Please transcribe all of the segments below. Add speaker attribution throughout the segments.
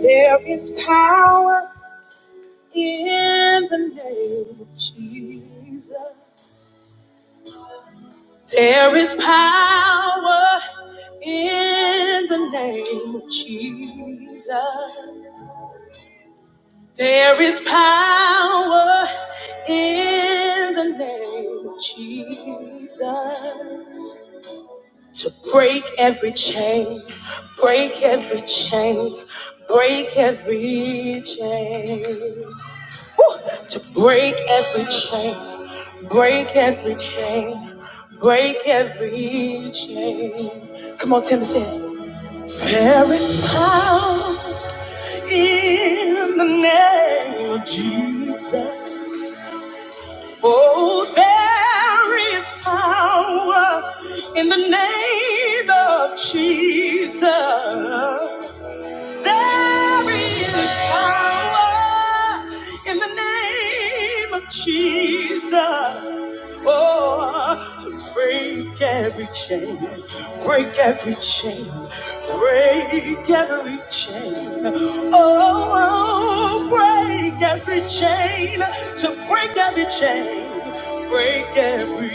Speaker 1: There is power in the name of Jesus. There is power in the name of Jesus. There is power in the name of Jesus to break every chain, break every chain, break every chain. to break every chain, break every chain, break every chain. Come on, Tim, sing. There is power in the name of Jesus. Oh, there is power in the name of Jesus. There is power in the name of Jesus. Oh, to break every chain, break every chain, break every chain. Oh, break every chain, to break every chain, break every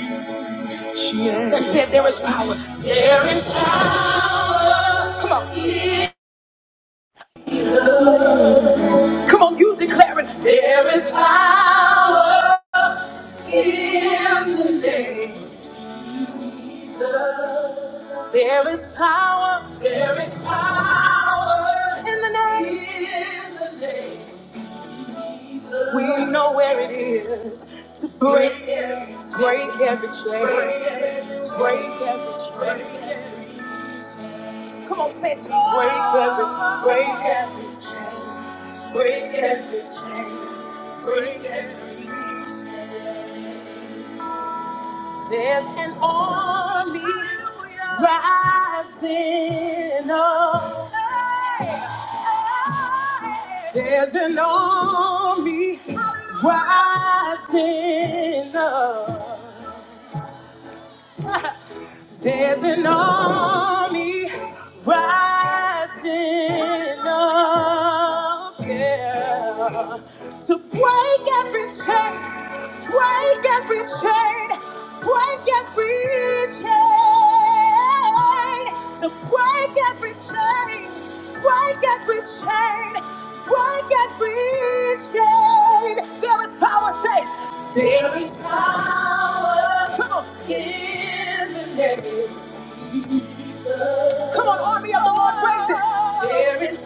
Speaker 1: chain. Let's say there is power. There is power. Come on.
Speaker 2: I
Speaker 1: Come on, you declare it. There is power in the name of. There is power. There is power in the name. In the name. We know where it is. Break, every chain. break every chain. Break every chain. Come on, say it. to me. Break every, break every, break every chain. Break every. There's an army rising up. There's an army rising up. There's an army rising up. Yeah. To break every chain, break chain, break to There is power in the name of love. There is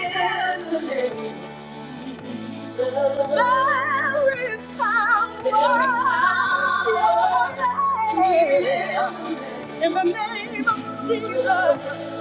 Speaker 1: in the name of love. In the name of Jesus.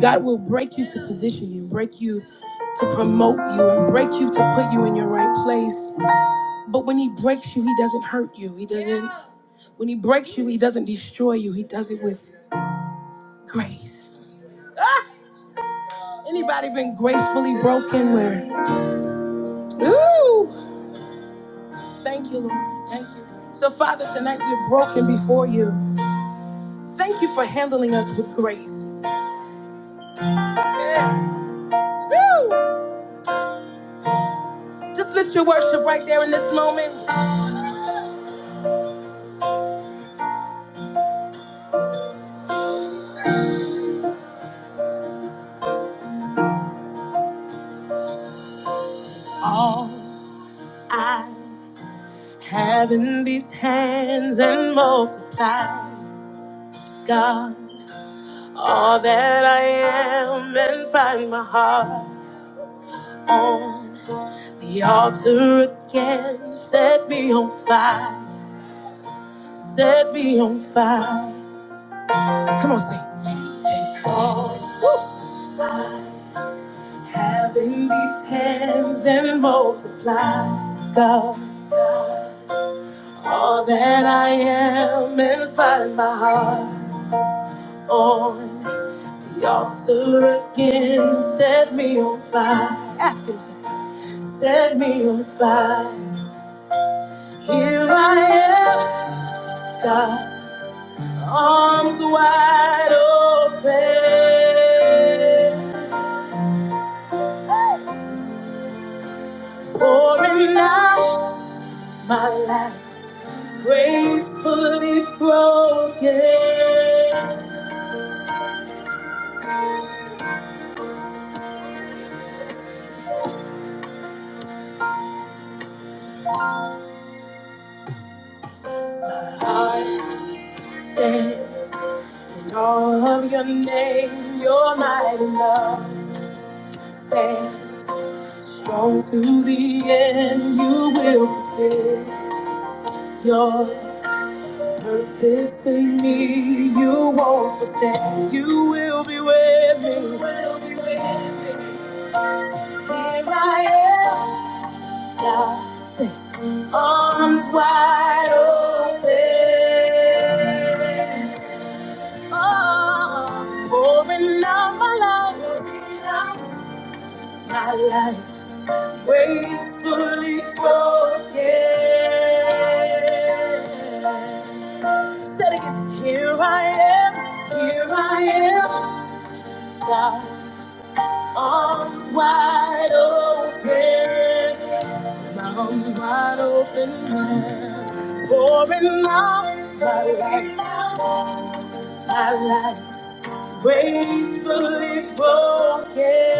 Speaker 1: God will break you to position you, break you to promote you, and break you to put you in your right place. But when He breaks you, He doesn't hurt you. He doesn't. When He breaks you, He doesn't destroy you. He does it with grace. Ah! Anybody been gracefully broken? Where? Ooh! Thank you, Lord. Thank you. So, Father, tonight we're broken before you. Thank you for handling us with grace. Yeah. Woo! Just lift your worship right there in this moment. All I have in these hands and multiply, God, all that I am and find my heart on the altar again. Set me on fire. Set me on fire. Come on, sing. Having these hands and multiply, God, all that I am and find my heart on the altar again. Set me on fire. Ask Him, set me on fire. Here I am, God, arms wide open, pouring out my life. Gracefully broken, I stands in awe of your name. Your mighty love stands strong to the end. You will fulfill your purpose in me. You won't forsake. You will be with me. You will be with me. Here I am. Nothing. Arms wide open. Oh, pouring out my life. Pouring out My life gracefully broken. Said again, here I am, here I am. God, arms wide open. My arms wide open, pouring out my life, my life, gracefully broken.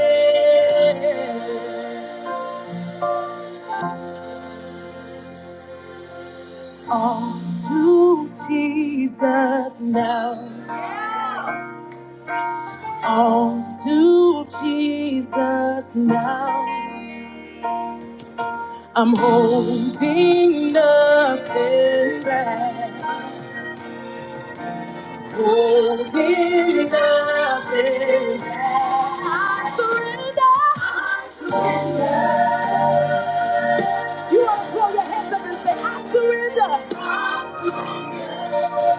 Speaker 1: All to Jesus now, all to Jesus now. I'm holding nothing back. Holding nothing back. I surrender. I surrender. You want to throw your hands up and say, I surrender. I surrender.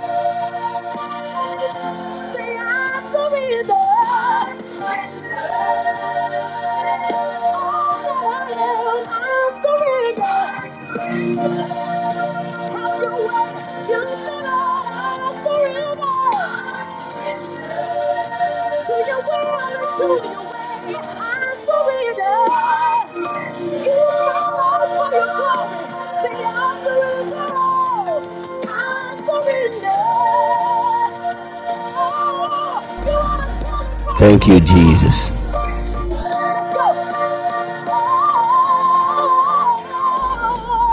Speaker 3: Thank you, Jesus.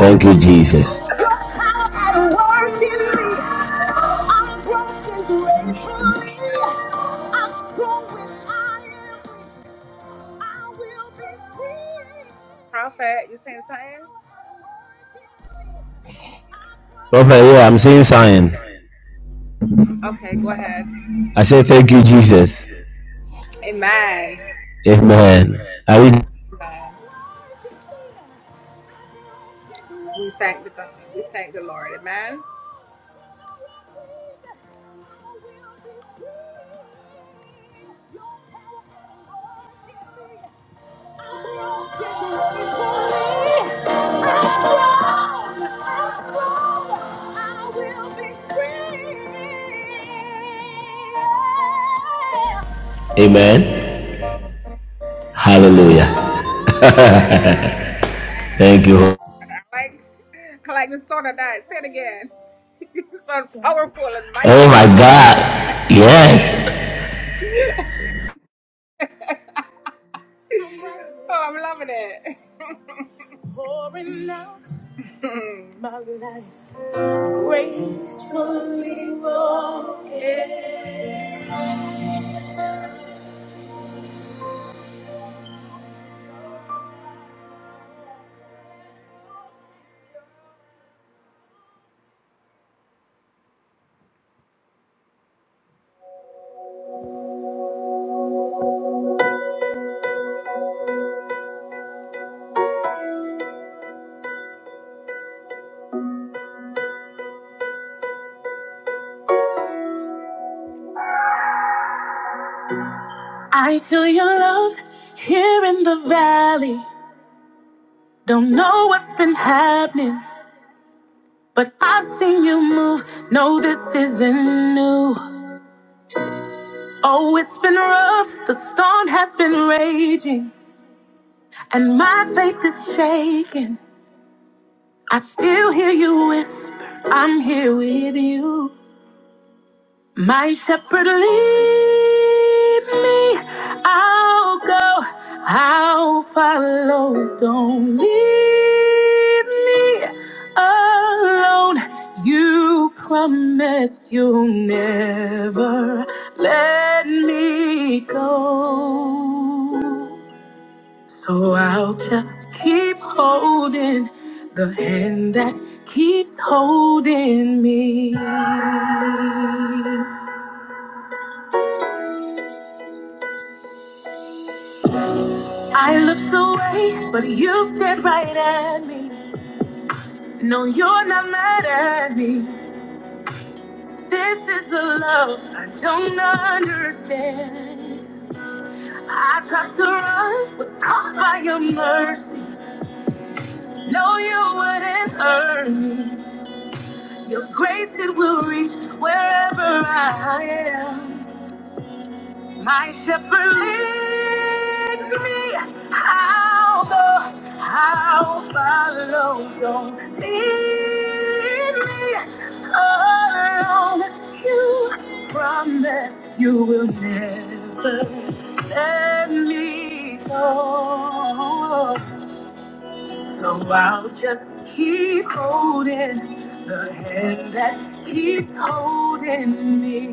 Speaker 3: Thank you, Jesus.
Speaker 1: Prophet, you saying something?
Speaker 3: Prophet, yeah, I'm saying sign. I say thank you, Jesus. Amen. Are you? Amen. Hallelujah. Thank you. Oh my God. Yes.
Speaker 1: Pouring out my life gracefully broken. I feel your love here in the valley. Don't know what's been happening, but I've seen you move. No, this isn't new. Oh, it's been rough. The storm has been raging, and my faith is shaking. I still hear you whisper, I'm here with you. My shepherd lead me, I'll go, I'll follow. Don't leave me alone. You promised you'll never let me go. So I'll just keep holding the hand that keeps holding me. I looked away, but you stared right at me. No, you're not mad at me. This is the love I don't understand. I tried to run, was caught by your mercy. No, you wouldn't hurt me. Your grace, it will reach wherever I am. My shepherd lead me. I'll go. I'll follow. Don't leave me alone. You promise you will never let me go. So I'll just keep holding the hand that keeps holding me.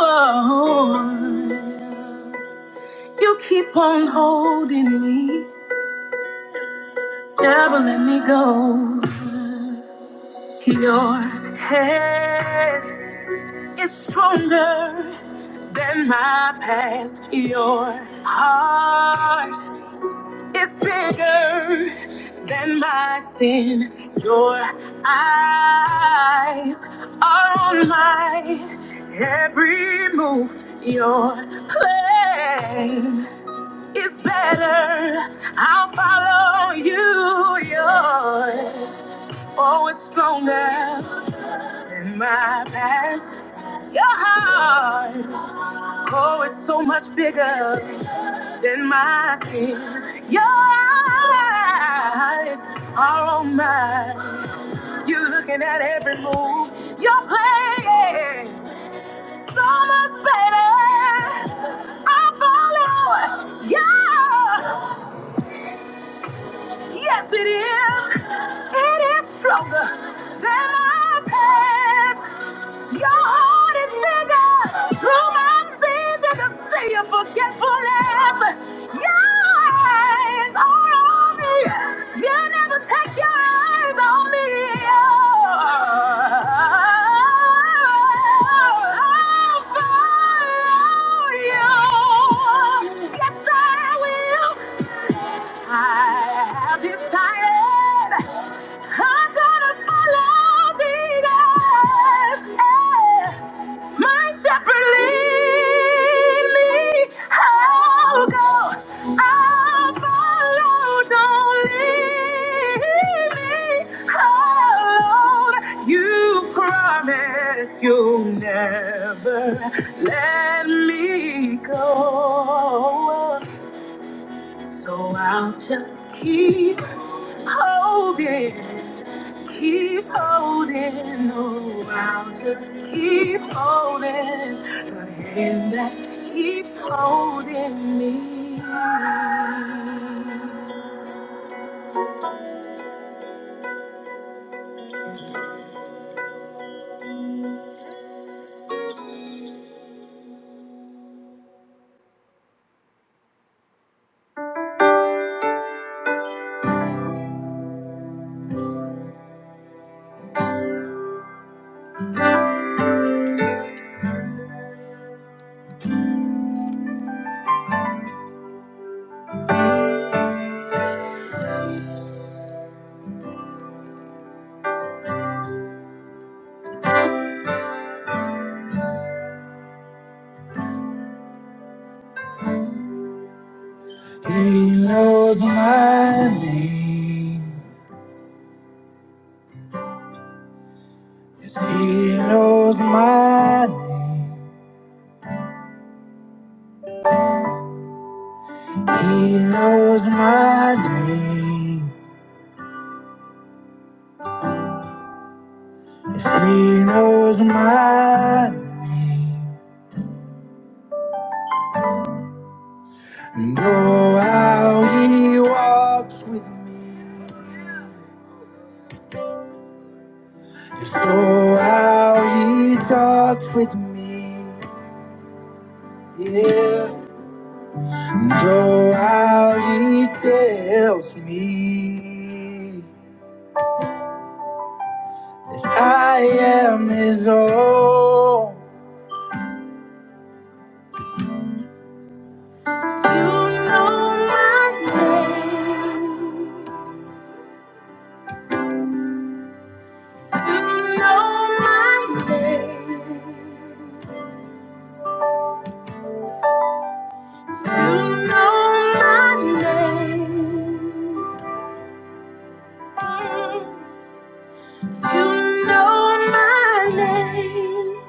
Speaker 1: Oh, you keep on holding me, never let me go. Your hand is stronger than my past. Your heart It's bigger than my sin. Your eyes are on my every move. Your plan is better. I'll follow you. Your oh, it's stronger than my past. Your heart, oh, it's so much bigger. than my skin. Your eyes are on mine. You're looking at every move you're playing. So much better. I follow. Yeah. Yes, it is. It is stronger than my past. Your heart is bigger. Through my sins, I can see your forgetfulness. Your eyes all on me. You never take your eyes on me. I'll follow you. Yes, I will. I have decided I'm gonna follow Jesus. Hey. My shepherd lead me. I'll go. I'll follow. Don't leave me alone. You promised you'll never let me go. So I'll just keep holding Keep holding, no, I'll just keep holding the hand that keeps holding me. He knows my name, he knows my name, he knows my name. know how he walks with me, so how he talks with me. yeah. Go out, he tells me that I am his own. You know my name. You know my name. You know my name.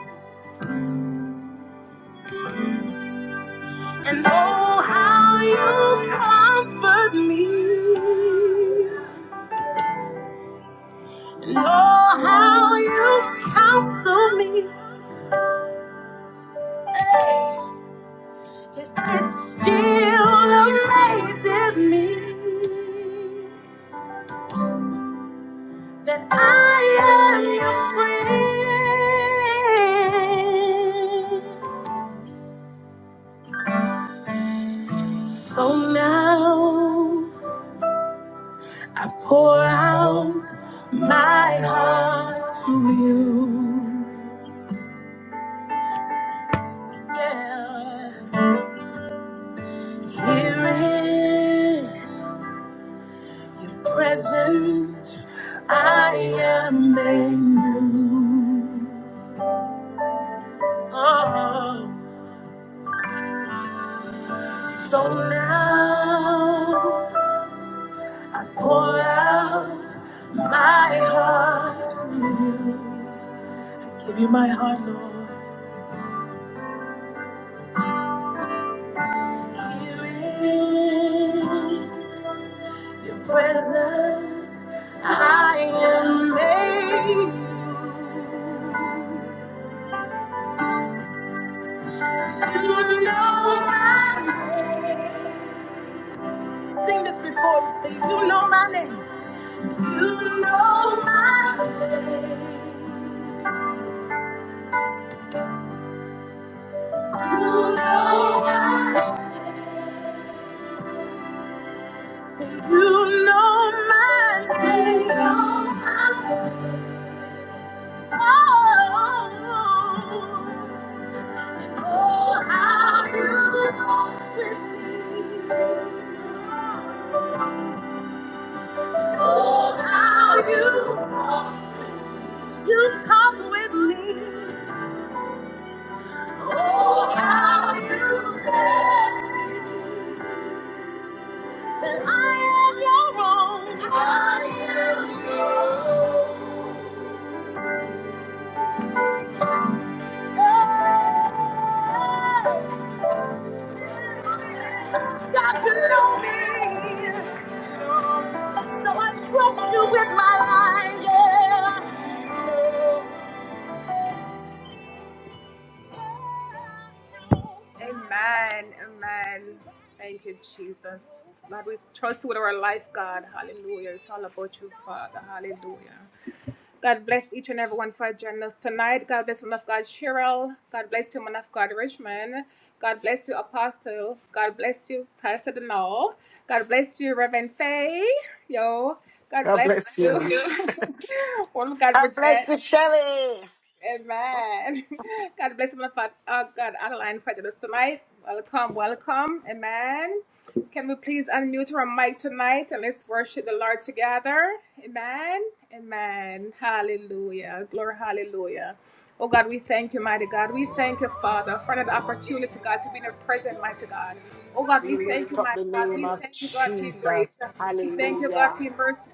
Speaker 1: And oh, how you comfort me. And oh, how you counsel me. It still amazes me that I am your friend. Oh, now, yeah, there is presence I am made. There is presence I am made. You know my name. Sing this before me. Sing, you know my name. You know my name. You know my name. You know my name.
Speaker 4: God bless you. You- God bless you, Shelly. We lift up the name of Jesus. Hallelujah.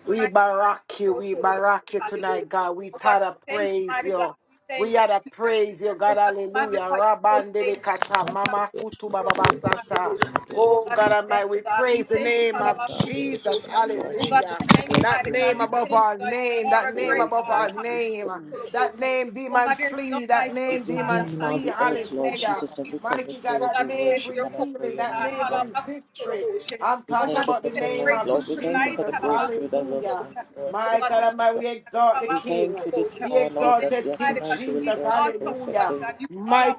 Speaker 4: We barack you. We barack you tonight, God. We gotta praise you. We had a praise you, God. Hallelujah. Rabandere kata
Speaker 5: Oh God,
Speaker 4: mama
Speaker 5: we
Speaker 4: kutu baba basata. Oh God Almighty, we praise the name of
Speaker 5: lift
Speaker 4: Jesus.
Speaker 5: you up, Lord Jesus.
Speaker 4: Hallelujah.
Speaker 5: We
Speaker 4: That
Speaker 5: bless your
Speaker 4: name
Speaker 5: name, oh God.
Speaker 4: above all name, that name
Speaker 5: Oh
Speaker 4: above all
Speaker 5: God, great
Speaker 4: name, that name demon flee, that name
Speaker 5: is your
Speaker 4: demon
Speaker 5: name in all
Speaker 4: flee,
Speaker 5: the earth, Lord
Speaker 4: hallelujah.
Speaker 5: Jesus, as we come
Speaker 4: Mighty
Speaker 5: before
Speaker 4: God,
Speaker 5: you
Speaker 4: that
Speaker 5: to
Speaker 4: name
Speaker 5: worship
Speaker 4: bring
Speaker 5: and adore
Speaker 4: healing,
Speaker 5: your
Speaker 4: that
Speaker 5: name,
Speaker 4: name
Speaker 5: God.
Speaker 4: bring victory, I'm
Speaker 5: We
Speaker 4: talking
Speaker 5: thank you
Speaker 4: about
Speaker 5: for
Speaker 4: the name
Speaker 5: tonight,
Speaker 4: of
Speaker 5: Lord. We thank you for the
Speaker 4: Jesus.
Speaker 5: breakthrough that will
Speaker 4: Hallelujah.
Speaker 5: come to us
Speaker 4: My
Speaker 5: tonight,
Speaker 4: God, and
Speaker 5: Lord
Speaker 4: my
Speaker 5: God.
Speaker 4: we exalt the
Speaker 5: We
Speaker 4: King.
Speaker 5: thank you this
Speaker 4: Be
Speaker 5: hour, Lord, that
Speaker 4: exalted,
Speaker 5: yeah,
Speaker 4: King
Speaker 5: tonight you will
Speaker 4: Jesus.
Speaker 5: draw us closer to
Speaker 4: Hallelujah.
Speaker 5: you.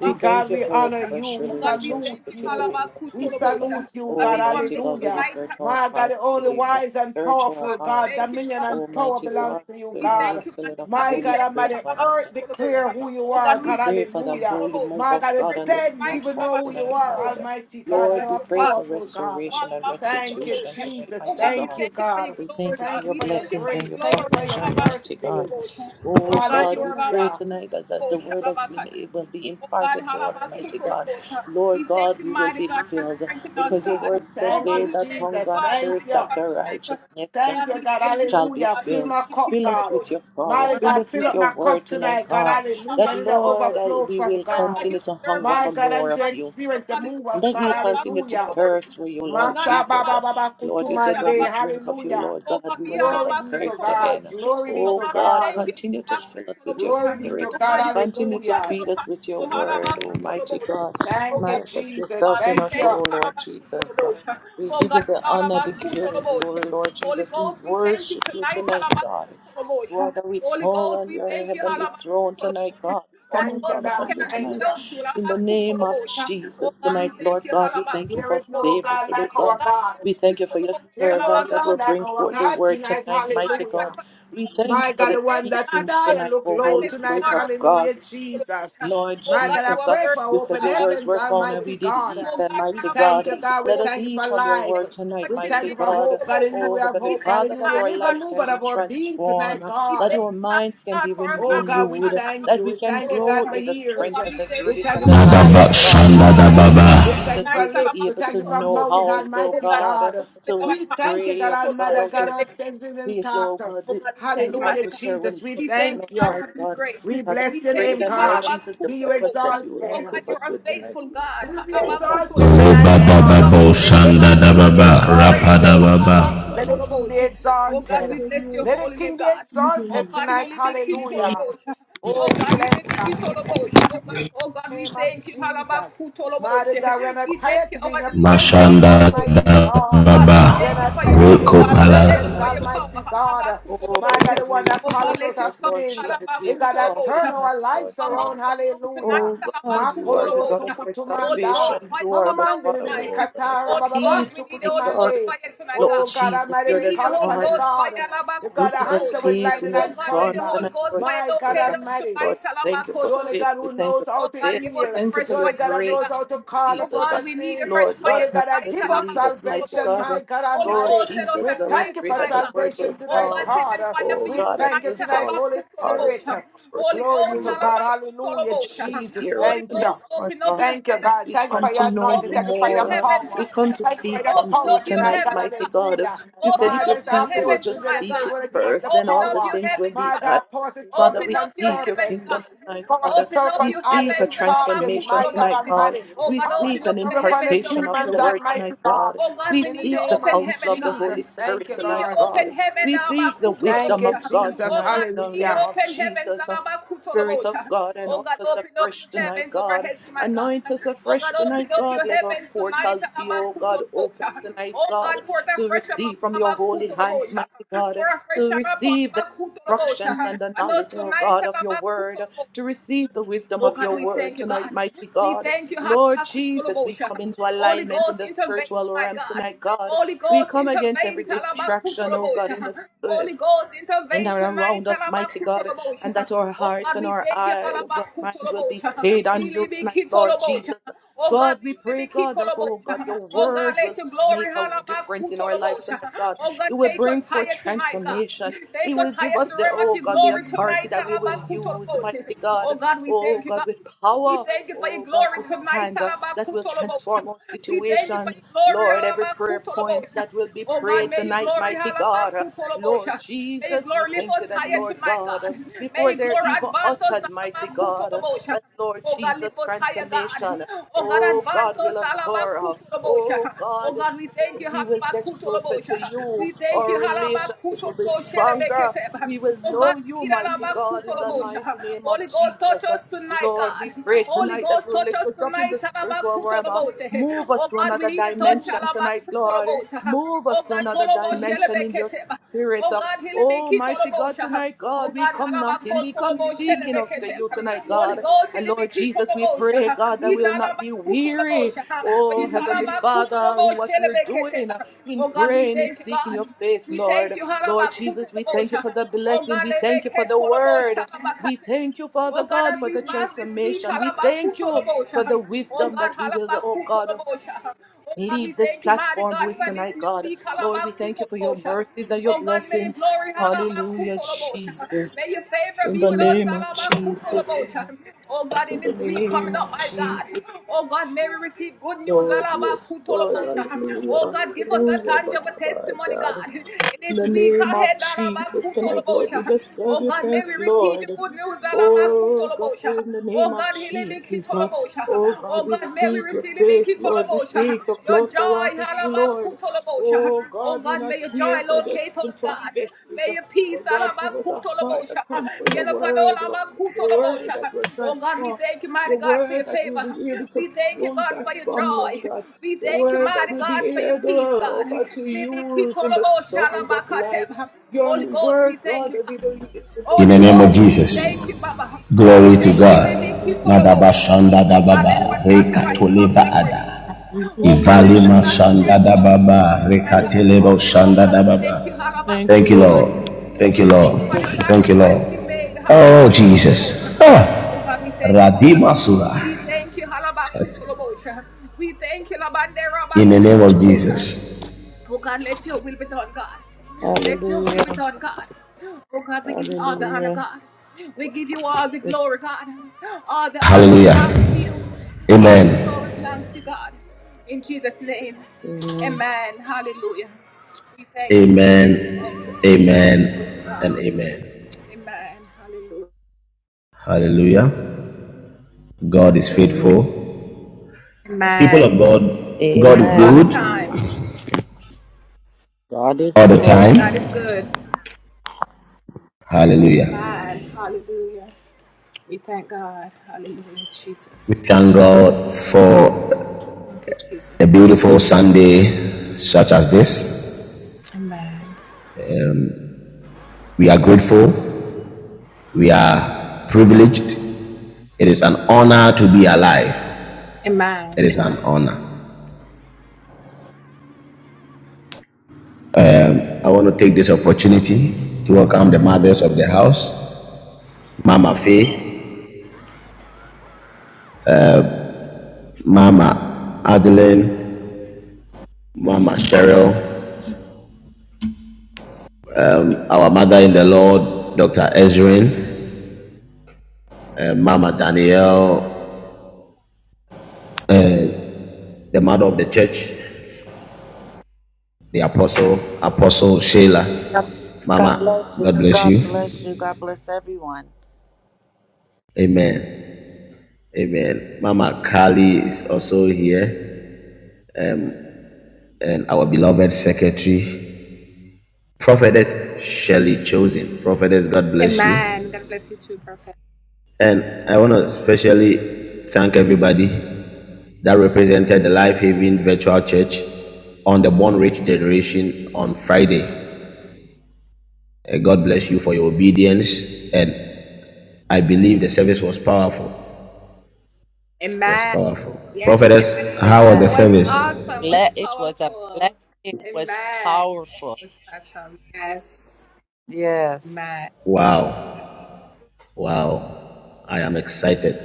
Speaker 5: We thank
Speaker 4: God,
Speaker 5: you
Speaker 4: we
Speaker 5: for a
Speaker 4: honor you.
Speaker 5: fresh
Speaker 4: We
Speaker 5: relationship
Speaker 4: salute
Speaker 5: with you
Speaker 4: you.
Speaker 5: today, Lord
Speaker 4: We
Speaker 5: Jesus.
Speaker 4: salute you, God.
Speaker 5: Almighty God, we
Speaker 4: Hallelujah.
Speaker 5: search our
Speaker 4: My God, the
Speaker 5: hearts
Speaker 4: only
Speaker 5: today, God.
Speaker 4: wise and
Speaker 5: Search our
Speaker 4: powerful God,
Speaker 5: hearts.
Speaker 4: dominion and power
Speaker 5: Almighty
Speaker 4: belongs
Speaker 5: God,
Speaker 4: to you,
Speaker 5: bring our
Speaker 4: God.
Speaker 5: infilling of your
Speaker 4: My
Speaker 5: Holy
Speaker 4: God,
Speaker 5: Spirit
Speaker 4: Almighty,
Speaker 5: upon us
Speaker 4: earth
Speaker 5: tonight,
Speaker 4: declare
Speaker 5: Lord God.
Speaker 4: who you are,
Speaker 5: We
Speaker 4: God.
Speaker 5: pray for the
Speaker 4: Hallelujah.
Speaker 5: holy move
Speaker 4: My
Speaker 5: of
Speaker 4: God, the
Speaker 5: God on this
Speaker 4: dead even
Speaker 5: platform
Speaker 4: know who you
Speaker 5: tonight,
Speaker 4: are,
Speaker 5: God.
Speaker 4: Almighty God.
Speaker 5: Lord,
Speaker 4: You're
Speaker 5: we
Speaker 4: a
Speaker 5: pray for
Speaker 4: powerful God.
Speaker 5: restoration and
Speaker 4: Thank you,
Speaker 5: restitution tonight,
Speaker 4: Jesus.
Speaker 5: mighty
Speaker 4: Thank
Speaker 5: God.
Speaker 4: you, God.
Speaker 5: We thank you for
Speaker 4: Thank you
Speaker 5: your
Speaker 4: for your
Speaker 5: blessings and
Speaker 4: grace.
Speaker 5: your
Speaker 4: Thank you for your
Speaker 5: provision, mighty
Speaker 4: mercies.
Speaker 5: God. Oh God, we pray
Speaker 4: Hallelujah.
Speaker 5: tonight that as the word has been it will be imparted to us, mighty God. Lord God, we will be filled because your word said
Speaker 4: Thank
Speaker 5: they
Speaker 4: you,
Speaker 5: that hunger
Speaker 4: Jesus.
Speaker 5: and
Speaker 4: Thank
Speaker 5: thirst
Speaker 4: you.
Speaker 5: after righteousness can
Speaker 4: Thank you, God.
Speaker 5: shall be
Speaker 4: Hallelujah. Fill
Speaker 5: filled.
Speaker 4: my cup,
Speaker 5: Fill us
Speaker 4: God.
Speaker 5: with your power.
Speaker 4: Mighty
Speaker 5: Fill
Speaker 4: God,
Speaker 5: us
Speaker 4: fill
Speaker 5: with
Speaker 4: up
Speaker 5: your
Speaker 4: my cup
Speaker 5: word tonight,
Speaker 4: tonight, God.
Speaker 5: God.
Speaker 4: Hallelujah.
Speaker 5: That,
Speaker 4: Let it
Speaker 5: Lord, that
Speaker 4: overflow
Speaker 5: we
Speaker 4: from
Speaker 5: will
Speaker 4: God.
Speaker 5: continue to hunger
Speaker 4: My
Speaker 5: for
Speaker 4: God,
Speaker 5: more
Speaker 4: and to
Speaker 5: of you.
Speaker 4: experience the move of
Speaker 5: And that
Speaker 4: God.
Speaker 5: we'll continue to
Speaker 4: Hallelujah.
Speaker 5: thirst for you, Lord
Speaker 4: Masa
Speaker 5: Jesus.
Speaker 4: baba
Speaker 5: Uh,
Speaker 4: baba
Speaker 5: Lord, you said when we
Speaker 4: kutumande.
Speaker 5: drink of you,
Speaker 4: Hallelujah.
Speaker 5: Lord God, we will
Speaker 4: Glory
Speaker 5: never
Speaker 4: be to
Speaker 5: thirst
Speaker 4: God.
Speaker 5: again.
Speaker 4: Glory be
Speaker 5: Oh
Speaker 4: to
Speaker 5: God,
Speaker 4: God.
Speaker 5: continue to fill us with your
Speaker 4: Glory be to
Speaker 5: spirit.
Speaker 4: God.
Speaker 5: Continue to
Speaker 4: Hallelujah.
Speaker 5: feed us with your word, Almighty God.
Speaker 4: Thank you,
Speaker 5: Manifest
Speaker 4: Jesus.
Speaker 5: yourself in
Speaker 4: Thank
Speaker 5: us,
Speaker 4: you.
Speaker 5: oh Lord Jesus. Uh, We give you the honor, the give you the glory, Lord Jesus. We worship you tonight, God. Brother, we call on your heavenly throne tonight, God. We come and
Speaker 4: Thank you,
Speaker 5: call upon
Speaker 4: God.
Speaker 5: you
Speaker 4: Thank
Speaker 5: tonight.
Speaker 4: you.
Speaker 5: In the name of Jesus tonight, Lord God, we thank you
Speaker 4: There
Speaker 5: for
Speaker 4: is no
Speaker 5: favor
Speaker 4: God
Speaker 5: today,
Speaker 4: like
Speaker 5: God.
Speaker 4: our
Speaker 5: We
Speaker 4: God.
Speaker 5: thank you for your
Speaker 4: There's no
Speaker 5: servant that will
Speaker 4: God like
Speaker 5: bring
Speaker 4: our
Speaker 5: forth the
Speaker 4: God
Speaker 5: word
Speaker 4: tonight.
Speaker 5: tonight, mighty
Speaker 4: Hallelujah.
Speaker 5: God. We thank
Speaker 4: My
Speaker 5: you for
Speaker 4: God,
Speaker 5: the
Speaker 4: the one that sit
Speaker 5: teachings
Speaker 4: high and
Speaker 5: tonight,
Speaker 4: look
Speaker 5: O
Speaker 4: low
Speaker 5: Holy
Speaker 4: tonight.
Speaker 5: Spirit of God.
Speaker 4: Hallelujah, Jesus.
Speaker 5: Lord
Speaker 4: My God, I
Speaker 5: Jesus, uh,
Speaker 4: pray for
Speaker 5: you said
Speaker 4: open
Speaker 5: your words
Speaker 4: heavens,
Speaker 5: were found and we
Speaker 4: Almighty
Speaker 5: did
Speaker 4: God.
Speaker 5: eat them,
Speaker 4: We
Speaker 5: mighty
Speaker 4: thank
Speaker 5: God.
Speaker 4: you, God. We
Speaker 5: Let us
Speaker 4: thank you
Speaker 5: eat
Speaker 4: for
Speaker 5: from your
Speaker 4: life.
Speaker 5: word tonight,
Speaker 4: We thank
Speaker 5: mighty
Speaker 4: you for
Speaker 5: God.
Speaker 4: hope, God, in you.
Speaker 5: Oh,
Speaker 4: We have
Speaker 5: Heavenly
Speaker 4: hope, God, in
Speaker 5: Father,
Speaker 4: you.
Speaker 5: that
Speaker 4: We
Speaker 5: our
Speaker 4: live and
Speaker 5: lives
Speaker 4: move
Speaker 5: can
Speaker 4: out
Speaker 5: be
Speaker 4: of our being tonight,
Speaker 5: transformed, that
Speaker 4: God.
Speaker 5: our minds can be ren-
Speaker 4: Oh God, we
Speaker 5: renewed,
Speaker 4: thank
Speaker 5: that
Speaker 4: you.
Speaker 5: we
Speaker 4: We
Speaker 5: can
Speaker 4: thank you,
Speaker 5: grow
Speaker 4: God, for
Speaker 5: in the
Speaker 4: ears.
Speaker 5: strength and the
Speaker 4: We
Speaker 5: grace
Speaker 4: thank
Speaker 5: and
Speaker 4: you for
Speaker 5: the knowledge
Speaker 4: eyes to
Speaker 3: Madaba
Speaker 5: of
Speaker 4: see,
Speaker 5: God.
Speaker 3: shanda da
Speaker 4: God.
Speaker 5: That
Speaker 3: baba.
Speaker 5: Lord
Speaker 4: We thank you
Speaker 5: Jesus
Speaker 4: for
Speaker 5: will be
Speaker 4: lips. We
Speaker 5: able
Speaker 4: thank
Speaker 5: to
Speaker 4: you for
Speaker 5: know
Speaker 4: mouth,
Speaker 5: how, oh
Speaker 4: Almighty
Speaker 5: God,
Speaker 4: God.
Speaker 5: to
Speaker 4: We thank you,
Speaker 5: pray,
Speaker 4: God
Speaker 5: oh God,
Speaker 4: Almighty,
Speaker 5: how
Speaker 4: God,
Speaker 5: to
Speaker 4: our senses
Speaker 5: Please, oh
Speaker 4: intact.
Speaker 5: God, the, the
Speaker 4: Hallelujah,
Speaker 5: adversary when
Speaker 4: Jesus.
Speaker 5: it
Speaker 4: We
Speaker 5: comes upon us,
Speaker 4: thank you.
Speaker 5: right, God.
Speaker 4: We
Speaker 5: Father,
Speaker 4: bless your
Speaker 5: we pray
Speaker 4: name,
Speaker 5: that, Lord
Speaker 4: God.
Speaker 5: Jesus, the
Speaker 4: Be you
Speaker 5: weapons that you will
Speaker 4: exalted.
Speaker 5: equip us with tonight,
Speaker 4: Will you be
Speaker 5: oh God, the
Speaker 4: exalted
Speaker 5: word,
Speaker 4: tonight,
Speaker 3: Leba da
Speaker 4: God?
Speaker 3: babo
Speaker 5: we will
Speaker 4: Let
Speaker 5: be
Speaker 4: the
Speaker 3: shanda da
Speaker 5: blessed,
Speaker 4: king be
Speaker 3: baba.
Speaker 5: Lord
Speaker 3: Rapa
Speaker 5: God,
Speaker 3: da
Speaker 4: exalted.
Speaker 3: baba.
Speaker 5: glorify
Speaker 4: Let the
Speaker 5: you.
Speaker 4: king be exalted.
Speaker 5: Father, you
Speaker 4: Let the king be
Speaker 5: are
Speaker 4: exalted
Speaker 5: king.
Speaker 4: tonight. Hallelujah. Oh, we bless God. We bless the name of Jesus. Mighty God, we're not tired to be in your
Speaker 5: Father,
Speaker 4: presence,
Speaker 3: Mashanda
Speaker 4: Almighty
Speaker 3: da
Speaker 4: God.
Speaker 3: baba.
Speaker 4: We're not tired to be in
Speaker 5: Hallelujah,
Speaker 4: your
Speaker 3: Reko
Speaker 5: Lord God,
Speaker 3: pala.
Speaker 4: presence,
Speaker 5: tonight.
Speaker 4: Almighty God.
Speaker 5: Oh,
Speaker 4: My God, the
Speaker 5: Lord, we
Speaker 4: one that
Speaker 5: lift
Speaker 4: called
Speaker 5: you up
Speaker 4: us out of
Speaker 5: tonight, Lord
Speaker 4: sins.
Speaker 5: Jesus. We
Speaker 4: We got to
Speaker 5: exalt you
Speaker 4: turn
Speaker 5: tonight,
Speaker 4: our
Speaker 5: Lord
Speaker 4: lives
Speaker 5: God.
Speaker 4: around. Hallelujah.
Speaker 5: Oh, God, you are the
Speaker 4: Makolobo
Speaker 5: God of our
Speaker 4: sukutumanda.
Speaker 5: salvation. You are
Speaker 4: Mama
Speaker 5: the
Speaker 4: mande
Speaker 5: God,
Speaker 4: ni bibi
Speaker 5: oh, God of
Speaker 4: katara.
Speaker 5: our
Speaker 4: bababa ba
Speaker 5: peace, my God.
Speaker 4: sukutumande.
Speaker 5: Lord
Speaker 4: Oh God
Speaker 5: Jesus,
Speaker 4: Almighty,
Speaker 5: you're
Speaker 4: we
Speaker 5: the
Speaker 4: call upon a
Speaker 5: God
Speaker 4: God. You got
Speaker 5: who
Speaker 4: to
Speaker 5: gives
Speaker 4: answer
Speaker 5: us
Speaker 4: with
Speaker 5: faith
Speaker 4: lightning
Speaker 5: in the
Speaker 4: and
Speaker 5: storms
Speaker 4: thunder.
Speaker 5: tonight, Lord
Speaker 4: My God
Speaker 5: Jesus. Uh,
Speaker 4: Almighty.
Speaker 5: Lord, thank you for
Speaker 4: The only
Speaker 5: faith.
Speaker 4: God
Speaker 5: We
Speaker 4: who
Speaker 5: thank you
Speaker 4: knows how to
Speaker 5: for faith. We
Speaker 4: heal.
Speaker 5: thank you
Speaker 4: The
Speaker 5: for your
Speaker 4: only God that knows
Speaker 5: grace
Speaker 4: how to call
Speaker 5: tonight,
Speaker 4: us out
Speaker 5: Jesus. Uh,
Speaker 4: of sins.
Speaker 5: Lord,
Speaker 4: The
Speaker 5: Lord,
Speaker 4: only God that
Speaker 5: continue
Speaker 4: give
Speaker 5: to
Speaker 4: us
Speaker 5: lead us, mighty
Speaker 4: salvation,
Speaker 5: God.
Speaker 4: my
Speaker 5: Uh,
Speaker 4: God
Speaker 5: Lord
Speaker 4: Almighty. We
Speaker 5: Jesus, uh, we
Speaker 4: thank you
Speaker 5: pray
Speaker 4: for
Speaker 5: that the word
Speaker 4: salvation
Speaker 5: will
Speaker 4: tonight,
Speaker 5: come,
Speaker 4: God.
Speaker 5: oh
Speaker 4: We
Speaker 5: God, and
Speaker 4: thank you
Speaker 5: will
Speaker 4: tonight,
Speaker 5: fall on
Speaker 4: Holy
Speaker 5: our heart
Speaker 4: Spirit.
Speaker 5: that is fertile
Speaker 4: Glory be
Speaker 5: before
Speaker 4: to God.
Speaker 5: you,
Speaker 4: Hallelujah,
Speaker 5: Jesus,
Speaker 4: Jesus.
Speaker 5: hear us
Speaker 4: Thank
Speaker 5: tonight,
Speaker 4: you.
Speaker 5: Lord God.
Speaker 4: Thank you, God.
Speaker 5: We
Speaker 4: Thank you for
Speaker 5: come to
Speaker 4: your
Speaker 5: know
Speaker 4: anointing.
Speaker 5: you
Speaker 4: Thank you for your
Speaker 5: more. uh,
Speaker 4: power.
Speaker 5: We come to
Speaker 4: Thank you for
Speaker 5: seek
Speaker 4: your
Speaker 5: from you
Speaker 4: power tonight,
Speaker 5: tonight,
Speaker 4: God.
Speaker 5: mighty God.
Speaker 4: Hallelujah.
Speaker 5: You said
Speaker 4: My
Speaker 5: if your
Speaker 4: God, I
Speaker 5: people
Speaker 4: feel
Speaker 5: will
Speaker 4: was risen.
Speaker 5: just
Speaker 4: to
Speaker 5: seek
Speaker 4: say,
Speaker 5: you
Speaker 4: going to give us the
Speaker 5: first, then all the
Speaker 4: power.
Speaker 5: things will be
Speaker 4: My God,
Speaker 5: added.
Speaker 4: power to trump
Speaker 5: Father, we
Speaker 4: upon
Speaker 5: seek your
Speaker 4: serpents.
Speaker 5: kingdom tonight,
Speaker 4: Power to
Speaker 5: God.
Speaker 4: trump upon
Speaker 5: We
Speaker 4: others
Speaker 5: seek a
Speaker 4: and scorpions,
Speaker 5: transformation
Speaker 4: my God
Speaker 5: tonight, God.
Speaker 4: Almighty.
Speaker 5: We
Speaker 4: Power to
Speaker 5: seek an
Speaker 4: trump upon the
Speaker 5: impartation of
Speaker 4: demons,
Speaker 5: your word
Speaker 4: Almighty
Speaker 5: tonight,
Speaker 4: God.
Speaker 5: God. We
Speaker 4: In the
Speaker 5: seek the
Speaker 4: name of
Speaker 5: counsel of the
Speaker 4: Jesus.
Speaker 5: Holy
Speaker 4: Thank
Speaker 5: Spirit
Speaker 4: you,
Speaker 5: tonight,
Speaker 4: Lord.
Speaker 5: God. We seek the
Speaker 4: Thank
Speaker 5: wisdom
Speaker 4: you,
Speaker 5: of God
Speaker 4: Jesus.
Speaker 5: tonight in the name
Speaker 4: Hallelujah.
Speaker 5: of Jesus. Spirit of God, anoint us afresh tonight, God. Anoint us afresh tonight, God. Let our portals be, oh God, open tonight, God, to receive from your holy hands, mighty God, to receive the instructions and the knowledge, oh God, of your word, to receive the wisdom of your word tonight, mighty God. Lord Jesus, we come into alignment in the spiritual realm tonight, God. We come against every distraction, oh God, in the spirit and around us, mighty God, and that our hearts and our eye, well, mind will be stayed on you tonight, Lord Jesus. God, we pray, God, that, oh God, your word will make a difference in our life tonight, God. It will bring forth transformation. It will give us the, oh God, the authority that we will use, mighty God. Oh God, with power, oh God, to stand, uh, that will transform our situations. Lord, every prayer points that will be prayed tonight, mighty God. uh, Lord Jesus, we thank you that, Lord God, uh, before they're even uttered, mighty God, uh, that, Lord Jesus, transformation, uh, oh God, will occur. uh, Oh God, we will get closer to you. Our relationship will be stronger. We will know you, mighty God, in the mighty name of Jesus. Uh, Lord, we pray tonight that you lift us up in the spiritual realm. Uh, Move us to another dimension tonight, Lord. Move us to another dimension in your Spirit of Almighty God tonight, God, we come knocking, we come seeking after you tonight, God. And Lord Jesus, we pray, God, that we will not be weary, oh Heavenly Father, in what we're doing, in praying, in seeking your face, Lord. Lord Jesus, we thank you for the blessing, we thank you for the word. We thank you, Father God, for the transformation. We thank you for the wisdom that we will, oh God leave this platform with tonight, God. Lord, we thank you for your mercies and your blessings. Hallelujah, Jesus. In the name of Jesus. In the name of Jesus. Yes, Lord, yes, Lord, hallelujah, hallelujah, Baba, my God. In the name of Jesus tonight, Lord, we just give you thanks, Lord. Oh God, in the name of Jesus. uh, Oh God, we seek your face, Lord. We seek a closer walk with you, Lord. Oh God, we're not here for just to prophecies. uh, But God, give us a heart that comes for your word, Lord. Your word that will transform. Your word that we'll be able to pull back from, Lord God. The word that we'll be able, oh God, to use in the storms of life. Your word, God, that we will be able to
Speaker 3: In the name of
Speaker 5: minister to others.
Speaker 3: Jesus. Glory to
Speaker 5: Jesus.
Speaker 3: God. Madaba shanda da baba
Speaker 5: Hallelujah.
Speaker 3: rekatoleva ada.
Speaker 5: Hallelujah,
Speaker 3: Ivalima shanda
Speaker 5: Jesus.
Speaker 3: da baba
Speaker 5: Yes, Lord.
Speaker 3: rekatelebo shanda da baba.
Speaker 5: Thank you,
Speaker 3: Thank you,
Speaker 5: Lord.
Speaker 3: Lord.
Speaker 5: Thank
Speaker 3: Thank you,
Speaker 5: you,
Speaker 3: Lord.
Speaker 5: Jesus.
Speaker 3: Thank you, Lord. Oh, Jesus. Ah. Radima sura. In the name of Jesus.
Speaker 5: Hallelujah. Hallelujah. Yes,
Speaker 3: Hallelujah. Amen.
Speaker 5: amen.
Speaker 3: Amen. Amen. And amen. Hallelujah. God is
Speaker 5: Amen.
Speaker 3: faithful. People of God, God is
Speaker 5: Amen.
Speaker 3: good
Speaker 5: God is
Speaker 3: all the
Speaker 5: good.
Speaker 3: time. Hallelujah. We thank God for a beautiful Sunday such as this. We are grateful. We are privileged. It is an honor to be alive. It is an honor. I want to take this opportunity to welcome the mothers of the house Mama Faye, Mama Adeline, Mama Cheryl, our mother in the Lord, Dr. Ezrin, uh, Mama Danielle, the mother of the church, the apostle, Apostle Sheila.
Speaker 6: God God bless
Speaker 3: Mama,
Speaker 6: you.
Speaker 3: God bless
Speaker 6: God
Speaker 3: you.
Speaker 6: bless you. God bless everyone.
Speaker 3: Amen. Amen. Mama Kali is also here, and our beloved secretary, Prophetess Shelley Chosen. Prophetess, God bless you. And I want to especially thank everybody that represented the Life Haven Virtual Church on the Born Rich Generation on Friday. Uh, God bless you for your obedience. And I believe the service was powerful. It was powerful. Prophetess, how was the
Speaker 6: Amen.
Speaker 3: service?
Speaker 5: Ble- It was a blessing, was powerful.
Speaker 6: Yes.
Speaker 3: Wow. Wow. I am excited.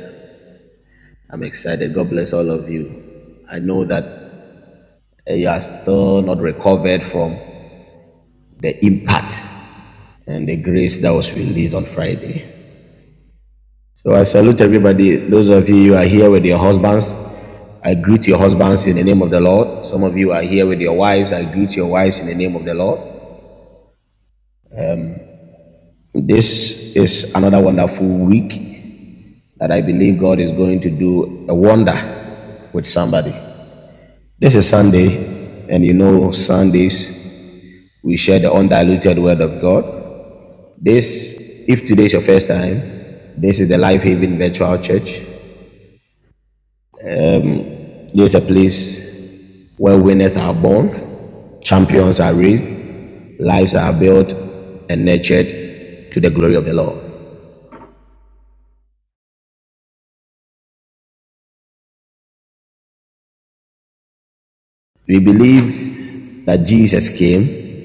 Speaker 3: I'm excited. God bless all of you. I know that uh, you are still not recovered from the impact and the grace that was released on Friday. So I salute everybody. Those of you who are here with your husbands, I greet your husbands in the name of the Lord. Some of you are here with your wives, I greet your wives in the name of the Lord. This is another wonderful week that I believe God is going to do a wonder with somebody. This is Sunday, and you know, Sundays we share the undiluted word of God. This, if today is your first time, this is the Life Haven Virtual Church. This is a place where winners are born, champions are raised, lives are built and nurtured to the glory of the Lord. We believe that Jesus came,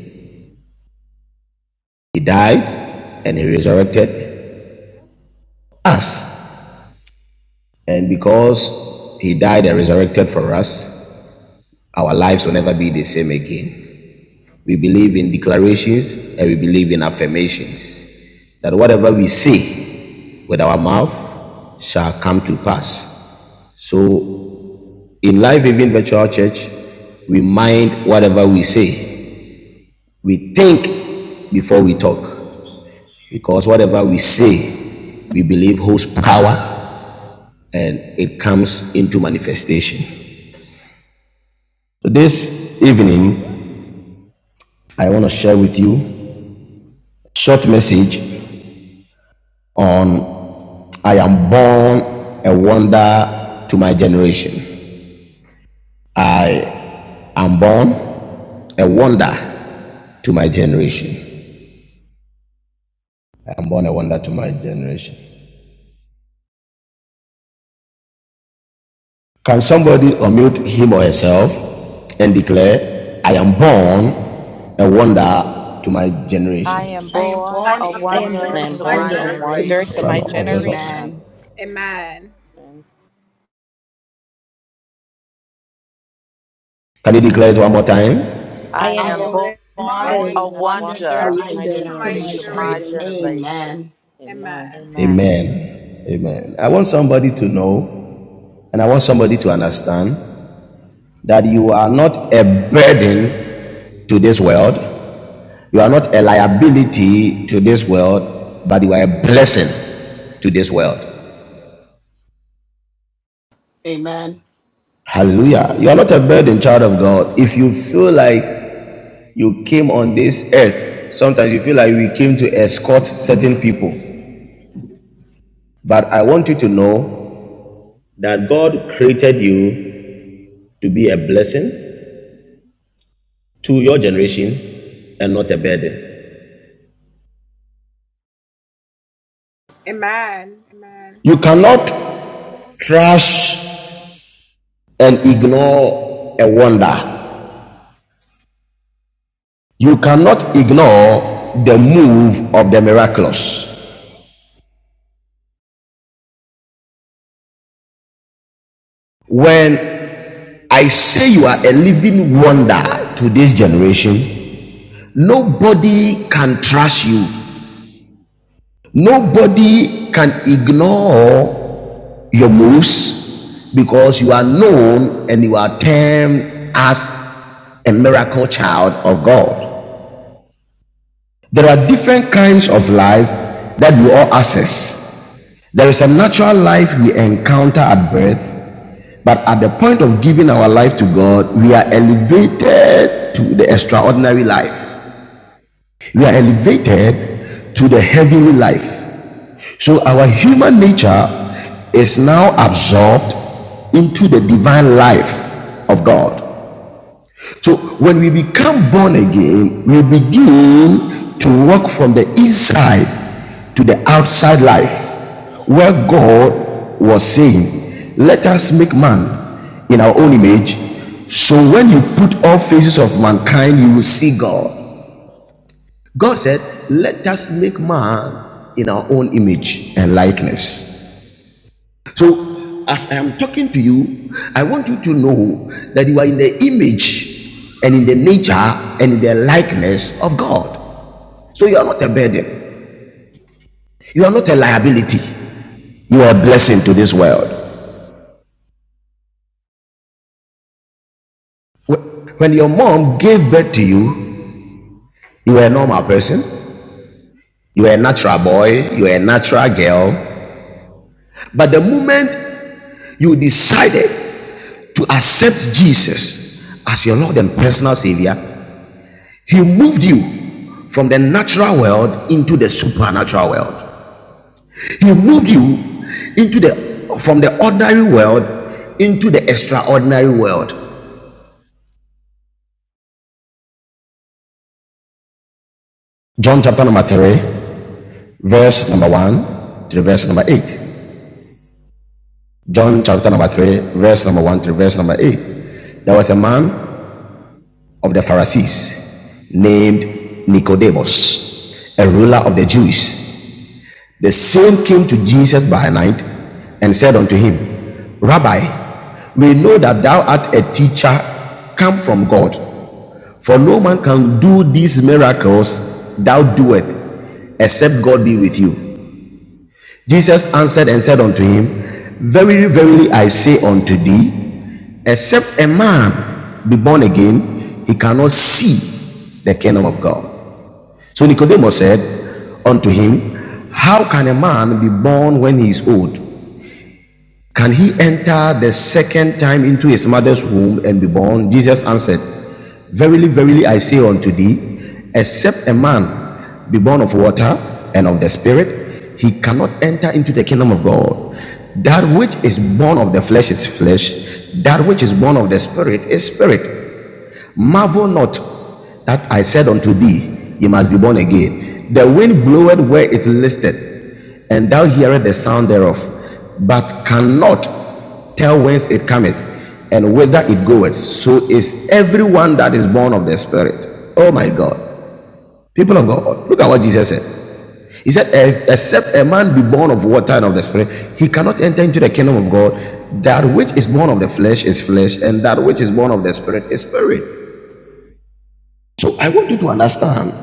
Speaker 3: He died, and He resurrected us. And because He died and resurrected for us, Our lives will never be the same again. We believe in declarations and we believe in affirmations that whatever we say with our mouth shall come to pass. So in life, even virtual church, we mind whatever we say. We think before we talk. Because whatever we say, we believe holds power and it comes into manifestation. So this evening, I want to share with you short message on I am born a wonder to my generation. I am born a wonder to my generation. I am born a wonder to my generation. Can somebody unmute him or herself and declare, I am born a wonder to my
Speaker 6: I am
Speaker 3: generation?
Speaker 2: am
Speaker 6: born
Speaker 2: born
Speaker 6: a
Speaker 2: a
Speaker 7: I am
Speaker 2: wonder
Speaker 5: I
Speaker 6: wonder
Speaker 7: born a
Speaker 2: to
Speaker 5: am
Speaker 6: to
Speaker 2: my
Speaker 5: born
Speaker 6: my
Speaker 5: a
Speaker 7: wonder to my
Speaker 5: wonder to
Speaker 6: generation.
Speaker 5: my
Speaker 2: generation.
Speaker 3: no
Speaker 7: generation.
Speaker 5: generation.
Speaker 2: Amen.
Speaker 5: Amen.
Speaker 3: Can you declare it one more time?
Speaker 7: I
Speaker 6: I
Speaker 7: am
Speaker 2: I
Speaker 5: I
Speaker 6: am
Speaker 5: am
Speaker 2: am
Speaker 7: born
Speaker 2: born
Speaker 6: born
Speaker 5: born
Speaker 7: a,
Speaker 2: a
Speaker 6: a
Speaker 5: a
Speaker 2: wonder
Speaker 5: wonder
Speaker 7: a
Speaker 2: to
Speaker 6: wonder
Speaker 5: to
Speaker 2: my
Speaker 5: my
Speaker 7: wonder to my
Speaker 6: to
Speaker 5: generation.
Speaker 6: my
Speaker 2: generation.
Speaker 7: generation.
Speaker 6: generation.
Speaker 2: Amen.
Speaker 5: Amen.
Speaker 6: Amen.
Speaker 3: Amen. Amen. I want somebody to know and I want somebody to understand that you are not a burden to this world, you are not a liability to this world, but you are a blessing to this world.
Speaker 2: Amen.
Speaker 3: Hallelujah. You are not a burden, child of God. If you feel like you came on this earth, sometimes you feel like we came to escort certain people. But I want you to know that God created you to be a blessing to your generation and not a burden. You cannot trash and ignore a wonder. You cannot ignore the move of the miraculous. When I say you are a living wonder to this generation, nobody can trust you. Nobody can ignore your moves because you are known and you are termed as a miracle child of God. There are different kinds of life that we all access. There is a natural life we encounter at birth, but at the point of giving our life to God, we are elevated to the extraordinary life. We are elevated to the heavenly life. So our human nature is now absorbed into the divine life of God. So when we become born again, we begin to walk from the inside to the outside life where God was saying, Let us make man in our own image. So when you put all faces of mankind, you will see God. God said, Let us make man in our own image and likeness. So, as I am talking to you, I want you to know that you are in the image and in the nature and in the likeness of God. So, you are not a burden, you are not a liability, you are a blessing to this world. When your mom gave birth to you, you were a normal person, you were a natural boy, you were a natural girl. But the moment you decided to accept Jesus as your Lord and personal Savior, He moved you from the natural world into the supernatural world. He moved you into the from the ordinary world into the extraordinary world. John chapter number 3, verse number 1 to verse number 8. John chapter number 3, verse number 1 to verse number 8. There was a man of the Pharisees named Nicodemus, a ruler of the Jews. The same came to Jesus by night and said unto him, Rabbi, we know that thou art a teacher come from God, for no man can do these miracles thou doest except God be with you. Jesus answered and said unto him, Verily, verily, I say unto thee, except a man be born again, he cannot see the kingdom of God. So Nicodemus said unto him, How can a man be born when he is old? Can he enter the second time into his mother's womb and be born? Jesus answered, Verily, verily, I say unto thee, except a man be born of water and of the Spirit, he cannot enter into the kingdom of God. That which is born of the flesh is flesh, that which is born of the Spirit is spirit. Marvel not that I said unto thee, Ye must be born again. The wind bloweth where it listeth, and thou hearest the sound thereof, but cannot tell whence it cometh, and whither it goeth. So is everyone that is born of the Spirit. Oh my God. People of God, look at what Jesus said. He said, "Ex- Except a man be born of water and of the Spirit, he cannot enter into the kingdom of God. That which is born of the flesh is flesh, and that which is born of the Spirit is spirit. So I want you to understand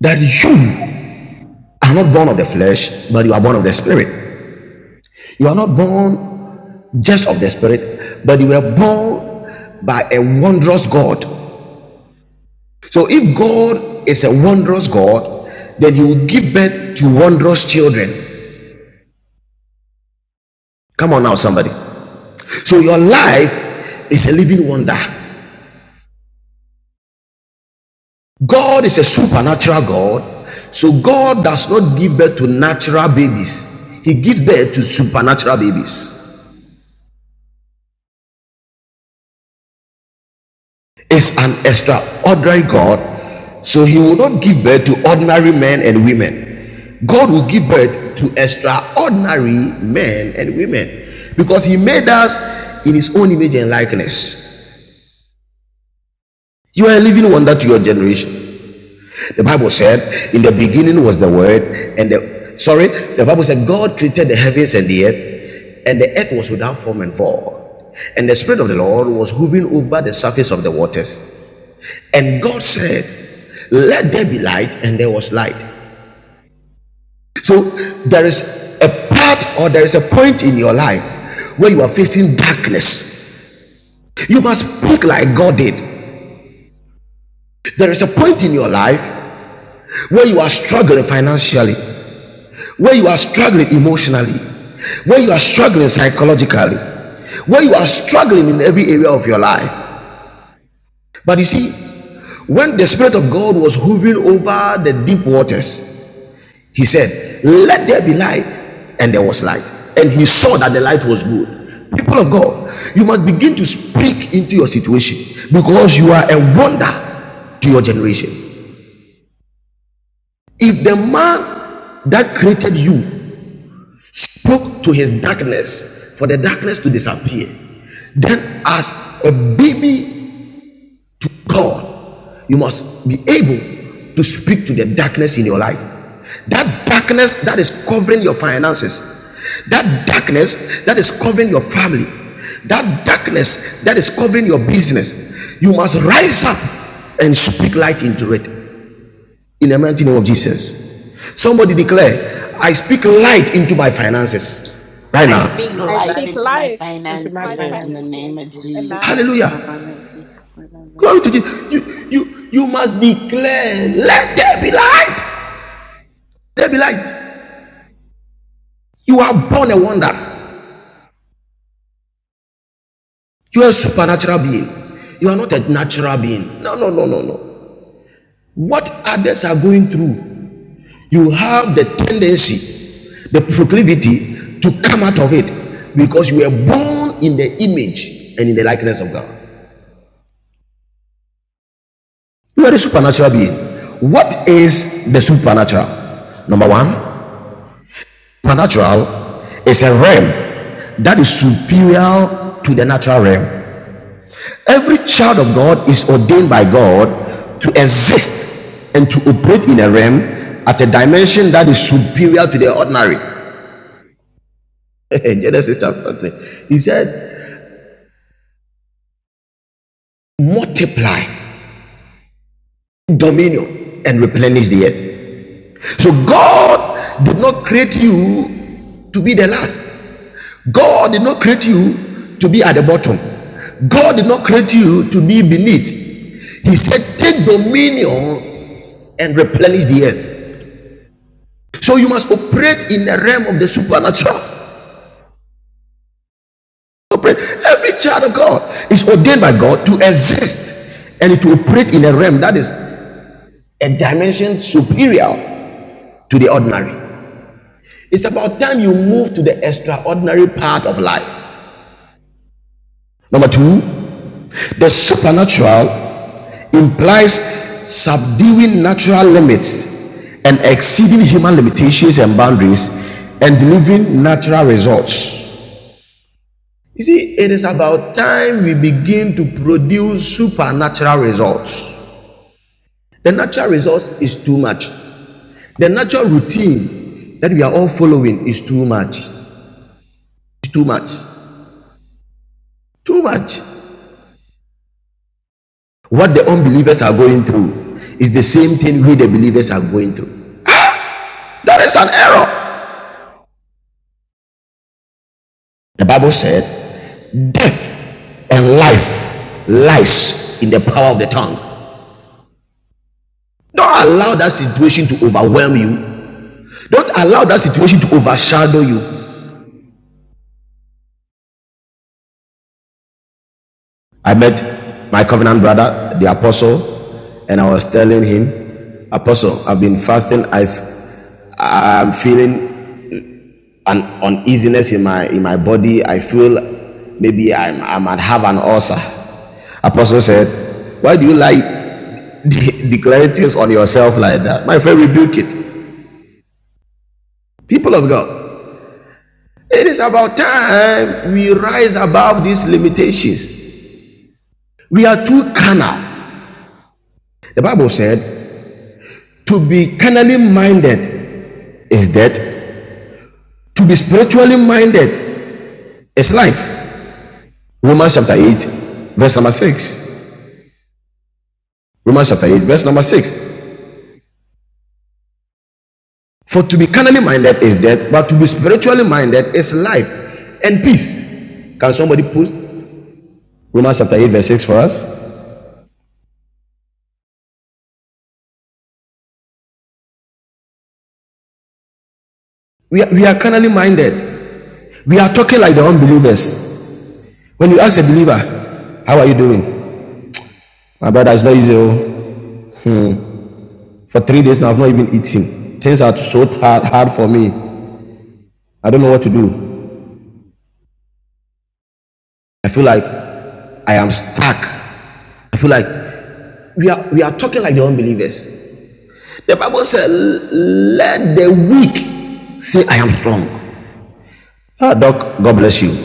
Speaker 3: that you are not born of the flesh, but you are born of the spirit. You are not born just of the spirit, but you were born by a wondrous God. So if God is a wondrous God, then he will give birth to wondrous children. Come on now, somebody. So your life is a living wonder. God is a supernatural God. So God does not give birth to natural babies. He gives birth to supernatural babies. is an extraordinary God. So he will not give birth to ordinary men and women. God will give birth to extraordinary men and women because he made us in his own image and likeness. You are a living wonder to your generation. The Bible said, In the beginning was the word, and the sorry, the Bible said, God created the heavens and the earth, and the earth was without form and void. And the Spirit of the Lord was hovering over the surface of the waters. And God said, Let there be light, and there was light. So there is a part or there is a point in your life where you are facing darkness. You must speak like God did. There is a point in your life where you are struggling financially, where you are struggling emotionally, where you are struggling psychologically, where you are struggling in every area of your life. But you see, when the Spirit of God was hovering over the deep waters, He said, Let there be light, and there was light. And he saw that the light was good. People of God, you must begin to speak into your situation because you are a wonder to your generation. If the man that created you spoke to his darkness for the darkness to disappear, then as a baby God, you must be able to speak to the darkness in your life. That darkness that is covering your finances, that darkness that is covering your family, that darkness that is covering your business, you must rise up and speak light into it in the mighty name of Jesus. Somebody declare, I speak light into my finances right
Speaker 2: I
Speaker 5: I
Speaker 3: now.
Speaker 2: speak
Speaker 5: speak
Speaker 2: life
Speaker 5: light
Speaker 2: into
Speaker 5: into
Speaker 2: my
Speaker 5: my
Speaker 2: finances
Speaker 5: days.
Speaker 2: in the name of
Speaker 8: Speak life into
Speaker 2: Jesus.
Speaker 8: my
Speaker 3: Hallelujah.
Speaker 8: finances. Right
Speaker 3: Glory to Jesus. You, you, you must declare, let there be light. There be light. You are born a wonder. You are a supernatural being. You are not a natural being. No, no, no, no, no. What others are going through, you have the tendency, the proclivity to come out of it because you were born in the image and in the likeness of God. You are a supernatural being. What is the supernatural? Number one, supernatural is a realm that is superior to the natural realm. Every child of God is ordained by God to exist and to operate in a realm at a dimension that is superior to the ordinary. Genesis chapter 3. He said, multiply dominion and replenish the earth. So God did not create you to be the last. God did not create you to be at the bottom. God did not create you to be beneath. He said, take dominion and replenish the earth. So you must operate in the realm of the supernatural. Operate. Every child of God is ordained by God to exist and to operate in a realm that is a dimension superior to the ordinary. It's about time you move to the extraordinary part of life. Number two, the supernatural implies subduing natural limits and exceeding human limitations and boundaries and delivering natural results. You see, it is about time we begin to produce supernatural results. The natural results is too much. The natural routine that we are all following is too much. It's too much. Too much. What the unbelievers are going through is the same thing we, the believers, are going through. That is an error. The Bible said, Death and life lies in the power of the tongue. Don't allow that situation to overwhelm you. Don't allow that situation to overshadow you. I met my covenant brother, the apostle, and I was telling him, Apostle, I've been fasting. I've I'm feeling an uneasiness in my in my body. I feel maybe I'm, I might have an ulcer. Apostle said, Why do you like de- declaring things on yourself like that? My friend, rebuke it. People of God. It is about time we rise above these limitations. We are too carnal. The Bible said, to be carnally minded is death, to be spiritually minded is life. Romans chapter 8, verse number 6. Romans chapter 8, verse number 6. For to be carnally minded is death, but to be spiritually minded is life and peace. Can somebody post Romans chapter 8, verse 6 for us? We are, we are carnally minded. We are talking like the unbelievers. When you ask a believer, How are you doing? My brother, it's not easy. oh. For three days now, I've not even eaten. Things are so hard, hard for me. I don't know what to do. I feel like I am stuck. I feel like we are we are talking like the unbelievers. The Bible said, "Let the weak say, I am strong." Ah, Doc, God bless you.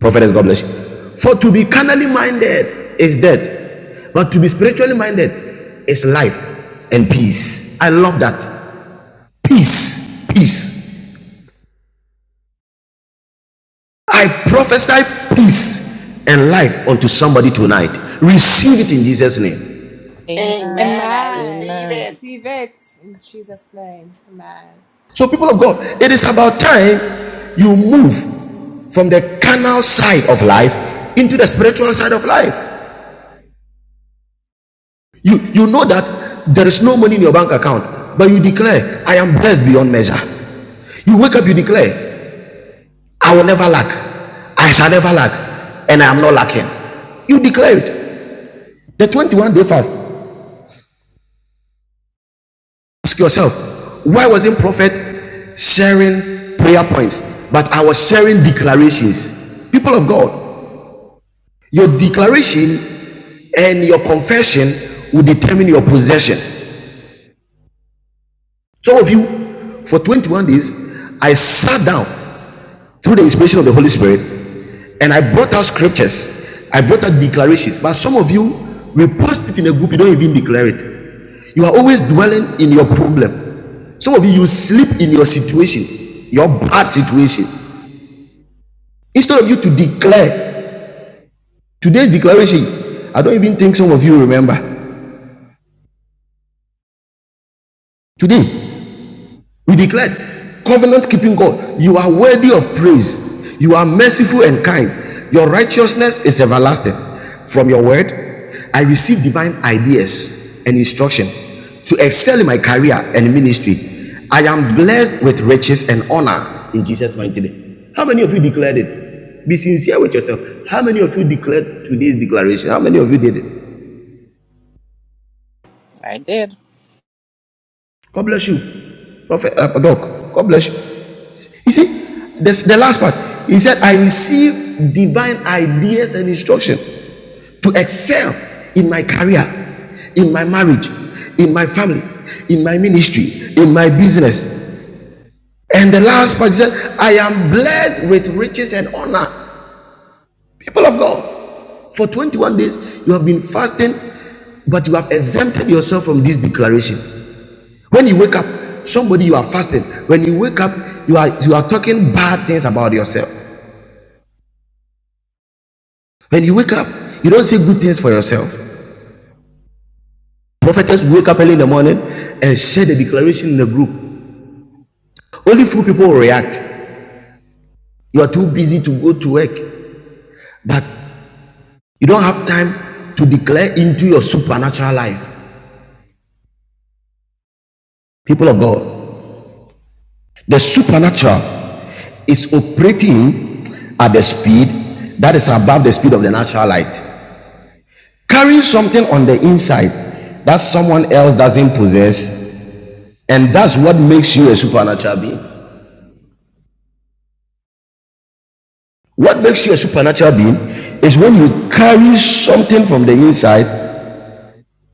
Speaker 3: Prophetess, God bless you. For to be carnally minded is death, but to be spiritually minded is life and peace. I love that. Peace. Peace. I prophesy peace and life unto somebody tonight. Receive it in Jesus' name.
Speaker 5: Amen.
Speaker 2: Amen. I receive
Speaker 5: Amen.
Speaker 2: it.
Speaker 3: So, people of God, it is about time you move from the carnal side of life into the spiritual side of life. You, you know that there is no money in your bank account, but you declare, I am blessed beyond measure. You wake up, you declare, I will never lack. I shall never lack. And I am not lacking. You declare it. The 21 day fast. Ask yourself, why wasn't prophet sharing prayer points? But I was sharing declarations. People of God, your declaration and your confession will determine your possession. Some of you, for 21 days, I sat down through the inspiration of the Holy Spirit, and I brought out scriptures, I brought out declarations. But some of you, we post it in a group, you don't even declare it. You are always dwelling in your problem. Some of you, you sleep in your situation, your bad situation. Instead of you to declare today's declaration, I don't even think some of you remember. Today, We declared, covenant keeping God, you are worthy of praise. You are merciful and kind. Your righteousness is everlasting. From your word, I receive divine ideas and instruction to excel in my career and ministry. I am blessed with riches and honor in Jesus' mighty name. How many of you declared it? Be sincere with yourself. How many of you declared today's declaration? How many of you did it?
Speaker 5: I did.
Speaker 3: God bless you. Prophet uh, Doc, God bless you. You see, this, the last part. He said, I receive divine ideas and instruction to excel in my career, in my marriage, in my family, in my ministry, in my business. And the last part he said, I am blessed with riches and honor. People of God, for 21 days you have been fasting, but you have exempted yourself from this declaration. When you wake up, somebody you are fasting. When you wake up, you are you are talking bad things about yourself. When you wake up, you don't say good things for yourself. Prophetess wake up early in the morning and share the declaration in the group. Only few people will react. You are too busy to go to work, but you don't have time to declare into your supernatural life. People of God, the supernatural is operating at the speed that is above the speed of the natural light. carrying something on the inside that someone else doesn't possess and that's what makes you a supernatural being what makes you a supernatural being is when you carry something from the inside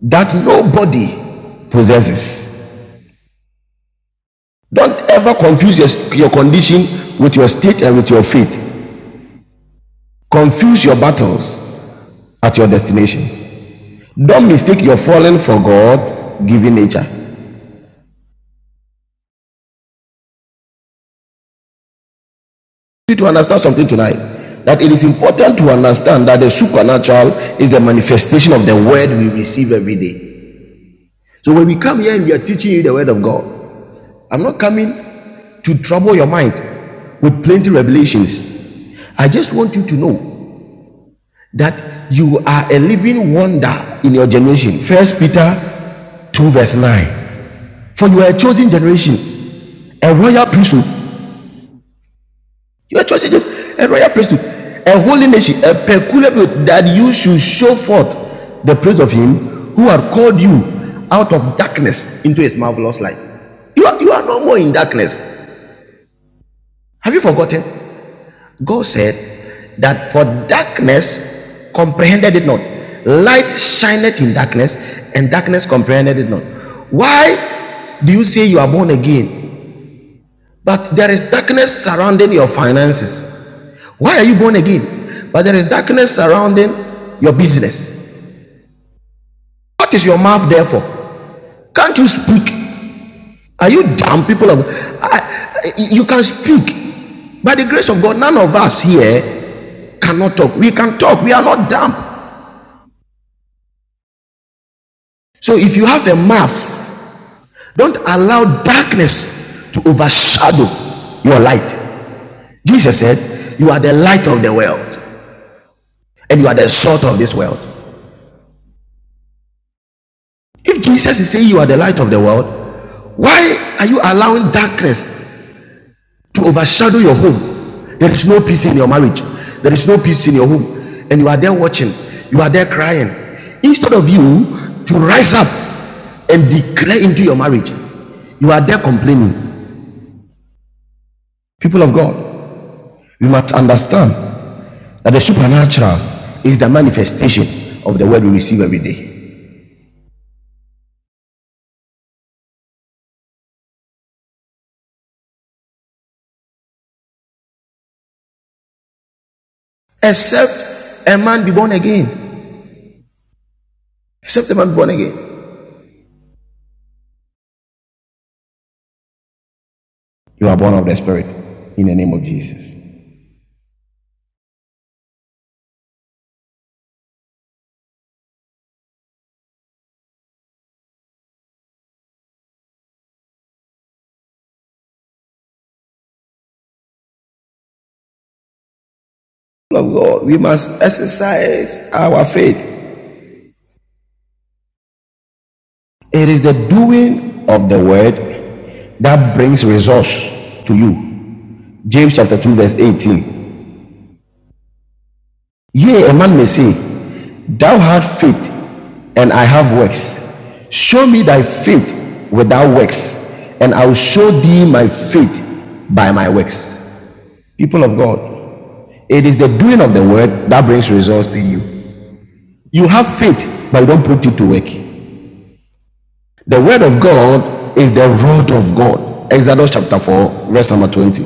Speaker 3: that nobody possesses don't ever confuse your, your condition with your state and with your faith confuse your battles at your destination don't mistake your falling for god given nature need to understand something tonight that it is important to understand that the supernatural is the manifestation of the word we receive every day. So when we come here and we are teaching you the word of God, I'm not coming to trouble your mind with plenty revelations. I just want you to know that you are a living wonder in your generation. First Peter 2 verse 9. For you are a chosen generation, a royal priesthood, You are chosen a a royal priesthood, a holy nation, a peculiar people, that you should show forth the praise of him who had called you out of darkness into his marvelous light. You are, you are no more in darkness. Have you forgotten? God said that for darkness comprehended it not, light shineth in darkness, and darkness comprehended it not. Why do you say you are born again But there is darkness surrounding your finances. Why are you born again? But there is darkness surrounding your business. What is your mouth there for? Can't you speak? Are you dumb people? Of, I, you can speak. By the grace of God, none of us here cannot talk. We can talk. We are not dumb. So if you have a mouth, don't allow darkness to overshadow your light. Jesus said, You are the light of the world and you are the salt of this world. If Jesus is saying you are the light of the world, why are you allowing darkness to overshadow your home? There is no peace in your marriage. There is no peace in your home. And you are there watching. You are there crying. Instead of you to rise up and declare into your marriage, you are there complaining. People of God, we must understand that the supernatural is the manifestation of the word we receive every day. Except a man be born again. Except a man be born again. You are born of the Spirit in the name of Jesus. Lord God, we must exercise our faith. It is the doing of the word that brings resource to you. James chapter 2, verse 18. Yea, a man may say, Thou hast faith, and I have works. Show me thy faith without works, and I will show thee my faith by my works. People of God, it is the doing of the word that brings results to you. You have faith, but you don't put it to work. The word of God is the rod of God. Exodus chapter 4, verse number 20.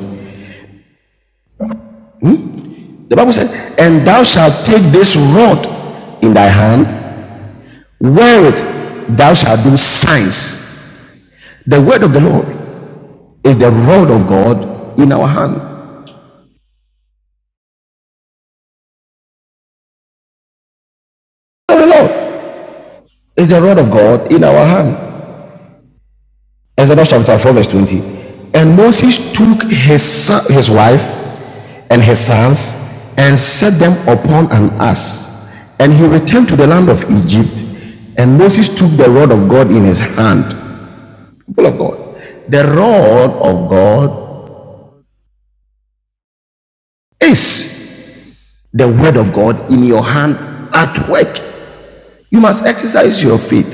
Speaker 3: The Bible says, And thou shalt take this rod in thy hand, wherewith thou shalt do signs. The word of the Lord is the rod of God in our hand. the Lord is the rod of God in our hand. Exodus chapter 4, verse 20. And Moses took his son, his wife and his sons and set them upon an ass. And he returned to the land of Egypt. And Moses took the rod of God in his hand. People of God, the rod of God is the word of God in your hand at work. You must exercise your faith.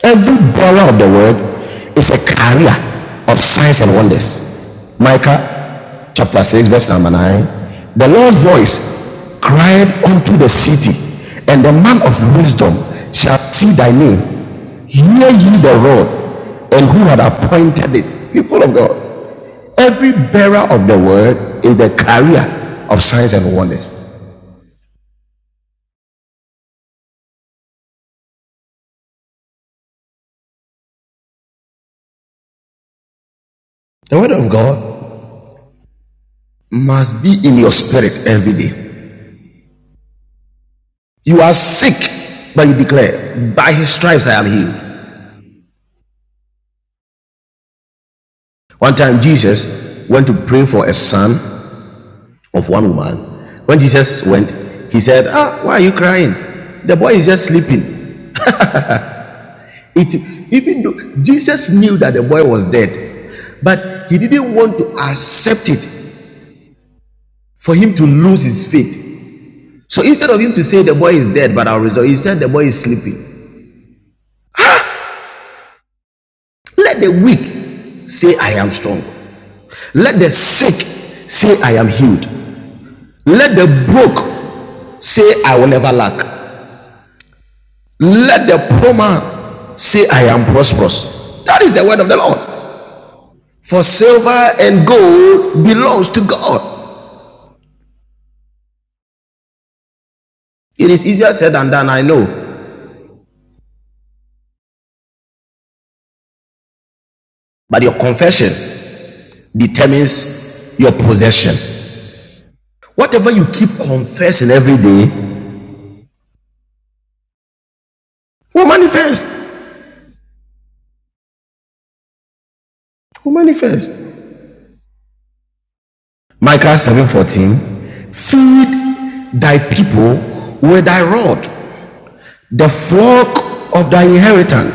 Speaker 3: Every bearer of the word is a carrier of signs and wonders. Micah chapter 6, verse number 9. The Lord's voice cried unto the city, and the man of wisdom shall see thy name. Hear ye the rod, and who had appointed it. People of God, every bearer of the word is the carrier of signs and wonders. The word of God must be in your spirit every day. You are sick, but you declare, by his stripes I am healed. One time Jesus went to pray for a son of one woman. When Jesus went, he said, Ah, why are you crying? The boy is just sleeping. It even though Jesus knew that the boy was dead, but he didn't want to accept it for him to lose his faith. So instead of him to say the boy is dead, but I'll resolve, he said the boy is sleeping. Let the weak say I am strong. Let the sick say I am healed. Let the broke say, I will never lack. Let the poor man say, I am prosperous. That is the word of the Lord. For silver and gold belongs to God. It is easier said than done, I know. But your confession determines your possession. Whatever you keep confessing every day will manifest. Will manifest. Micah 7:14. Feed thy people with thy rod, the flock of thy inheritance.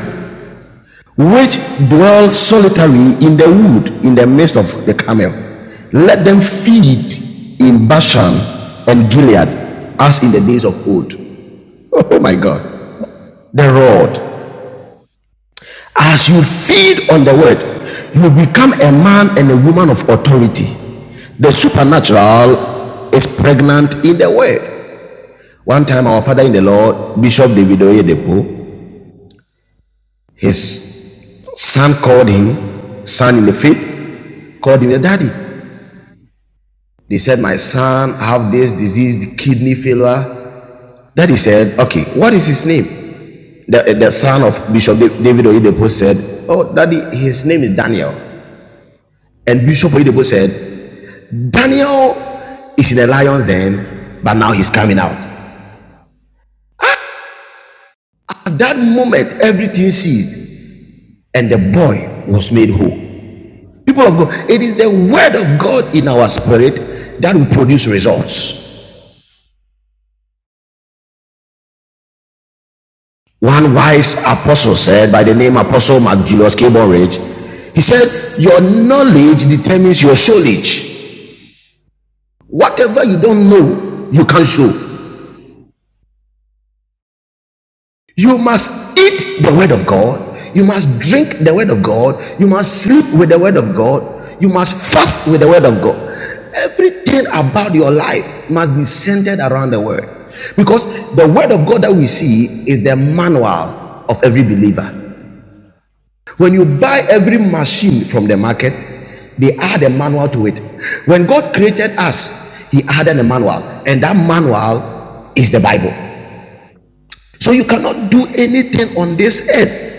Speaker 3: which dwell solitary in the wood in the midst of the camel. Let them feed in Bashan and Gilead as in the days of old. Oh my God. The rod. As you feed on the word, you become a man and a woman of authority. The supernatural is pregnant in the word. One time, our father in the Lord, Bishop David Oyedepo, his son called him, son in the faith, called him the daddy. They said, My son have this disease, kidney failure. Daddy said, Okay, what is his name? The, the son of Bishop David Oyedepo said, Oh, daddy, his name is Daniel. And Bishop Oyedepo said, Daniel is in the lion's den, but now he's coming out. At that moment, everything ceased, and the boy was made whole. People of God, it is the word of God in our spirit that will produce results. One wise apostle said, by the name Apostle Mark Julius Cable he said, Your knowledge determines your showledge. Whatever you don't know, you can not show. You must eat the word of God. You must drink the word of God. You must sleep with the word of God. You must fast with the word of God. Everything about your life must be centered around the word. Because the word of God that we see is the manual of every believer. When you buy every machine from the market, they add a manual to it. When God created us, He added a manual, and that manual is the Bible. So you cannot do anything on this earth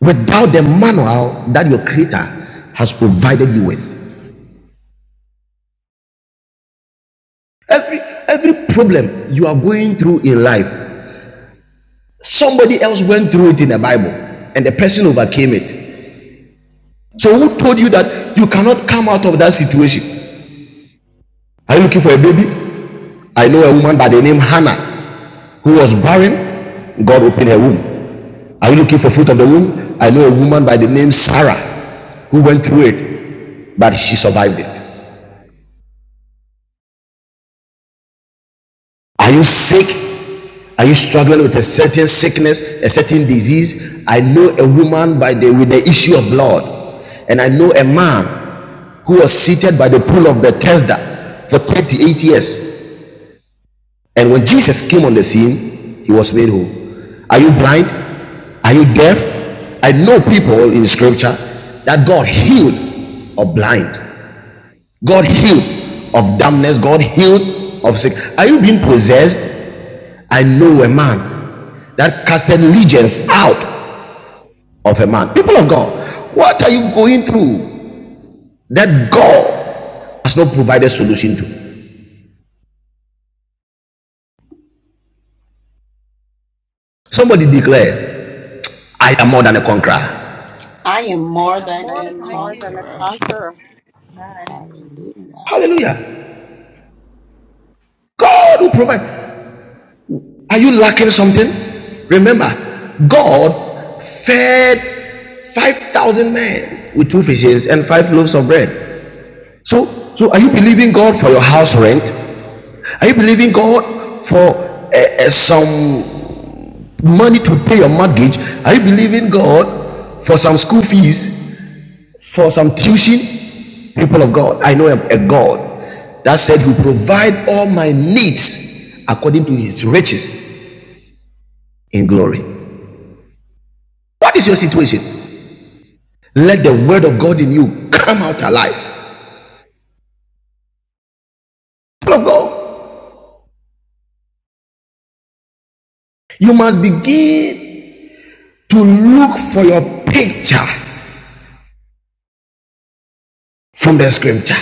Speaker 3: without the manual that your Creator has provided you with. Every every problem you are going through in life, somebody else went through it in the Bible, and the person overcame it. So who told you that you cannot come out of that situation? Are you looking for a baby? I know a woman by the name Hannah who was barren. God opened her womb. Are you looking for fruit of the womb? I know a woman by the name Sarah who went through it, but she survived it. Are you sick? Are you struggling with a certain sickness, a certain disease? I know a woman by the with the issue of blood, and I know a man who was seated by the pool of Bethesda for 38 years. And when Jesus came on the scene, he was made whole. Are you blind? Are you deaf? I know people in scripture that God healed of blind, God healed of dumbness, God healed of sick. Are you being possessed? I know a man that casted legions out of a man. People of God, what are you going through that God has not provided solution to? Somebody declare, I am more than a conqueror.
Speaker 2: I am more than
Speaker 5: I
Speaker 2: a
Speaker 5: am more than a
Speaker 2: conqueror.
Speaker 5: conqueror.
Speaker 2: Hallelujah.
Speaker 3: Hallelujah. God will provide. Are you lacking something? Remember, God fed 5,000 men with two fishes and five loaves of bread. So, so are you believing God for your house rent? Are you believing God for eh, eh, some money to pay your mortgage? Are you believing God for some school fees, for some tuition? People of God, I know a a God that said, He will provide all my needs according to His riches in glory. What is your situation? Let the word of God in you come out alive. People of God, you must begin to look for your picture from the scripture.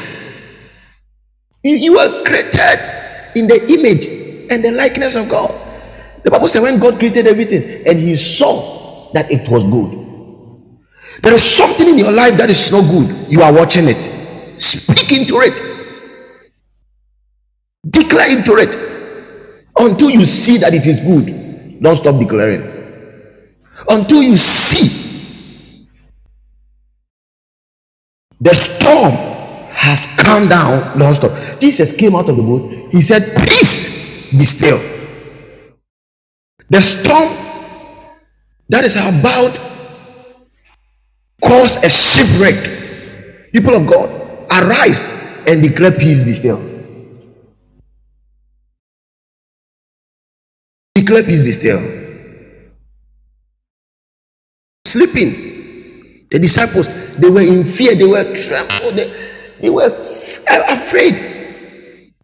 Speaker 3: You, you were created in the image and the likeness of God. The Bible said when God created everything and he saw that it was good. There is something in your life that is not good. You are watching it. Speak into it. Declare into it until you see that it is good. Don't stop declaring. until you see the storm has come down non-stop. Jesus came out of the boat. He said, Peace, be still. The storm that is about to cause a shipwreck. People of God, arise and declare peace, be still. Declare peace, be still. Sleeping. The disciples, they were in fear. They were trembled. They, they were f- afraid.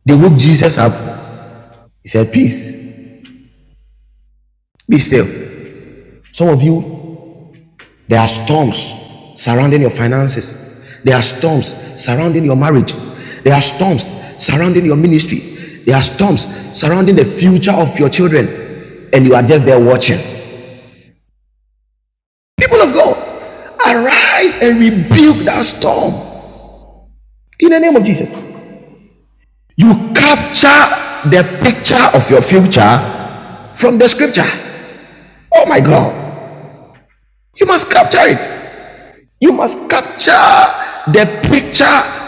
Speaker 3: They woke Jesus up. He said, Peace, be still. Some of you, There are storms surrounding your finances. There are storms surrounding your marriage. There are storms surrounding your ministry. There are storms surrounding the future of your children. And you are just there watching. People of God, arise and rebuke that storm in the name of Jesus. You capture the picture of your future from the scripture. Oh my God. You must capture it. You must capture the picture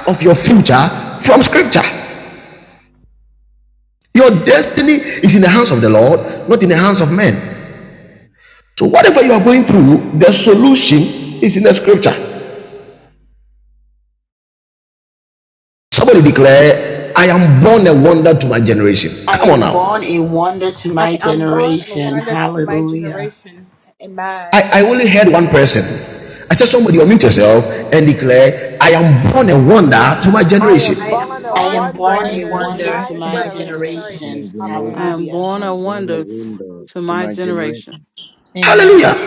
Speaker 3: of your future from scripture. Your destiny is in the hands of the Lord, not in the hands of men. So, whatever you are going through, the solution is in the scripture. Somebody declare, I am born a wonder to my generation.
Speaker 2: I
Speaker 3: Come on
Speaker 2: am
Speaker 3: now.
Speaker 2: born a wonder to my generation. Hallelujah.
Speaker 3: I, I only heard one person. I said, Somebody unmute yourself and declare, I am born a wonder to my
Speaker 4: I am
Speaker 3: generation.
Speaker 4: born a
Speaker 2: I
Speaker 7: I
Speaker 2: am
Speaker 7: am born
Speaker 2: born
Speaker 7: a
Speaker 4: wonder
Speaker 2: a
Speaker 4: to
Speaker 2: wonder
Speaker 7: wonder
Speaker 2: to
Speaker 4: my
Speaker 7: to
Speaker 2: my
Speaker 7: my
Speaker 4: generation.
Speaker 9: to
Speaker 7: generation.
Speaker 9: my
Speaker 2: generation.
Speaker 4: Amen.
Speaker 10: I
Speaker 9: generation.
Speaker 10: am
Speaker 2: Hallelujah.
Speaker 10: born
Speaker 9: I'm
Speaker 10: a
Speaker 9: gonna
Speaker 10: wonder
Speaker 9: window
Speaker 10: to
Speaker 9: to
Speaker 10: my
Speaker 9: my
Speaker 10: generation.
Speaker 9: generation.
Speaker 7: Amen.
Speaker 3: Hallelujah.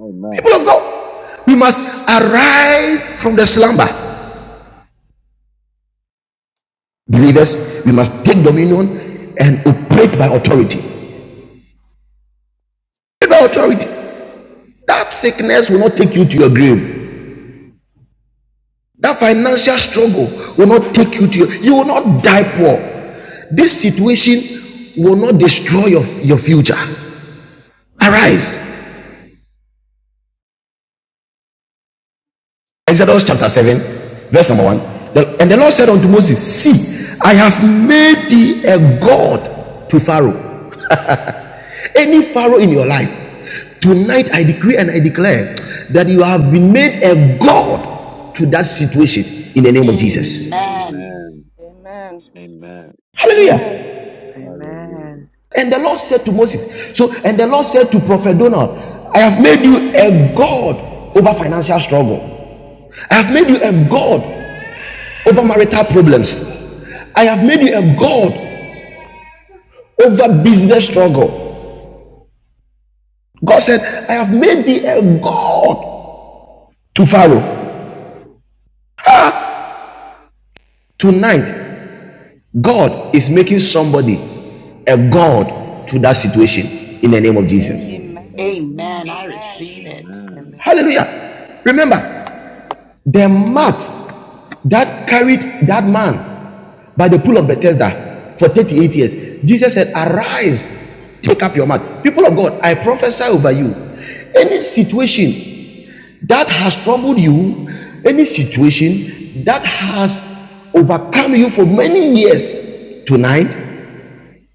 Speaker 9: Amen.
Speaker 3: People of God, we must arise from the slumber. Believers, we must take dominion and operate by authority. by authority. That sickness will not take you to your grave. That financial struggle will not take you to your. You will not die poor. This situation will not destroy your, your future. Arise. Exodus chapter 7, verse number 1. and the Lord said unto Moses, See, I have made thee a God to Pharaoh Any Pharaoh in your life, tonight I decree and I declare that you have been made a God to that situation in the name of
Speaker 9: Mhm.
Speaker 3: Jesus.
Speaker 2: Amen.
Speaker 9: Amen.
Speaker 5: Amen.
Speaker 9: Amen.
Speaker 5: Amen.
Speaker 3: Hallelujah.
Speaker 9: Hallelujah.
Speaker 8: Amen.
Speaker 3: And the Lord said to Moses, so, and the Lord said to Prophet Donald, I have made you a God over financial struggle. I have made you a God over marital problems. I have made you a God over business struggle. God said, I have made thee a God to Pharaoh. Tonight, God is making somebody a God to that situation in the name of Jesus.
Speaker 9: Amen.
Speaker 5: Amen.
Speaker 2: Amen. I
Speaker 9: Amen.
Speaker 2: receive
Speaker 5: Amen.
Speaker 2: it.
Speaker 9: Amen.
Speaker 8: Amen.
Speaker 3: Hallelujah. Remember, the mat that carried that man by the pool of Bethesda for 38 years, Jesus said, Arise, take up your mat. People of God, I prophesy over you. Any situation that has troubled you, any situation that has overcome you for many years tonight,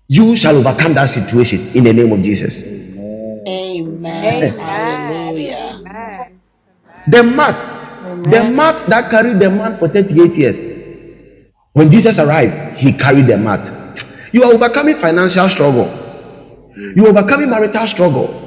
Speaker 3: You shall overcome that situation in the name of Jesus.
Speaker 9: Amen.
Speaker 2: Amen. Hallelujah.
Speaker 9: Amen.
Speaker 3: The mat, the
Speaker 10: Amen.
Speaker 3: mat that carried the man for 38 years. When Jesus arrived, he carried the mat. You are overcoming financial struggle. You are overcoming
Speaker 9: Amen.
Speaker 3: marital struggle.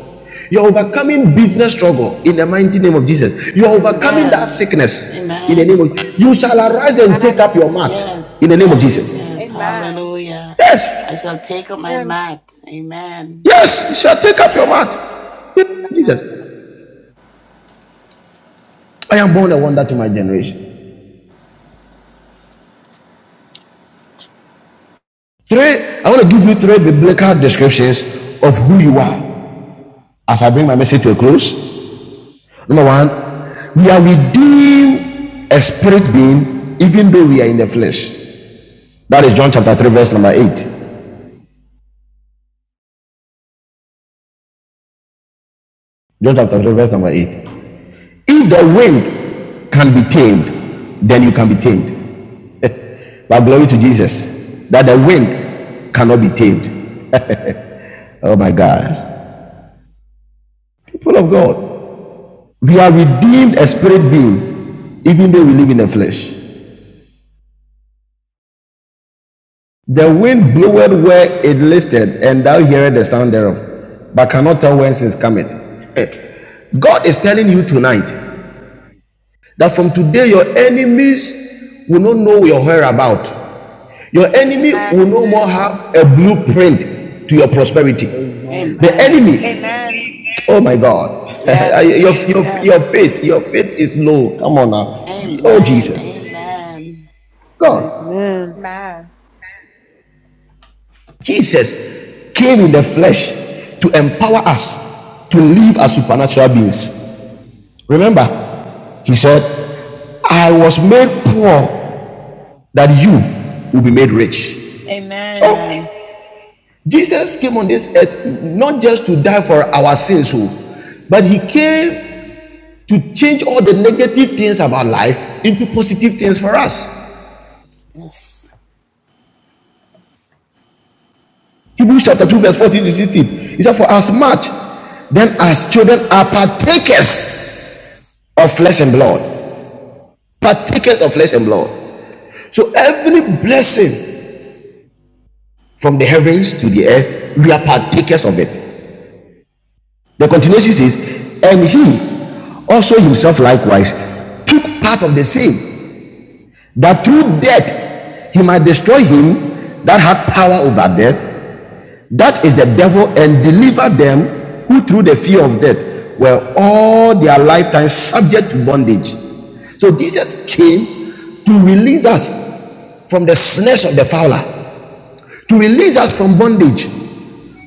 Speaker 3: You are
Speaker 9: Amen.
Speaker 3: overcoming business struggle in the mighty name of
Speaker 9: Amen. Amen. Amen.
Speaker 3: Jesus. You are overcoming
Speaker 10: Amen.
Speaker 3: that
Speaker 9: Amen.
Speaker 2: Amen.
Speaker 3: sickness in the name
Speaker 2: Amen.
Speaker 3: of You shall arise
Speaker 9: Amen.
Speaker 3: and take up your mat in
Speaker 2: Yes,
Speaker 3: the name of
Speaker 2: yes,
Speaker 3: Jesus.
Speaker 2: yes.
Speaker 9: Amen.
Speaker 2: Hallelujah. I
Speaker 3: Yes,
Speaker 2: shall take up my
Speaker 5: Amen. Amen.
Speaker 2: mat. Amen.
Speaker 3: yes, you shall take up your
Speaker 2: Amen.
Speaker 3: mat. Jesus, I am born a wonder to my generation. Three, I want to give you three biblical descriptions of who you are as I bring my message to a close. Number one, we are within a spirit being, even though we are in the flesh. That is John chapter 3, verse number 8. John chapter 3, verse number 8. If the wind can be tamed, then you can be tamed. But glory to Jesus, that the wind cannot be tamed. Oh my God. People of God, We are redeemed a spirit being, even though we live in the flesh. The wind bloweth where it listed, and thou hearest the sound thereof, but cannot tell whence it cometh. Eh. God is telling you tonight that from today your enemies will not know your whereabout. Your enemy will no more have a blueprint to your prosperity. The
Speaker 2: Amen.
Speaker 3: enemy,
Speaker 7: Amen.
Speaker 3: oh my God, your,
Speaker 2: Yes,
Speaker 3: your, your
Speaker 2: yes.
Speaker 3: faith, your faith is low. Come on now. Oh
Speaker 2: Amen.
Speaker 3: Jesus.
Speaker 2: Amen.
Speaker 3: God.
Speaker 8: Amen.
Speaker 3: Jesus came in the flesh to empower us to live as supernatural beings. Remember, he said, I was made poor that you will be made rich.
Speaker 7: Amen.
Speaker 3: Oh,
Speaker 2: Amen.
Speaker 3: Jesus came on this earth not just to die for our sins, oh, but he came to change all the negative things about life into positive things for us.
Speaker 2: Yes.
Speaker 3: Hebrews chapter 2, verse 14 to 16. He said, For as much then as children are partakers of flesh and blood, partakers of flesh and blood. So every blessing from the heavens to the earth, we are partakers of it. The continuation says, and he also himself likewise took part of the same, that through death he might destroy him that had power over death, that is the devil, and deliver them who through the fear of death were all their lifetime subject to bondage. So Jesus came to release us from the snares of the fowler. to release us from bondage,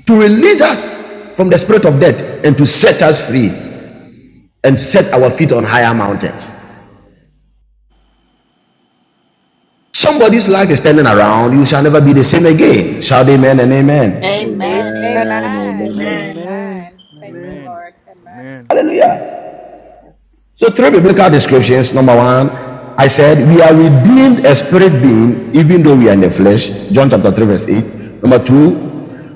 Speaker 3: to release us from the spirit of death, and to set us free and set our feet on higher mountains. Somebody's life is turning around. You shall never be the same again. Shout amen and amen.
Speaker 9: Amen.
Speaker 5: Amen.
Speaker 2: Amen.
Speaker 9: Amen. And
Speaker 2: Amen.
Speaker 9: Amen.
Speaker 7: Amen.
Speaker 8: Amen. Amen.
Speaker 11: Amen. Amen.
Speaker 3: Hallelujah.
Speaker 2: Yes.
Speaker 3: So, three biblical
Speaker 9: Hallelujah.
Speaker 3: descriptions. Number one, I said, We are redeemed as spirit being, even though we are in the flesh. John chapter 3, verse 8. Number two,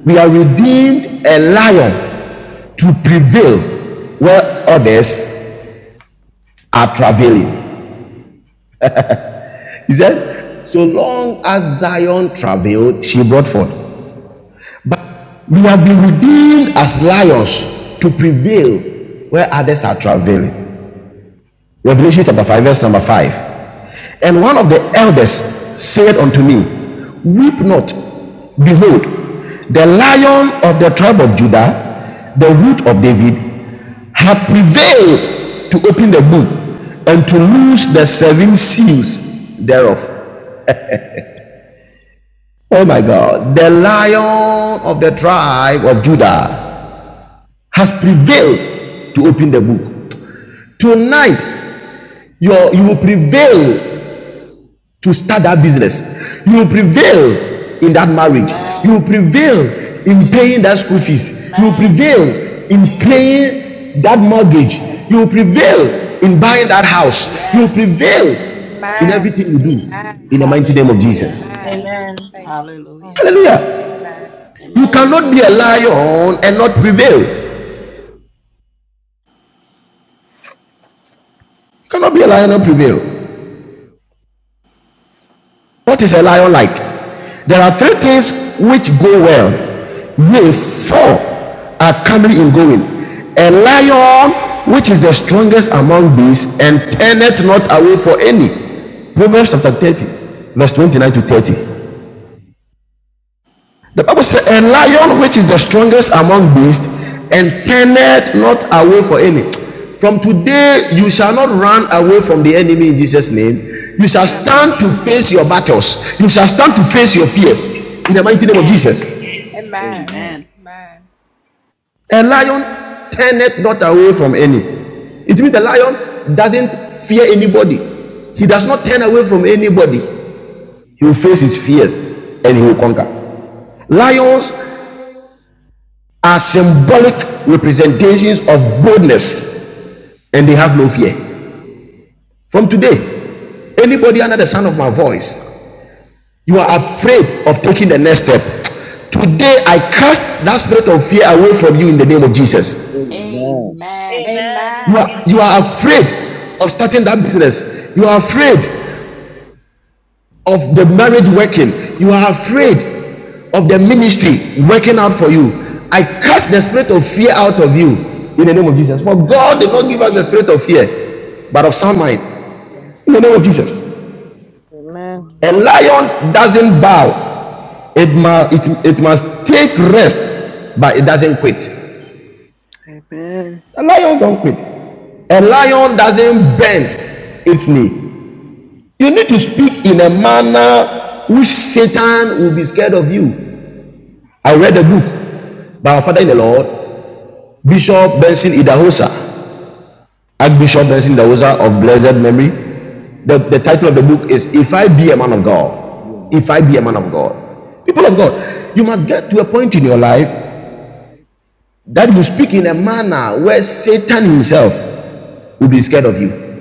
Speaker 3: we are redeemed a lion to prevail where others are travailing. He said, So long as Zion travailed, she brought forth. We have been redeemed as lions to prevail where others are travailing. Revelation chapter 5, verse number 5. And one of the elders said unto me, Weep not. Behold, the lion of the tribe of Judah, the root of David, hath prevailed to open the book and to loose the seven seals thereof. Oh my God. The lion of the tribe of Judah has prevailed to open the book. Tonight, your, you will prevail to start that business. You will prevail in that marriage. You will
Speaker 2: Amen.
Speaker 3: prevail
Speaker 9: Amen.
Speaker 3: in paying that school fees. You will prevail
Speaker 2: Amen.
Speaker 9: Amen.
Speaker 3: in paying that mortgage. You will
Speaker 2: Yes.
Speaker 3: prevail
Speaker 9: Amen.
Speaker 3: in buying that house. You will
Speaker 2: Yes.
Speaker 3: prevail
Speaker 9: Amen.
Speaker 3: in
Speaker 7: Amen.
Speaker 3: everything you do in the mighty name of
Speaker 2: Hallelujah.
Speaker 9: Amen.
Speaker 3: Jesus.
Speaker 7: Amen.
Speaker 9: Amen.
Speaker 2: Hallelujah.
Speaker 3: Hallelujah. You
Speaker 2: Amen.
Speaker 3: cannot be a
Speaker 9: Hallelujah.
Speaker 3: lion and not prevail. You cannot be a lion and prevail. What is a lion like? There are three things which go well. Nay, four are coming in going. A lion which is the strongest among beasts and turneth not away for any. Proverbs chapter 30, verse 29 to 30. The Bible says, A lion which is the strongest among beasts and turneth not away for any. From today, you shall not run away from the enemy in Jesus' name. You shall stand to
Speaker 2: Amen.
Speaker 3: face your
Speaker 9: Amen.
Speaker 3: battles. You shall stand to face your
Speaker 9: Amen.
Speaker 3: fears in the mighty name of
Speaker 2: Amen.
Speaker 3: Jesus.
Speaker 9: Amen.
Speaker 2: Amen.
Speaker 3: A lion turneth not away from any. It means the lion doesn't fear anybody. He does not turn away from anybody. He will face his fears and he will conquer. Lions are symbolic representations of boldness and they have no fear. From today, anybody under the sound of my voice, you are afraid of taking the next step. Today, I cast that spirit of fear away from you in the name of Jesus.
Speaker 9: Amen.
Speaker 2: Amen.
Speaker 7: Amen.
Speaker 3: You are, you are afraid of starting that business. You are afraid of the marriage working. You are afraid of the ministry working out for you. I cast the spirit of fear out of you in the name of Jesus. For God
Speaker 9: Amen.
Speaker 3: did not give us the
Speaker 2: Amen.
Speaker 3: spirit of fear, but of sound mind in the
Speaker 2: Yes.
Speaker 3: name of Jesus.
Speaker 5: Amen.
Speaker 3: A
Speaker 8: Amen.
Speaker 3: lion
Speaker 8: Amen.
Speaker 3: doesn't bow, it, mu- it, it must take rest, but it doesn't quit.
Speaker 8: Amen.
Speaker 3: The lions don't quit. A lion doesn't bend its knee. You need to speak in a manner which Satan will be scared of you. I read a book by our father in the Lord, Bishop Benson Idahosa, Archbishop Benson Idahosa of blessed memory. The, the title of the book is If I Be a Man of
Speaker 9: Yeah,
Speaker 3: God. If
Speaker 9: man.
Speaker 3: I Be a Man of God. People of God, you must get to a point in your life that you speak in a manner where Satan himself will be scared of you.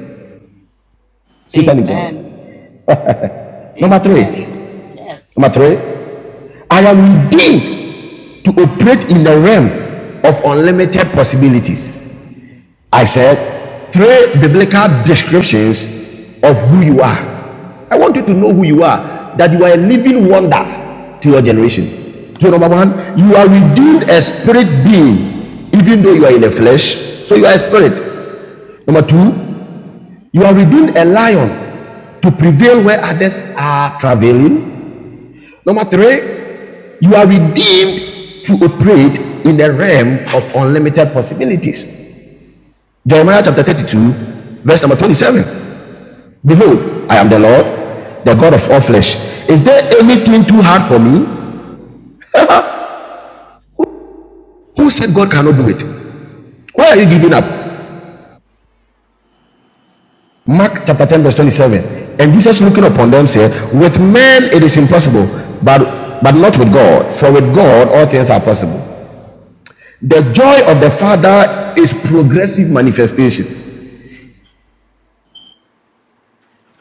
Speaker 3: Satan himself.
Speaker 2: Amen.
Speaker 3: Number
Speaker 2: Amen.
Speaker 3: three.
Speaker 2: Yes.
Speaker 3: Number three. I am redeemed to operate in the realm of unlimited possibilities. I said three biblical descriptions of who you are. I want you to know who you are, that you are a living wonder to your generation. So, number one, you are within a spirit being, even though you are in the flesh, so you are a spirit. Number two, you are within a lion to prevail where others are traveling. Number three, you are redeemed to operate in the realm of unlimited possibilities. Jeremiah chapter 32, verse number 27. Behold, I am the Lord, the God of all flesh. Is there anything too hard for me? Who said God cannot do it? Why are you giving up? Mark chapter 10, verse 27. And Jesus looking upon them said, With men it is impossible, but, but not with God, for with God all things are possible. The joy of the Father is progressive manifestation.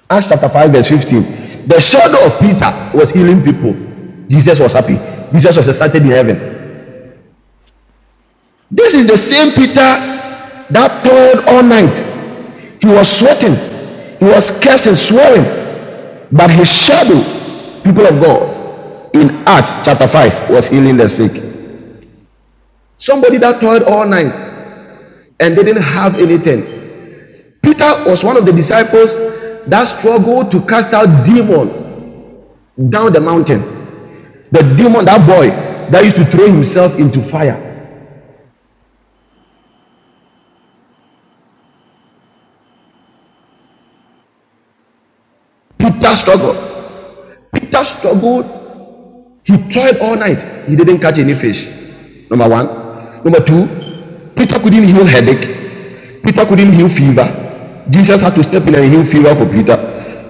Speaker 3: Acts chapter 5, verse 15. The shadow of Peter was healing people. Jesus was happy. Jesus was excited in heaven. This is the same Peter that toiled all night. He was sweating, he was cursing, swearing, but his shadow, people of God, in Acts chapter 5, was healing the sick. Somebody that toiled all night and didn't have anything. Peter was one of the disciples that struggled to cast out demon down the mountain. The demon, that boy that used to throw himself into fire. Peter struggled. Peter struggled He tried all night. He didn't catch any fish. Number one. Number two, Peter couldn't heal headache. Peter couldn't heal fever. Jesus had to step in and heal fever for Peter.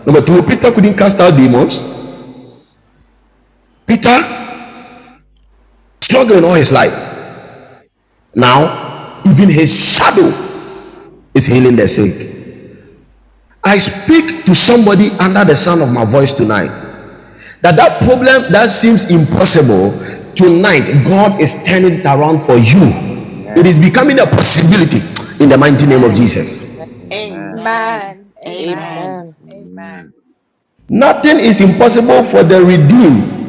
Speaker 3: Number two, Peter couldn't cast out demons. Peter struggling all his life. Now, even his shadow is healing the sick. I speak to somebody under the sound of my voice tonight. That that problem that seems impossible tonight, God is turning it around for you. It is
Speaker 9: Amen.
Speaker 3: becoming a possibility in the mighty name of
Speaker 2: Amen.
Speaker 9: Amen.
Speaker 3: Jesus.
Speaker 9: Amen.
Speaker 2: Amen.
Speaker 5: Amen.
Speaker 2: Amen.
Speaker 5: Amen.
Speaker 9: Amen.
Speaker 3: Nothing is impossible for the redeemed.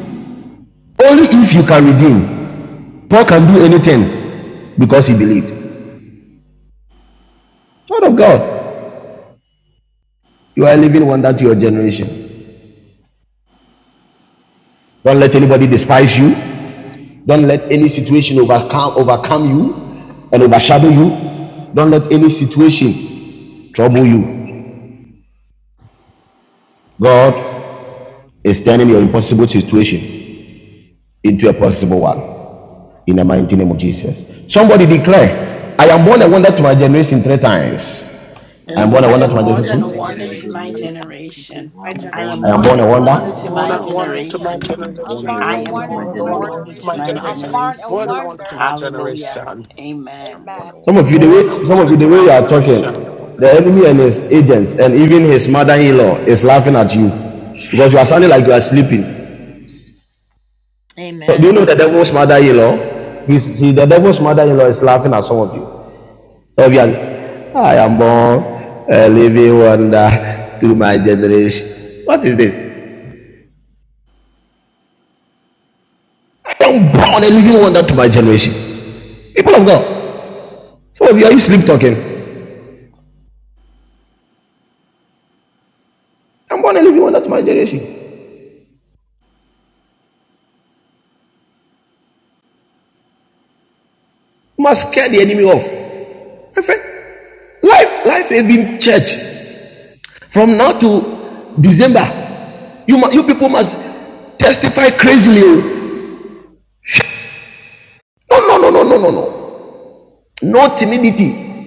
Speaker 3: Only if you can redeem. Paul can do anything because he believed. Child of God, you are a living wonder to your generation. Don't let anybody despise you. Don't let any situation overcome overcome you and overshadow you. Don't let any situation trouble you. God is turning your impossible situation into a possible one. In the mighty name of Jesus. Somebody declare, I am born a wonder to my generation three
Speaker 7: I
Speaker 3: times. I am
Speaker 7: am
Speaker 9: I'm
Speaker 3: born a
Speaker 7: more
Speaker 2: I
Speaker 3: wonder
Speaker 2: am
Speaker 7: than
Speaker 3: to
Speaker 9: born
Speaker 3: my
Speaker 9: a
Speaker 2: more
Speaker 7: wonder
Speaker 2: than
Speaker 7: to
Speaker 2: a
Speaker 7: my
Speaker 9: wonder
Speaker 3: generation.
Speaker 9: to
Speaker 2: wonder
Speaker 9: my
Speaker 2: to
Speaker 7: generation.
Speaker 2: my
Speaker 9: generation.
Speaker 2: generation.
Speaker 9: I'm
Speaker 2: I am
Speaker 9: born
Speaker 3: I
Speaker 9: a
Speaker 3: am
Speaker 2: more
Speaker 3: born
Speaker 2: than
Speaker 3: a
Speaker 2: a
Speaker 9: wonder to my
Speaker 2: wonder
Speaker 3: wonder.
Speaker 2: to
Speaker 12: More than
Speaker 2: my
Speaker 12: I
Speaker 9: generation.
Speaker 12: to my
Speaker 2: generation.
Speaker 9: I'm born
Speaker 12: generation.
Speaker 9: a
Speaker 2: I
Speaker 11: I
Speaker 8: I'm
Speaker 9: wonder
Speaker 2: am
Speaker 11: am
Speaker 9: to my
Speaker 2: more
Speaker 8: born
Speaker 11: born
Speaker 12: More
Speaker 8: a
Speaker 12: than
Speaker 2: than
Speaker 11: in
Speaker 2: a
Speaker 12: I
Speaker 5: Born
Speaker 8: wonder
Speaker 11: John
Speaker 9: generation.
Speaker 2: wonder
Speaker 12: to
Speaker 8: of
Speaker 2: to
Speaker 12: my
Speaker 11: to
Speaker 2: my
Speaker 11: my
Speaker 9: Amen.
Speaker 12: generation.
Speaker 8: generation.
Speaker 11: generation.
Speaker 12: More
Speaker 2: generation.
Speaker 12: than I to my
Speaker 2: Hallelujah.
Speaker 12: generation.
Speaker 2: Amen.
Speaker 3: Some of you, the
Speaker 12: More than I
Speaker 3: way some of you, the
Speaker 12: to
Speaker 3: way
Speaker 12: my
Speaker 3: you are talking,
Speaker 12: generation.
Speaker 3: the enemy and his agents, and even his mother-in-law is laughing at you because you are sounding like you are sleeping. So do you
Speaker 7: Amen.
Speaker 3: know the devil's mother-in-law? He's, he, the devil's mother-in-law is laughing at some of you. Obviously, I am born a living wonder to my generation. What is this? I am born a living wonder to my generation. People of God, some of you are you sleep talking. I'm born a living wonder to my generation. You must scare the enemy off. My friend, life, life, even church. From now to December, you you people must testify crazily. oh. No, no, no, no, no, no, no. No timidity,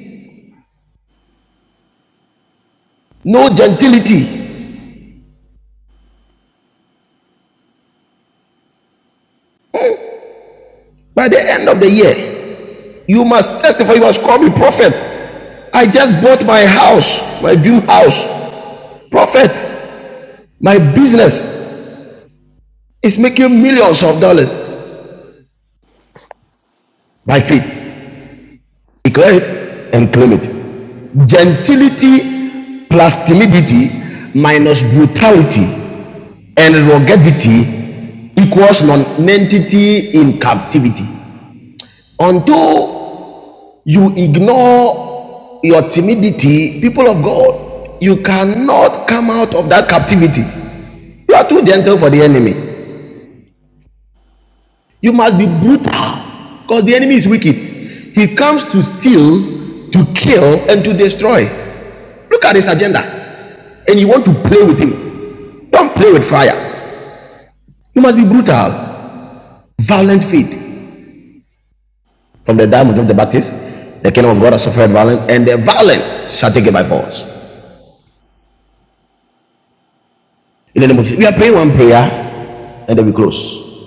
Speaker 3: no gentility. By the end of the year, you must testify. You must call me prophet. I just bought my house, my dream house. Prophet, my business is making millions of dollars by faith. Declare it and claim it. Gentility plus timidity minus brutality and ruggedity equals nonentity in captivity. Until You ignore your timidity, people of God. You cannot come out of that captivity. You are too gentle for the enemy. You must be brutal because the enemy is wicked. He comes to steal, to kill, and to destroy. Look at his agenda. And you want to play with him. Don't play with fire. You must be brutal. Violent faith. From the diamonds of John the Baptist, the kingdom of God has suffered violence, and the violent shall take it by force. In the name of Jesus. We are praying one prayer and then we close.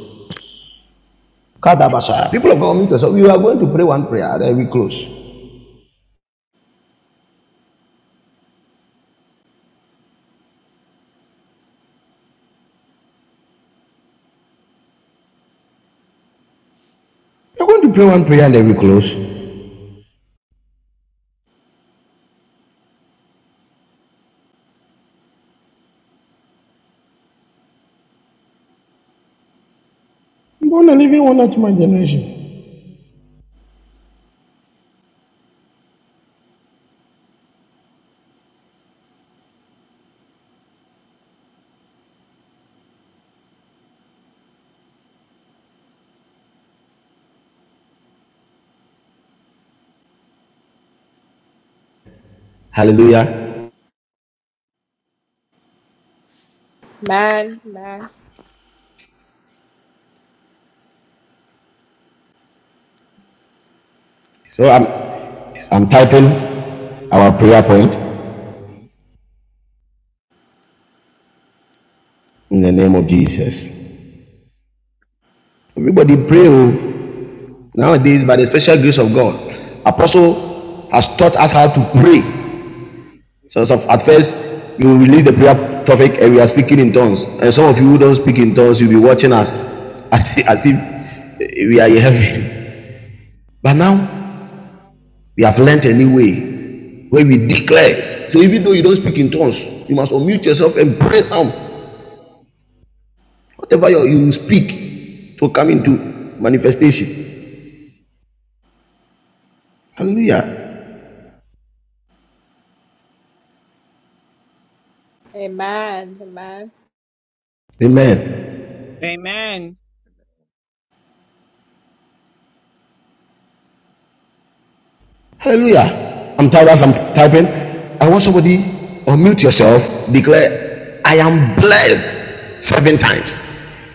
Speaker 3: Kadabasha. People of God, mute us. We are going to pray one prayer, and then we close. We are going to pray one prayer and then we close. I'm going to leave you one to my generation. Hallelujah. So I'm I'm typing our prayer point in the name of Jesus. Everybody pray oh. nowadays by the special grace of God. Apostle has taught us how to pray So, so at first, you release the prayer topic and we are speaking in tongues. And some of you who don't speak in tongues, you'll be watching us as, if- as if eh, we are in heaven. But now, we have learnt a new way where we declare. So even though you don't speak in tongues, you must unmute yourself and pray some. Whatever you, you speak to come into manifestation. Hallelujah. Amen.
Speaker 13: Amen.
Speaker 3: Hallelujah. I'm tired as I'm typing. I want somebody unmute yourself, declare, I am blessed seven times.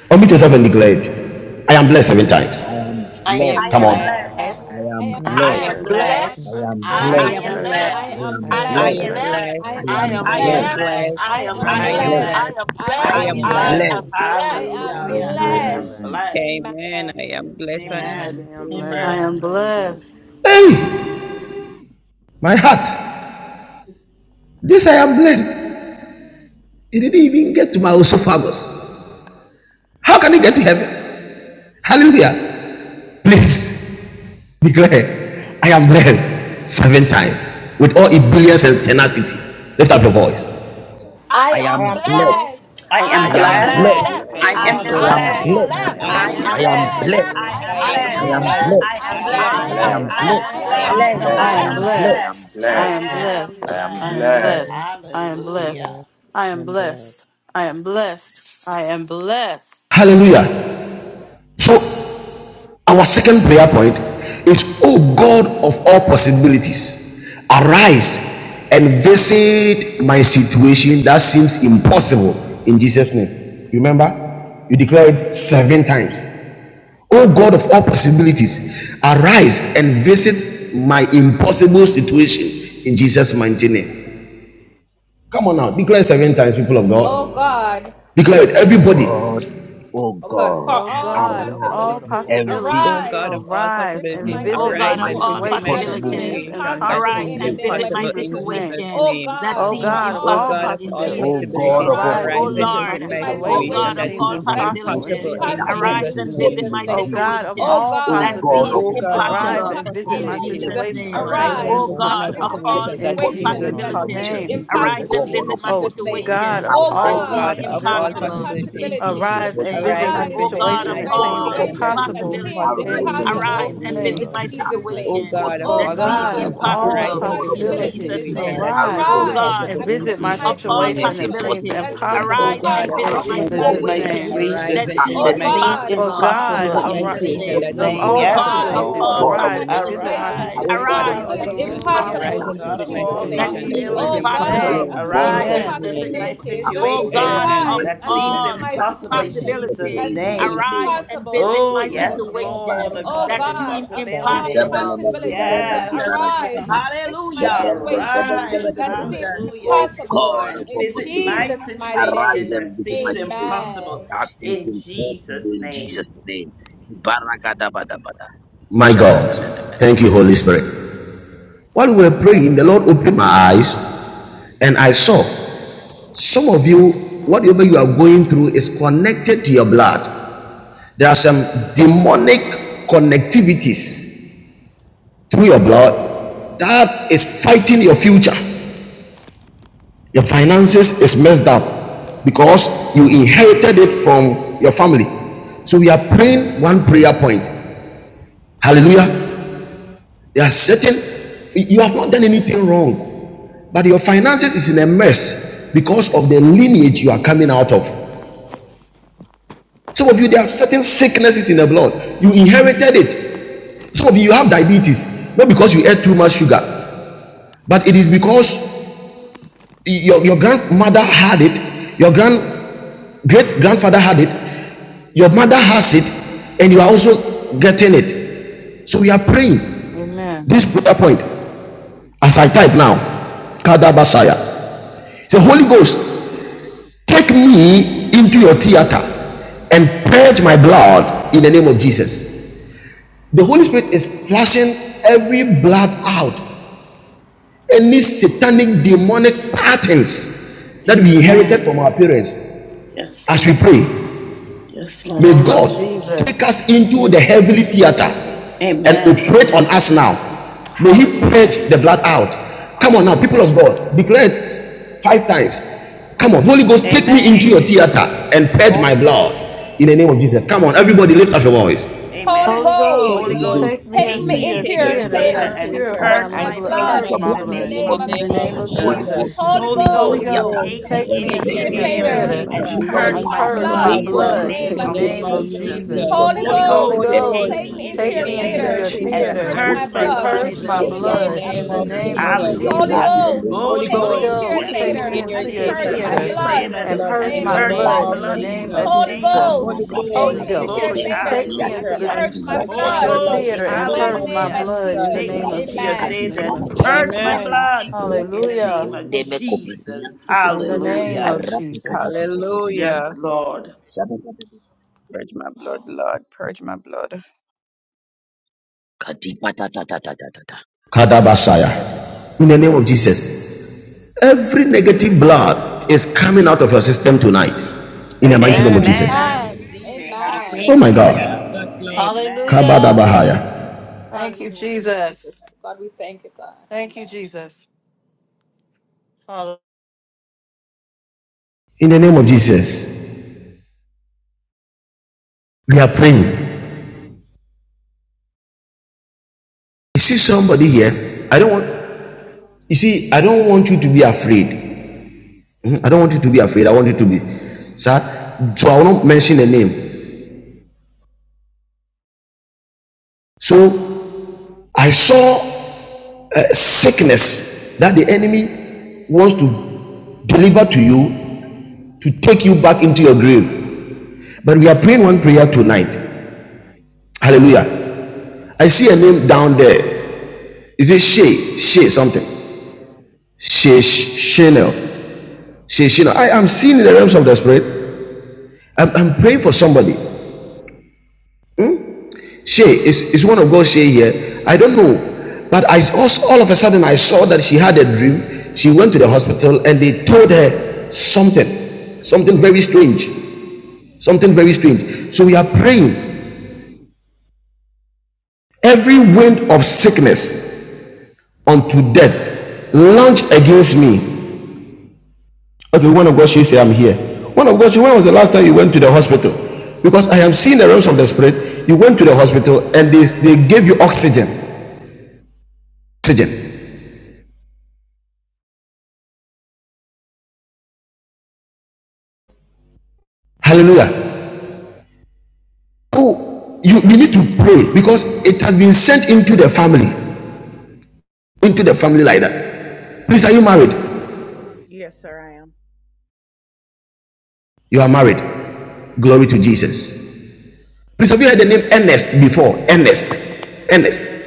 Speaker 3: Unmute yourself and declare it. I am blessed seven times.
Speaker 9: I am
Speaker 2: I
Speaker 13: I
Speaker 2: am
Speaker 13: am
Speaker 7: I
Speaker 9: blessed.
Speaker 3: Come
Speaker 7: am
Speaker 3: on.
Speaker 7: blessed.
Speaker 9: I
Speaker 13: blessed.
Speaker 2: blessed.
Speaker 14: Bless.
Speaker 9: am
Speaker 13: I
Speaker 12: I
Speaker 7: I
Speaker 14: I
Speaker 2: I
Speaker 13: am
Speaker 9: blessed.
Speaker 2: am
Speaker 7: am
Speaker 12: am
Speaker 14: am
Speaker 7: blessed.
Speaker 9: I
Speaker 2: blessed.
Speaker 13: blessed.
Speaker 14: blessed.
Speaker 11: I
Speaker 12: blessed.
Speaker 11: am
Speaker 9: am
Speaker 14: I
Speaker 12: I
Speaker 13: I
Speaker 2: I
Speaker 14: am
Speaker 12: am
Speaker 7: I
Speaker 13: am
Speaker 9: blessed.
Speaker 11: blessed.
Speaker 7: am
Speaker 2: am
Speaker 11: I
Speaker 7: blessed.
Speaker 14: blessed.
Speaker 13: blessed.
Speaker 11: am
Speaker 12: blessed.
Speaker 9: I
Speaker 2: blessed.
Speaker 14: I
Speaker 11: blessed.
Speaker 9: am
Speaker 12: I
Speaker 14: am
Speaker 13: I
Speaker 12: am
Speaker 7: I
Speaker 13: am
Speaker 9: blessed.
Speaker 7: am
Speaker 14: blessed.
Speaker 7: blessed.
Speaker 12: blessed.
Speaker 11: I am
Speaker 13: blessed.
Speaker 9: I
Speaker 14: I
Speaker 12: I
Speaker 9: am
Speaker 12: am
Speaker 11: blessed.
Speaker 2: I
Speaker 13: I
Speaker 7: I
Speaker 14: am
Speaker 2: am
Speaker 7: am
Speaker 13: am
Speaker 9: blessed.
Speaker 12: blessed.
Speaker 7: blessed.
Speaker 14: blessed.
Speaker 2: blessed.
Speaker 11: I
Speaker 12: I
Speaker 13: blessed.
Speaker 11: am
Speaker 9: I
Speaker 12: am
Speaker 14: I
Speaker 2: I
Speaker 9: am
Speaker 7: I
Speaker 13: I
Speaker 2: am
Speaker 11: blessed.
Speaker 14: am
Speaker 7: am
Speaker 13: am
Speaker 12: blessed.
Speaker 9: blessed.
Speaker 2: blessed.
Speaker 7: blessed.
Speaker 12: I
Speaker 14: blessed.
Speaker 12: am
Speaker 13: blessed.
Speaker 2: I
Speaker 9: I
Speaker 11: I
Speaker 14: I
Speaker 7: I
Speaker 13: I
Speaker 12: blessed.
Speaker 13: am
Speaker 11: am
Speaker 2: am
Speaker 9: am
Speaker 7: am
Speaker 14: am
Speaker 12: I
Speaker 11: blessed.
Speaker 7: blessed.
Speaker 12: am
Speaker 2: blessed.
Speaker 13: blessed.
Speaker 9: blessed
Speaker 14: blessed.
Speaker 12: blessed.
Speaker 14: I
Speaker 9: in
Speaker 7: Hallelujah.
Speaker 9: the
Speaker 2: Hallelujah.
Speaker 14: am
Speaker 11: I
Speaker 2: I
Speaker 9: name
Speaker 11: am
Speaker 9: of
Speaker 2: am
Speaker 14: blessed.
Speaker 11: blessed.
Speaker 9: Jesus.
Speaker 2: blessed.
Speaker 13: Amen. I am blessed and
Speaker 8: I
Speaker 13: highly
Speaker 2: Amen.
Speaker 14: Amen.
Speaker 8: am blessed.
Speaker 10: I
Speaker 13: favored.
Speaker 7: Amen.
Speaker 10: am
Speaker 8: I
Speaker 14: Amen.
Speaker 8: am blessed.
Speaker 10: blessed.
Speaker 3: Hey, my heart. This I am blessed. It didn't even get to my esophagus. How can it get to heaven? Hallelujah. Please declare, I am blessed seven times with all ebullience and tenacity. Lift up your voice.
Speaker 12: I
Speaker 9: I
Speaker 12: am
Speaker 15: I
Speaker 9: am
Speaker 15: am
Speaker 9: bl-
Speaker 12: blessed.
Speaker 15: blessed.
Speaker 2: I
Speaker 15: I am
Speaker 2: am
Speaker 9: I
Speaker 8: I
Speaker 7: I
Speaker 12: I
Speaker 13: I
Speaker 9: am
Speaker 8: am blessed. I am
Speaker 7: am
Speaker 12: am
Speaker 13: am
Speaker 15: blessed.
Speaker 2: blessed.
Speaker 7: blessed.
Speaker 9: blessed.
Speaker 8: blessed.
Speaker 13: blessed. I
Speaker 8: I
Speaker 12: blessed.
Speaker 2: I
Speaker 15: I
Speaker 7: I
Speaker 8: am
Speaker 2: am
Speaker 15: am
Speaker 9: I
Speaker 7: am
Speaker 12: I
Speaker 9: am
Speaker 13: am
Speaker 16: Thank you,
Speaker 12: am
Speaker 8: blessed.
Speaker 15: blessed.
Speaker 7: blessed.
Speaker 2: blessed.
Speaker 13: blessed.
Speaker 11: I
Speaker 9: blessed.
Speaker 8: I
Speaker 11: am
Speaker 15: I
Speaker 8: am
Speaker 13: I
Speaker 12: blessed.
Speaker 15: am
Speaker 7: I
Speaker 13: am
Speaker 2: I
Speaker 7: am
Speaker 15: blessed.
Speaker 11: blessed.
Speaker 9: I
Speaker 8: blessed.
Speaker 2: am
Speaker 12: I
Speaker 9: am
Speaker 12: am
Speaker 8: I
Speaker 7: blessed.
Speaker 15: blessed.
Speaker 8: am
Speaker 13: blessed.
Speaker 9: blessed.
Speaker 11: I
Speaker 2: blessed.
Speaker 7: I
Speaker 12: blessed.
Speaker 11: am
Speaker 8: blessed.
Speaker 13: I
Speaker 7: am
Speaker 8: I
Speaker 11: blessed.
Speaker 12: I
Speaker 2: I
Speaker 8: am
Speaker 13: am
Speaker 12: am
Speaker 9: I
Speaker 2: am
Speaker 7: blessed.
Speaker 9: am
Speaker 8: blessed.
Speaker 13: blessed.
Speaker 2: blessed.
Speaker 12: blessed.
Speaker 7: I
Speaker 9: blessed.
Speaker 15: I
Speaker 7: am
Speaker 8: I
Speaker 15: am
Speaker 13: I
Speaker 8: am
Speaker 12: I
Speaker 15: blessed.
Speaker 13: am
Speaker 7: blessed.
Speaker 2: I
Speaker 9: I
Speaker 8: blessed.
Speaker 12: am
Speaker 2: am
Speaker 8: I
Speaker 9: am
Speaker 13: blessed.
Speaker 7: I
Speaker 8: am
Speaker 9: blessed.
Speaker 7: am
Speaker 15: I
Speaker 12: blessed.
Speaker 15: am
Speaker 2: blessed.
Speaker 13: I
Speaker 7: blessed.
Speaker 13: am
Speaker 12: I
Speaker 8: blessed.
Speaker 2: I
Speaker 15: blessed.
Speaker 12: am
Speaker 10: I
Speaker 7: I
Speaker 9: I
Speaker 13: blessed.
Speaker 2: am
Speaker 10: am
Speaker 9: am
Speaker 13: I'm
Speaker 7: am
Speaker 12: blessed.
Speaker 9: blessed.
Speaker 7: blessed.
Speaker 2: blessed.
Speaker 13: blessed.
Speaker 10: blessed. I
Speaker 2: I
Speaker 10: am
Speaker 7: Amen.
Speaker 2: am
Speaker 11: I
Speaker 10: blessed.
Speaker 11: am.
Speaker 10: I
Speaker 7: Amen.
Speaker 10: am
Speaker 2: blessed.
Speaker 10: blessed. I am
Speaker 2: Hallelujah.
Speaker 10: blessed. I am blessed. I am blessed. I am blessed.
Speaker 3: Hallelujah. So Our second prayer point is, O God of all possibilities, arise and visit my situation that seems impossible in Jesus' name. Remember, you declared seven times. O God of all possibilities, arise and visit my impossible situation in Jesus' mighty name. Come on now, declare seven times, people of God. Declare it,
Speaker 9: Oh
Speaker 3: everybody.
Speaker 9: God. Oh God.
Speaker 11: Oh
Speaker 10: O
Speaker 11: God.
Speaker 10: God of
Speaker 11: Oh
Speaker 9: Arise
Speaker 10: all
Speaker 11: God of all
Speaker 9: and
Speaker 13: O
Speaker 9: visit
Speaker 10: possibilities,
Speaker 13: God
Speaker 11: possibilities.
Speaker 13: of all
Speaker 10: arise and
Speaker 13: possibilities,
Speaker 11: Arise
Speaker 9: my
Speaker 11: in
Speaker 7: O
Speaker 10: visit
Speaker 11: this my
Speaker 10: my
Speaker 7: God
Speaker 13: arise
Speaker 7: of
Speaker 9: my
Speaker 13: and
Speaker 7: all
Speaker 13: visit
Speaker 11: situation
Speaker 13: my
Speaker 10: situation
Speaker 11: that
Speaker 10: that
Speaker 11: seems
Speaker 9: impossible
Speaker 10: seems
Speaker 7: possibilities,
Speaker 13: situation
Speaker 11: impossible
Speaker 13: that
Speaker 11: in
Speaker 10: impossible
Speaker 7: arise
Speaker 13: seems
Speaker 7: and
Speaker 11: Jesus'
Speaker 9: situations.
Speaker 7: visit
Speaker 10: in
Speaker 11: name.
Speaker 7: my
Speaker 13: impossible
Speaker 10: Jesus'
Speaker 13: in
Speaker 10: name.
Speaker 13: Jesus'
Speaker 7: situation
Speaker 13: name.
Speaker 7: that
Speaker 10: O
Speaker 11: Oh
Speaker 7: seem
Speaker 10: God
Speaker 11: God
Speaker 10: of
Speaker 11: of
Speaker 13: O
Speaker 10: all
Speaker 13: God
Speaker 11: all
Speaker 7: impossible
Speaker 13: of
Speaker 7: in
Speaker 13: all
Speaker 9: O
Speaker 7: Jesus'
Speaker 10: possibilities,
Speaker 11: possibilities,
Speaker 9: God
Speaker 7: name.
Speaker 9: of
Speaker 13: possibilities,
Speaker 11: arise
Speaker 9: all
Speaker 11: and
Speaker 10: arise
Speaker 7: O
Speaker 10: and
Speaker 11: visit
Speaker 13: arise
Speaker 11: my
Speaker 13: and
Speaker 9: possibilities,
Speaker 10: visit my
Speaker 13: visit
Speaker 7: Lord,
Speaker 13: my
Speaker 11: situation
Speaker 7: O
Speaker 11: that
Speaker 9: arise
Speaker 10: situation
Speaker 9: and
Speaker 13: situation
Speaker 7: God
Speaker 10: that
Speaker 11: seems
Speaker 7: of
Speaker 13: that
Speaker 10: seems
Speaker 9: visit
Speaker 7: all
Speaker 13: seems
Speaker 9: my
Speaker 11: impossible in
Speaker 10: impossible in
Speaker 9: situation
Speaker 7: possibilities,
Speaker 13: impossible
Speaker 11: Jesus'
Speaker 10: Jesus'
Speaker 13: in
Speaker 9: that
Speaker 11: name.
Speaker 10: name.
Speaker 7: arise
Speaker 9: seems
Speaker 13: Jesus'
Speaker 7: and
Speaker 13: name.
Speaker 7: visit
Speaker 9: impossible
Speaker 7: my
Speaker 9: in
Speaker 10: O
Speaker 9: Jesus'
Speaker 10: God of
Speaker 7: situation
Speaker 9: name.
Speaker 10: all
Speaker 9: O
Speaker 7: that
Speaker 11: Oh God
Speaker 9: God
Speaker 11: of
Speaker 9: of
Speaker 7: seem
Speaker 13: O
Speaker 10: possibilities,
Speaker 9: all
Speaker 11: all
Speaker 13: God of
Speaker 10: arise
Speaker 13: all
Speaker 9: possibilities,
Speaker 7: impossible
Speaker 11: positive
Speaker 10: and visit
Speaker 7: in
Speaker 10: my
Speaker 9: arise and
Speaker 7: Jesus'
Speaker 13: possibilities,
Speaker 11: possibilities,
Speaker 10: situation
Speaker 7: name.
Speaker 9: visit
Speaker 10: that
Speaker 11: arise
Speaker 9: my
Speaker 11: and
Speaker 13: arise
Speaker 10: seems
Speaker 11: visit
Speaker 13: and
Speaker 7: O
Speaker 11: my
Speaker 13: visit
Speaker 9: situation
Speaker 13: my
Speaker 7: God
Speaker 11: situation
Speaker 9: that
Speaker 7: of
Speaker 10: impossible
Speaker 11: that
Speaker 13: situation
Speaker 7: all
Speaker 9: seems
Speaker 11: seems
Speaker 13: that
Speaker 10: in
Speaker 13: seems
Speaker 9: impossible in the
Speaker 10: Jesus'
Speaker 9: name of
Speaker 11: impossible
Speaker 7: possibilities.
Speaker 11: in
Speaker 9: Jesus.
Speaker 13: impossible
Speaker 10: name.
Speaker 11: Jesus'
Speaker 13: in
Speaker 9: O
Speaker 11: name.
Speaker 7: Arise
Speaker 13: Jesus'
Speaker 7: and
Speaker 9: God
Speaker 13: name.
Speaker 7: visit
Speaker 9: of
Speaker 7: my
Speaker 9: all
Speaker 10: O
Speaker 11: Oh
Speaker 9: possibilities,
Speaker 11: God
Speaker 10: God
Speaker 7: situation
Speaker 11: of
Speaker 10: of
Speaker 11: all
Speaker 7: that
Speaker 13: O
Speaker 9: arise
Speaker 10: all
Speaker 9: and
Speaker 7: seem
Speaker 13: God
Speaker 9: visit
Speaker 13: of
Speaker 9: my
Speaker 11: possibilities,
Speaker 13: all
Speaker 9: situation
Speaker 7: impossible
Speaker 11: arise
Speaker 10: possibilities,
Speaker 11: and visit
Speaker 9: that
Speaker 7: in
Speaker 13: possibilities,
Speaker 11: my
Speaker 9: seems
Speaker 7: Jesus'
Speaker 10: arise
Speaker 11: situation
Speaker 10: and
Speaker 11: that
Speaker 9: impossible
Speaker 7: name.
Speaker 9: in
Speaker 10: visit
Speaker 13: arise
Speaker 11: seems
Speaker 10: my
Speaker 9: Jesus'
Speaker 13: and
Speaker 7: O
Speaker 9: name.
Speaker 13: visit
Speaker 7: God
Speaker 11: impossible
Speaker 9: O
Speaker 7: of
Speaker 10: situation
Speaker 13: my
Speaker 10: that
Speaker 11: in
Speaker 9: God
Speaker 10: seems
Speaker 9: of
Speaker 11: Jesus'
Speaker 7: all
Speaker 9: all
Speaker 13: situation
Speaker 11: name.
Speaker 13: that seems
Speaker 9: possibilities,
Speaker 10: impossible
Speaker 7: possibilities,
Speaker 13: impossible
Speaker 11: Oh
Speaker 10: in
Speaker 9: arise
Speaker 13: in
Speaker 11: God
Speaker 9: and
Speaker 11: of
Speaker 9: visit
Speaker 11: all
Speaker 13: Jesus'
Speaker 7: arise
Speaker 16: that
Speaker 9: my
Speaker 10: Jesus'
Speaker 7: and
Speaker 16: is
Speaker 10: name.
Speaker 9: situation
Speaker 13: name.
Speaker 7: visit my
Speaker 16: impossible
Speaker 11: possibilities,
Speaker 9: that
Speaker 16: in
Speaker 9: seems
Speaker 11: arise
Speaker 16: Jesus'
Speaker 11: and
Speaker 13: O
Speaker 16: name.
Speaker 7: situation
Speaker 11: visit my
Speaker 13: God of
Speaker 9: impossible
Speaker 10: O
Speaker 9: in
Speaker 7: that
Speaker 13: all
Speaker 11: situation
Speaker 16: Oh
Speaker 11: that
Speaker 7: seem
Speaker 9: Jesus'
Speaker 10: God of
Speaker 9: name.
Speaker 11: seems
Speaker 13: possibility,
Speaker 9: O
Speaker 10: all
Speaker 13: arise
Speaker 11: impossible
Speaker 7: impossible
Speaker 13: and
Speaker 11: in
Speaker 9: God
Speaker 16: God,
Speaker 9: of
Speaker 13: visit
Speaker 7: in
Speaker 9: all
Speaker 11: Jesus'
Speaker 13: my
Speaker 11: name.
Speaker 10: possibilities,
Speaker 7: Jesus'
Speaker 9: possibilities,
Speaker 13: situation
Speaker 16: God,
Speaker 7: name.
Speaker 11: Oh
Speaker 13: that
Speaker 16: we will
Speaker 11: God of
Speaker 13: seems
Speaker 10: arise
Speaker 16: not forget
Speaker 9: arise
Speaker 7: O
Speaker 11: all
Speaker 9: and visit
Speaker 7: God,
Speaker 10: and
Speaker 9: my
Speaker 13: impossible in
Speaker 11: possibilities,
Speaker 10: visit
Speaker 9: situation
Speaker 10: my
Speaker 11: arise
Speaker 13: Jesus'
Speaker 7: of
Speaker 16: the
Speaker 11: and
Speaker 9: what
Speaker 11: visit
Speaker 7: all
Speaker 16: people.
Speaker 11: my
Speaker 13: name.
Speaker 9: seems
Speaker 10: situation that seems
Speaker 11: situation
Speaker 9: impossible
Speaker 7: possibility.
Speaker 11: that
Speaker 9: in the name of
Speaker 11: seems
Speaker 16: So
Speaker 9: Jesus.
Speaker 13: O
Speaker 10: impossible
Speaker 7: Arise
Speaker 16: God,
Speaker 13: God
Speaker 7: and
Speaker 13: of
Speaker 11: impossible
Speaker 7: visit
Speaker 10: in
Speaker 11: in
Speaker 13: all
Speaker 16: Lord,
Speaker 7: my
Speaker 16: God,
Speaker 9: Oh
Speaker 10: Jesus'
Speaker 11: Jesus'
Speaker 16: we will
Speaker 9: God
Speaker 2: visit
Speaker 16: not forget
Speaker 9: of
Speaker 2: my
Speaker 11: name.
Speaker 9: all
Speaker 13: possibilities,
Speaker 10: name.
Speaker 7: situation
Speaker 9: possibilities,
Speaker 2: situation
Speaker 13: arise
Speaker 7: that
Speaker 13: and
Speaker 11: Oh
Speaker 16: the
Speaker 7: seem
Speaker 13: visit
Speaker 2: that
Speaker 11: God
Speaker 9: arise
Speaker 13: my
Speaker 11: of
Speaker 9: and
Speaker 13: si-
Speaker 11: all
Speaker 2: seems
Speaker 9: visit this
Speaker 10: O
Speaker 7: impossible
Speaker 9: person.
Speaker 11: possibilities,
Speaker 7: in
Speaker 10: God
Speaker 11: arise
Speaker 2: impossible
Speaker 13: visit
Speaker 9: That
Speaker 11: and
Speaker 13: my
Speaker 2: in
Speaker 10: arri-
Speaker 11: visit
Speaker 9: seems
Speaker 7: Jesus'
Speaker 11: my
Speaker 13: situation
Speaker 7: name.
Speaker 2: Jesus'
Speaker 13: that
Speaker 9: impossible
Speaker 11: situation
Speaker 10: of
Speaker 9: in
Speaker 13: seems
Speaker 16: people.
Speaker 11: that
Speaker 2: name.
Speaker 10: all
Speaker 7: O
Speaker 9: Jesus'
Speaker 16: The
Speaker 2: Yes,
Speaker 11: seems
Speaker 13: impossible
Speaker 7: God
Speaker 9: name.
Speaker 7: of
Speaker 13: in
Speaker 9: Oh
Speaker 10: possibilities,
Speaker 2: Lord,
Speaker 11: impossible
Speaker 7: all
Speaker 11: in
Speaker 13: Jesus'
Speaker 16: God
Speaker 9: God
Speaker 16: of
Speaker 9: of
Speaker 10: arise
Speaker 9: all
Speaker 13: name.
Speaker 10: and
Speaker 11: Jesus'
Speaker 10: visit
Speaker 7: possibilities,
Speaker 11: name.
Speaker 9: possibilities,
Speaker 10: my
Speaker 16: abilities,
Speaker 2: arise.
Speaker 13: O
Speaker 16: the
Speaker 9: arise
Speaker 10: situation
Speaker 13: God
Speaker 16: God
Speaker 13: of
Speaker 16: of
Speaker 9: and
Speaker 7: arise
Speaker 10: that
Speaker 13: all
Speaker 7: and
Speaker 9: visit my
Speaker 10: seems
Speaker 7: visit
Speaker 13: possibility,
Speaker 7: my
Speaker 9: situation.
Speaker 13: arise
Speaker 2: Hallelujah.
Speaker 16: situation.
Speaker 9: That
Speaker 10: impossible
Speaker 13: and
Speaker 9: seems
Speaker 2: God
Speaker 13: visit
Speaker 2: of
Speaker 7: situation
Speaker 13: my
Speaker 2: all
Speaker 16: Nothing
Speaker 10: in
Speaker 16: is
Speaker 9: impossible
Speaker 7: that
Speaker 9: in
Speaker 13: situation
Speaker 9: the
Speaker 13: that
Speaker 9: name
Speaker 7: seem
Speaker 16: impossible
Speaker 9: of
Speaker 10: Jesus'
Speaker 13: seems
Speaker 16: in
Speaker 9: Jesus.
Speaker 16: Jesus'
Speaker 2: possibilities.
Speaker 16: name.
Speaker 13: impossible
Speaker 7: impossible
Speaker 9: Oh
Speaker 10: name.
Speaker 13: in
Speaker 7: in
Speaker 16: So
Speaker 9: God
Speaker 2: Arise
Speaker 9: of
Speaker 16: God,
Speaker 9: all
Speaker 13: Jesus'
Speaker 2: and
Speaker 10: Amen.
Speaker 16: of
Speaker 7: Jesus'
Speaker 16: all
Speaker 2: visit
Speaker 9: possibilities,
Speaker 13: name.
Speaker 2: my
Speaker 7: name.
Speaker 16: possibilities
Speaker 7: O
Speaker 9: arise and
Speaker 16: arise.
Speaker 2: situation
Speaker 7: God
Speaker 9: visit
Speaker 13: Amen.
Speaker 9: my
Speaker 7: of
Speaker 2: that seems
Speaker 9: situation.
Speaker 7: all
Speaker 9: That
Speaker 2: impossible
Speaker 16: Take
Speaker 2: in
Speaker 9: seems
Speaker 16: my
Speaker 9: impossible
Speaker 2: Jesus'
Speaker 7: possibility,
Speaker 9: in
Speaker 16: situation,
Speaker 9: Jesus'
Speaker 16: my
Speaker 2: name.
Speaker 9: name.
Speaker 7: arise and visit
Speaker 2: Oh,
Speaker 7: my
Speaker 9: Amen.
Speaker 2: yes,
Speaker 7: situation
Speaker 2: Lord, the God
Speaker 7: that
Speaker 2: of
Speaker 16: situation.
Speaker 7: seem
Speaker 16: God of all
Speaker 7: impossible
Speaker 9: Isabella
Speaker 2: impossibilities.
Speaker 16: possibilities
Speaker 7: in
Speaker 16: arise
Speaker 9: Kubarada
Speaker 16: and give
Speaker 7: Jesus'
Speaker 16: us
Speaker 9: Kubarada
Speaker 2: Yes.
Speaker 7: name.
Speaker 16: the best
Speaker 7: Hallelujah.
Speaker 9: Jabranda
Speaker 16: possible.
Speaker 7: Thank
Speaker 9: Zabanda
Speaker 7: you,
Speaker 2: Arise,
Speaker 9: Badabada.
Speaker 7: Jesus.
Speaker 2: hallelujah,
Speaker 9: Oh
Speaker 7: Thank you,
Speaker 9: God
Speaker 7: Lord.
Speaker 9: of
Speaker 2: and
Speaker 9: all
Speaker 2: visit my
Speaker 9: possibilities,
Speaker 2: situation
Speaker 9: arise
Speaker 2: that
Speaker 9: and visit my
Speaker 2: seems
Speaker 9: situation.
Speaker 2: impossible
Speaker 9: That seems
Speaker 2: in
Speaker 9: impossible
Speaker 2: Jesus'
Speaker 9: in
Speaker 2: name.
Speaker 9: Jesus' name. Baragada Badabada.
Speaker 3: My
Speaker 9: Jabala Mena
Speaker 3: God,
Speaker 9: Mena.
Speaker 3: thank you, Holy Spirit. While we were praying, the Lord opened my eyes and I saw some of you, whatever you are going through, is connected to your blood. There are some demonic connectivities through your blood that is fighting your future. Your finances is messed up because you inherited it from your family. So we are praying one prayer point. Hallelujah. There are certain you have not done anything wrong, but your finances is in a mess because of the lineage you are coming out of. Some of you there are certain sicknesses in the blood. You inherited it. Some of you you have diabetes, not because you ate too much sugar, but it is because your, your grandmother had it, your grand great grandfather had it, your mother has it, and you are also getting it. So we are praying
Speaker 10: Amen.
Speaker 3: this prayer point as I type now. Kadabasaya. Say, Holy Ghost, Take me into your theater and purge my blood in the name of Jesus. The Holy Spirit is flushing every blood out, any satanic demonic patterns that we inherited
Speaker 2: Amen.
Speaker 3: from our parents
Speaker 2: Yes,
Speaker 3: as we
Speaker 2: Lord.
Speaker 3: pray.
Speaker 2: Yes,
Speaker 10: In the
Speaker 3: May
Speaker 2: Lord.
Speaker 10: name of
Speaker 3: God take
Speaker 10: Jesus.
Speaker 3: us into the
Speaker 13: Yes,
Speaker 3: heavenly
Speaker 13: Father
Speaker 3: theater
Speaker 13: God, yes,
Speaker 3: and
Speaker 13: God.
Speaker 2: Amen.
Speaker 3: operate on us now. May He
Speaker 2: Hallelujah.
Speaker 3: purge the blood out. Come on
Speaker 2: Yes,
Speaker 3: now, people
Speaker 2: Lord.
Speaker 3: of God, declare it five times. Come on, Holy Ghost, take me into your
Speaker 2: Amen.
Speaker 3: theater
Speaker 2: Amen.
Speaker 3: and purge my
Speaker 2: Holy Ghost.
Speaker 3: blood in the name of Jesus. Come on, everybody, lift up your voice.
Speaker 10: Holy
Speaker 2: Amen.
Speaker 11: Holy
Speaker 13: Holy
Speaker 10: Ghost,
Speaker 2: Holy
Speaker 11: Ghost,
Speaker 9: Holy
Speaker 11: take
Speaker 2: Ghost,
Speaker 9: Ghost,
Speaker 10: take
Speaker 13: Ghost,
Speaker 11: me into
Speaker 10: me
Speaker 9: take
Speaker 2: take
Speaker 11: the
Speaker 10: into
Speaker 9: me
Speaker 2: me
Speaker 10: your
Speaker 9: into
Speaker 13: take
Speaker 2: into
Speaker 11: theater
Speaker 9: your
Speaker 2: your
Speaker 13: me
Speaker 11: and
Speaker 10: theater
Speaker 13: into your
Speaker 9: theater
Speaker 2: theater
Speaker 11: purge
Speaker 10: and
Speaker 11: my
Speaker 2: and
Speaker 13: theater
Speaker 11: blood
Speaker 9: and
Speaker 10: purify
Speaker 2: purge
Speaker 11: in
Speaker 10: my
Speaker 11: the
Speaker 9: touch
Speaker 2: my
Speaker 13: and
Speaker 11: name
Speaker 10: blood,
Speaker 9: me
Speaker 11: of
Speaker 13: purge
Speaker 2: blood
Speaker 9: with
Speaker 13: my
Speaker 10: purge
Speaker 9: your
Speaker 2: in
Speaker 11: Jesus.
Speaker 10: my
Speaker 2: the
Speaker 9: blood
Speaker 13: blood
Speaker 9: in the
Speaker 10: blood
Speaker 2: name
Speaker 9: name
Speaker 13: in the
Speaker 9: of
Speaker 2: of
Speaker 10: in the
Speaker 13: name
Speaker 9: Jesus.
Speaker 13: of
Speaker 10: name of
Speaker 11: Jesus.
Speaker 2: Jesus.
Speaker 9: Holy
Speaker 8: First
Speaker 13: Jesus.
Speaker 16: Holy
Speaker 9: Ghost,
Speaker 10: Jesus.
Speaker 16: Spirit,
Speaker 8: statement
Speaker 9: take
Speaker 11: Holy
Speaker 16: we
Speaker 8: to
Speaker 2: Holy
Speaker 9: me
Speaker 8: your
Speaker 11: Ghost,
Speaker 9: into your
Speaker 10: Holy
Speaker 11: take
Speaker 13: Holy
Speaker 2: Ghost,
Speaker 11: me
Speaker 8: debtor.
Speaker 11: into
Speaker 16: thank
Speaker 9: theater
Speaker 16: you,
Speaker 10: Ghost,
Speaker 11: your
Speaker 13: Ghost,
Speaker 2: take
Speaker 10: take
Speaker 11: theater
Speaker 2: me
Speaker 16: we
Speaker 9: and
Speaker 10: me
Speaker 11: and
Speaker 13: take
Speaker 2: into
Speaker 8: Purge
Speaker 16: thank
Speaker 8: my
Speaker 2: your
Speaker 16: you,
Speaker 13: me
Speaker 9: touch
Speaker 10: into
Speaker 11: purge
Speaker 10: your
Speaker 16: we
Speaker 13: in
Speaker 8: blood
Speaker 11: my
Speaker 9: me
Speaker 8: in
Speaker 13: your
Speaker 8: the
Speaker 2: theater
Speaker 11: blood
Speaker 8: name
Speaker 10: theater
Speaker 8: of
Speaker 2: and
Speaker 11: in
Speaker 13: theater
Speaker 9: with
Speaker 11: the
Speaker 9: your
Speaker 11: name
Speaker 8: Jesus.
Speaker 10: and
Speaker 2: purge
Speaker 11: of
Speaker 16: thank
Speaker 13: and
Speaker 2: my
Speaker 9: blood
Speaker 16: you,
Speaker 9: in
Speaker 13: purge
Speaker 10: purge
Speaker 9: the
Speaker 11: Jesus.
Speaker 10: my
Speaker 2: blood
Speaker 13: my
Speaker 16: we
Speaker 9: name
Speaker 2: in
Speaker 9: of
Speaker 2: the
Speaker 8: Holy
Speaker 13: blood
Speaker 10: blood
Speaker 8: Ghost,
Speaker 9: Jesus.
Speaker 13: in
Speaker 10: in
Speaker 2: name
Speaker 13: the
Speaker 10: the
Speaker 8: take
Speaker 11: Holy
Speaker 8: me
Speaker 2: of
Speaker 16: thank
Speaker 9: Holy
Speaker 13: name
Speaker 11: Ghost,
Speaker 16: you.
Speaker 10: name
Speaker 8: into
Speaker 11: take
Speaker 13: of
Speaker 10: of
Speaker 9: Ghost,
Speaker 11: me
Speaker 8: your
Speaker 11: into
Speaker 9: take
Speaker 2: Jesus.
Speaker 11: your
Speaker 9: me
Speaker 16: Holy
Speaker 9: into
Speaker 13: Jesus.
Speaker 11: theater
Speaker 10: Jesus.
Speaker 8: theater
Speaker 9: your
Speaker 11: and
Speaker 8: and
Speaker 2: Holy
Speaker 9: theater
Speaker 11: purge
Speaker 8: purge
Speaker 16: Ghost,
Speaker 11: my
Speaker 10: Holy
Speaker 8: my
Speaker 2: Ghost,
Speaker 13: Holy
Speaker 9: and
Speaker 8: blood
Speaker 11: blood
Speaker 8: in
Speaker 2: take
Speaker 13: Ghost,
Speaker 9: touch
Speaker 8: the
Speaker 10: Ghost,
Speaker 16: Spirit,
Speaker 8: mighty
Speaker 2: me
Speaker 9: me
Speaker 11: in
Speaker 9: with
Speaker 11: the
Speaker 9: your
Speaker 2: into
Speaker 13: take
Speaker 16: my
Speaker 10: take
Speaker 11: name
Speaker 2: your
Speaker 9: blood
Speaker 11: of
Speaker 10: me
Speaker 13: me
Speaker 9: in
Speaker 13: into
Speaker 8: name
Speaker 9: the
Speaker 16: Lord,
Speaker 10: into
Speaker 8: of
Speaker 2: theater
Speaker 13: your
Speaker 9: name
Speaker 10: your
Speaker 11: Jesus.
Speaker 16: in
Speaker 9: of
Speaker 13: theater
Speaker 2: and
Speaker 9: Jesus.
Speaker 16: the
Speaker 8: Jesus.
Speaker 10: theater
Speaker 16: name of
Speaker 11: God,
Speaker 13: and
Speaker 9: Holy
Speaker 16: Jesus,
Speaker 2: purge my
Speaker 10: and
Speaker 13: purge
Speaker 9: Ghost,
Speaker 2: blood
Speaker 13: my
Speaker 9: take
Speaker 8: Holy
Speaker 10: purge
Speaker 2: in
Speaker 16: Lord,
Speaker 11: Holy
Speaker 9: me
Speaker 8: Ghost,
Speaker 2: the
Speaker 10: my
Speaker 9: into
Speaker 8: take
Speaker 13: blood
Speaker 9: your
Speaker 11: Ghost,
Speaker 16: Lord,
Speaker 8: me
Speaker 2: name
Speaker 11: take
Speaker 13: in
Speaker 2: of
Speaker 13: the
Speaker 11: me
Speaker 8: into
Speaker 9: theater
Speaker 10: blood
Speaker 11: into
Speaker 8: your
Speaker 11: your
Speaker 10: in
Speaker 13: name
Speaker 16: Lord,
Speaker 2: Jesus.
Speaker 10: the
Speaker 9: and
Speaker 13: of
Speaker 2: Jesus.
Speaker 11: theater
Speaker 16: Lord,
Speaker 10: name
Speaker 9: touch
Speaker 8: and
Speaker 9: me
Speaker 8: then
Speaker 10: of
Speaker 11: and
Speaker 13: Jesus.
Speaker 9: with
Speaker 16: Lord,
Speaker 8: purge
Speaker 9: your
Speaker 8: my
Speaker 11: purge
Speaker 8: blood
Speaker 11: my
Speaker 9: blood
Speaker 8: in
Speaker 2: Hallelujah.
Speaker 8: the
Speaker 9: in
Speaker 10: Jesus.
Speaker 9: the
Speaker 8: mighty
Speaker 11: blood
Speaker 9: name
Speaker 8: name of
Speaker 9: of
Speaker 11: in
Speaker 13: Holy
Speaker 2: Holy
Speaker 11: the
Speaker 16: Lord, Lord,
Speaker 9: Jesus.
Speaker 10: Holy
Speaker 11: name of
Speaker 13: Ghost,
Speaker 8: Jesus.
Speaker 2: Ghost,
Speaker 10: Ghost,
Speaker 9: Holy
Speaker 13: take
Speaker 2: yes,
Speaker 11: Jesus.
Speaker 10: take
Speaker 13: me
Speaker 9: Ghost,
Speaker 16: Lord,
Speaker 10: me
Speaker 13: in
Speaker 9: take
Speaker 2: Lord,
Speaker 13: your
Speaker 10: into
Speaker 9: me into
Speaker 10: your
Speaker 2: take
Speaker 9: your
Speaker 11: Holy
Speaker 2: me
Speaker 13: theater
Speaker 9: theater
Speaker 2: into
Speaker 11: Ghost,
Speaker 8: Holy Ghost,
Speaker 16: Holy
Speaker 13: and
Speaker 2: your
Speaker 10: theater
Speaker 11: take me
Speaker 13: purge
Speaker 16: Spirit,
Speaker 9: and
Speaker 11: into
Speaker 13: my
Speaker 2: theater
Speaker 11: your
Speaker 10: and
Speaker 9: touch
Speaker 13: blood
Speaker 11: theater
Speaker 9: me
Speaker 11: and
Speaker 10: purge
Speaker 2: and
Speaker 13: in
Speaker 9: with
Speaker 13: the
Speaker 16: we
Speaker 10: my
Speaker 9: your
Speaker 11: purge
Speaker 2: purge
Speaker 11: my
Speaker 8: take
Speaker 16: speak
Speaker 8: my
Speaker 2: my
Speaker 13: name
Speaker 9: blood
Speaker 16: to
Speaker 10: blood
Speaker 9: in
Speaker 11: blood
Speaker 10: in
Speaker 13: of
Speaker 9: the
Speaker 11: in
Speaker 10: the
Speaker 2: blood
Speaker 11: the
Speaker 9: name
Speaker 11: name
Speaker 2: in
Speaker 9: of
Speaker 10: name
Speaker 11: of
Speaker 13: Jesus.
Speaker 2: the
Speaker 10: of
Speaker 9: Jesus.
Speaker 8: blood
Speaker 11: Jesus.
Speaker 2: name
Speaker 8: in
Speaker 2: of
Speaker 10: Jesus.
Speaker 8: the
Speaker 13: Holy
Speaker 8: name
Speaker 9: Kabraka
Speaker 8: of
Speaker 11: Holy Ghost,
Speaker 10: Holy
Speaker 16: my
Speaker 13: Ghost,
Speaker 2: Jesus.
Speaker 16: Lord,
Speaker 11: take me
Speaker 10: Ghost,
Speaker 11: into
Speaker 8: Jesus.
Speaker 13: take
Speaker 11: your
Speaker 2: Glory.
Speaker 13: me
Speaker 16: in
Speaker 9: teketem
Speaker 13: into your
Speaker 11: theater
Speaker 10: take
Speaker 11: and
Speaker 9: patia
Speaker 10: me
Speaker 16: the name of
Speaker 11: purge
Speaker 10: into
Speaker 13: theater
Speaker 8: Holy
Speaker 10: the,
Speaker 2: Hallelujah.
Speaker 11: my
Speaker 13: and
Speaker 11: blood
Speaker 8: Ghost,
Speaker 13: purge
Speaker 2: Holy
Speaker 13: my
Speaker 8: take
Speaker 9: Rekente
Speaker 16: Holy
Speaker 11: In
Speaker 10: your
Speaker 11: the
Speaker 8: me
Speaker 11: name
Speaker 13: blood
Speaker 11: of
Speaker 16: Spirit,
Speaker 2: Ghost,
Speaker 8: into
Speaker 10: theater
Speaker 13: in the
Speaker 8: my
Speaker 10: and
Speaker 11: Jesus,
Speaker 9: pepekete,
Speaker 8: purge,
Speaker 13: name
Speaker 16: we
Speaker 10: purge
Speaker 16: speak
Speaker 13: of
Speaker 10: my
Speaker 2: hallelujah.
Speaker 10: blood in the
Speaker 8: my
Speaker 13: Jesus.
Speaker 2: Take
Speaker 16: to
Speaker 10: name
Speaker 2: me
Speaker 16: my
Speaker 10: of
Speaker 9: brande
Speaker 2: into
Speaker 8: blood
Speaker 2: your
Speaker 16: Lord,
Speaker 8: in
Speaker 9: scadi
Speaker 10: Jesus.
Speaker 8: the
Speaker 16: in
Speaker 2: theater
Speaker 8: name
Speaker 2: and
Speaker 8: of
Speaker 9: brande
Speaker 2: purge my
Speaker 9: scadiata,
Speaker 8: Jesus.
Speaker 13: Amen.
Speaker 2: blood in the
Speaker 9: rekenti
Speaker 2: name
Speaker 10: Hallelujah.
Speaker 2: of
Speaker 9: bonde me
Speaker 2: Jesus.
Speaker 9: copadian
Speaker 8: Jesus.
Speaker 10: In the
Speaker 9: peketina,
Speaker 10: name
Speaker 2: Hallelujah.
Speaker 10: of
Speaker 9: rapi kata
Speaker 10: Jesus.
Speaker 9: kata kata kata
Speaker 13: Hallelujah.
Speaker 2: Yes,
Speaker 9: kata,
Speaker 2: Lord.
Speaker 9: sabata kata
Speaker 13: Purge my blood, Lord. Purge my blood.
Speaker 9: kati pata tata tata tata, sabata
Speaker 3: Kadabasaya.
Speaker 9: tata.
Speaker 3: In the name of Jesus. Every
Speaker 9: In the name
Speaker 3: negative
Speaker 9: of Jesus.
Speaker 3: blood is coming out of your system tonight in the mighty name of
Speaker 13: Amen.
Speaker 2: Amen. I
Speaker 3: Jesus.
Speaker 2: receive it.
Speaker 13: Amen.
Speaker 3: Oh my
Speaker 13: Purge my
Speaker 3: God.
Speaker 2: Hallelujah.
Speaker 13: blood, Lord.
Speaker 2: Amen.
Speaker 10: Hallelujah.
Speaker 3: Kabadabahaya.
Speaker 10: Thank you, Jesus. Thank you, Jesus. Hallelujah.
Speaker 3: In the name of Jesus. We are praying. You see somebody here. I don't want. You see, I don't want you to be afraid. Mhm. I don't want you to be afraid. I want you to be, sir. So I will not mention the name. So I saw a sickness that the enemy wants to deliver to you to take you back into your grave. But we are praying one prayer tonight. Hallelujah. I see a name down there. Is it Shay? Shay something. Shay Chanel. Shay Chanel. I am seeing in the realms of the spirit. I'm, I'm praying for somebody. Shay is, is one of God's Shay here. I don't know. But I also all of a sudden I saw that she had a dream. She went to the hospital and they told her something, something very strange. Something very strange. So we are praying. Every wind of sickness unto death launch against me. Okay, one of God Shay say I'm here. One of God Shay, when was the last time you went to the hospital? Because I am seeing the realms of the spirit. You went to the hospital and they, they gave you oxygen. Oxygen. Hallelujah. Oh, you, you need to pray because it has been sent into the family, into the family like that. Please, are you married?
Speaker 17: Yes, sir, I am.
Speaker 3: You are married. Glory to Jesus. Please, have you heard the name Ernest before? Ernest. Ernest.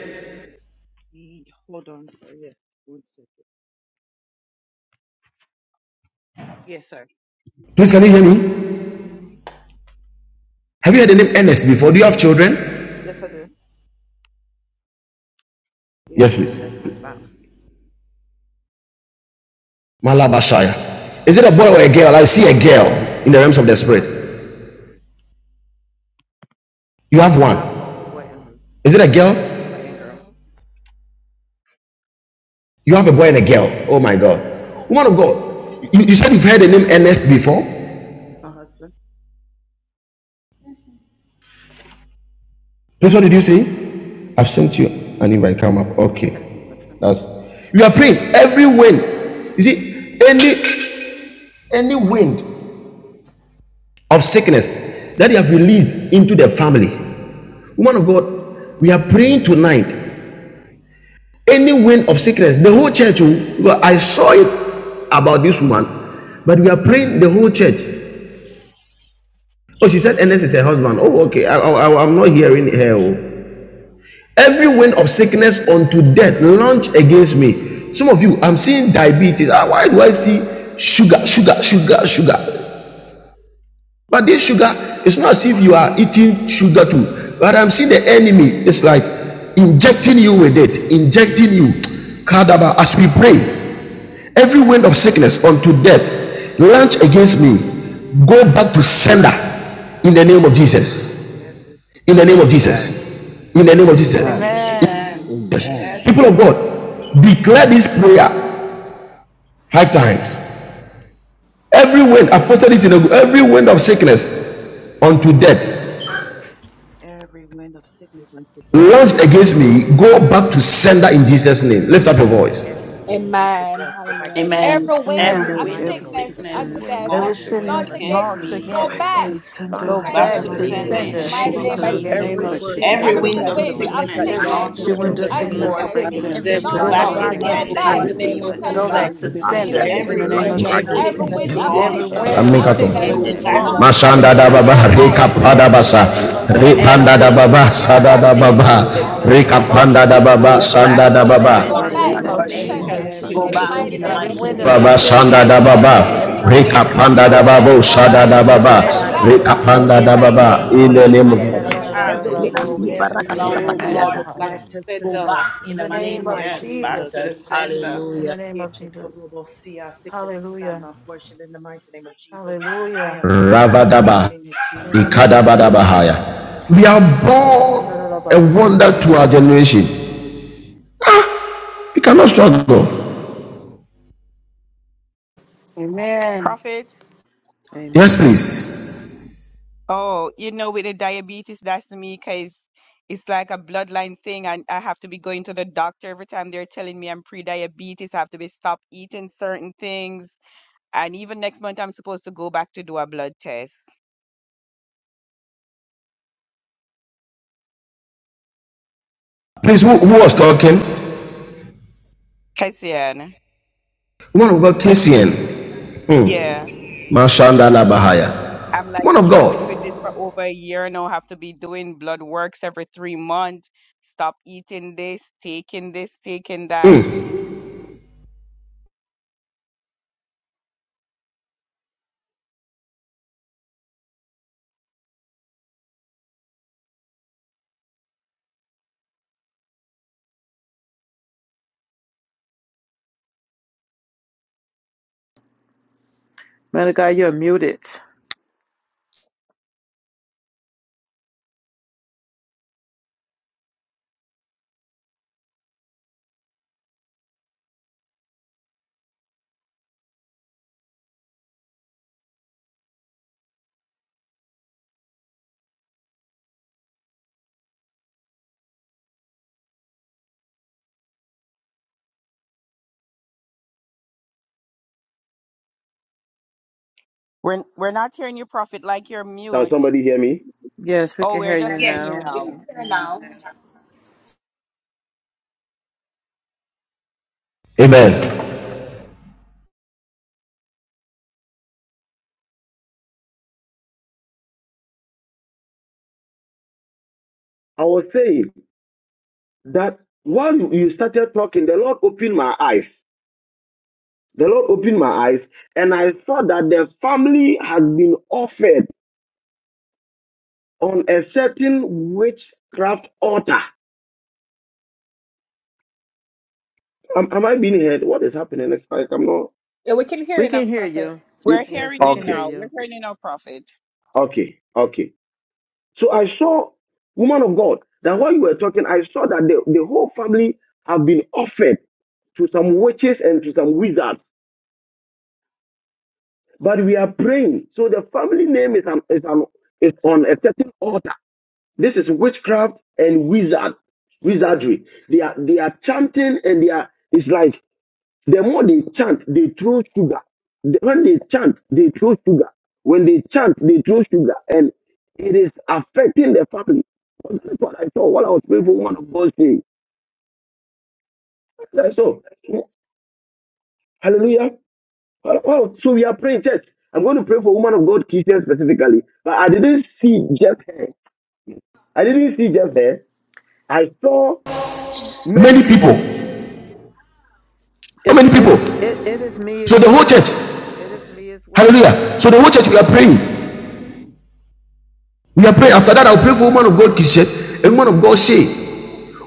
Speaker 17: Ye- Hold on, sir. Yes, one second. Yes, sir.
Speaker 3: Please, can you hear me? Have you heard the name Ernest before? Do you have children?
Speaker 17: Yes, I do. Yes,
Speaker 3: Yes,
Speaker 17: sir. That's
Speaker 3: please.
Speaker 17: my spouse.
Speaker 3: Malabashaya. Is it a boy or a girl? I see a girl in the realms of the
Speaker 17: I have
Speaker 3: spirit.
Speaker 17: both.
Speaker 3: You have
Speaker 17: I
Speaker 3: one.
Speaker 17: have both a boy and girl.
Speaker 3: Is it a girl?
Speaker 17: Bo- A boy and girl.
Speaker 3: You have a boy and a girl. Oh my God. Woman of God, you, you said you've heard the name Ernest before?
Speaker 17: That's my husband.
Speaker 3: Please, what did you say? I've sent you an invite. Come up.
Speaker 17: I said that's my
Speaker 3: Okay.
Speaker 17: husband.
Speaker 3: That's You are praying every wind. You see, any any wind of sickness that you have released into the family. Woman of God, we are praying tonight. Any wind of sickness, the whole church. oh, well, I saw it about this woman, but we are praying the whole church. Oh, she said, Ernest is her husband. Oh, okay. I, I, I- am not hearing her. oh. Every wind of sickness unto death launch against me. Some of you, I'm seeing diabetes. Ah, why do I see sugar, sugar, sugar, sugar? But this sugar, it's not as if you are eating sugar too. But I'm seeing the enemy. It's like injecting you with it, injecting you. Kadaba, as we pray, every wind of sickness unto death launch against me. Go back to sender in the name of Jesus
Speaker 17: Every
Speaker 3: in the name of
Speaker 9: Amen.
Speaker 3: Jesus. In the name of
Speaker 9: Amen.
Speaker 3: Jesus.
Speaker 10: Amen.
Speaker 2: Amen.
Speaker 3: Yes.
Speaker 9: Amen.
Speaker 3: People
Speaker 2: Yes.
Speaker 3: of God, declare
Speaker 9: Amen.
Speaker 3: this prayer five times. Every wind, I've posted it in a, every wind of sickness unto death
Speaker 17: every wind of sickness unto death.
Speaker 3: launched against me, go back to
Speaker 17: Go back to
Speaker 3: sender in
Speaker 17: sender in the
Speaker 3: Jesus'
Speaker 17: mighty
Speaker 3: name.
Speaker 17: name of
Speaker 3: Lift up your
Speaker 17: Jesus.
Speaker 3: voice.
Speaker 17: Every wind unto death. Go back to sender
Speaker 2: Amen.
Speaker 17: in
Speaker 8: Thank
Speaker 10: Amen.
Speaker 2: Every
Speaker 17: the
Speaker 8: you,
Speaker 11: every
Speaker 2: wind of
Speaker 17: mighty
Speaker 11: reign of
Speaker 8: everyone
Speaker 17: name of
Speaker 8: that
Speaker 2: sickness
Speaker 8: sent
Speaker 11: sickness
Speaker 17: Jesus.
Speaker 11: unto
Speaker 10: Every
Speaker 17: Every
Speaker 11: death,
Speaker 2: launched
Speaker 17: wind
Speaker 10: sentence
Speaker 11: launch
Speaker 17: unto
Speaker 2: against
Speaker 10: launched
Speaker 11: against
Speaker 17: sin
Speaker 11: me
Speaker 2: me,
Speaker 8: Go
Speaker 11: and
Speaker 17: of
Speaker 11: go
Speaker 8: back
Speaker 10: against
Speaker 11: back
Speaker 8: to
Speaker 17: sickness.
Speaker 10: me,
Speaker 11: to
Speaker 17: Go
Speaker 8: sender
Speaker 10: go
Speaker 17: back to
Speaker 8: in
Speaker 2: back
Speaker 8: the
Speaker 10: back
Speaker 2: to
Speaker 9: the
Speaker 2: the
Speaker 17: sender
Speaker 8: mighty
Speaker 10: to
Speaker 17: in
Speaker 11: senders
Speaker 17: the
Speaker 9: name
Speaker 11: in
Speaker 8: name
Speaker 2: sender
Speaker 11: the
Speaker 9: of
Speaker 8: of
Speaker 2: in
Speaker 17: mighty
Speaker 11: name
Speaker 2: the
Speaker 9: Jesus.
Speaker 11: of
Speaker 10: sender
Speaker 17: name of
Speaker 2: name
Speaker 7: Every
Speaker 2: of
Speaker 7: wind
Speaker 17: Jesus.
Speaker 7: of
Speaker 10: in
Speaker 9: Every
Speaker 11: Jesus.
Speaker 10: the
Speaker 17: Every
Speaker 8: Jesus.
Speaker 2: Jesus.
Speaker 10: name
Speaker 9: wind
Speaker 8: Go
Speaker 13: Every
Speaker 9: of
Speaker 17: wind
Speaker 10: of
Speaker 7: sickness,
Speaker 17: of
Speaker 8: back to
Speaker 13: word,
Speaker 8: the
Speaker 9: sickness,
Speaker 2: Every
Speaker 17: sickness.
Speaker 13: every
Speaker 9: one
Speaker 10: Jesus.
Speaker 8: sender
Speaker 11: Every
Speaker 2: wind
Speaker 13: type
Speaker 2: of
Speaker 9: thing,
Speaker 8: in
Speaker 13: of
Speaker 11: reign
Speaker 8: the
Speaker 11: of
Speaker 8: mighty
Speaker 13: sickness that
Speaker 2: sickness
Speaker 11: sickness
Speaker 9: land
Speaker 10: Every
Speaker 13: launched
Speaker 17: Kubata
Speaker 8: Every
Speaker 2: launched
Speaker 8: window
Speaker 9: advancement,
Speaker 8: of
Speaker 17: Senda,
Speaker 13: against
Speaker 11: unto
Speaker 17: in
Speaker 10: wind
Speaker 9: go
Speaker 17: the
Speaker 13: me.
Speaker 11: death,
Speaker 8: sickness
Speaker 10: of
Speaker 8: go
Speaker 9: back
Speaker 2: towards
Speaker 17: mighty
Speaker 9: to
Speaker 8: back
Speaker 9: the
Speaker 8: to
Speaker 17: name of
Speaker 11: launch
Speaker 10: sickness
Speaker 7: every
Speaker 2: me,
Speaker 9: founders
Speaker 8: center
Speaker 11: against
Speaker 7: wind
Speaker 2: go
Speaker 11: me.
Speaker 7: of
Speaker 13: Go
Speaker 8: in
Speaker 9: in
Speaker 17: Jesus.
Speaker 8: the
Speaker 9: the
Speaker 2: back
Speaker 7: sickness
Speaker 2: to
Speaker 8: mighty
Speaker 10: launched
Speaker 13: back
Speaker 9: name
Speaker 2: the
Speaker 11: Go
Speaker 9: of
Speaker 8: name of
Speaker 7: launched
Speaker 11: back to
Speaker 9: Jesus.
Speaker 2: sender
Speaker 10: against
Speaker 11: the
Speaker 13: in
Speaker 2: in
Speaker 10: me,
Speaker 17: Yes,
Speaker 2: the
Speaker 7: towards
Speaker 13: the
Speaker 9: Every
Speaker 7: me,
Speaker 13: name
Speaker 11: senders
Speaker 2: name
Speaker 9: wind
Speaker 8: Jesus.
Speaker 13: of
Speaker 11: in the
Speaker 17: Lord.
Speaker 2: of
Speaker 9: of
Speaker 7: go
Speaker 11: name
Speaker 10: go
Speaker 11: of
Speaker 10: back
Speaker 7: back.
Speaker 17: Every
Speaker 13: Jesus.
Speaker 9: sickness,
Speaker 10: to
Speaker 2: Jesus.
Speaker 11: Jesus.
Speaker 8: Every
Speaker 17: wind
Speaker 9: ah,
Speaker 17: of
Speaker 8: window of
Speaker 9: yeah,
Speaker 10: sender
Speaker 9: yeah,
Speaker 17: sickness,
Speaker 10: in
Speaker 9: yeah,
Speaker 13: Every
Speaker 10: the
Speaker 2: Every
Speaker 17: go
Speaker 8: sickness go
Speaker 10: name
Speaker 9: launch
Speaker 17: back
Speaker 10: of
Speaker 7: Every
Speaker 2: wind
Speaker 8: back
Speaker 17: to
Speaker 2: of
Speaker 13: bloodline
Speaker 7: man of
Speaker 8: to
Speaker 17: sender
Speaker 9: against
Speaker 10: Jesus.
Speaker 9: me,
Speaker 13: sickness
Speaker 17: in
Speaker 2: sickness
Speaker 17: the
Speaker 7: sickness who
Speaker 13: against
Speaker 9: go
Speaker 17: mighty
Speaker 8: sickness.
Speaker 9: back
Speaker 13: me,
Speaker 10: Every
Speaker 17: name
Speaker 7: runs
Speaker 2: launched
Speaker 17: of
Speaker 9: to
Speaker 13: back
Speaker 11: Every
Speaker 9: the
Speaker 10: wind
Speaker 13: to
Speaker 10: of
Speaker 3: Amen.
Speaker 2: towards
Speaker 11: wind
Speaker 17: Jesus.
Speaker 7: towards
Speaker 9: sinners
Speaker 11: of
Speaker 2: me,
Speaker 8: Go
Speaker 13: sender
Speaker 10: sickness
Speaker 7: me,
Speaker 3: Katon.
Speaker 9: in
Speaker 8: back
Speaker 13: in
Speaker 2: go
Speaker 11: every
Speaker 9: the
Speaker 8: to
Speaker 13: the
Speaker 11: wind of
Speaker 9: name
Speaker 13: name
Speaker 9: of
Speaker 2: back
Speaker 13: of
Speaker 10: launched
Speaker 7: go
Speaker 2: to
Speaker 8: center
Speaker 2: the
Speaker 9: Jesus.
Speaker 7: back
Speaker 11: sickness
Speaker 8: in
Speaker 3: Mashanda
Speaker 10: against
Speaker 13: Jesus.
Speaker 8: the
Speaker 9: Every
Speaker 7: in
Speaker 3: da
Speaker 2: sender
Speaker 7: the
Speaker 11: unto
Speaker 8: mighty
Speaker 10: me,
Speaker 9: wind
Speaker 3: baba,
Speaker 9: of
Speaker 2: in
Speaker 8: name
Speaker 7: mighty
Speaker 2: the
Speaker 11: death,
Speaker 8: of
Speaker 9: sickness,
Speaker 3: reka
Speaker 9: I
Speaker 10: go
Speaker 11: launch
Speaker 2: name
Speaker 7: name of
Speaker 9: want
Speaker 2: of
Speaker 9: to
Speaker 3: pada
Speaker 11: against
Speaker 10: back
Speaker 13: Every
Speaker 11: me.
Speaker 9: go,
Speaker 8: Jesus.
Speaker 11: Go
Speaker 10: in
Speaker 7: Jesus.
Speaker 3: basa,
Speaker 10: the
Speaker 13: blood
Speaker 11: back
Speaker 13: of
Speaker 11: to
Speaker 2: Jesus.
Speaker 10: name
Speaker 9: land
Speaker 10: of
Speaker 13: sickness
Speaker 11: senders
Speaker 7: Every
Speaker 9: against
Speaker 7: wind
Speaker 11: in
Speaker 13: against
Speaker 9: me,
Speaker 11: the
Speaker 7: of
Speaker 11: name
Speaker 3: repanda
Speaker 11: of
Speaker 10: Jesus.
Speaker 2: Every
Speaker 3: da
Speaker 13: me,
Speaker 9: go
Speaker 8: Window
Speaker 11: Jesus.
Speaker 8: of
Speaker 9: back
Speaker 13: go
Speaker 7: sickness,
Speaker 9: to
Speaker 3: baba,
Speaker 2: wind
Speaker 9: the
Speaker 7: go
Speaker 17: Every
Speaker 2: of
Speaker 13: back
Speaker 8: sickness
Speaker 3: sada
Speaker 7: back
Speaker 9: founders
Speaker 10: Every
Speaker 17: wind
Speaker 8: go
Speaker 13: in
Speaker 3: da
Speaker 17: of
Speaker 13: the
Speaker 11: Every
Speaker 8: back
Speaker 9: in
Speaker 7: in
Speaker 10: wind
Speaker 7: the
Speaker 9: the
Speaker 13: name
Speaker 11: wind
Speaker 8: to
Speaker 10: of
Speaker 17: sickness,
Speaker 13: of
Speaker 8: the
Speaker 2: sickness
Speaker 3: baba,
Speaker 11: of
Speaker 9: name
Speaker 17: go
Speaker 7: mighty
Speaker 8: name
Speaker 9: of
Speaker 13: Jesus.
Speaker 17: back
Speaker 8: of
Speaker 7: name
Speaker 2: launched
Speaker 9: Jesus.
Speaker 17: to
Speaker 10: sickness
Speaker 7: of
Speaker 3: reka
Speaker 11: sickness
Speaker 13: Every
Speaker 17: sender
Speaker 2: against
Speaker 13: kind
Speaker 9: Every
Speaker 11: unto
Speaker 8: Jesus.
Speaker 10: launched
Speaker 3: panda
Speaker 13: of
Speaker 17: in
Speaker 7: Jesus.
Speaker 17: the
Speaker 2: me,
Speaker 3: da
Speaker 9: wind
Speaker 11: death,
Speaker 9: of
Speaker 10: against
Speaker 13: sickness
Speaker 17: mighty
Speaker 3: baba,
Speaker 10: me,
Speaker 9: sickness,
Speaker 2: go
Speaker 11: launch
Speaker 7: Every
Speaker 8: Send
Speaker 17: name
Speaker 13: against
Speaker 17: of
Speaker 9: I
Speaker 8: Back
Speaker 13: me,
Speaker 7: wind
Speaker 3: sanda
Speaker 8: to
Speaker 7: of
Speaker 2: back
Speaker 8: the
Speaker 13: go
Speaker 11: against
Speaker 3: da
Speaker 11: me.
Speaker 10: go
Speaker 2: to
Speaker 9: want
Speaker 2: the
Speaker 13: back
Speaker 9: to
Speaker 11: Go
Speaker 8: center
Speaker 17: Jesus.
Speaker 13: in
Speaker 7: sickness
Speaker 9: go,
Speaker 8: in
Speaker 13: the
Speaker 11: back
Speaker 10: back
Speaker 3: baba.
Speaker 8: the
Speaker 11: to
Speaker 13: name
Speaker 10: in
Speaker 2: sender
Speaker 13: of
Speaker 8: mighty
Speaker 10: the
Speaker 7: runs
Speaker 2: in
Speaker 8: name
Speaker 9: land
Speaker 10: name
Speaker 2: the
Speaker 8: of
Speaker 13: Jesus.
Speaker 10: of
Speaker 11: senders
Speaker 7: towards
Speaker 11: in
Speaker 9: against
Speaker 13: Every
Speaker 2: name
Speaker 11: the
Speaker 7: me,
Speaker 9: me,
Speaker 11: name
Speaker 13: kind
Speaker 2: of
Speaker 13: of
Speaker 11: of
Speaker 10: Jesus.
Speaker 9: go
Speaker 8: Jesus.
Speaker 17: Every
Speaker 9: back
Speaker 11: Jesus.
Speaker 7: go
Speaker 9: to
Speaker 13: sickness,
Speaker 17: wind
Speaker 9: the
Speaker 17: of
Speaker 7: back
Speaker 13: go
Speaker 2: Jesus.
Speaker 7: in
Speaker 9: sinners.
Speaker 7: the
Speaker 17: sickness,
Speaker 13: back
Speaker 10: Every
Speaker 11: Every
Speaker 17: go
Speaker 9: In
Speaker 7: mighty
Speaker 9: the
Speaker 13: in
Speaker 8: I'm
Speaker 10: wind
Speaker 17: back
Speaker 13: the
Speaker 11: wind
Speaker 10: of
Speaker 7: name
Speaker 17: to
Speaker 11: of
Speaker 8: going
Speaker 3: Baba
Speaker 13: name
Speaker 7: of
Speaker 9: name
Speaker 8: in the
Speaker 9: of
Speaker 13: of
Speaker 17: sender
Speaker 8: mighty
Speaker 3: Sanda
Speaker 9: Jesus.
Speaker 7: Jesus.
Speaker 10: sickness
Speaker 3: da
Speaker 17: in
Speaker 11: sickness
Speaker 8: name
Speaker 13: Jesus.
Speaker 17: the
Speaker 8: of
Speaker 2: Amen.
Speaker 10: launched
Speaker 17: mighty
Speaker 7: Every
Speaker 17: name of
Speaker 2: Every
Speaker 3: Baba,
Speaker 7: wind
Speaker 10: against
Speaker 13: Every
Speaker 7: of
Speaker 10: me,
Speaker 17: Jesus.
Speaker 9: Shabrababababam,
Speaker 3: Rika
Speaker 8: Jesus.
Speaker 13: kind
Speaker 2: wind
Speaker 13: of
Speaker 7: sickness
Speaker 2: of
Speaker 11: Anti-death
Speaker 3: Panda
Speaker 10: go
Speaker 3: da
Speaker 11: launch
Speaker 13: sickness
Speaker 7: runs
Speaker 2: sickness
Speaker 3: Babu
Speaker 10: back
Speaker 11: against me.
Speaker 10: in
Speaker 9: zababababam,
Speaker 7: towards
Speaker 10: the
Speaker 3: Sada
Speaker 11: Go
Speaker 2: back
Speaker 7: me.
Speaker 13: against
Speaker 3: da
Speaker 8: Hmm.
Speaker 2: to
Speaker 10: name
Speaker 11: back
Speaker 13: me,
Speaker 2: the
Speaker 11: to
Speaker 10: of
Speaker 11: the
Speaker 13: go
Speaker 17: Every
Speaker 3: Baba,
Speaker 7: I
Speaker 17: wind
Speaker 13: back
Speaker 11: death.
Speaker 17: of
Speaker 9: zababababam,
Speaker 7: send
Speaker 13: in
Speaker 2: sender
Speaker 7: you
Speaker 13: the
Speaker 3: Rika
Speaker 10: Jesus.
Speaker 11: Go
Speaker 7: back
Speaker 17: sickness,
Speaker 13: name
Speaker 11: back
Speaker 13: of
Speaker 7: in
Speaker 5: with
Speaker 17: go
Speaker 11: to
Speaker 3: Panda
Speaker 7: the
Speaker 5: the
Speaker 11: the
Speaker 2: in
Speaker 3: da
Speaker 17: back
Speaker 2: the
Speaker 17: to
Speaker 8: In
Speaker 11: senders
Speaker 7: mighty
Speaker 8: the
Speaker 9: rakabababam,
Speaker 5: sickness,
Speaker 7: name
Speaker 11: in
Speaker 13: Jesus.
Speaker 3: Baba,
Speaker 11: the
Speaker 10: In
Speaker 8: mighty
Speaker 11: name
Speaker 2: name
Speaker 17: sender
Speaker 8: name
Speaker 11: of
Speaker 3: in
Speaker 7: of
Speaker 17: in
Speaker 8: of
Speaker 2: of
Speaker 3: the
Speaker 17: the
Speaker 3: name
Speaker 11: Jesus.
Speaker 17: mighty
Speaker 3: of
Speaker 7: Jesus.
Speaker 17: name
Speaker 2: Jesus.
Speaker 8: Jesus.
Speaker 17: of
Speaker 9: rakabababam.
Speaker 5: Lord,
Speaker 17: Jesus.
Speaker 7: Every
Speaker 10: the
Speaker 5: forgive
Speaker 7: wind
Speaker 5: me.
Speaker 11: Every
Speaker 7: of
Speaker 11: wind of
Speaker 7: sickness
Speaker 2: Hallelujah.
Speaker 17: Every
Speaker 8: Hmm.
Speaker 17: wind
Speaker 11: sickness
Speaker 17: of
Speaker 7: launched
Speaker 5: Oh
Speaker 17: sickness,
Speaker 11: unto
Speaker 2: Amen.
Speaker 5: God,
Speaker 9: Ikalokadibarakaduzabatiada.
Speaker 11: me.
Speaker 17: go
Speaker 5: go
Speaker 7: towards
Speaker 5: back
Speaker 7: me,
Speaker 5: to
Speaker 11: Every
Speaker 17: back to
Speaker 7: go
Speaker 5: sender
Speaker 17: sender
Speaker 7: back
Speaker 11: launch against
Speaker 5: in
Speaker 7: in the
Speaker 5: the
Speaker 11: me. Go
Speaker 7: mighty
Speaker 17: in the
Speaker 10: name
Speaker 5: name
Speaker 11: back
Speaker 5: of
Speaker 10: of
Speaker 7: name
Speaker 11: to
Speaker 7: of
Speaker 11: me,
Speaker 17: mighty
Speaker 2: Yes,
Speaker 17: name of
Speaker 2: back
Speaker 5: Jesus.
Speaker 11: Jesus.
Speaker 2: to
Speaker 10: Jesus.
Speaker 7: Jesus.
Speaker 2: the
Speaker 17: Jesus.
Speaker 2: sender.
Speaker 10: In the
Speaker 7: Hallelujah.
Speaker 11: That's
Speaker 10: name
Speaker 11: what
Speaker 10: of
Speaker 11: happened.
Speaker 10: Jesus.
Speaker 17: Yekutorobosia. Sickness is not
Speaker 10: Hallelujah.
Speaker 17: my portion in the mighty name of Jesus. I
Speaker 10: Hallelujah.
Speaker 17: am healed in the mighty
Speaker 3: Ravadaba,
Speaker 17: name of
Speaker 10: In the
Speaker 17: Jesus.
Speaker 10: name of
Speaker 3: Ikadabada Bahaya.
Speaker 10: Jesus.
Speaker 17: Mm-hmm.
Speaker 3: We are
Speaker 17: Hallelujah.
Speaker 3: born a wonder to our generation. We cannot struggle.
Speaker 10: Amen.
Speaker 13: Prophet.
Speaker 3: Yes,
Speaker 8: Amen.
Speaker 3: please.
Speaker 13: Oh, you know, with the diabetes, that's me because it's like a bloodline thing, and I have to be going to the doctor every time they're telling me I'm pre-diabetes. I have to be stop eating certain things, and even next month I'm supposed to go back to do a blood test.
Speaker 3: Please, who, who was talking?
Speaker 13: Kasian,
Speaker 3: One of God, KCN,
Speaker 13: yes,
Speaker 3: Mashanda la Bahaya.
Speaker 13: I'm like
Speaker 3: One of
Speaker 13: struggling with
Speaker 3: God.
Speaker 13: this for over a year now. I have to be doing blood works every three months. Stop eating this, taking this, taking that.
Speaker 8: Man of God, you're muted.
Speaker 13: We're we're not hearing you, Prophet, like you're
Speaker 18: Can
Speaker 13: mute.
Speaker 18: somebody hear me?
Speaker 8: Yes, we
Speaker 13: Oh,
Speaker 8: can
Speaker 13: we're
Speaker 8: hear
Speaker 13: just
Speaker 8: you
Speaker 13: hearing you
Speaker 8: now.
Speaker 13: now.
Speaker 3: Amen.
Speaker 18: I was saying that while you you started talking, the Lord opened my eyes. The Lord opened my eyes, and I saw that the family had been offered on a certain witchcraft altar. Am, am I being heard? What is happening? It's like I'm not.
Speaker 8: We can hear you.
Speaker 13: Where
Speaker 18: You
Speaker 8: Yes, we
Speaker 13: you
Speaker 8: can hear
Speaker 18: okay?
Speaker 13: now? we
Speaker 8: you.
Speaker 13: heard it.
Speaker 18: Okay? Okay? So I saw, woman of God, that while you were talking, I saw that the, the whole family have been offered to some witches and to some wizards But we are praying. So the family name is an, is an is on a certain altar. This is witchcraft and wizard wizardry. They are they are chanting and they are it's like the more they chant, they throw sugar. The- When they chant, they throw sugar. When they chant, they throw sugar, and it is affecting the family. That's what I saw. What I was praying for, one of God's things. That's all. Hallelujah. Oh, oh, so we are praying, church. I'm going to pray for woman of God, Christian specifically. But I didn't see just her. I didn't see just her. I saw many
Speaker 3: Many people.
Speaker 18: people.
Speaker 3: How
Speaker 8: It's
Speaker 3: many people?
Speaker 8: it's it, it is me
Speaker 3: So
Speaker 8: as
Speaker 3: the whole church.
Speaker 8: well. It is me as well.
Speaker 3: Hallelujah. So the whole church, we are praying. We are praying. After that, I'll pray for woman of God, Kishet, and woman of God, Shay.